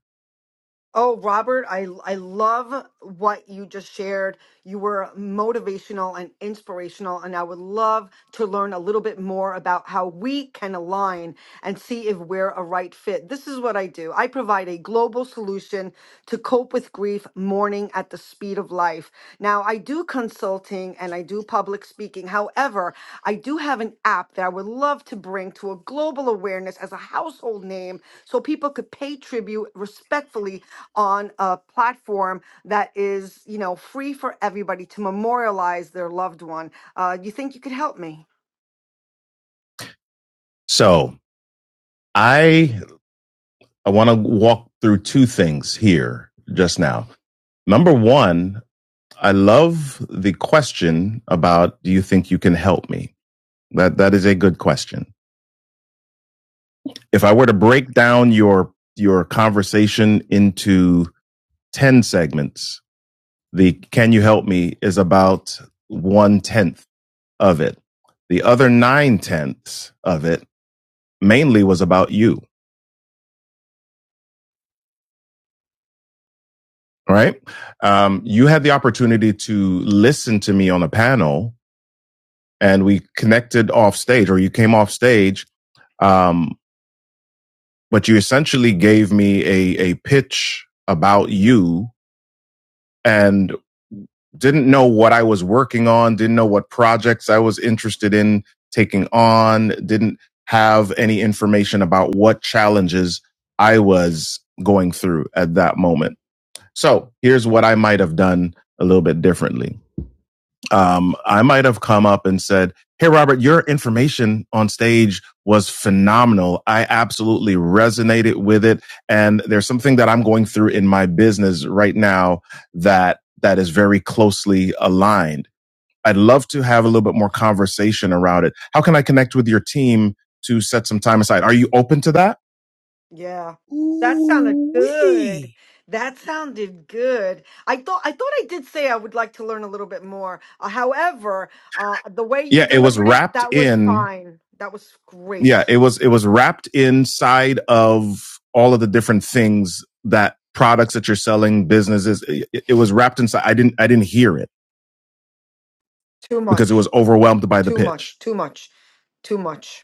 Speaker 17: Oh, Robert, I, I love what you just shared You were motivational and inspirational. And I would love to learn a little bit more about how we can align and see if we're a right fit. This is what I do I provide a global solution to cope with grief, mourning at the speed of life. Now, I do consulting and I do public speaking. However, I do have an app that I would love to bring to a global awareness as a household name so people could pay tribute respectfully on a platform that is, you know, free for everybody to memorialize their loved one. Uh, you think you could help me?
Speaker 13: So I, I want to walk through two things here just now. Number one, I love the question about do you think you can help me? That that is a good question. if I were to break down your your conversation into 10 segments, the can you help me is about one tenth of it. The other nine tenths of it mainly was about you, right? Um, you had the opportunity to listen to me on a panel and we connected off stage or you came off stage. Um, but you essentially gave me a, a pitch about you and. didn't know what I was working on, didn't know what projects I was interested in taking on, didn't have any information about what challenges I was going through at that moment. So here's what I might have done a little bit differently um, I might have come up and said, Hey, Robert, your information on stage was phenomenal. I absolutely resonated with it. And there's something that I'm going through in my business right now that, that is very closely aligned. I'd love to have a little bit more conversation around it. How can I connect with your team to set some time aside? Are you open to that?
Speaker 17: Yeah. That sounded
Speaker 13: Ooh
Speaker 17: good.
Speaker 13: wee.
Speaker 17: That sounded good. I thought I thought I did say I would like to learn a little bit more. Uh, however, uh, the way you
Speaker 13: Yeah, it was
Speaker 17: delivered it,
Speaker 13: wrapped
Speaker 17: that was
Speaker 13: in
Speaker 17: fine. That was
Speaker 13: yeah
Speaker 17: great.
Speaker 13: it was it was wrapped inside of all of the different things that products that you're selling businesses it, it was wrapped inside i didn't i didn't hear it
Speaker 17: Too
Speaker 13: because it was
Speaker 17: much.
Speaker 13: overwhelmed by the
Speaker 17: Too
Speaker 13: pitch
Speaker 17: much. Too much. Too much.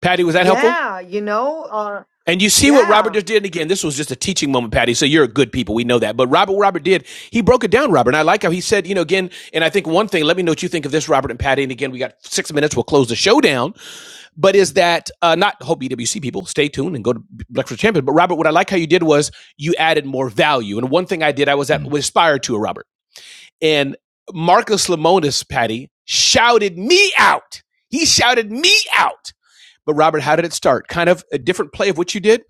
Speaker 13: Patty, was that helpful?
Speaker 17: Yeah, you know, uh,
Speaker 13: And you see what
Speaker 17: yeah.
Speaker 13: Robert just did again. This was just a teaching moment, Patty. So you're a good people. We know that. But Robert, what Robert did, he broke it down, Robert. And I like how he said, you know, again, and I think one thing, let me know what you think of this, Robert and Patty. And again, we got six minutes. We'll close the show down. but is that uh, not hope BWC people stay tuned and go to Breakfast Champion. But Robert, what I like how you did was you added more value. And one thing I did, I was at mm-hmm. was inspired to a Robert and Marcus Lemonis, Patty shouted me out. He shouted me out. But Robert, how did it start? Kind of a different play of what you did.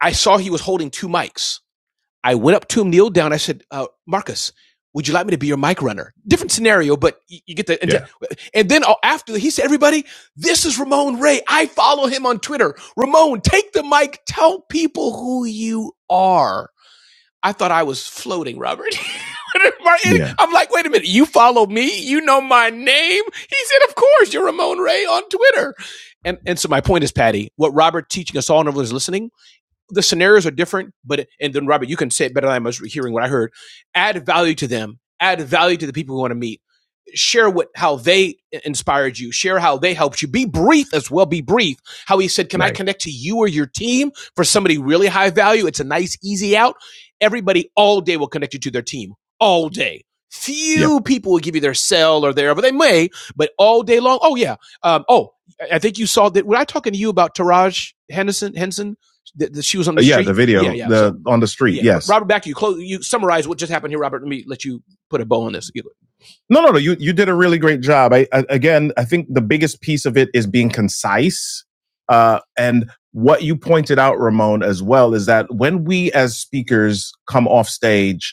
Speaker 13: I saw he was holding two mics I went up to him, kneeled down. I said, uh, Marcus, would you like me to be your mic runner? Different scenario, but you, you get the, and, Yeah. and then uh, after he said, everybody, this is Ramon Ray. I follow him on Twitter. Ramon, take the mic. Tell people who you are. I thought I was floating, Robert. Martin, Yeah. I'm like, wait a minute. You follow me. You know my name. He said, of course, you're Ramon Ray on Twitter. And, and so my point is, Patty, what Robert teaching us all and everyone listening the scenarios are different, but and then Robert, you can say it better than I'm hearing what I heard. Add value to them. Add value to the people we want to meet share what how they inspired you share how they helped you be brief as well be brief how he said can right. i Right. connect to you or your team for somebody really high value it's a nice easy out everybody all day will connect you to their team all day Yep. few yep. people will give you their cell or their but they may but all day long oh yeah um, oh i think you saw that when i talking to you about taraj henderson henson that, that she was on the uh, Yeah. The street yeah the video, yeah so the so, on the street. yeah, Yes. Robert, back to you. Close. You summarize what just happened here, Robert. Let me let you put a bow on this. No, no, no. You you did a really great job. I, I again, I think the biggest piece of it is being concise. Uh, and what you pointed out, Ramon, as well, is that when we as speakers come off stage,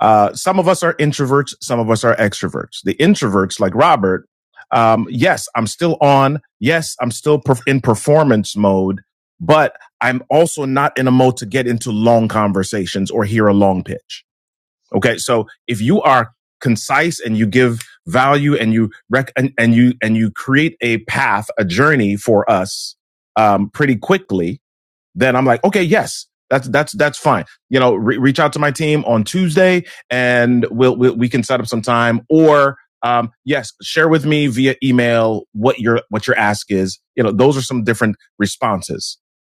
Speaker 13: uh, some of us are introverts, some of us are extroverts. The introverts, like Robert, um, yes, I'm still on. Yes, I'm still perf- in performance mode, but I'm also not in a mode to get into long conversations or hear a long pitch Okay. So if you are concise and you give value and you rec- and, and you and you create a path, a journey for us um, pretty quickly, then I'm like, okay, yes, that's that's that's fine. You know, re- reach out to my team on Tuesday, and we'll, we'll we can set up some time. Or um, yes, share with me via email what your what your ask is. You know, those are some different responses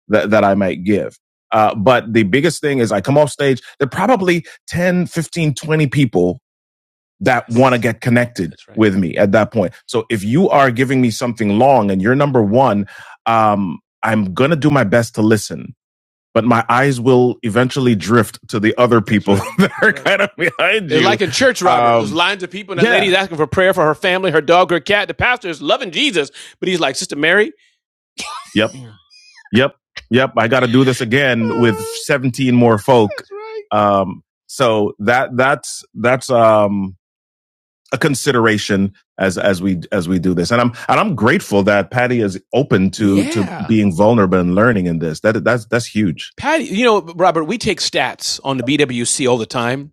Speaker 13: that that I might give. Uh, but the biggest thing is I come off stage, there are probably 10, 15, 20 people that want to get connected right. with me at that point. So if you are giving me something long and you're number one, um, I'm going to do my best to listen but my eyes will eventually drift to the other people that are kind of behind you. It's like in church, Robert, Um, there's lines of people, and that yeah. lady's asking for prayer for her family, her dog, her cat. The pastor is loving Jesus, but he's like, Sister Mary, Yep, yep, yep. I got to do this again with 17 more folk. That's right. Um, so that that's that's um, a consideration as as we as we do this. And I'm and I'm grateful that Patty is open to yeah. to Yeah. being vulnerable and learning in this. That that's that's huge. Patty, you know, Robert, we take stats on the BWC all the time.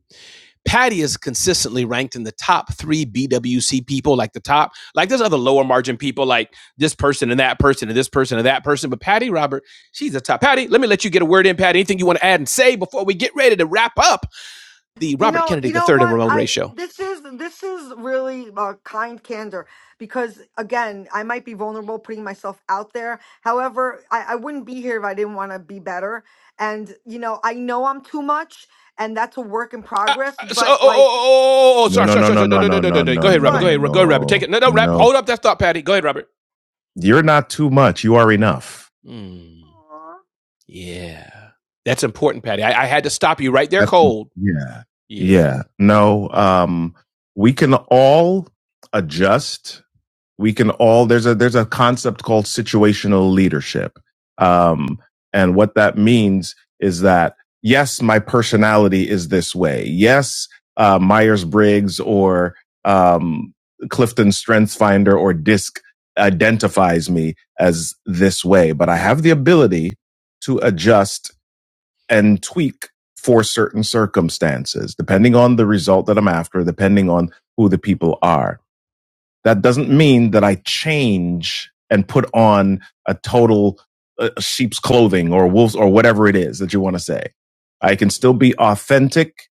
Speaker 13: Patty is consistently ranked in the top three BWC people, like the top, like there's other lower margin people, like this person and that person and this person and that person. But Patty, Robert, she's the top. Patty, let me let you get a word in, Patty. Anything you want to add and say before we get ready to wrap up? the
Speaker 17: You
Speaker 13: Robert
Speaker 17: know,
Speaker 13: Kennedy
Speaker 17: you
Speaker 13: the
Speaker 17: know
Speaker 13: third and
Speaker 17: what?
Speaker 13: Ramon
Speaker 17: I
Speaker 13: ratio. show.
Speaker 17: this is this is really uh, kind candor because again, I might be vulnerable putting myself out there. However, I, I wouldn't be here if I didn't want to be better. And you know, I know I'm too much, and that's a work in
Speaker 13: Uh,
Speaker 17: progress.
Speaker 13: uh, So, oh,
Speaker 17: But
Speaker 13: oh, oh,
Speaker 17: like,
Speaker 13: oh, oh, No, sorry, no, sorry, no, sorry, no, sorry, no, no, no,
Speaker 17: what?
Speaker 13: no, no, no, no, no. Go ahead, Robert. No, Go
Speaker 17: What?
Speaker 13: ahead, Ro- go ahead, Robert. Take it. No, no, Robert. no. Hold up that thought, Patty. Go ahead, Robert. You're not too much. You are enough. Mm,
Speaker 17: Aw. I-
Speaker 13: yeah, that's important, Patty. I, I had to stop you right there, That's cold. yeah. Yeah. Yeah. No, um, we can all adjust we can all there's a there's a concept called situational leadership um and what that means is that yes my personality is this way yes uh myers-briggs or um clifton strengths finder or disc identifies me as this way but i have the ability to adjust and tweak for certain circumstances depending on the result that i'm after depending on who the people are that doesn't mean that I change and put on a total uh, sheep's clothing or wolves or whatever it is that you want to say. I can still be authentic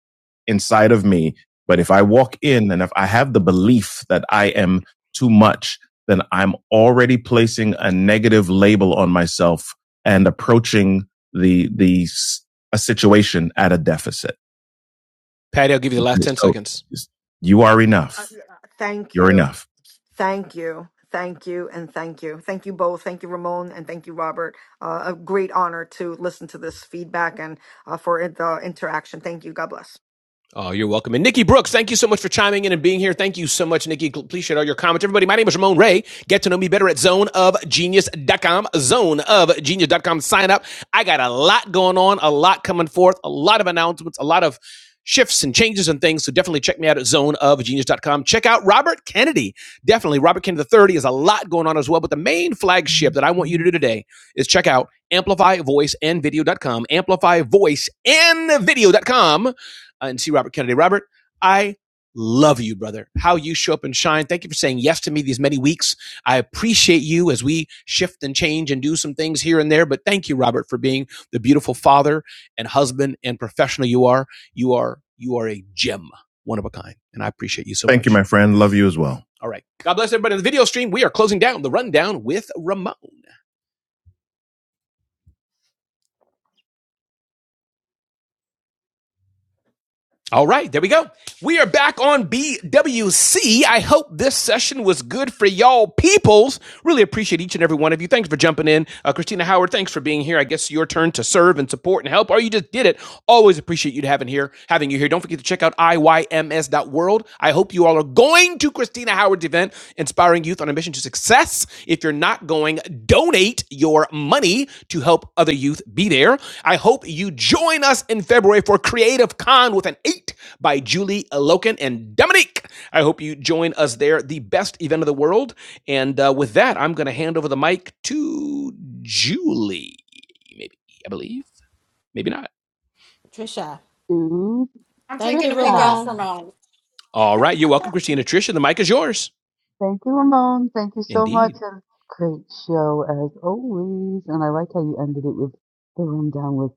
Speaker 13: inside of me, but if I walk in and if I have the belief that I am too much, then I'm already placing a negative label on myself and approaching the the a situation at a deficit. Patty, I'll give you the last 10 So seconds. you are
Speaker 17: uh,
Speaker 13: enough.
Speaker 17: thank
Speaker 13: You're
Speaker 17: you,
Speaker 13: enough.
Speaker 17: thank you, thank you, and thank you, thank you both. Thank you, Ramon, and thank you, Robert. Uh, a great honor to listen to this feedback and uh, for the interaction. Thank you. God bless.
Speaker 13: Oh, you're welcome. And Nikki Brooks, thank you so much for chiming in and being here. Thank you so much, Nikki. Please share all your comments. Everybody, my name is Ramon Ray. Get to know me better at zoneofgenius.com, zoneofgenius.com. Sign up. I got a lot going on, a lot coming forth, a lot of announcements, a lot of shifts and changes and things. So definitely check me out at zoneofgenius.com. Check out Robert Kennedy. Definitely. Robert Kennedy the III is a lot going on as well. But the main flagship that I want you to do today is check out amplifyvoiceandvideo.com, amplifyvoiceandvideo.com uh, and see Robert Kennedy. Robert, I love you, brother. How you show up and shine. Thank you for saying yes to me these many weeks. I appreciate you as we shift and change and do some things here and there. But thank you, Robert, for being the beautiful father and husband and professional you are. You are you are a gem, one of a kind, and I appreciate you so much. Thank you, my friend. Love you as well. All right. God bless everybody in the video stream. We are closing down the rundown with Ramon. All right, there we go. We are back on BWC. I hope this session was good for y'all peoples. Really appreciate each and every one of you. Thanks for jumping in. Uh, Christina Howard, thanks for being here. I guess your turn to serve and support and help, or you just did it. Always appreciate you having here, having you here. Don't forget to check out iyms dot world. I hope you all are going to Christina Howard's event, Inspiring Youth on a Mission to Success. If you're not going, donate your money to help other youth be there. I hope you join us in February for Creative Con with an eight by Julie Loken and Dominique. I hope you join us there. The best event of the world and uh, with that, I'm going to hand over the mic to Julie. Maybe, I believe. Maybe not.
Speaker 11: Trisha.
Speaker 3: To
Speaker 20: I'm
Speaker 11: Thank
Speaker 20: taking a
Speaker 11: you,
Speaker 20: week off
Speaker 3: Trista.
Speaker 11: Ramon.
Speaker 20: from um,
Speaker 13: All right. You're welcome, Christina. Tricia, the mic is yours.
Speaker 3: Thank you, Ramon. Thank you so much.
Speaker 13: Indeed.
Speaker 3: And great show as always. And I like how you ended it with the rundown with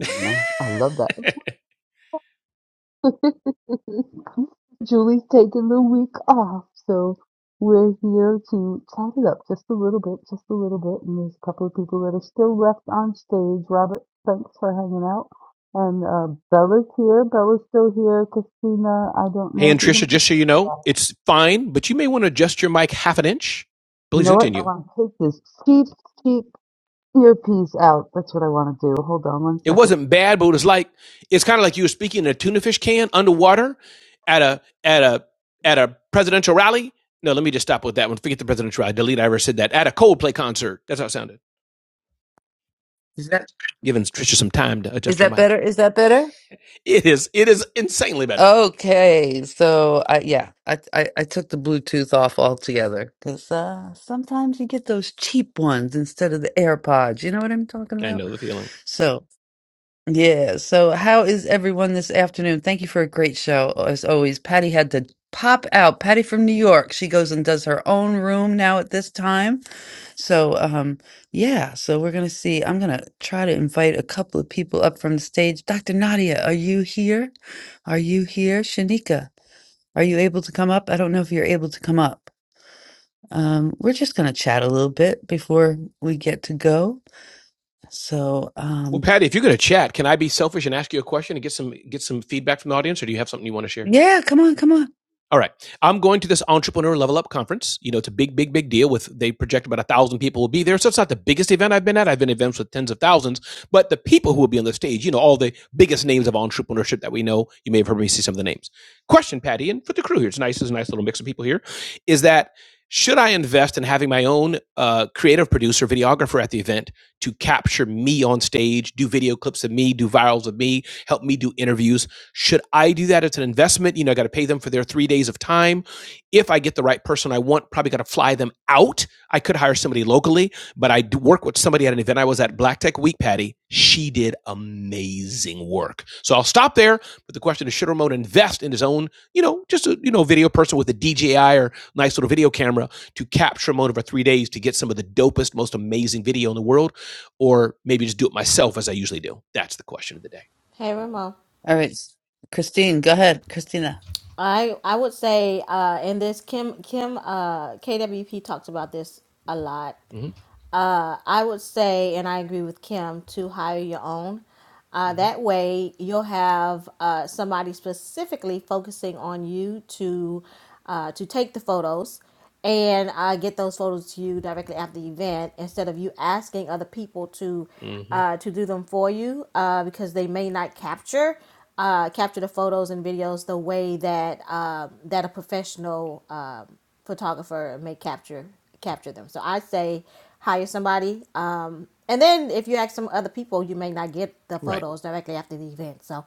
Speaker 3: I love that. Julie's taking the week off, so we're here to chat it up just a little bit, just a little bit. And there's a couple of people that are still left on stage. Robert, thanks for hanging out. And uh, Bella's here. Bella's still here. Christina, I don't
Speaker 13: Hey,
Speaker 3: know
Speaker 13: and
Speaker 3: if you're going
Speaker 13: Trisha,
Speaker 3: to be
Speaker 13: just so you
Speaker 3: here for
Speaker 13: know,
Speaker 3: that.
Speaker 13: it's fine, but you may want to adjust your mic half an inch.
Speaker 3: You
Speaker 13: Please
Speaker 3: know what? I
Speaker 13: continue.
Speaker 3: want to take this cheap, cheap Earpiece out. That's what I want to do. Hold on one
Speaker 13: It
Speaker 3: second.
Speaker 13: wasn't bad, but it was like it's kind of like you were speaking in a tuna fish can underwater at a at a at a presidential rally. No, let me just stop with that one. Forget the presidential rally. Delete. I ever said that at a Coldplay concert. That's how it sounded.
Speaker 3: Is that
Speaker 13: Giving Trisha some time to
Speaker 3: is
Speaker 13: adjust her
Speaker 3: that
Speaker 13: mic.
Speaker 3: better? Is that better?
Speaker 13: It is it is insanely better.
Speaker 3: Okay. So I yeah, I I, I took the Bluetooth off altogether because uh, sometimes you get those cheap ones instead of the AirPods. You know what I'm talking
Speaker 13: I
Speaker 3: about?
Speaker 13: know the feeling.
Speaker 3: So. Yeah. So, how is everyone this afternoon? Thank you for a great show, as always. Patty had to pop out. Patty from New York. She goes and does her own room now at this time. So, um, yeah. So we're gonna see. I'm gonna try to invite a couple of people up from the stage. Dr. Nadia, are you here? Are you here, Shanika? Are you able to come up? I don't know if you're able to come up. Um, we're just gonna chat a little bit before we get to go. So,
Speaker 13: Well,
Speaker 3: um,
Speaker 13: Patty, if you're going to chat, can I be selfish and ask you a question and get some get some feedback from the audience, or do you have something you want to share?
Speaker 3: yeah, come on, come on.
Speaker 13: All right. I'm going to this entrepreneur level up conference. You know, it's a big, big, big deal with they project about a thousand people will be there. So it's not the biggest event I've been at. I've been at events with tens of thousands, but the people who will be on the stage, you know, all the biggest names of entrepreneurship that we know. You may have heard me see some of the names. Question, Patty, and for the crew here, it's nice, it's a nice little mix of people here, is that should I invest in having my own uh, creative producer, videographer at the event to capture me on stage, do video clips of me, do virals of me, help me do interviews? Should I do that? It's an investment. You know, I got to pay them for their three days of time. If I get the right person I want, probably got to fly them out. I could hire somebody locally, but I work with somebody at an event I was at Black Tech Week, Patty. She did amazing work. So I'll stop there. But the question is, should Ramon invest in his own, you know, just a you know video person with a DJI or nice little video camera to capture Ramon over three days to get some of the dopest, most amazing video in the world, or maybe just do it myself as I usually do? That's the question of the day
Speaker 11: Hey Ramon.
Speaker 3: All right, s- Christine, go ahead. Christina,
Speaker 11: I I would say uh in this Kim Kim uh KWP talks about this a lot
Speaker 13: hmm
Speaker 11: uh, I would say, and I agree with Kim, to hire your own. Uh,
Speaker 13: hmm
Speaker 11: that way, you'll have uh, somebody specifically focusing on you to uh, to take the photos and uh, get those photos to you directly after the event, instead of you asking other people to
Speaker 13: hmm
Speaker 11: uh, to do them for you uh, because they may not capture uh, capture the photos and videos the way that uh, that a professional um photographer may capture capture them. So I say hire somebody. Um, and then if you ask some other people, you may not get the
Speaker 13: Right.
Speaker 11: photos directly after the event. So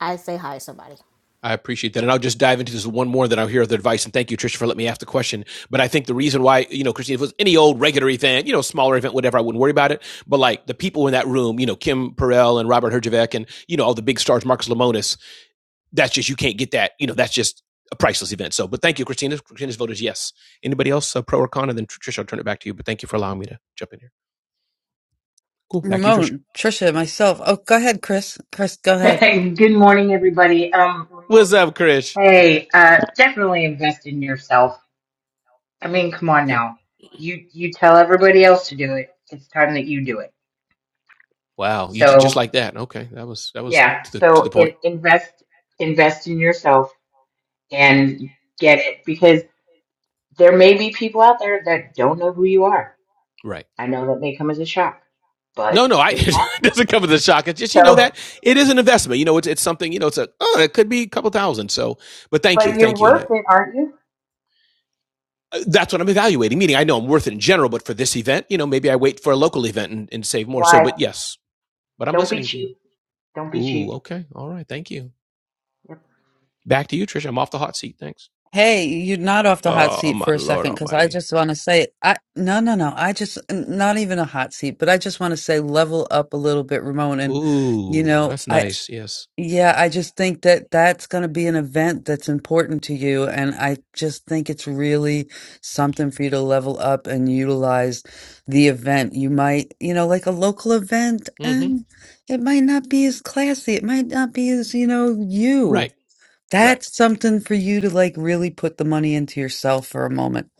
Speaker 11: I say hire somebody.
Speaker 13: I appreciate that. And I'll just dive into this one more, then I'll hear the advice. And thank you, Tricia, for letting me ask the question. But I think the reason why, you know, Christine, if it was any old regular event, you know, smaller event, whatever, I wouldn't worry about it. But like the people in that room, you know, Kim Perrell and Robert Herjavec and, you know, all the big stars, Marcus Lemonis, that's just you can't get that. You know, that's just a priceless event. So, but thank you, Christina. Christina's vote is yes. Anybody else uh, pro or con? And then Tricia I'll turn it back to you. But thank you for allowing me to jump in here. Cool. Back to you, Tricia
Speaker 3: Ramon, Trisha, myself. Oh, go ahead, Chris. Chris, go ahead.
Speaker 22: Hey, Good morning, everybody. Um,
Speaker 13: What's
Speaker 22: Ramon,
Speaker 13: up, Chris?
Speaker 22: hey, uh, definitely invest in yourself. I mean, come on
Speaker 13: Okay.
Speaker 22: now. You you tell everybody else to do it. It's time that you do it.
Speaker 13: Wow. You did just
Speaker 22: So
Speaker 13: like that. Okay. That was that was
Speaker 22: yeah,
Speaker 13: to the
Speaker 22: so in, invest invest in yourself and get it because there may be people out there that don't know who you are.
Speaker 13: right.
Speaker 22: I know that may come as a shock,
Speaker 13: No,
Speaker 22: but
Speaker 13: no, I
Speaker 22: it's
Speaker 13: it
Speaker 22: possible.
Speaker 13: doesn't come as a shock. It's just you know
Speaker 22: So,
Speaker 13: that it is an investment. You know, it's it's something. You know, it's a oh, it could be a couple thousand. So, but thank
Speaker 22: but
Speaker 13: you,
Speaker 22: you're
Speaker 13: thank you, and I.
Speaker 22: worth it, aren't you?
Speaker 13: uh, That's what I'm evaluating. Meaning, I know I'm worth it in general, but for this event, you know, maybe I wait for a local event and, and save more. So,
Speaker 22: Why?
Speaker 13: but yes, but I'm
Speaker 22: Don't be
Speaker 13: listening to you.
Speaker 22: cheap. Don't be
Speaker 13: Ooh,
Speaker 22: cheap.
Speaker 13: okay. All right. Thank you. Back to you, Trisha. I'm off the hot seat. Thanks.
Speaker 3: Hey, you're not off the hot
Speaker 13: Oh,
Speaker 3: seat
Speaker 13: my
Speaker 3: for a
Speaker 13: Lord
Speaker 3: second because I
Speaker 13: Almighty.
Speaker 3: just want to say, I no, no, no. I just n- not even a hot seat, but I just want to say, level up a little bit, Ramon. And you know, I Yeah, I just think that that's going to be an event that's important to you. And I just think it's really something for you to level up and utilize the event. You might, you know, like a local event, and it might not be as classy. It might not be as, you know, you.
Speaker 13: Right.
Speaker 3: That's something for you to like really put the money into yourself for a moment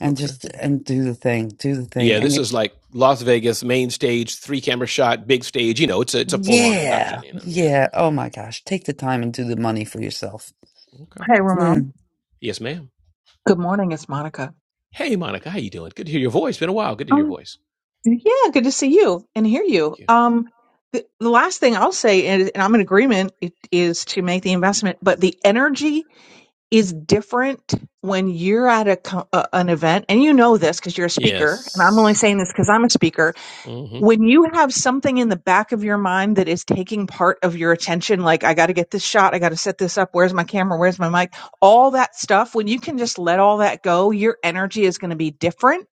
Speaker 3: and
Speaker 13: Okay.
Speaker 3: just and do the thing, do the thing.
Speaker 13: Yeah,
Speaker 3: And
Speaker 13: this
Speaker 3: it,
Speaker 13: is like Las Vegas main stage, three camera shot, big stage. You know, it's a it's a full on production.
Speaker 3: yeah,
Speaker 13: You know. Yeah.
Speaker 3: yeah. Oh my gosh, take the time and do the money for yourself.
Speaker 13: Okay.
Speaker 23: Hey,
Speaker 3: Mm.
Speaker 23: Ramon.
Speaker 13: Yes, ma'am.
Speaker 23: Good morning, it's Monica.
Speaker 13: Hey, Monica. How you doing? Good to hear your voice. Been a while. Good to hear your
Speaker 23: Um,
Speaker 13: voice.
Speaker 23: yeah, good to see you and hear you. Um, the, the last thing I'll say, and, and I'm in agreement, it, is to make the investment, but the energy is different when you're at a, co- a an event, and you know this because you're a speaker, and I'm only saying this because I'm a speaker when you have something in the back of your mind that is taking part of your attention, like, I got to get this shot, I got to set this up, where's my camera, where's my mic, all that stuff, when you can just let all that go, your energy is going to be different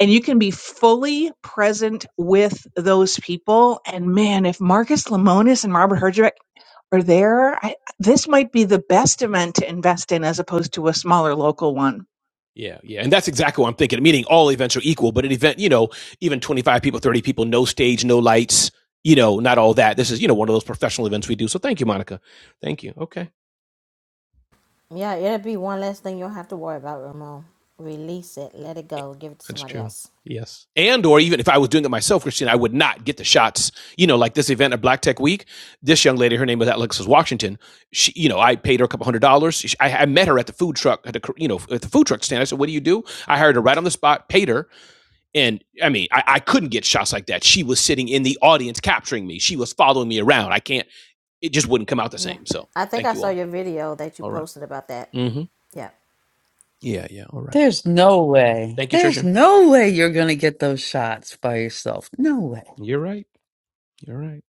Speaker 23: and you can be fully present with those people. And man, if Marcus Lemonis and Robert Herjavec are there, I, this might be the best event to invest in as opposed to a smaller local one.
Speaker 13: Yeah, yeah. And that's exactly what I'm thinking, meaning all events are equal, but an event, you know, even 25 people, 30 people, no stage, no lights, you know, not all that. This is, you know, one of those professional events we do. So thank you, Monica. Thank you. Okay.
Speaker 11: Yeah, it'll be one less thing you'll have to worry about, Ramon. Release it, let it go, give it to
Speaker 13: That's
Speaker 11: somebody
Speaker 13: true.
Speaker 11: else.
Speaker 13: Yes. And or even if I was doing it myself, Christine, I would not get the shots. You know, like this event at Black Tech Week, this young lady, her name was Alexis Washington. She, you know, I paid her a couple hundred dollars. She- I, I met her at the food truck, at the, you know, at the food truck stand. I said, what do you do? I hired her right on the spot, paid her. And I mean, I, I couldn't get shots like that. She was sitting in the audience capturing me. She was following me around. I can't, it just wouldn't come out the
Speaker 11: Yeah.
Speaker 13: same. So
Speaker 11: I think
Speaker 13: thank
Speaker 11: I
Speaker 13: you
Speaker 11: saw
Speaker 13: all.
Speaker 11: your video that you
Speaker 13: All right.
Speaker 11: posted about that.
Speaker 13: Mm-hmm.
Speaker 11: Yeah.
Speaker 13: Yeah, yeah. All right.
Speaker 3: There's no way.
Speaker 13: Thank you,
Speaker 3: There's
Speaker 13: Trisha.
Speaker 3: no way you're going to get those shots by yourself. No way.
Speaker 13: You're right. You're right.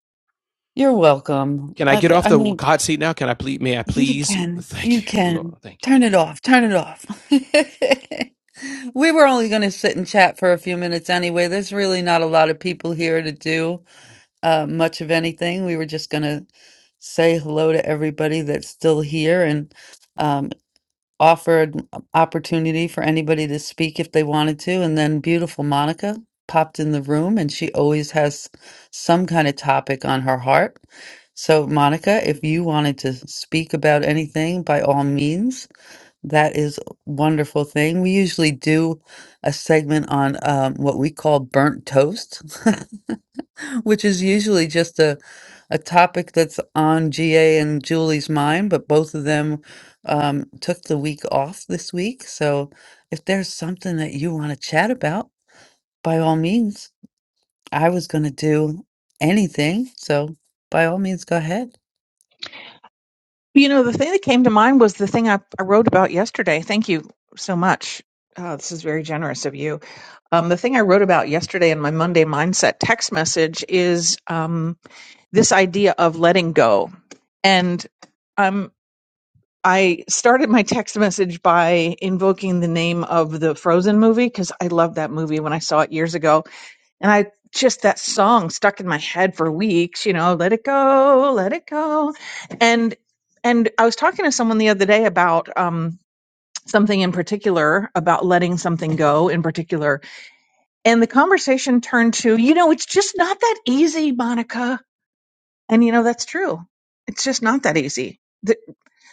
Speaker 3: You're welcome.
Speaker 13: Can I
Speaker 3: I,
Speaker 13: get
Speaker 3: th-
Speaker 13: off
Speaker 3: I
Speaker 13: the
Speaker 3: mean,
Speaker 13: hot seat now? Can I please? May I
Speaker 3: you
Speaker 13: please?
Speaker 3: can. You
Speaker 13: Thank you, Lord.
Speaker 3: can.
Speaker 13: Thank you.
Speaker 3: Turn it off. Turn it off. we were only going to sit and chat for a few minutes anyway. There's really not a lot of people here to do uh, much of anything. We were just going to say hello to everybody that's still here and. um, offered an opportunity for anybody to speak if they wanted to. And then beautiful Monica popped in the room, and she always has some kind of topic on her heart. So, Monica, if you wanted to speak about anything, by all means, that is a wonderful thing. We usually do a segment on um, what we call burnt toast. which is usually just a a topic that's on GA and Julie's mind, but both of them um, took the week off this week. So if there's something that you want to chat about, by all means, I was going to do anything. So by all means, go ahead.
Speaker 23: You know, the thing that came to mind was the thing I, I wrote about yesterday. Thank you so much. Uh, this is very generous of you. Um, the thing I wrote about yesterday in my Monday Mindset text message is um, this idea of letting go. And um, I started my text message by invoking the name of the Frozen movie because I love that movie when I saw it years ago and I just that song stuck in my head for weeks, you know, let it go, let it go. And and I was talking to someone the other day about um something in particular about letting something go in particular. And the conversation turned to, you know, it's just not that easy, Monica. And you know, that's true. It's just not that easy. The,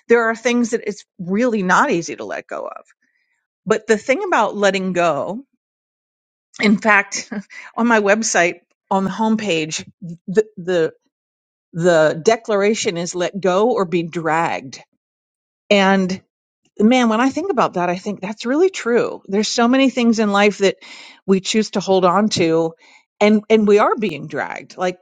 Speaker 23: there are things that it's really not easy to let go of. But the thing about letting go In fact, on my website, on the homepage, the, the the declaration is let go or be dragged. And man, when I think about that, I think that's really true. There's so many things in life that we choose to hold on to and and we are being dragged like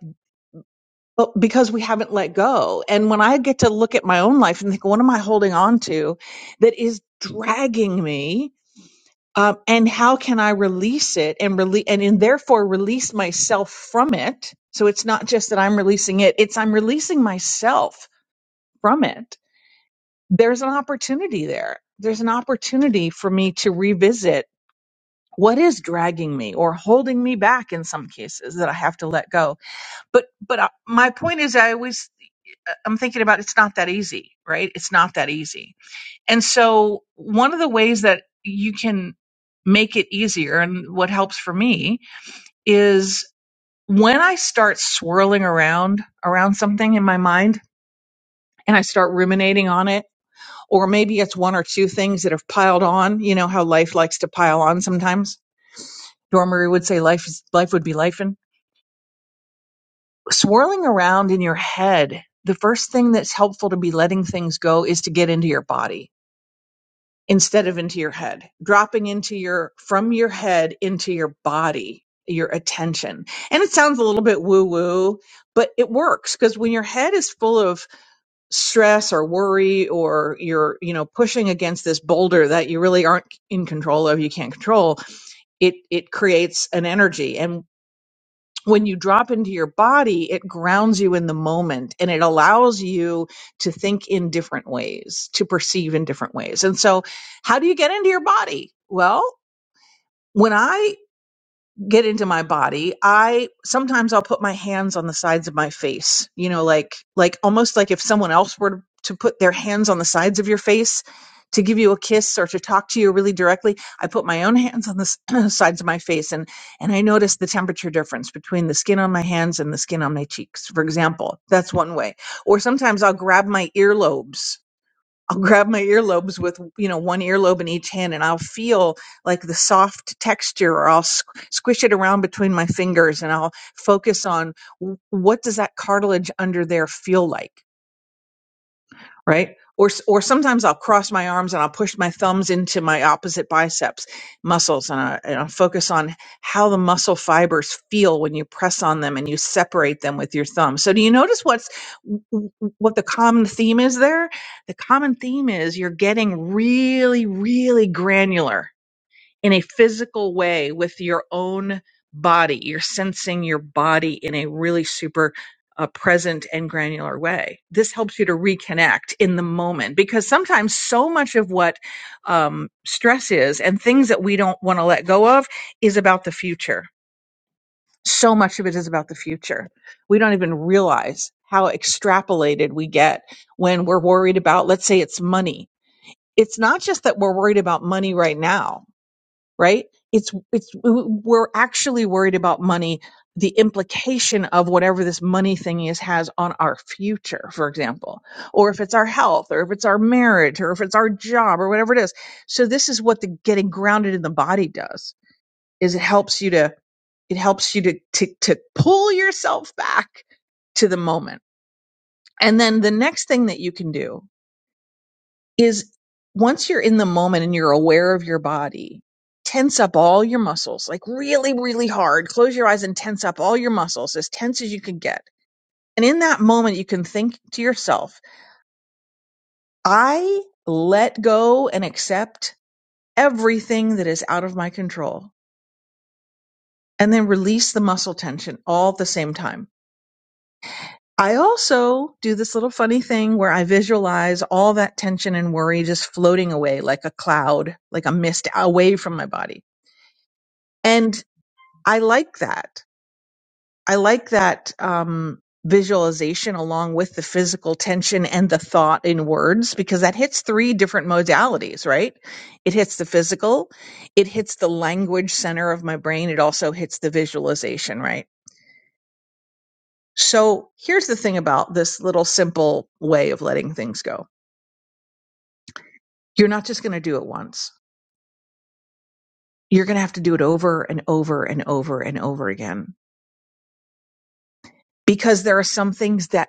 Speaker 23: but because we haven't let go. And when I get to look at my own life and think what am I holding on to that is dragging me? um, and how can I release it and release and, and therefore release myself from it? So it's not just that I'm releasing it; it's I'm releasing myself from it. There's an opportunity there. There's an opportunity for me to revisit what is dragging me or holding me back in some cases that I have to let go. But but uh, my point is, I always uh, I'm thinking about it's not that easy, right? It's not that easy and so, one of the ways that you can make it easier, and what helps for me, is when I start swirling around around something in my mind and I start ruminating on it, or maybe it's one or two things that have piled on. You know how life likes to pile on sometimes. Dormery would say life is life would be life and swirling around in your head. The first thing that's helpful to be letting things go is to get into your body instead of into your head, dropping into your, from your head into your body, your attention. And it sounds a little bit woo woo, but it works because when your head is full of stress or worry or you're, you know, pushing against this boulder that you really aren't in control of, you can't control, it, it creates an energy. and when you drop into your body, it grounds you in the moment and it allows you to think in different ways, to perceive in different ways. And so, how do you get into your body? Well, when I get into my body i sometimes i'll put my hands on the sides of my face you know like like almost like if someone else were to put their hands on the sides of your face to give you a kiss or to talk to you really directly i put my own hands on the s- sides of my face and and i notice the temperature difference between the skin on my hands and the skin on my cheeks for example that's one way or sometimes i'll grab my earlobes I'll grab my earlobes with, you know, one earlobe in each hand and I'll feel like the soft texture or I'll squ- squish it around between my fingers and I'll focus on w- what does that cartilage under there feel like? right? Or s- or sometimes I'll cross my arms and I'll push my thumbs into my opposite biceps muscles and I, and I'll focus on how the muscle fibers feel when you press on them and you separate them with your thumb. So do you notice what's w- w- what the common theme is there? The common theme is you're getting really really granular in a physical way with your own body. You're sensing your body in a really super uh, present and granular way. This helps you to reconnect in the moment because sometimes so much of what um, stress is and things that we don't want to let go of is about the future. So much of it is about the future. We don't even realize how extrapolated we get when we're worried about, let's say it's money. It's not just that we're worried about money right now right? It's, it's, we're actually worried about money, the implication of whatever this money thing is has on our future, for example, or if it's our health, or if it's our marriage, or if it's our job, or whatever it is. So this is what the getting grounded in the body does, is it helps you to, it helps you to, to, to pull yourself back to the moment. And then the next thing that you can do is once you're in the moment and you're aware of your body, tense up all your muscles, like really, really hard. Close your eyes and tense up all your muscles as tense as you can get. And in that moment, you can think to yourself, I let go and accept everything that is out of my control. And then release the muscle tension all at the same time. I also do this little funny thing where I visualize all that tension and worry just floating away like a cloud, like a mist away from my body. And I like that. I like that um, visualization along with the physical tension and the thought in words because that hits three different modalities, right? It hits the physical, it hits the language center of my brain, it also hits the visualization, right? So here's the thing about this little simple way of letting things go you're not just going to do it once. You're going to have to do it over and over and over and over again because there are some things that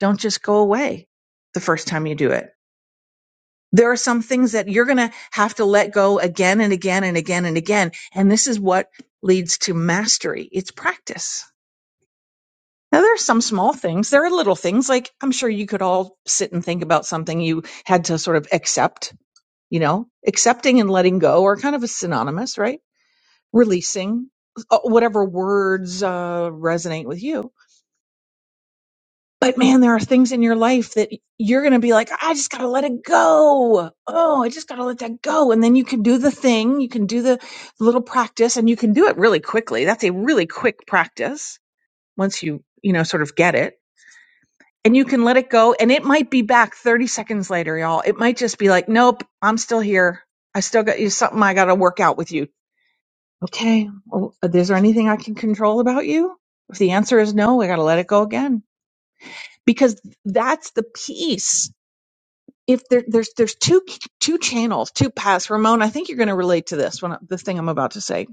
Speaker 23: don't just go away the first time you do it. There are some things that you're going to have to let go again and again and again and again. And this is what leads to mastery. It's practice. Now there are some small things. There are little things like I'm sure you could all sit and think about something you had to sort of accept, you know, accepting and letting go are kind of a synonymous, right? Releasing uh, whatever words uh, resonate with you But man, there are things in your life that you're going to be like, I just got to let it go. Oh, I just got to let that go. And then you can do the thing, you can do the little practice and you can do it really quickly. That's a really quick practice once you, you know, sort of get it. And you can let it go. And it might be back 30 seconds later, y'all. It might just be like, nope, I'm still here. I still got you something I got to work out with you. Okay. Well, uh, is there anything I can control about you? If the answer is no, I got to let it go again because that's the piece if there, there's there's two two channels, two paths. Ramon, I think you're going to relate to this when the thing I'm about to say.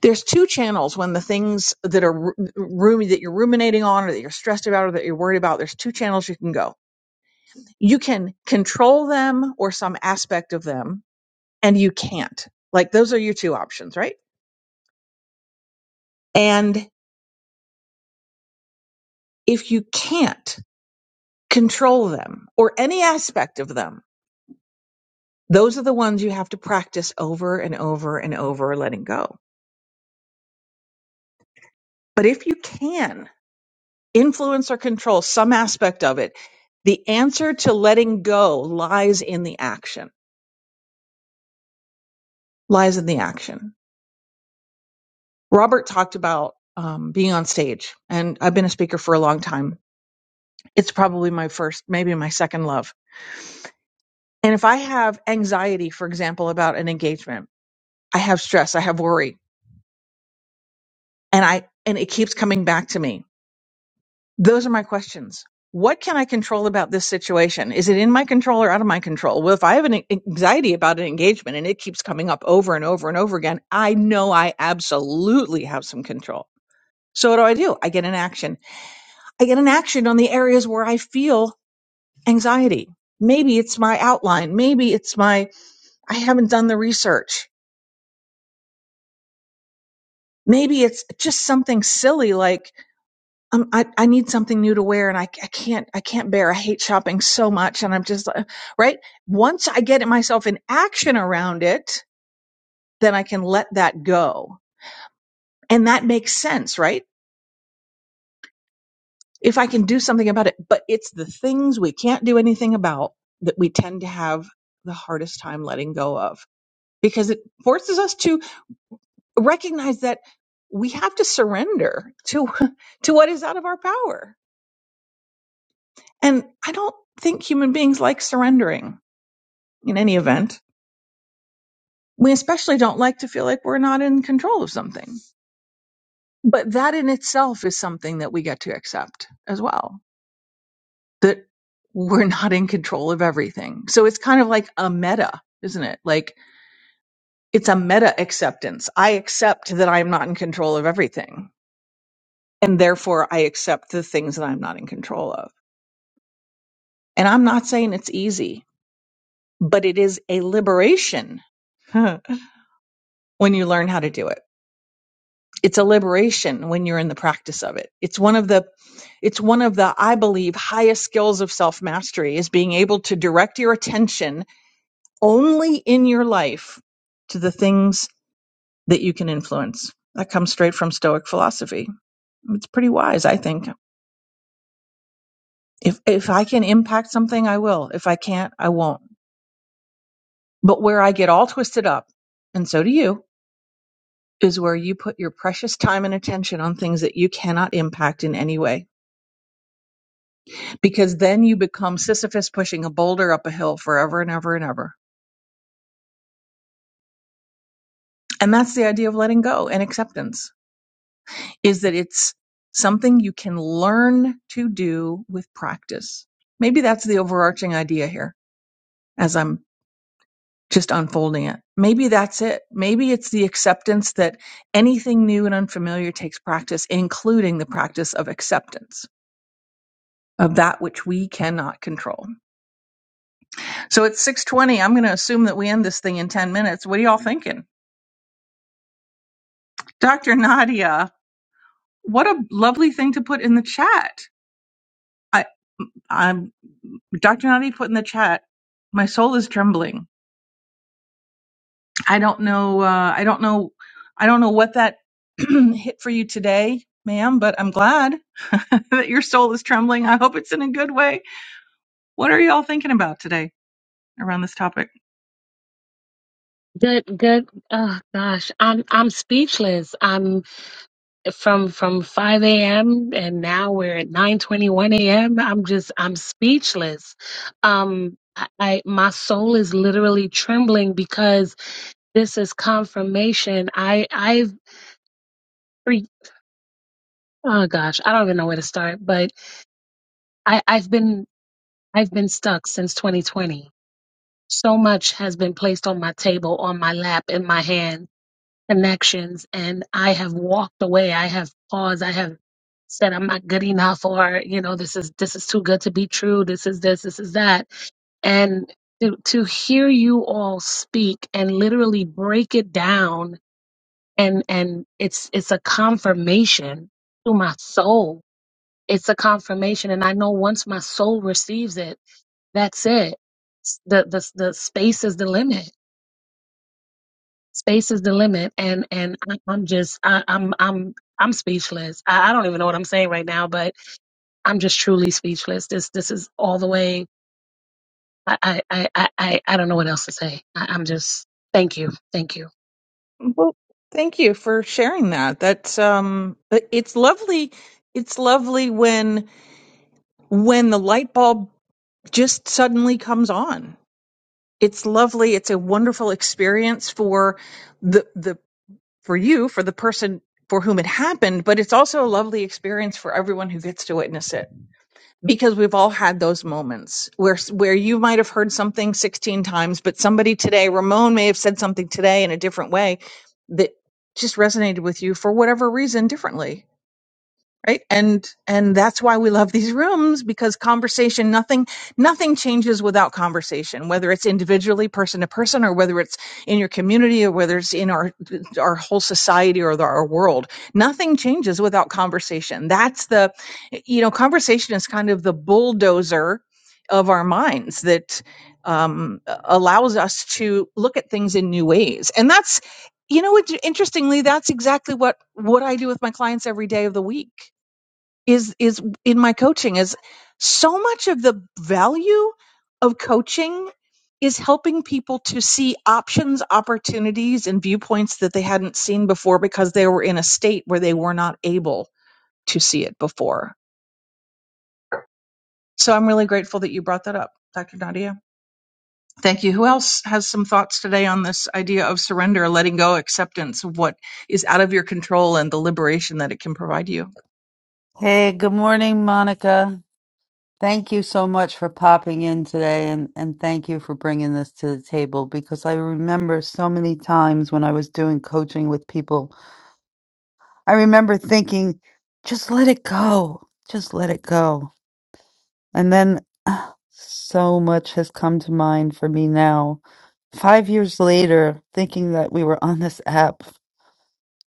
Speaker 23: There's two channels when the things that are ru- rumi that you're ruminating on, or that you're stressed about, or that you're worried about. There's two channels you can go. You can control them or some aspect of them, and you can't. Like those are your two options, right? And if you can't control them or any aspect of them, those are the ones you have to practice over and over and over letting go. But if you can influence or control some aspect of it the answer to letting go lies in the action lies in the action robert talked about um, being on stage and i've been a speaker for a long time it's probably my first maybe my second love and if i have anxiety for example about an engagement i have stress i have worry and i and it keeps coming back to me Those are my questions. What can I control about this situation? Is it in my control or out of my control? Well, if I have an a- anxiety about an engagement and it keeps coming up over and over and over again, I know I absolutely have some control. So what do I do? I get an action. I get an action on the areas where I feel anxiety. Maybe it's my outline. Maybe it's my, I haven't done the research. Maybe it's just something silly like um, I, I need something new to wear and I, I can't, I can't bear. I hate shopping so much. And I'm just uh, right. Once I get myself in action around it, then I can let that go. And that makes sense, right? If I can do something about it, but it's the things we can't do anything about that we tend to have the hardest time letting go of because it forces us to recognize that we have to surrender to, to what is out of our power. And I don't think human beings like surrendering in any event. We especially don't like to feel like we're not in control of something. But that in itself is something that we get to accept as well, that we're not in control of everything. So it's kind of like a meta, isn't it? Like it's a meta acceptance. I accept that I'm not in control of everything. And therefore, I accept the things that I'm not in control of. And I'm not saying it's easy, but it is a liberation when you learn how to do it. it's a liberation when you're in the practice of it it's one of the it's one of the i believe highest skills of self mastery is being able to direct your attention only in your life to the things that you can influence that comes straight from stoic philosophy it's pretty wise i think if if i can impact something i will if i can't i won't but where i get all twisted up and so do you is where you put your precious time and attention on things that you cannot impact in any way because then you become Sisyphus pushing a boulder up a hill forever and ever and ever. And that's the idea of letting go and acceptance is that it's something you can learn to do with practice. Maybe that's the overarching idea here as I'm just unfolding it. Maybe that's it. Maybe it's the acceptance that anything new and unfamiliar takes practice, including the practice of acceptance of that which we cannot control. So it's 6:20. I'm going to assume that we end this thing in 10 minutes. What are y'all thinking? Dr. Nadia, what a lovely thing to put in the chat. I, I'm Dr. Nadia put in the chat. My soul is trembling. I don't know. Uh, I don't know. I don't know what that hit for you today, ma'am. But I'm glad that your soul is trembling. I hope it's in a good way. What are y'all thinking about today around this topic?
Speaker 7: Good, good. Oh gosh, I'm I'm speechless. I'm. from from 5 a.m. and now we're at 9:21 a.m. I'm just I'm speechless. Um I I- my soul is literally trembling because this is confirmation. I I've re- oh gosh, I don't even know where to start, but I I've been I've been stuck since 2020. So much has been placed on my table, on my lap, in my hands connections and I have walked away. I have paused. I have said I'm not good enough or, you know, this is this is too good to be true. This is this, this is that. And to to hear you all speak and literally break it down and and it's it's a confirmation to my soul. It's a confirmation and I know once my soul receives it, that's it. The the the space is the limit space is the limit and and I, i'm just I, i'm i'm i'm speechless I, I don't even know what i'm saying right now but i'm just truly speechless this this is all the way i i i i, I I don't know what else to say I, i'm just thank you thank you
Speaker 23: Well, thank you for sharing that. That's um, it's lovely. It's lovely when when the light bulb just suddenly comes on. It's lovely. It's a wonderful experience for the the for you, for the person for whom it happened, but it's also a lovely experience for everyone who gets to witness it because we've all had those moments where where you might have heard something 16 times, but somebody today, Ramon may have said something today in a different way that just resonated with you for whatever reason differently right and and that's why we love these rooms because conversation nothing nothing changes without conversation whether it's individually person to person or whether it's in your community or whether it's in our our whole society or the, our world nothing changes without conversation that's the you know conversation is kind of the bulldozer of our minds that um, allows us to look at things in new ways and that's you know what interestingly that's exactly what what i do with my clients every day of the week is is in my coaching is so much of the value of coaching is helping people to see options, opportunities, and viewpoints that they hadn't seen before because they were in a state where they were not able to see it before. So I'm really grateful that you brought that up, Dr. Nadia. Thank you. Who else has some thoughts today on this idea of surrender, letting go, acceptance of what is out of your control and the liberation that it can provide you?
Speaker 3: Hey, good morning, Monica. Thank you so much for popping in today and, and thank you for bringing this to the table because I remember so many times when I was doing coaching with people, I remember thinking, just let it go, just let it go. And then ah, so much has come to mind for me now. Five years later, thinking that we were on this app,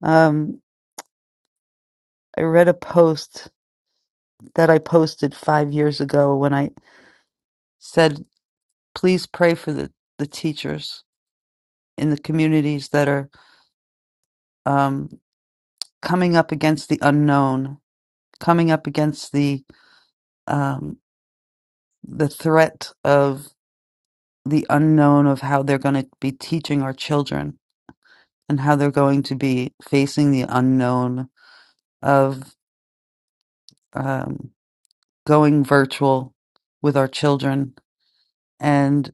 Speaker 3: um, I read a post that I posted five years ago when I said, please pray for the, the teachers in the communities that are um, coming up against the unknown, coming up against the um, the threat of the unknown of how they're going to be teaching our children and how they're going to be facing the unknown of um, going virtual with our children and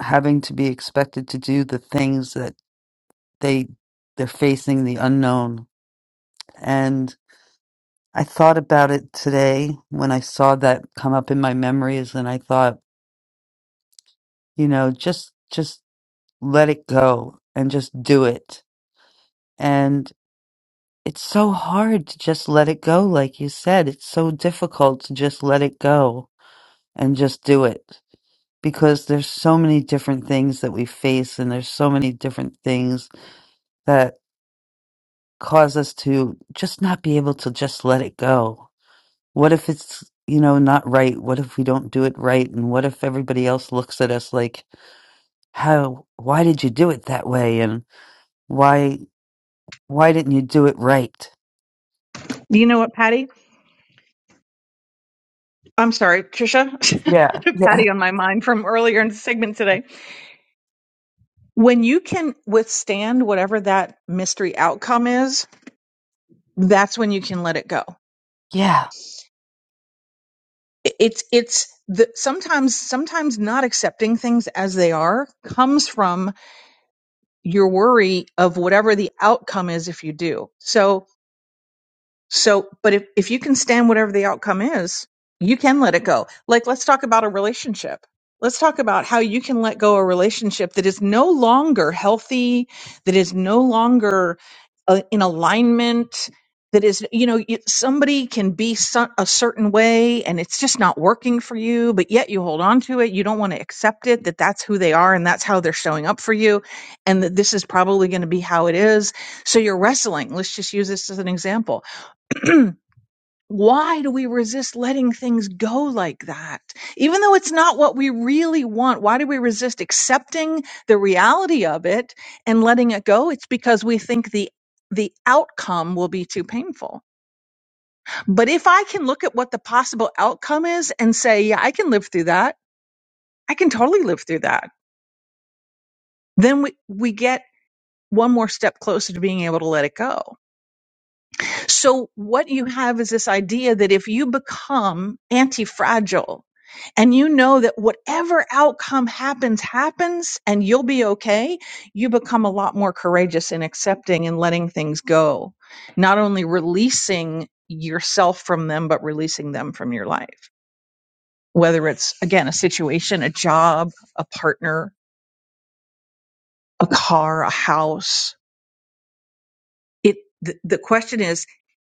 Speaker 3: having to be expected to do the things that they they're facing the unknown and. I thought about it today when I saw that come up in my memories and I thought, you know, just just let it go and just do it. And it's so hard to just let it go like you said. It's so difficult to just let it go and just do it because there's so many different things that we face and there's so many different things that cause us to just not be able to just let it go what if it's you know not right what if we don't do it right and what if everybody else looks at us like how why did you do it that way and why why didn't you do it right
Speaker 23: Do You know what, Patty? I'm sorry, Trisha.
Speaker 3: Yeah. Yeah.
Speaker 23: Patty on my mind from earlier in the segment today. When you can withstand whatever that mystery outcome is, that's when you can let it go.
Speaker 3: yeah
Speaker 23: I- It's it's the sometimes sometimes not accepting things as they are comes from your worry of whatever the outcome is if you do. So So, but if, if you can stand whatever the outcome is, you can let it go. Like, let's talk about a relationship. Let's talk about how you can let go a relationship that is no longer healthy, that is no longer uh, in alignment, that is, you know, you, somebody can be so, a certain way and it's just not working for you, but yet you hold on to it. You don't want to accept it that that's who they are and that's how they're showing up for you and that this is probably going to be how it is. So you're wrestling. Let's just use this as an example Why do we resist letting things go like that? Even though it's not what we really want, why do we resist accepting the reality of it and letting it go? It's because we think the the outcome will be too painful. But if I can look at what the possible outcome is and say, yeah, I can live through that. I can totally live through that. Then we, we get one more step closer to being able to let it go. So what you have is this idea that if you become anti-fragile and you know that whatever outcome happens, happens and you'll be okay, you become a lot more courageous in accepting and letting things go, not only releasing yourself from them, but releasing them from your life. Whether it's again, a situation, a job, a partner, a car, a house, it, the, the question is,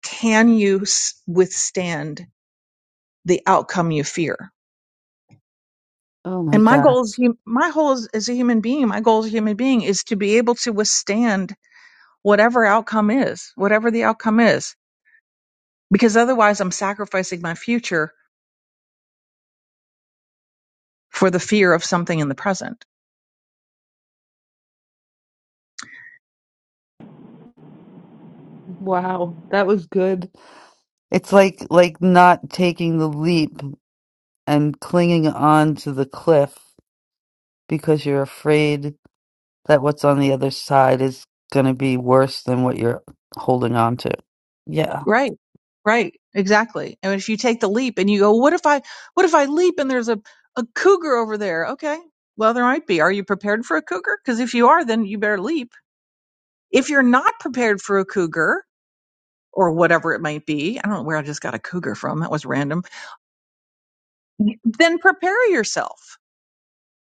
Speaker 23: can you s- withstand the outcome you fear.
Speaker 3: oh my
Speaker 23: And my goal is
Speaker 3: gosh
Speaker 23: my goal is, as a human being, my goal as a human being is to be able to withstand whatever outcome is, whatever the outcome is, because otherwise I'm sacrificing my future for the fear of something in the present.
Speaker 3: Wow. That was good. it's like like not taking the leap and clinging on to the cliff because you're afraid that what's on the other side is going to be worse than what you're holding on to yeah
Speaker 23: Right. Right. Exactly. And if you take the leap and you go, what if I, what if I leap and there's a, a cougar over there? Okay. Well, there might be. Are you prepared for a cougar? Because if you are, then you better leap. If you're not prepared for a cougar or whatever it might be, I don't know where I just got a cougar from. That was random. Then prepare yourself.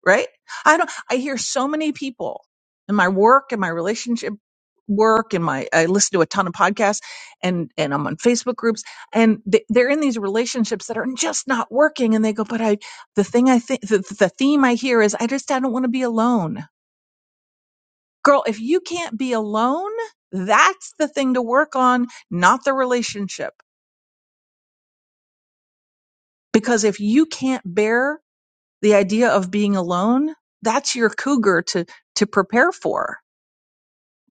Speaker 23: right? I don't, I hear so many people in my work in my relationship work and my, I listen to a ton of podcasts and, and I'm on Facebook groups and they, they're in these relationships that are just not working. And they go, but I, the thing I think, the, the theme I hear is I just, I don't want to be alone. Girl, if you can't be alone, that's the thing to work on, not the relationship. Because if you can't bear the idea of being alone, that's your cougar to, to prepare for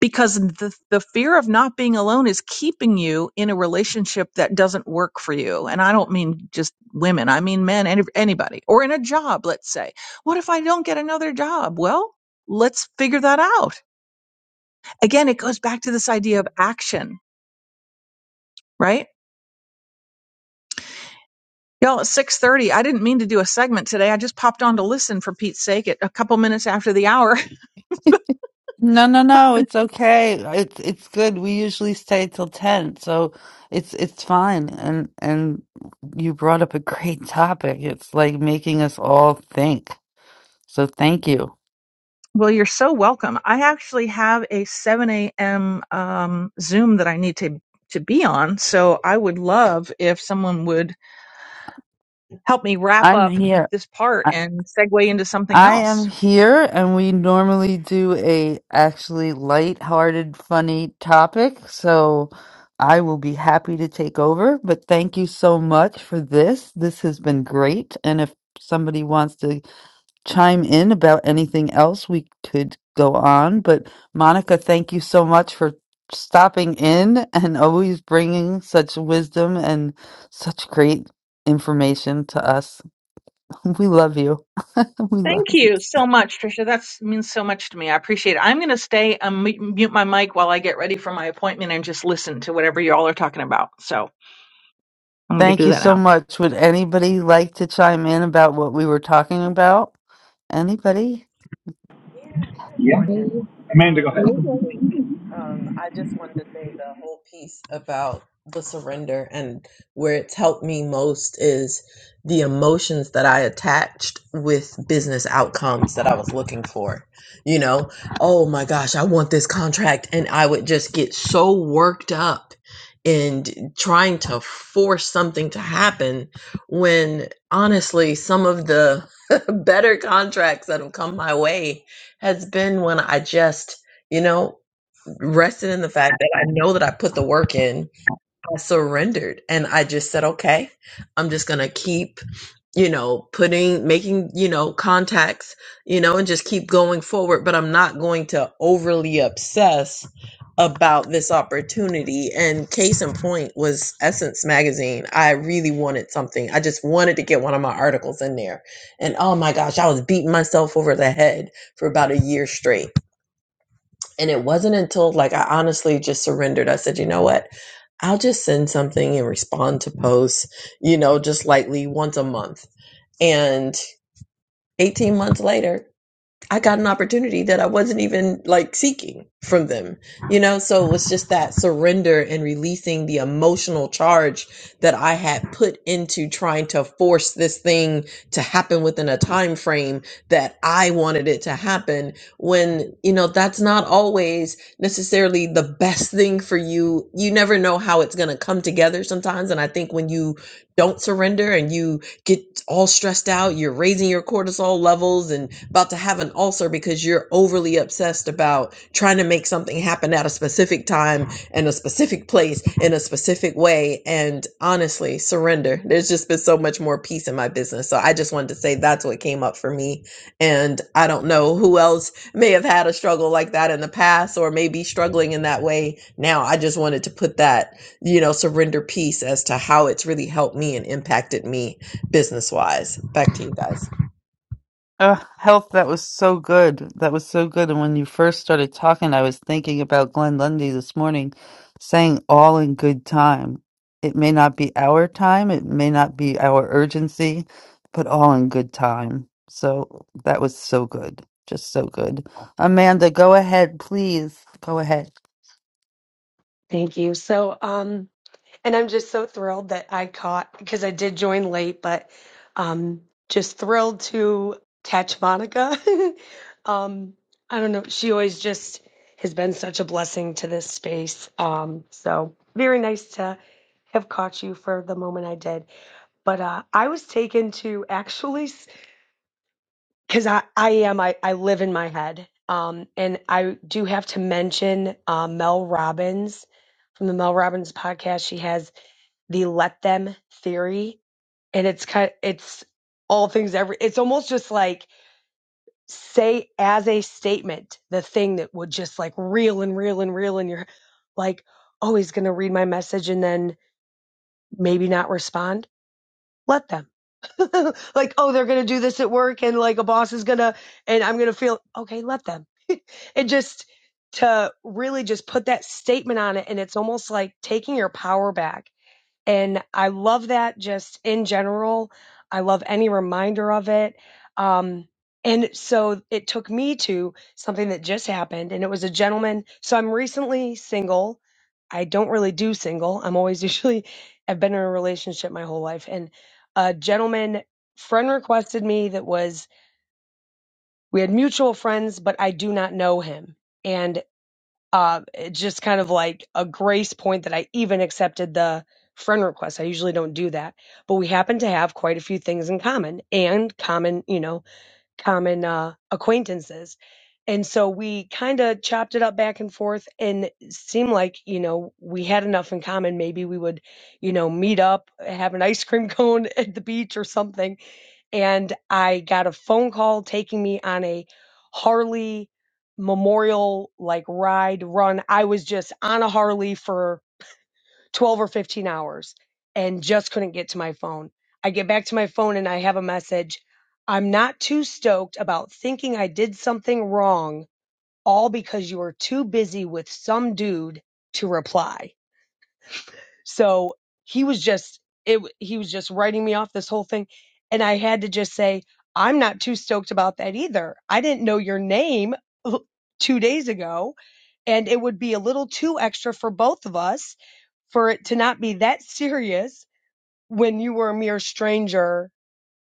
Speaker 23: because the, the fear of not being alone is keeping you in a relationship that doesn't work for you and i don't mean just women i mean men any, anybody or in a job let's say what if i don't get another job well let's figure that out again it goes back to this idea of action right y'all at 6.30 i didn't mean to do a segment today i just popped on to listen for pete's sake at a couple minutes after the hour
Speaker 3: No, no, no, it's okay. It's it's good. We usually stay till 10, so it's it's fine. And and you brought up a great topic. It's like making us all think. So thank you.
Speaker 23: Well, you're so welcome. I actually have a 7 a.m. Um, Zoom that I need to to be on, so I would love if someone would help me wrap
Speaker 3: I'm
Speaker 23: up
Speaker 3: here.
Speaker 23: this part
Speaker 3: I,
Speaker 23: and segue into something
Speaker 3: I
Speaker 23: else.
Speaker 3: am here, and we normally do a actually light-hearted, funny topic. So I will be happy to take over, but thank you so much for this. This has been great. And if somebody wants to chime in about anything else, we could go on. But Monica, thank you so much for stopping in and always bringing such wisdom and such great information to us. We love you. We love
Speaker 23: Thank
Speaker 3: you.
Speaker 23: you so much, Trisha. That means so much to me. I appreciate it. I'm going to stay and mu- mute my mic while I get ready for my appointment and just listen to whatever you all are talking about. So I'm going to
Speaker 3: Thank
Speaker 23: do
Speaker 3: you
Speaker 23: that
Speaker 3: so
Speaker 23: now.
Speaker 3: much. Would anybody like to chime in about what we were talking about? Anybody?
Speaker 24: Yeah, good
Speaker 25: Yeah.
Speaker 26: Hey,
Speaker 24: morning.
Speaker 25: Amanda, go
Speaker 24: Um,
Speaker 26: hey,
Speaker 25: ahead.
Speaker 26: hey.
Speaker 24: um, I just wanted to say the whole piece about the surrender and where it's helped me most is the emotions that I attached with business outcomes that I was looking for. You know, oh my gosh, I want this contract. And I would just get so worked up and trying to force something to happen when honestly, some of the better contracts that have come my way has been when I just, you know, rested in the fact that I know that I put the work in. I surrendered and I just said, okay, I'm just going to keep, you know, putting, making, you know, contacts, you know, and just keep going forward. But I'm not going to overly obsess about this opportunity. And case in point was Essence Magazine. I really wanted something. I just wanted to get one of my articles in there. And oh my gosh, I was beating myself over the head for about a year straight and it wasn't until like I honestly just surrendered. I said, you know what? I'll just send something and respond to posts, you know, just lightly once a month. And 18 months later, I got an opportunity that I wasn't even like seeking from them, you know? So it was just that surrender and releasing the emotional charge that I had put into trying to force this thing to happen within a time frame that I wanted it to happen when, you know, that's not always necessarily the best thing for you. You never know how it's going to come together sometimes and I think when you don't surrender and you get all stressed out. You're raising your cortisol levels and about to have an ulcer because you're overly obsessed about trying to make something happen at a specific time and a specific place in a specific way. And honestly, surrender. There's just been so much more peace in my business. So I just wanted to say that's what came up for me. And I don't know who else may have had a struggle like that in the past or may be struggling in that way now. I just wanted to put that, you know, surrender piece as to how it's really helped me and impacted me business wise. Back to you guys.
Speaker 3: Uh, health, that was so good. That was so good. And when you first started talking, I was thinking about Glenn Lundy this morning saying, all in good time. It may not be our time, it may not be our urgency, but all in good time. So that was so good. Just so good. Amanda, go ahead, please. Go ahead.
Speaker 26: Thank you. So, um, and I'm just so thrilled that I caught because I did join late, but um, just thrilled to catch Monica. um, I don't know. She always just has been such a blessing to this space. Um, so very nice to have caught you for the moment I did. But uh, I was taken to actually. because I, I am I, I live in my head um and i do have to mention um, mel robbins from the mel robbins podcast she has the let them theory and it's kind it's all things every it's almost just like say as a statement the thing that would just like reel and reel and reel in your like oh he's gonna read my message and then maybe not respond let them like, oh, they're going to do this at work and like a boss is going to, and I'm going to feel, okay, let them. and just to really just put that statement on it. And it's almost like taking your power back and I love that just in general. I love any reminder of it. Um, and so it took me to something that just happened, and it was a gentleman. So I'm recently single. I don't really do single. I'm always usually, I've been in a relationship my whole life. And a gentleman friend requested me that was, we had mutual friends, but I do not know him. And um, it's just kind of like a grace point that I even accepted the friend request. I usually don't do that, but we happen to have quite a few things in common and common, you know, common uh, acquaintances. And so we kind of chopped it up back and forth and it seemed like, you know, we had enough in common. Maybe we would, you know, meet up, have an ice cream cone at the beach or something and I got a phone call taking me on a Harley memorial like ride run. I was just on a Harley for 12 or 15 hours and just couldn't get to my phone. I get back to my phone and I have a message. I'm not too stoked about thinking I did something wrong all because you were too busy with some dude to reply. So he was just it he was just writing me off this whole thing and I had to just say I'm not too stoked about that either. I didn't know your name 2 days ago and it would be a little too extra for both of us for it to not be that serious when you were a mere stranger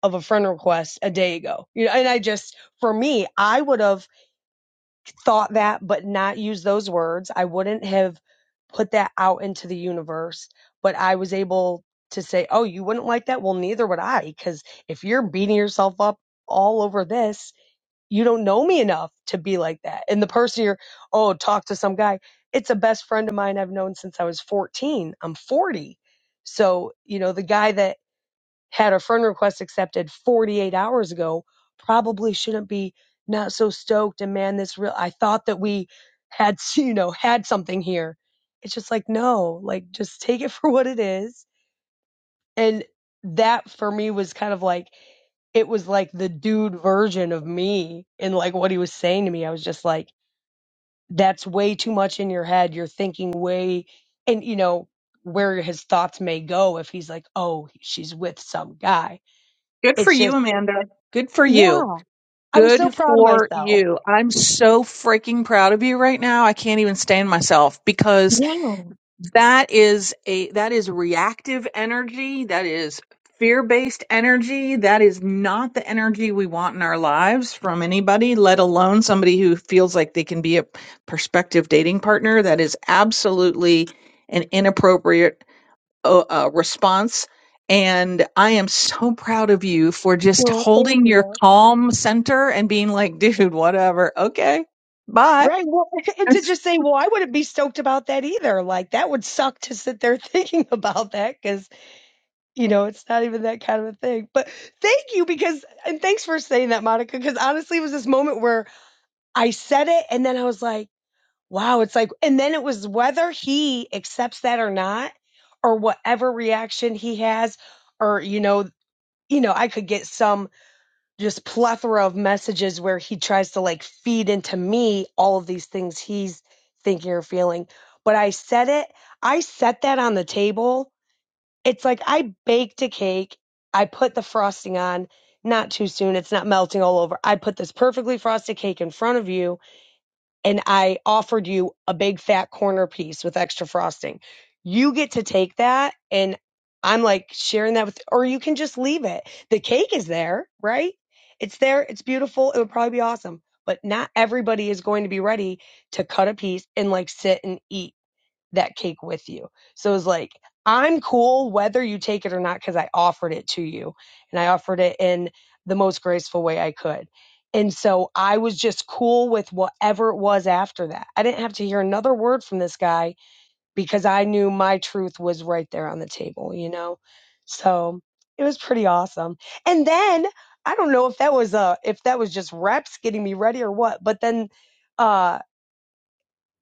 Speaker 26: of a friend request a day ago. You know, and I just for me, I would have thought that but not used those words. I wouldn't have put that out into the universe, but I was able to say, "Oh, you wouldn't like that? Well, neither would I cuz if you're beating yourself up all over this, you don't know me enough to be like that." And the person you're, "Oh, talk to some guy." It's a best friend of mine I've known since I was 14. I'm 40. So, you know, the guy that had a friend request accepted 48 hours ago probably shouldn't be not so stoked and man this real i thought that we had you know had something here it's just like no like just take it for what it is and that for me was kind of like it was like the dude version of me and like what he was saying to me i was just like that's way too much in your head you're thinking way and you know where his thoughts may go if he's like oh she's with some guy
Speaker 23: Good for
Speaker 26: It's just.
Speaker 23: you, Amanda. Good for
Speaker 26: Yeah,
Speaker 23: you.
Speaker 26: I was so
Speaker 23: Good
Speaker 26: proud of
Speaker 23: for
Speaker 26: myself.
Speaker 23: you. I'm so freaking proud of you right now. I can't even stand myself because.
Speaker 26: Yeah,
Speaker 23: that is a that is reactive energy that is fear-based energy that is not the energy we want in our lives from anybody let alone somebody who feels like they can be a prospective dating partner that is absolutely an inappropriate uh, uh, response and i am so proud of you for just
Speaker 26: well, thank
Speaker 23: holding your
Speaker 26: you.
Speaker 23: calm center and being like dude whatever okay bye
Speaker 26: Right. Well, and to
Speaker 23: That's
Speaker 26: just say, well, I wouldn't be stoked about that either. Like, that would suck to sit there thinking about that because, you know, it's not even that kind of a thing. But thank you because, and thanks for saying that, Monica, because honestly, it was this moment where I said it and then I was like, wow, it's like, and then it was whether he accepts that or not, or whatever reaction he has, or, you know, you know, I could get some just plethora of messages where he tries to like feed into me all of these things he's thinking or feeling. But I set it, I set that on the table. It's like I baked a cake, I put the frosting on, not too soon, it's not melting all over. I put this perfectly frosted cake in front of you and I offered you a big fat corner piece with extra frosting. You get to take that and I'm like sharing that with, or you can just leave it. The cake is there, right? It's there. It's beautiful. It would probably be awesome, but not everybody is going to be ready to cut a piece and like sit and eat that cake with you. So it was like, I'm cool whether you take it or not because I offered it to you and I offered it in the most graceful way I could. And so I was just cool with whatever it was after that. I didn't have to hear another word from this guy because I knew my truth was right there on the table, you know? So it was pretty awesome. And then I don't know if that was uh if that was just reps getting me ready or what, but then uh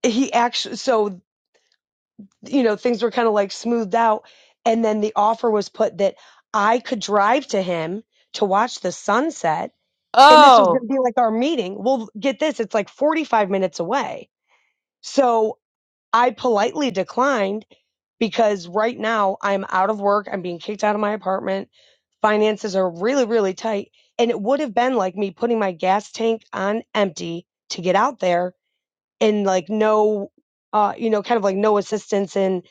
Speaker 26: he actually so you know, things were kind of like smoothed out. And then the offer was put that I could drive to him to watch the sunset. And this was going
Speaker 3: Oh,
Speaker 26: to be like our meeting. Well, get this, it's like 45 minutes away. So I politely declined because right now I'm out of work. I'm being kicked out of my apartment. Finances are really, really tight. And it would have been like me putting my gas tank on empty to get out there and like no uh you know kind of like no assistance in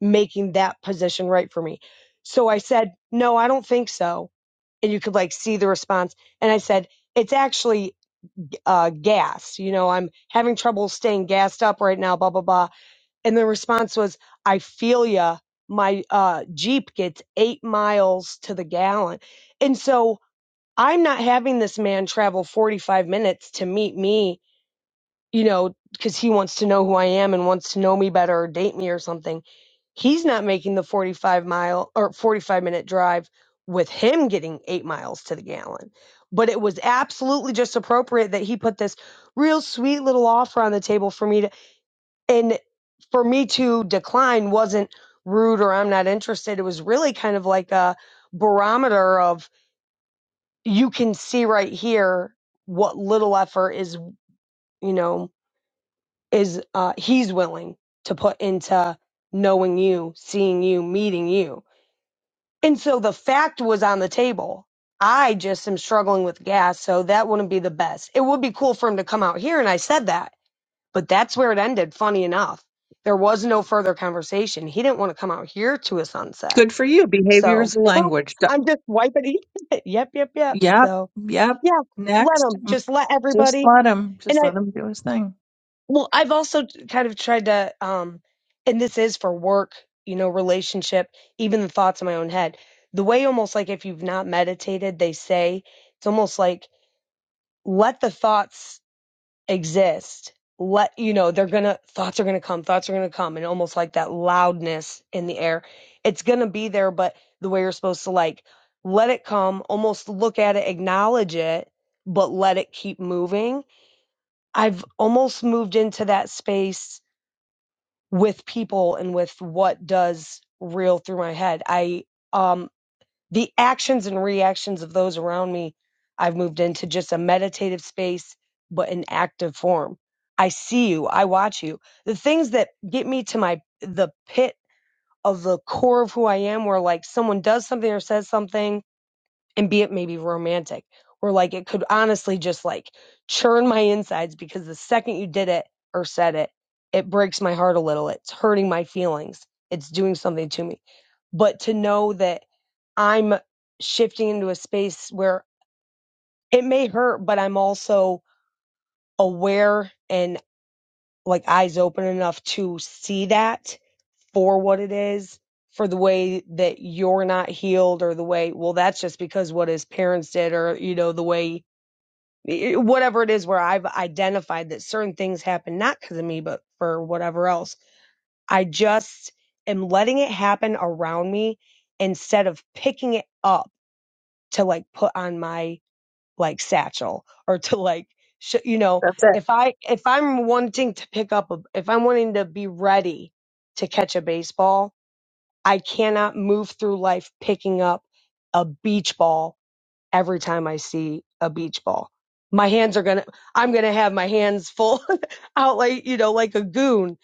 Speaker 26: making that position right for me so i said no i don't think so and you could like see the response and i said it's actually uh gas you know i'm having trouble staying gassed up right now blah blah blah and the response was i feel ya my uh jeep gets 8 miles to the gallon and so i'm not having this man travel 45 minutes to meet me you know, because he wants to know who I am and wants to know me better or date me or something. He's not making the 45 mile or 45 minute drive with him getting eight miles to the gallon. But it was absolutely just appropriate that he put this real sweet little offer on the table for me to, and for me to decline wasn't rude or I'm not interested. It was really kind of like a barometer of you can see right here what little effort is, you know, is uh, he's willing to put into knowing you, seeing you, meeting you. And so the fact was on the table. I just am struggling with gas, so that wouldn't be the best. It would be cool for him to come out here, and I said that, but that's where it ended, funny enough. There was no further conversation. He didn't want to come out here to a sunset.
Speaker 23: good for you behavior
Speaker 26: So
Speaker 23: is
Speaker 26: boop,
Speaker 23: language
Speaker 26: I'm just wiping it. yep, yep, yep.
Speaker 23: Yep,
Speaker 26: So
Speaker 23: yep.
Speaker 26: yeah, let
Speaker 23: Next.
Speaker 26: him.
Speaker 23: Mm,
Speaker 26: Just let
Speaker 23: Just
Speaker 26: everybody.
Speaker 23: let him,
Speaker 26: and
Speaker 23: just
Speaker 26: I.
Speaker 23: let him do his thing.
Speaker 26: Well, I've also t- kind of tried to, um, and this is for work, you know, relationship, even the thoughts in my own head. The way almost like if you've not meditated, they say it's almost like let the thoughts exist. Let, you know, they're gonna, thoughts are gonna come, thoughts are gonna come, and almost like that loudness in the air. It's gonna be there, but the way you're supposed to like let it come, almost look at it, acknowledge it, but let it keep moving. I've almost moved into that space with people and with what does reel through my head. I um the actions and reactions of those around me, I've moved into just a meditative space but in active form. I see you, I watch you. The things that get me to my the pit of the core of who I am where like someone does something or says something and be it maybe romantic where like it could honestly just like churn my insides because the second you did it or said it it breaks my heart a little it's hurting my feelings it's doing something to me but to know that i'm shifting into a space where it may hurt but i'm also aware and like eyes open enough to see that for what it is for the way that you're not healed or the way well that's just because what his parents did or you know the way whatever it is where I've identified that certain things happen not because of me, but for whatever else. I just am letting it happen around me instead of picking it up to like put on my like satchel or to like sh- you know
Speaker 23: That's it.
Speaker 26: if I if I'm wanting to pick up a if I'm wanting to be ready to catch a baseball, I cannot move through life picking up a beach ball every time I see a beach ball. My hands are gonna, I'm gonna have my hands full out like, you know, like a goon.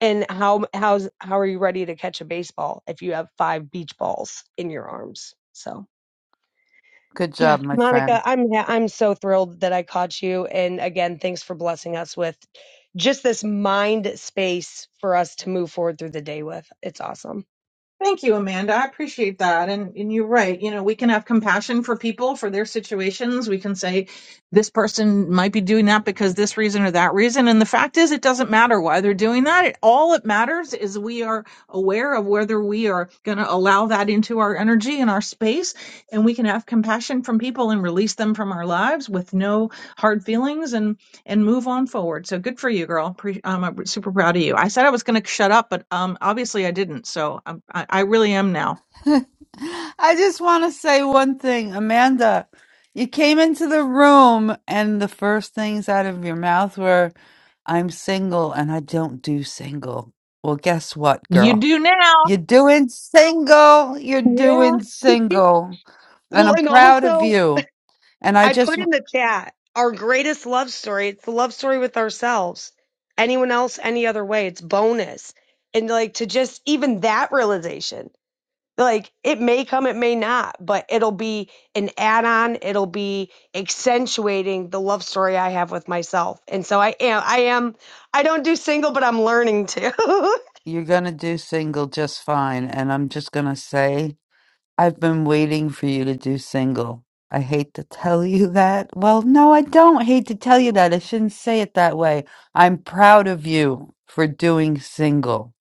Speaker 26: And how, how's, how are you ready to catch a baseball if you have five beach balls in your arms? So.
Speaker 3: good job,
Speaker 26: Yeah,
Speaker 3: my friend.
Speaker 26: Monica, I'm yeah, I'm so thrilled that I caught you, and again, thanks for blessing us with just this mind space for us to move forward through the day with. It's awesome.
Speaker 23: Thank you, Amanda. I appreciate that. And and you're right. You know, we can have compassion for people for their situations. We can say this person might be doing that because this reason or that reason. And the fact is it doesn't matter why they're doing that. It, all it matters is we are aware of whether we are going to allow that into our energy and our space and we can have compassion from people and release them from our lives with no hard feelings and move on forward. So good for you, girl. Pre- um, I'm super proud of you. I said I was going to shut up, but um, obviously I didn't. So I'm, I, I really am now.
Speaker 3: I just want to say one thing, Amanda. You came into the room, and the first things out of your mouth were, I'm single and I don't do single. Well, guess what,
Speaker 23: You
Speaker 3: girl?
Speaker 23: do now.
Speaker 3: You're doing single. You're
Speaker 26: Yeah.
Speaker 3: doing single. And
Speaker 26: Well,
Speaker 3: I'm
Speaker 26: and
Speaker 3: proud of
Speaker 26: also
Speaker 3: you. And I
Speaker 26: I
Speaker 3: just,
Speaker 26: put in the chat our greatest love story. It's the love story with ourselves. Anyone else, any other way, it's bonus. And like to just even that realization, like it may come, it may not, but it'll be an add on. It'll be accentuating the love story I have with myself. And so I am, I am, I don't do single, but I'm learning to.
Speaker 3: you're going to do single just fine. And I'm just going to say, I've been waiting for you to do single. I hate to tell you that. Well, no, I don't hate to tell you that. I shouldn't say it that way. I'm proud of you for doing single.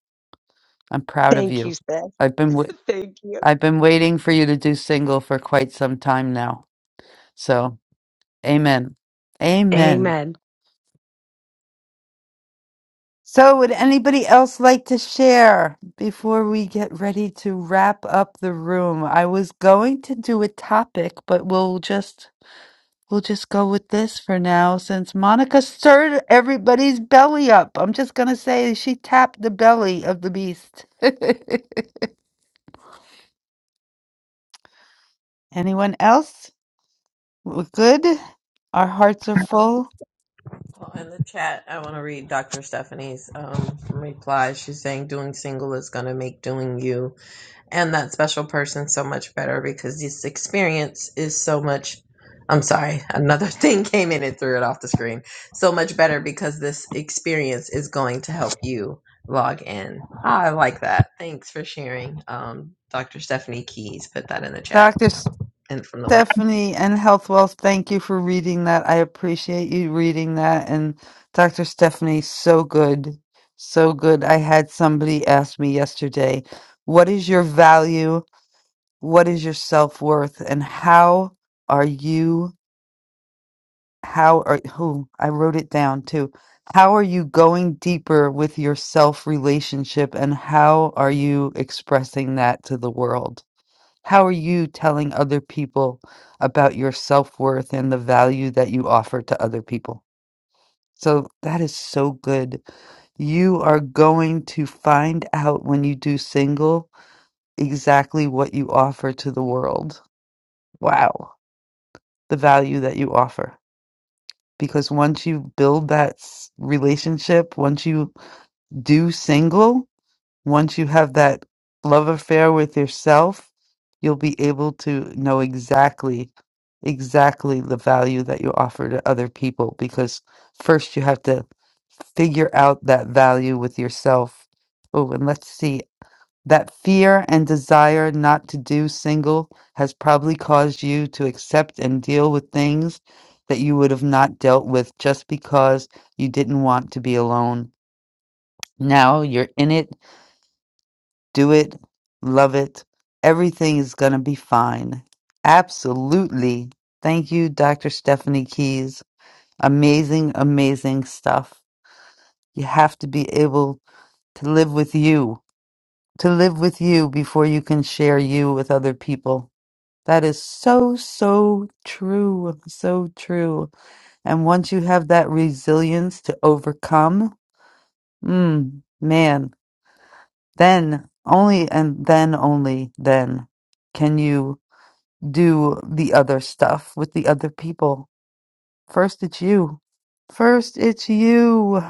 Speaker 3: I'm proud of
Speaker 26: Thank you,
Speaker 3: you.
Speaker 26: sis.
Speaker 3: I've been w-
Speaker 26: Thank you.
Speaker 3: I've been waiting for you to do single for quite some time now. So, amen. Amen.
Speaker 26: Amen.
Speaker 3: So, would anybody else like to share before we get ready to wrap up the room? I was going to do a topic, but we'll just We'll just go with this for now since Monica stirred everybody's belly up. I'm just going to say she tapped the belly of the beast. Anyone else? We're good. Our hearts are full.
Speaker 24: Well, in the chat, I want to read Dr. Stephanie's um, reply. She's saying doing single is going to make doing you. and that special person so much better because this experience is so much I'm sorry, another thing came in and threw it off the screen. So much better because this experience is going to help you log in. Ah, I like that. Thanks for sharing. Um, Dr. Stephanie Keys put that in the chat
Speaker 3: Dr.
Speaker 24: and from the link.
Speaker 3: Stephanie and Health Wealth, thank you for reading that. I appreciate you reading that. And Dr. Stephanie, so good. So good. I had somebody ask me yesterday, what is your value? What is your self worth? And how are you? how are who I wrote it down too. How are you going deeper with your self relationship and how are you expressing that to the world? How are you telling other people about your self worth and the value that you offer to other people? So that is so good. You are going to find out when you do single exactly what you offer to the world. Wow. The value that you offer. because once you build that s- relationship, once you do single, once you have that love affair with yourself, you'll be able to know exactly exactly the value that you offer to other people because first you have to figure out that value with yourself. Oh, and let's see. That fear and desire not to do single has probably caused you to accept and deal with things that you would have not dealt with just because you didn't want to be alone. Now you're in it, do it, love it. Everything is going to be fine. Absolutely. Thank you, Dr. Stephanie Keys. Amazing, amazing stuff. You have to be able to live with you, to live with you before you can share you with other people That is so, so true. So true. And once you have that resilience to overcome, mm, man, then only and then only then can you do the other stuff with the other people. First, it's you. First, it's you.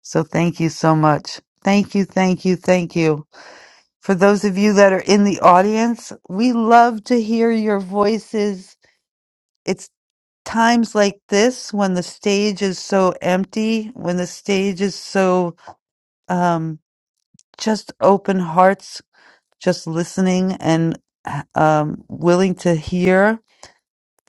Speaker 3: So thank you so much. Thank you, thank you, thank you. For those of you that are in the audience, we love to hear your voices It's times like this when the stage is so empty, when the stage is so um, just open hearts, just listening and um, willing to hear.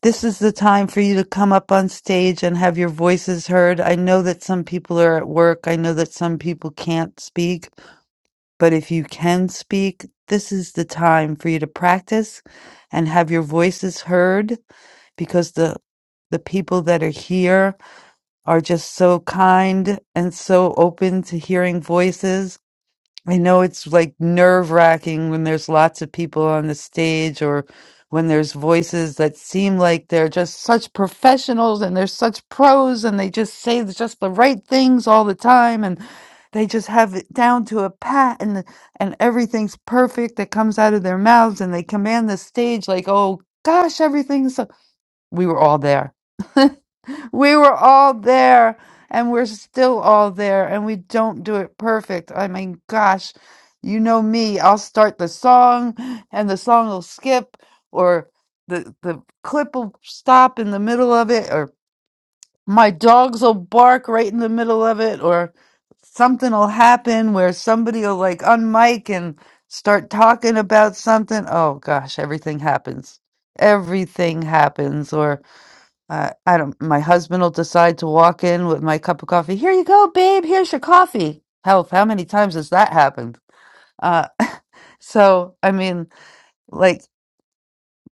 Speaker 3: This is the time for you to come up on stage and have your voices heard. I know that some people are at work. I know that some people can't speak, but if you can speak, this is the time for you to practice and have your voices heard because the the people that are here are just so kind and so open to hearing voices. I know it's like nerve wracking when there's lots of people on the stage or when there's voices that seem like they're just such professionals and they're such pros and they just say the- just the right things all the time and they just have it down to a pat and and everything's perfect that comes out of their mouths and they command the stage like oh gosh everything's so we were all there we were all there and we're still all there and we don't do it perfect. I mean, gosh, you know me. I'll start the song and the song will skip or the the clip will stop in the middle of it or my dogs will bark right in the middle of it or something will happen where somebody will like unmic and start talking about something. Oh gosh, everything happens. Everything happens I I don't. My husband will decide to walk in with my cup of coffee. Here you go, babe. Here's your coffee. Help! How many times has that happened? Uh, so I mean, like,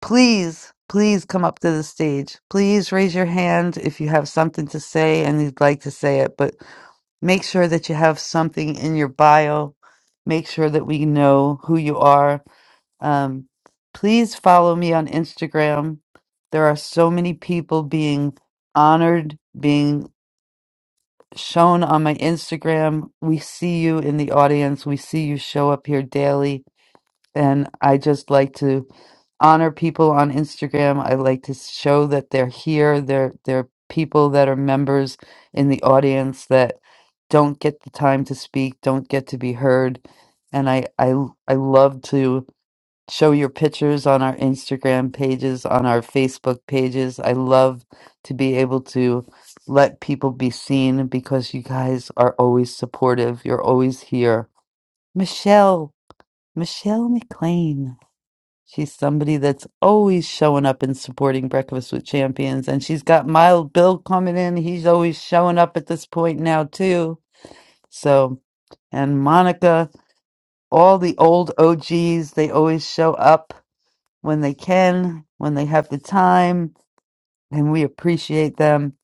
Speaker 3: please, please come up to the stage. Please raise your hand if you have something to say and you'd like to say it. But make sure that you have something in your bio. Make sure that we know who you are um, please follow me on Instagram. There are so many people being honored, being shown on my Instagram. We see you in the audience, we see you show up here daily. And I just like to honor people on Instagram. I like to show that they're here. They're they're people that are members in the audience that don't get the time to speak, don't get to be heard. And I I I love to show your pictures on our Instagram pages, on our Facebook pages. I love to be able to let people be seen because you guys are always supportive. You're always here. Michelle, Michelle McLean. She's somebody that's always showing up and supporting Breakfast with Champions. And she's got Mild Bill coming in. He's always showing up at this point now, too. So, and Monica, all the old OGs, they always show up when they can, when they have the time, and we appreciate them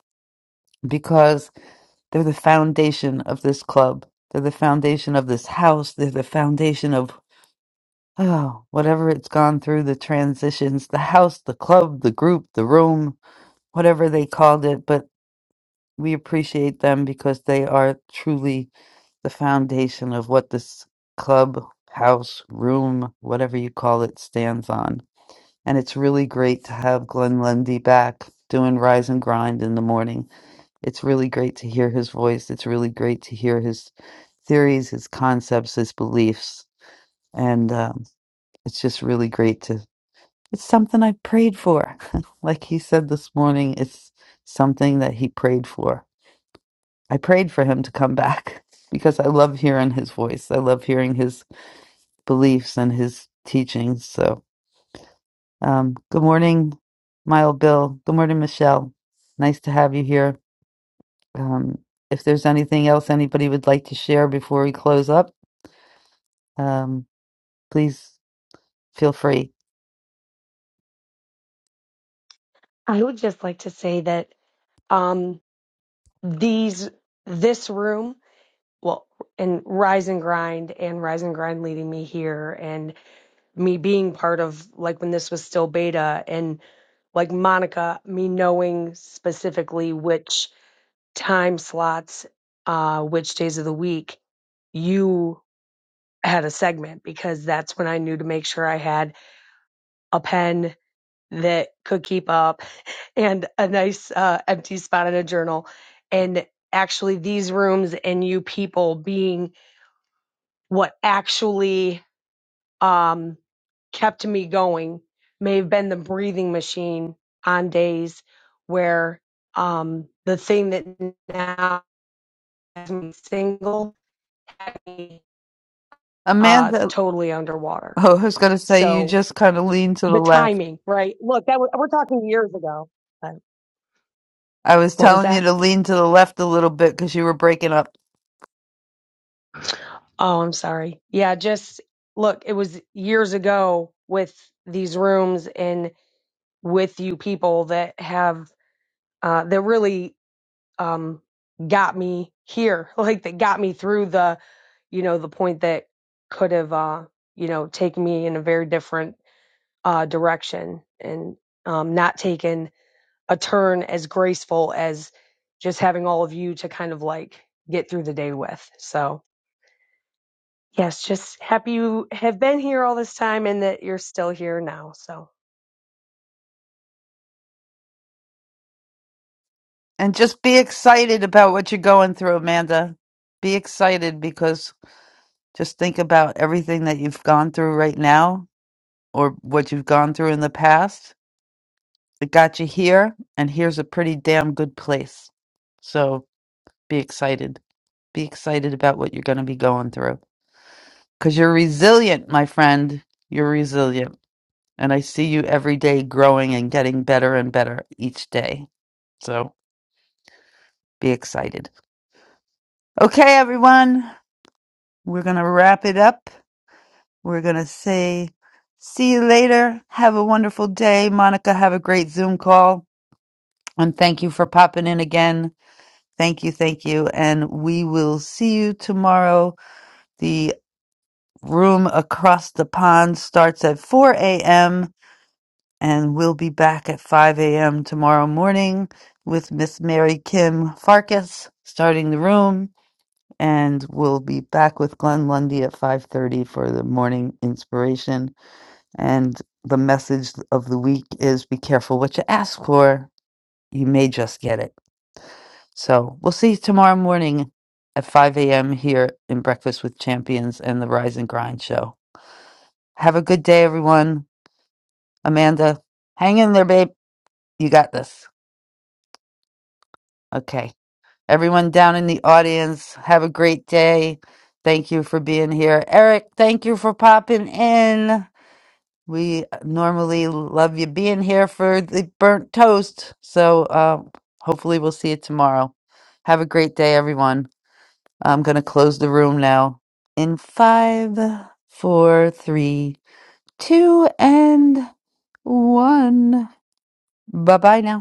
Speaker 3: because they're the foundation of this club. They're the foundation of this house. They're the foundation of oh, whatever it's gone through the transitions, the house, the club, the group, the room, whatever they called it, but we appreciate them because they are truly the foundation of what this club, house, room, whatever you call it, stands on. And it's really great to have Glenn Lundy back doing Rise and Grind in the morning. It's really great to hear his voice. It's really great to hear his theories, his concepts, his beliefs. And um, it's just really great to, it's something I prayed for. like he said this morning, it's something that he prayed for. I prayed for him to come back because I love hearing his voice. I love hearing his beliefs and his teachings. So Um, good morning, my old Bill. Good morning, Michelle. Nice to have you here. Um, if there's anything else anybody would like to share before we close up, um, please feel free.
Speaker 26: I would just like to say that um, these, this room, well and rise and grind and rise and grind leading me here and me being part of like when this was still beta and like monica me knowing specifically which time slots uh which days of the week you had a segment because that's when i knew to make sure i had a pen that could keep up and a nice uh, empty spot in a journal and actually these rooms and you people being what actually um, kept me going may have been the breathing machine on days where um, the thing that now has me single had me uh,
Speaker 3: Amanda,
Speaker 26: totally underwater.
Speaker 3: oh, I was going to say you
Speaker 26: So
Speaker 3: just kind of leaned to the
Speaker 26: the
Speaker 3: left.
Speaker 26: timing, right? Look, that was, we're talking years ago. But
Speaker 3: I was
Speaker 26: what was
Speaker 3: telling you
Speaker 26: that?
Speaker 3: to lean to the left a little bit because you were breaking up.
Speaker 26: Oh, I'm sorry. Yeah, just look, it was years ago with these rooms and with you people that have uh, that really um, got me here, like that got me through the, you know, the point that could have, uh, you know, taken me in a very different uh, direction and um, not taken a turn as graceful as just having all of you to kind of like get through the day with. So, yes, just happy you have been here all this time and that you're still here now. So.
Speaker 3: And just be excited about what you're going through, Amanda. Be excited because just think about everything that you've gone through right now or what you've gone through in the past It got you here, and here's a pretty damn good place. So be excited. Be excited about what you're going to be going through. Because you're resilient, my friend. You're resilient. And I see you every day growing and getting better and better each day. So be excited. Okay, everyone. We're going to wrap it up. We're going to say, see you later. Have a wonderful day. Monica, have a great Zoom call. And thank you for popping in again. Thank you, thank you. And we will see you tomorrow. The room across the pond starts at 4 a.m. and we'll be back at 5 a.m. tomorrow morning with Miss Mary Kim Farkas starting the room. And we'll be back with Glenn Lundy at 5:30 for the morning inspiration. And the message of the week is be careful what you ask for. You may just get it. So we'll see you tomorrow morning at 5 a.m. here in Breakfast with Champions and the Rise and Grind show. Have a good day, everyone. Amanda, hang in there, babe. You got this. Okay. Everyone down in the audience, have a great day. Thank you for being here. Eric, thank you for popping in. We normally love you being here for the burnt toast. So uh, hopefully, we'll see you tomorrow. Have a great day, everyone. I'm going to close the room now in five, four, three, two, and one. Bye bye now.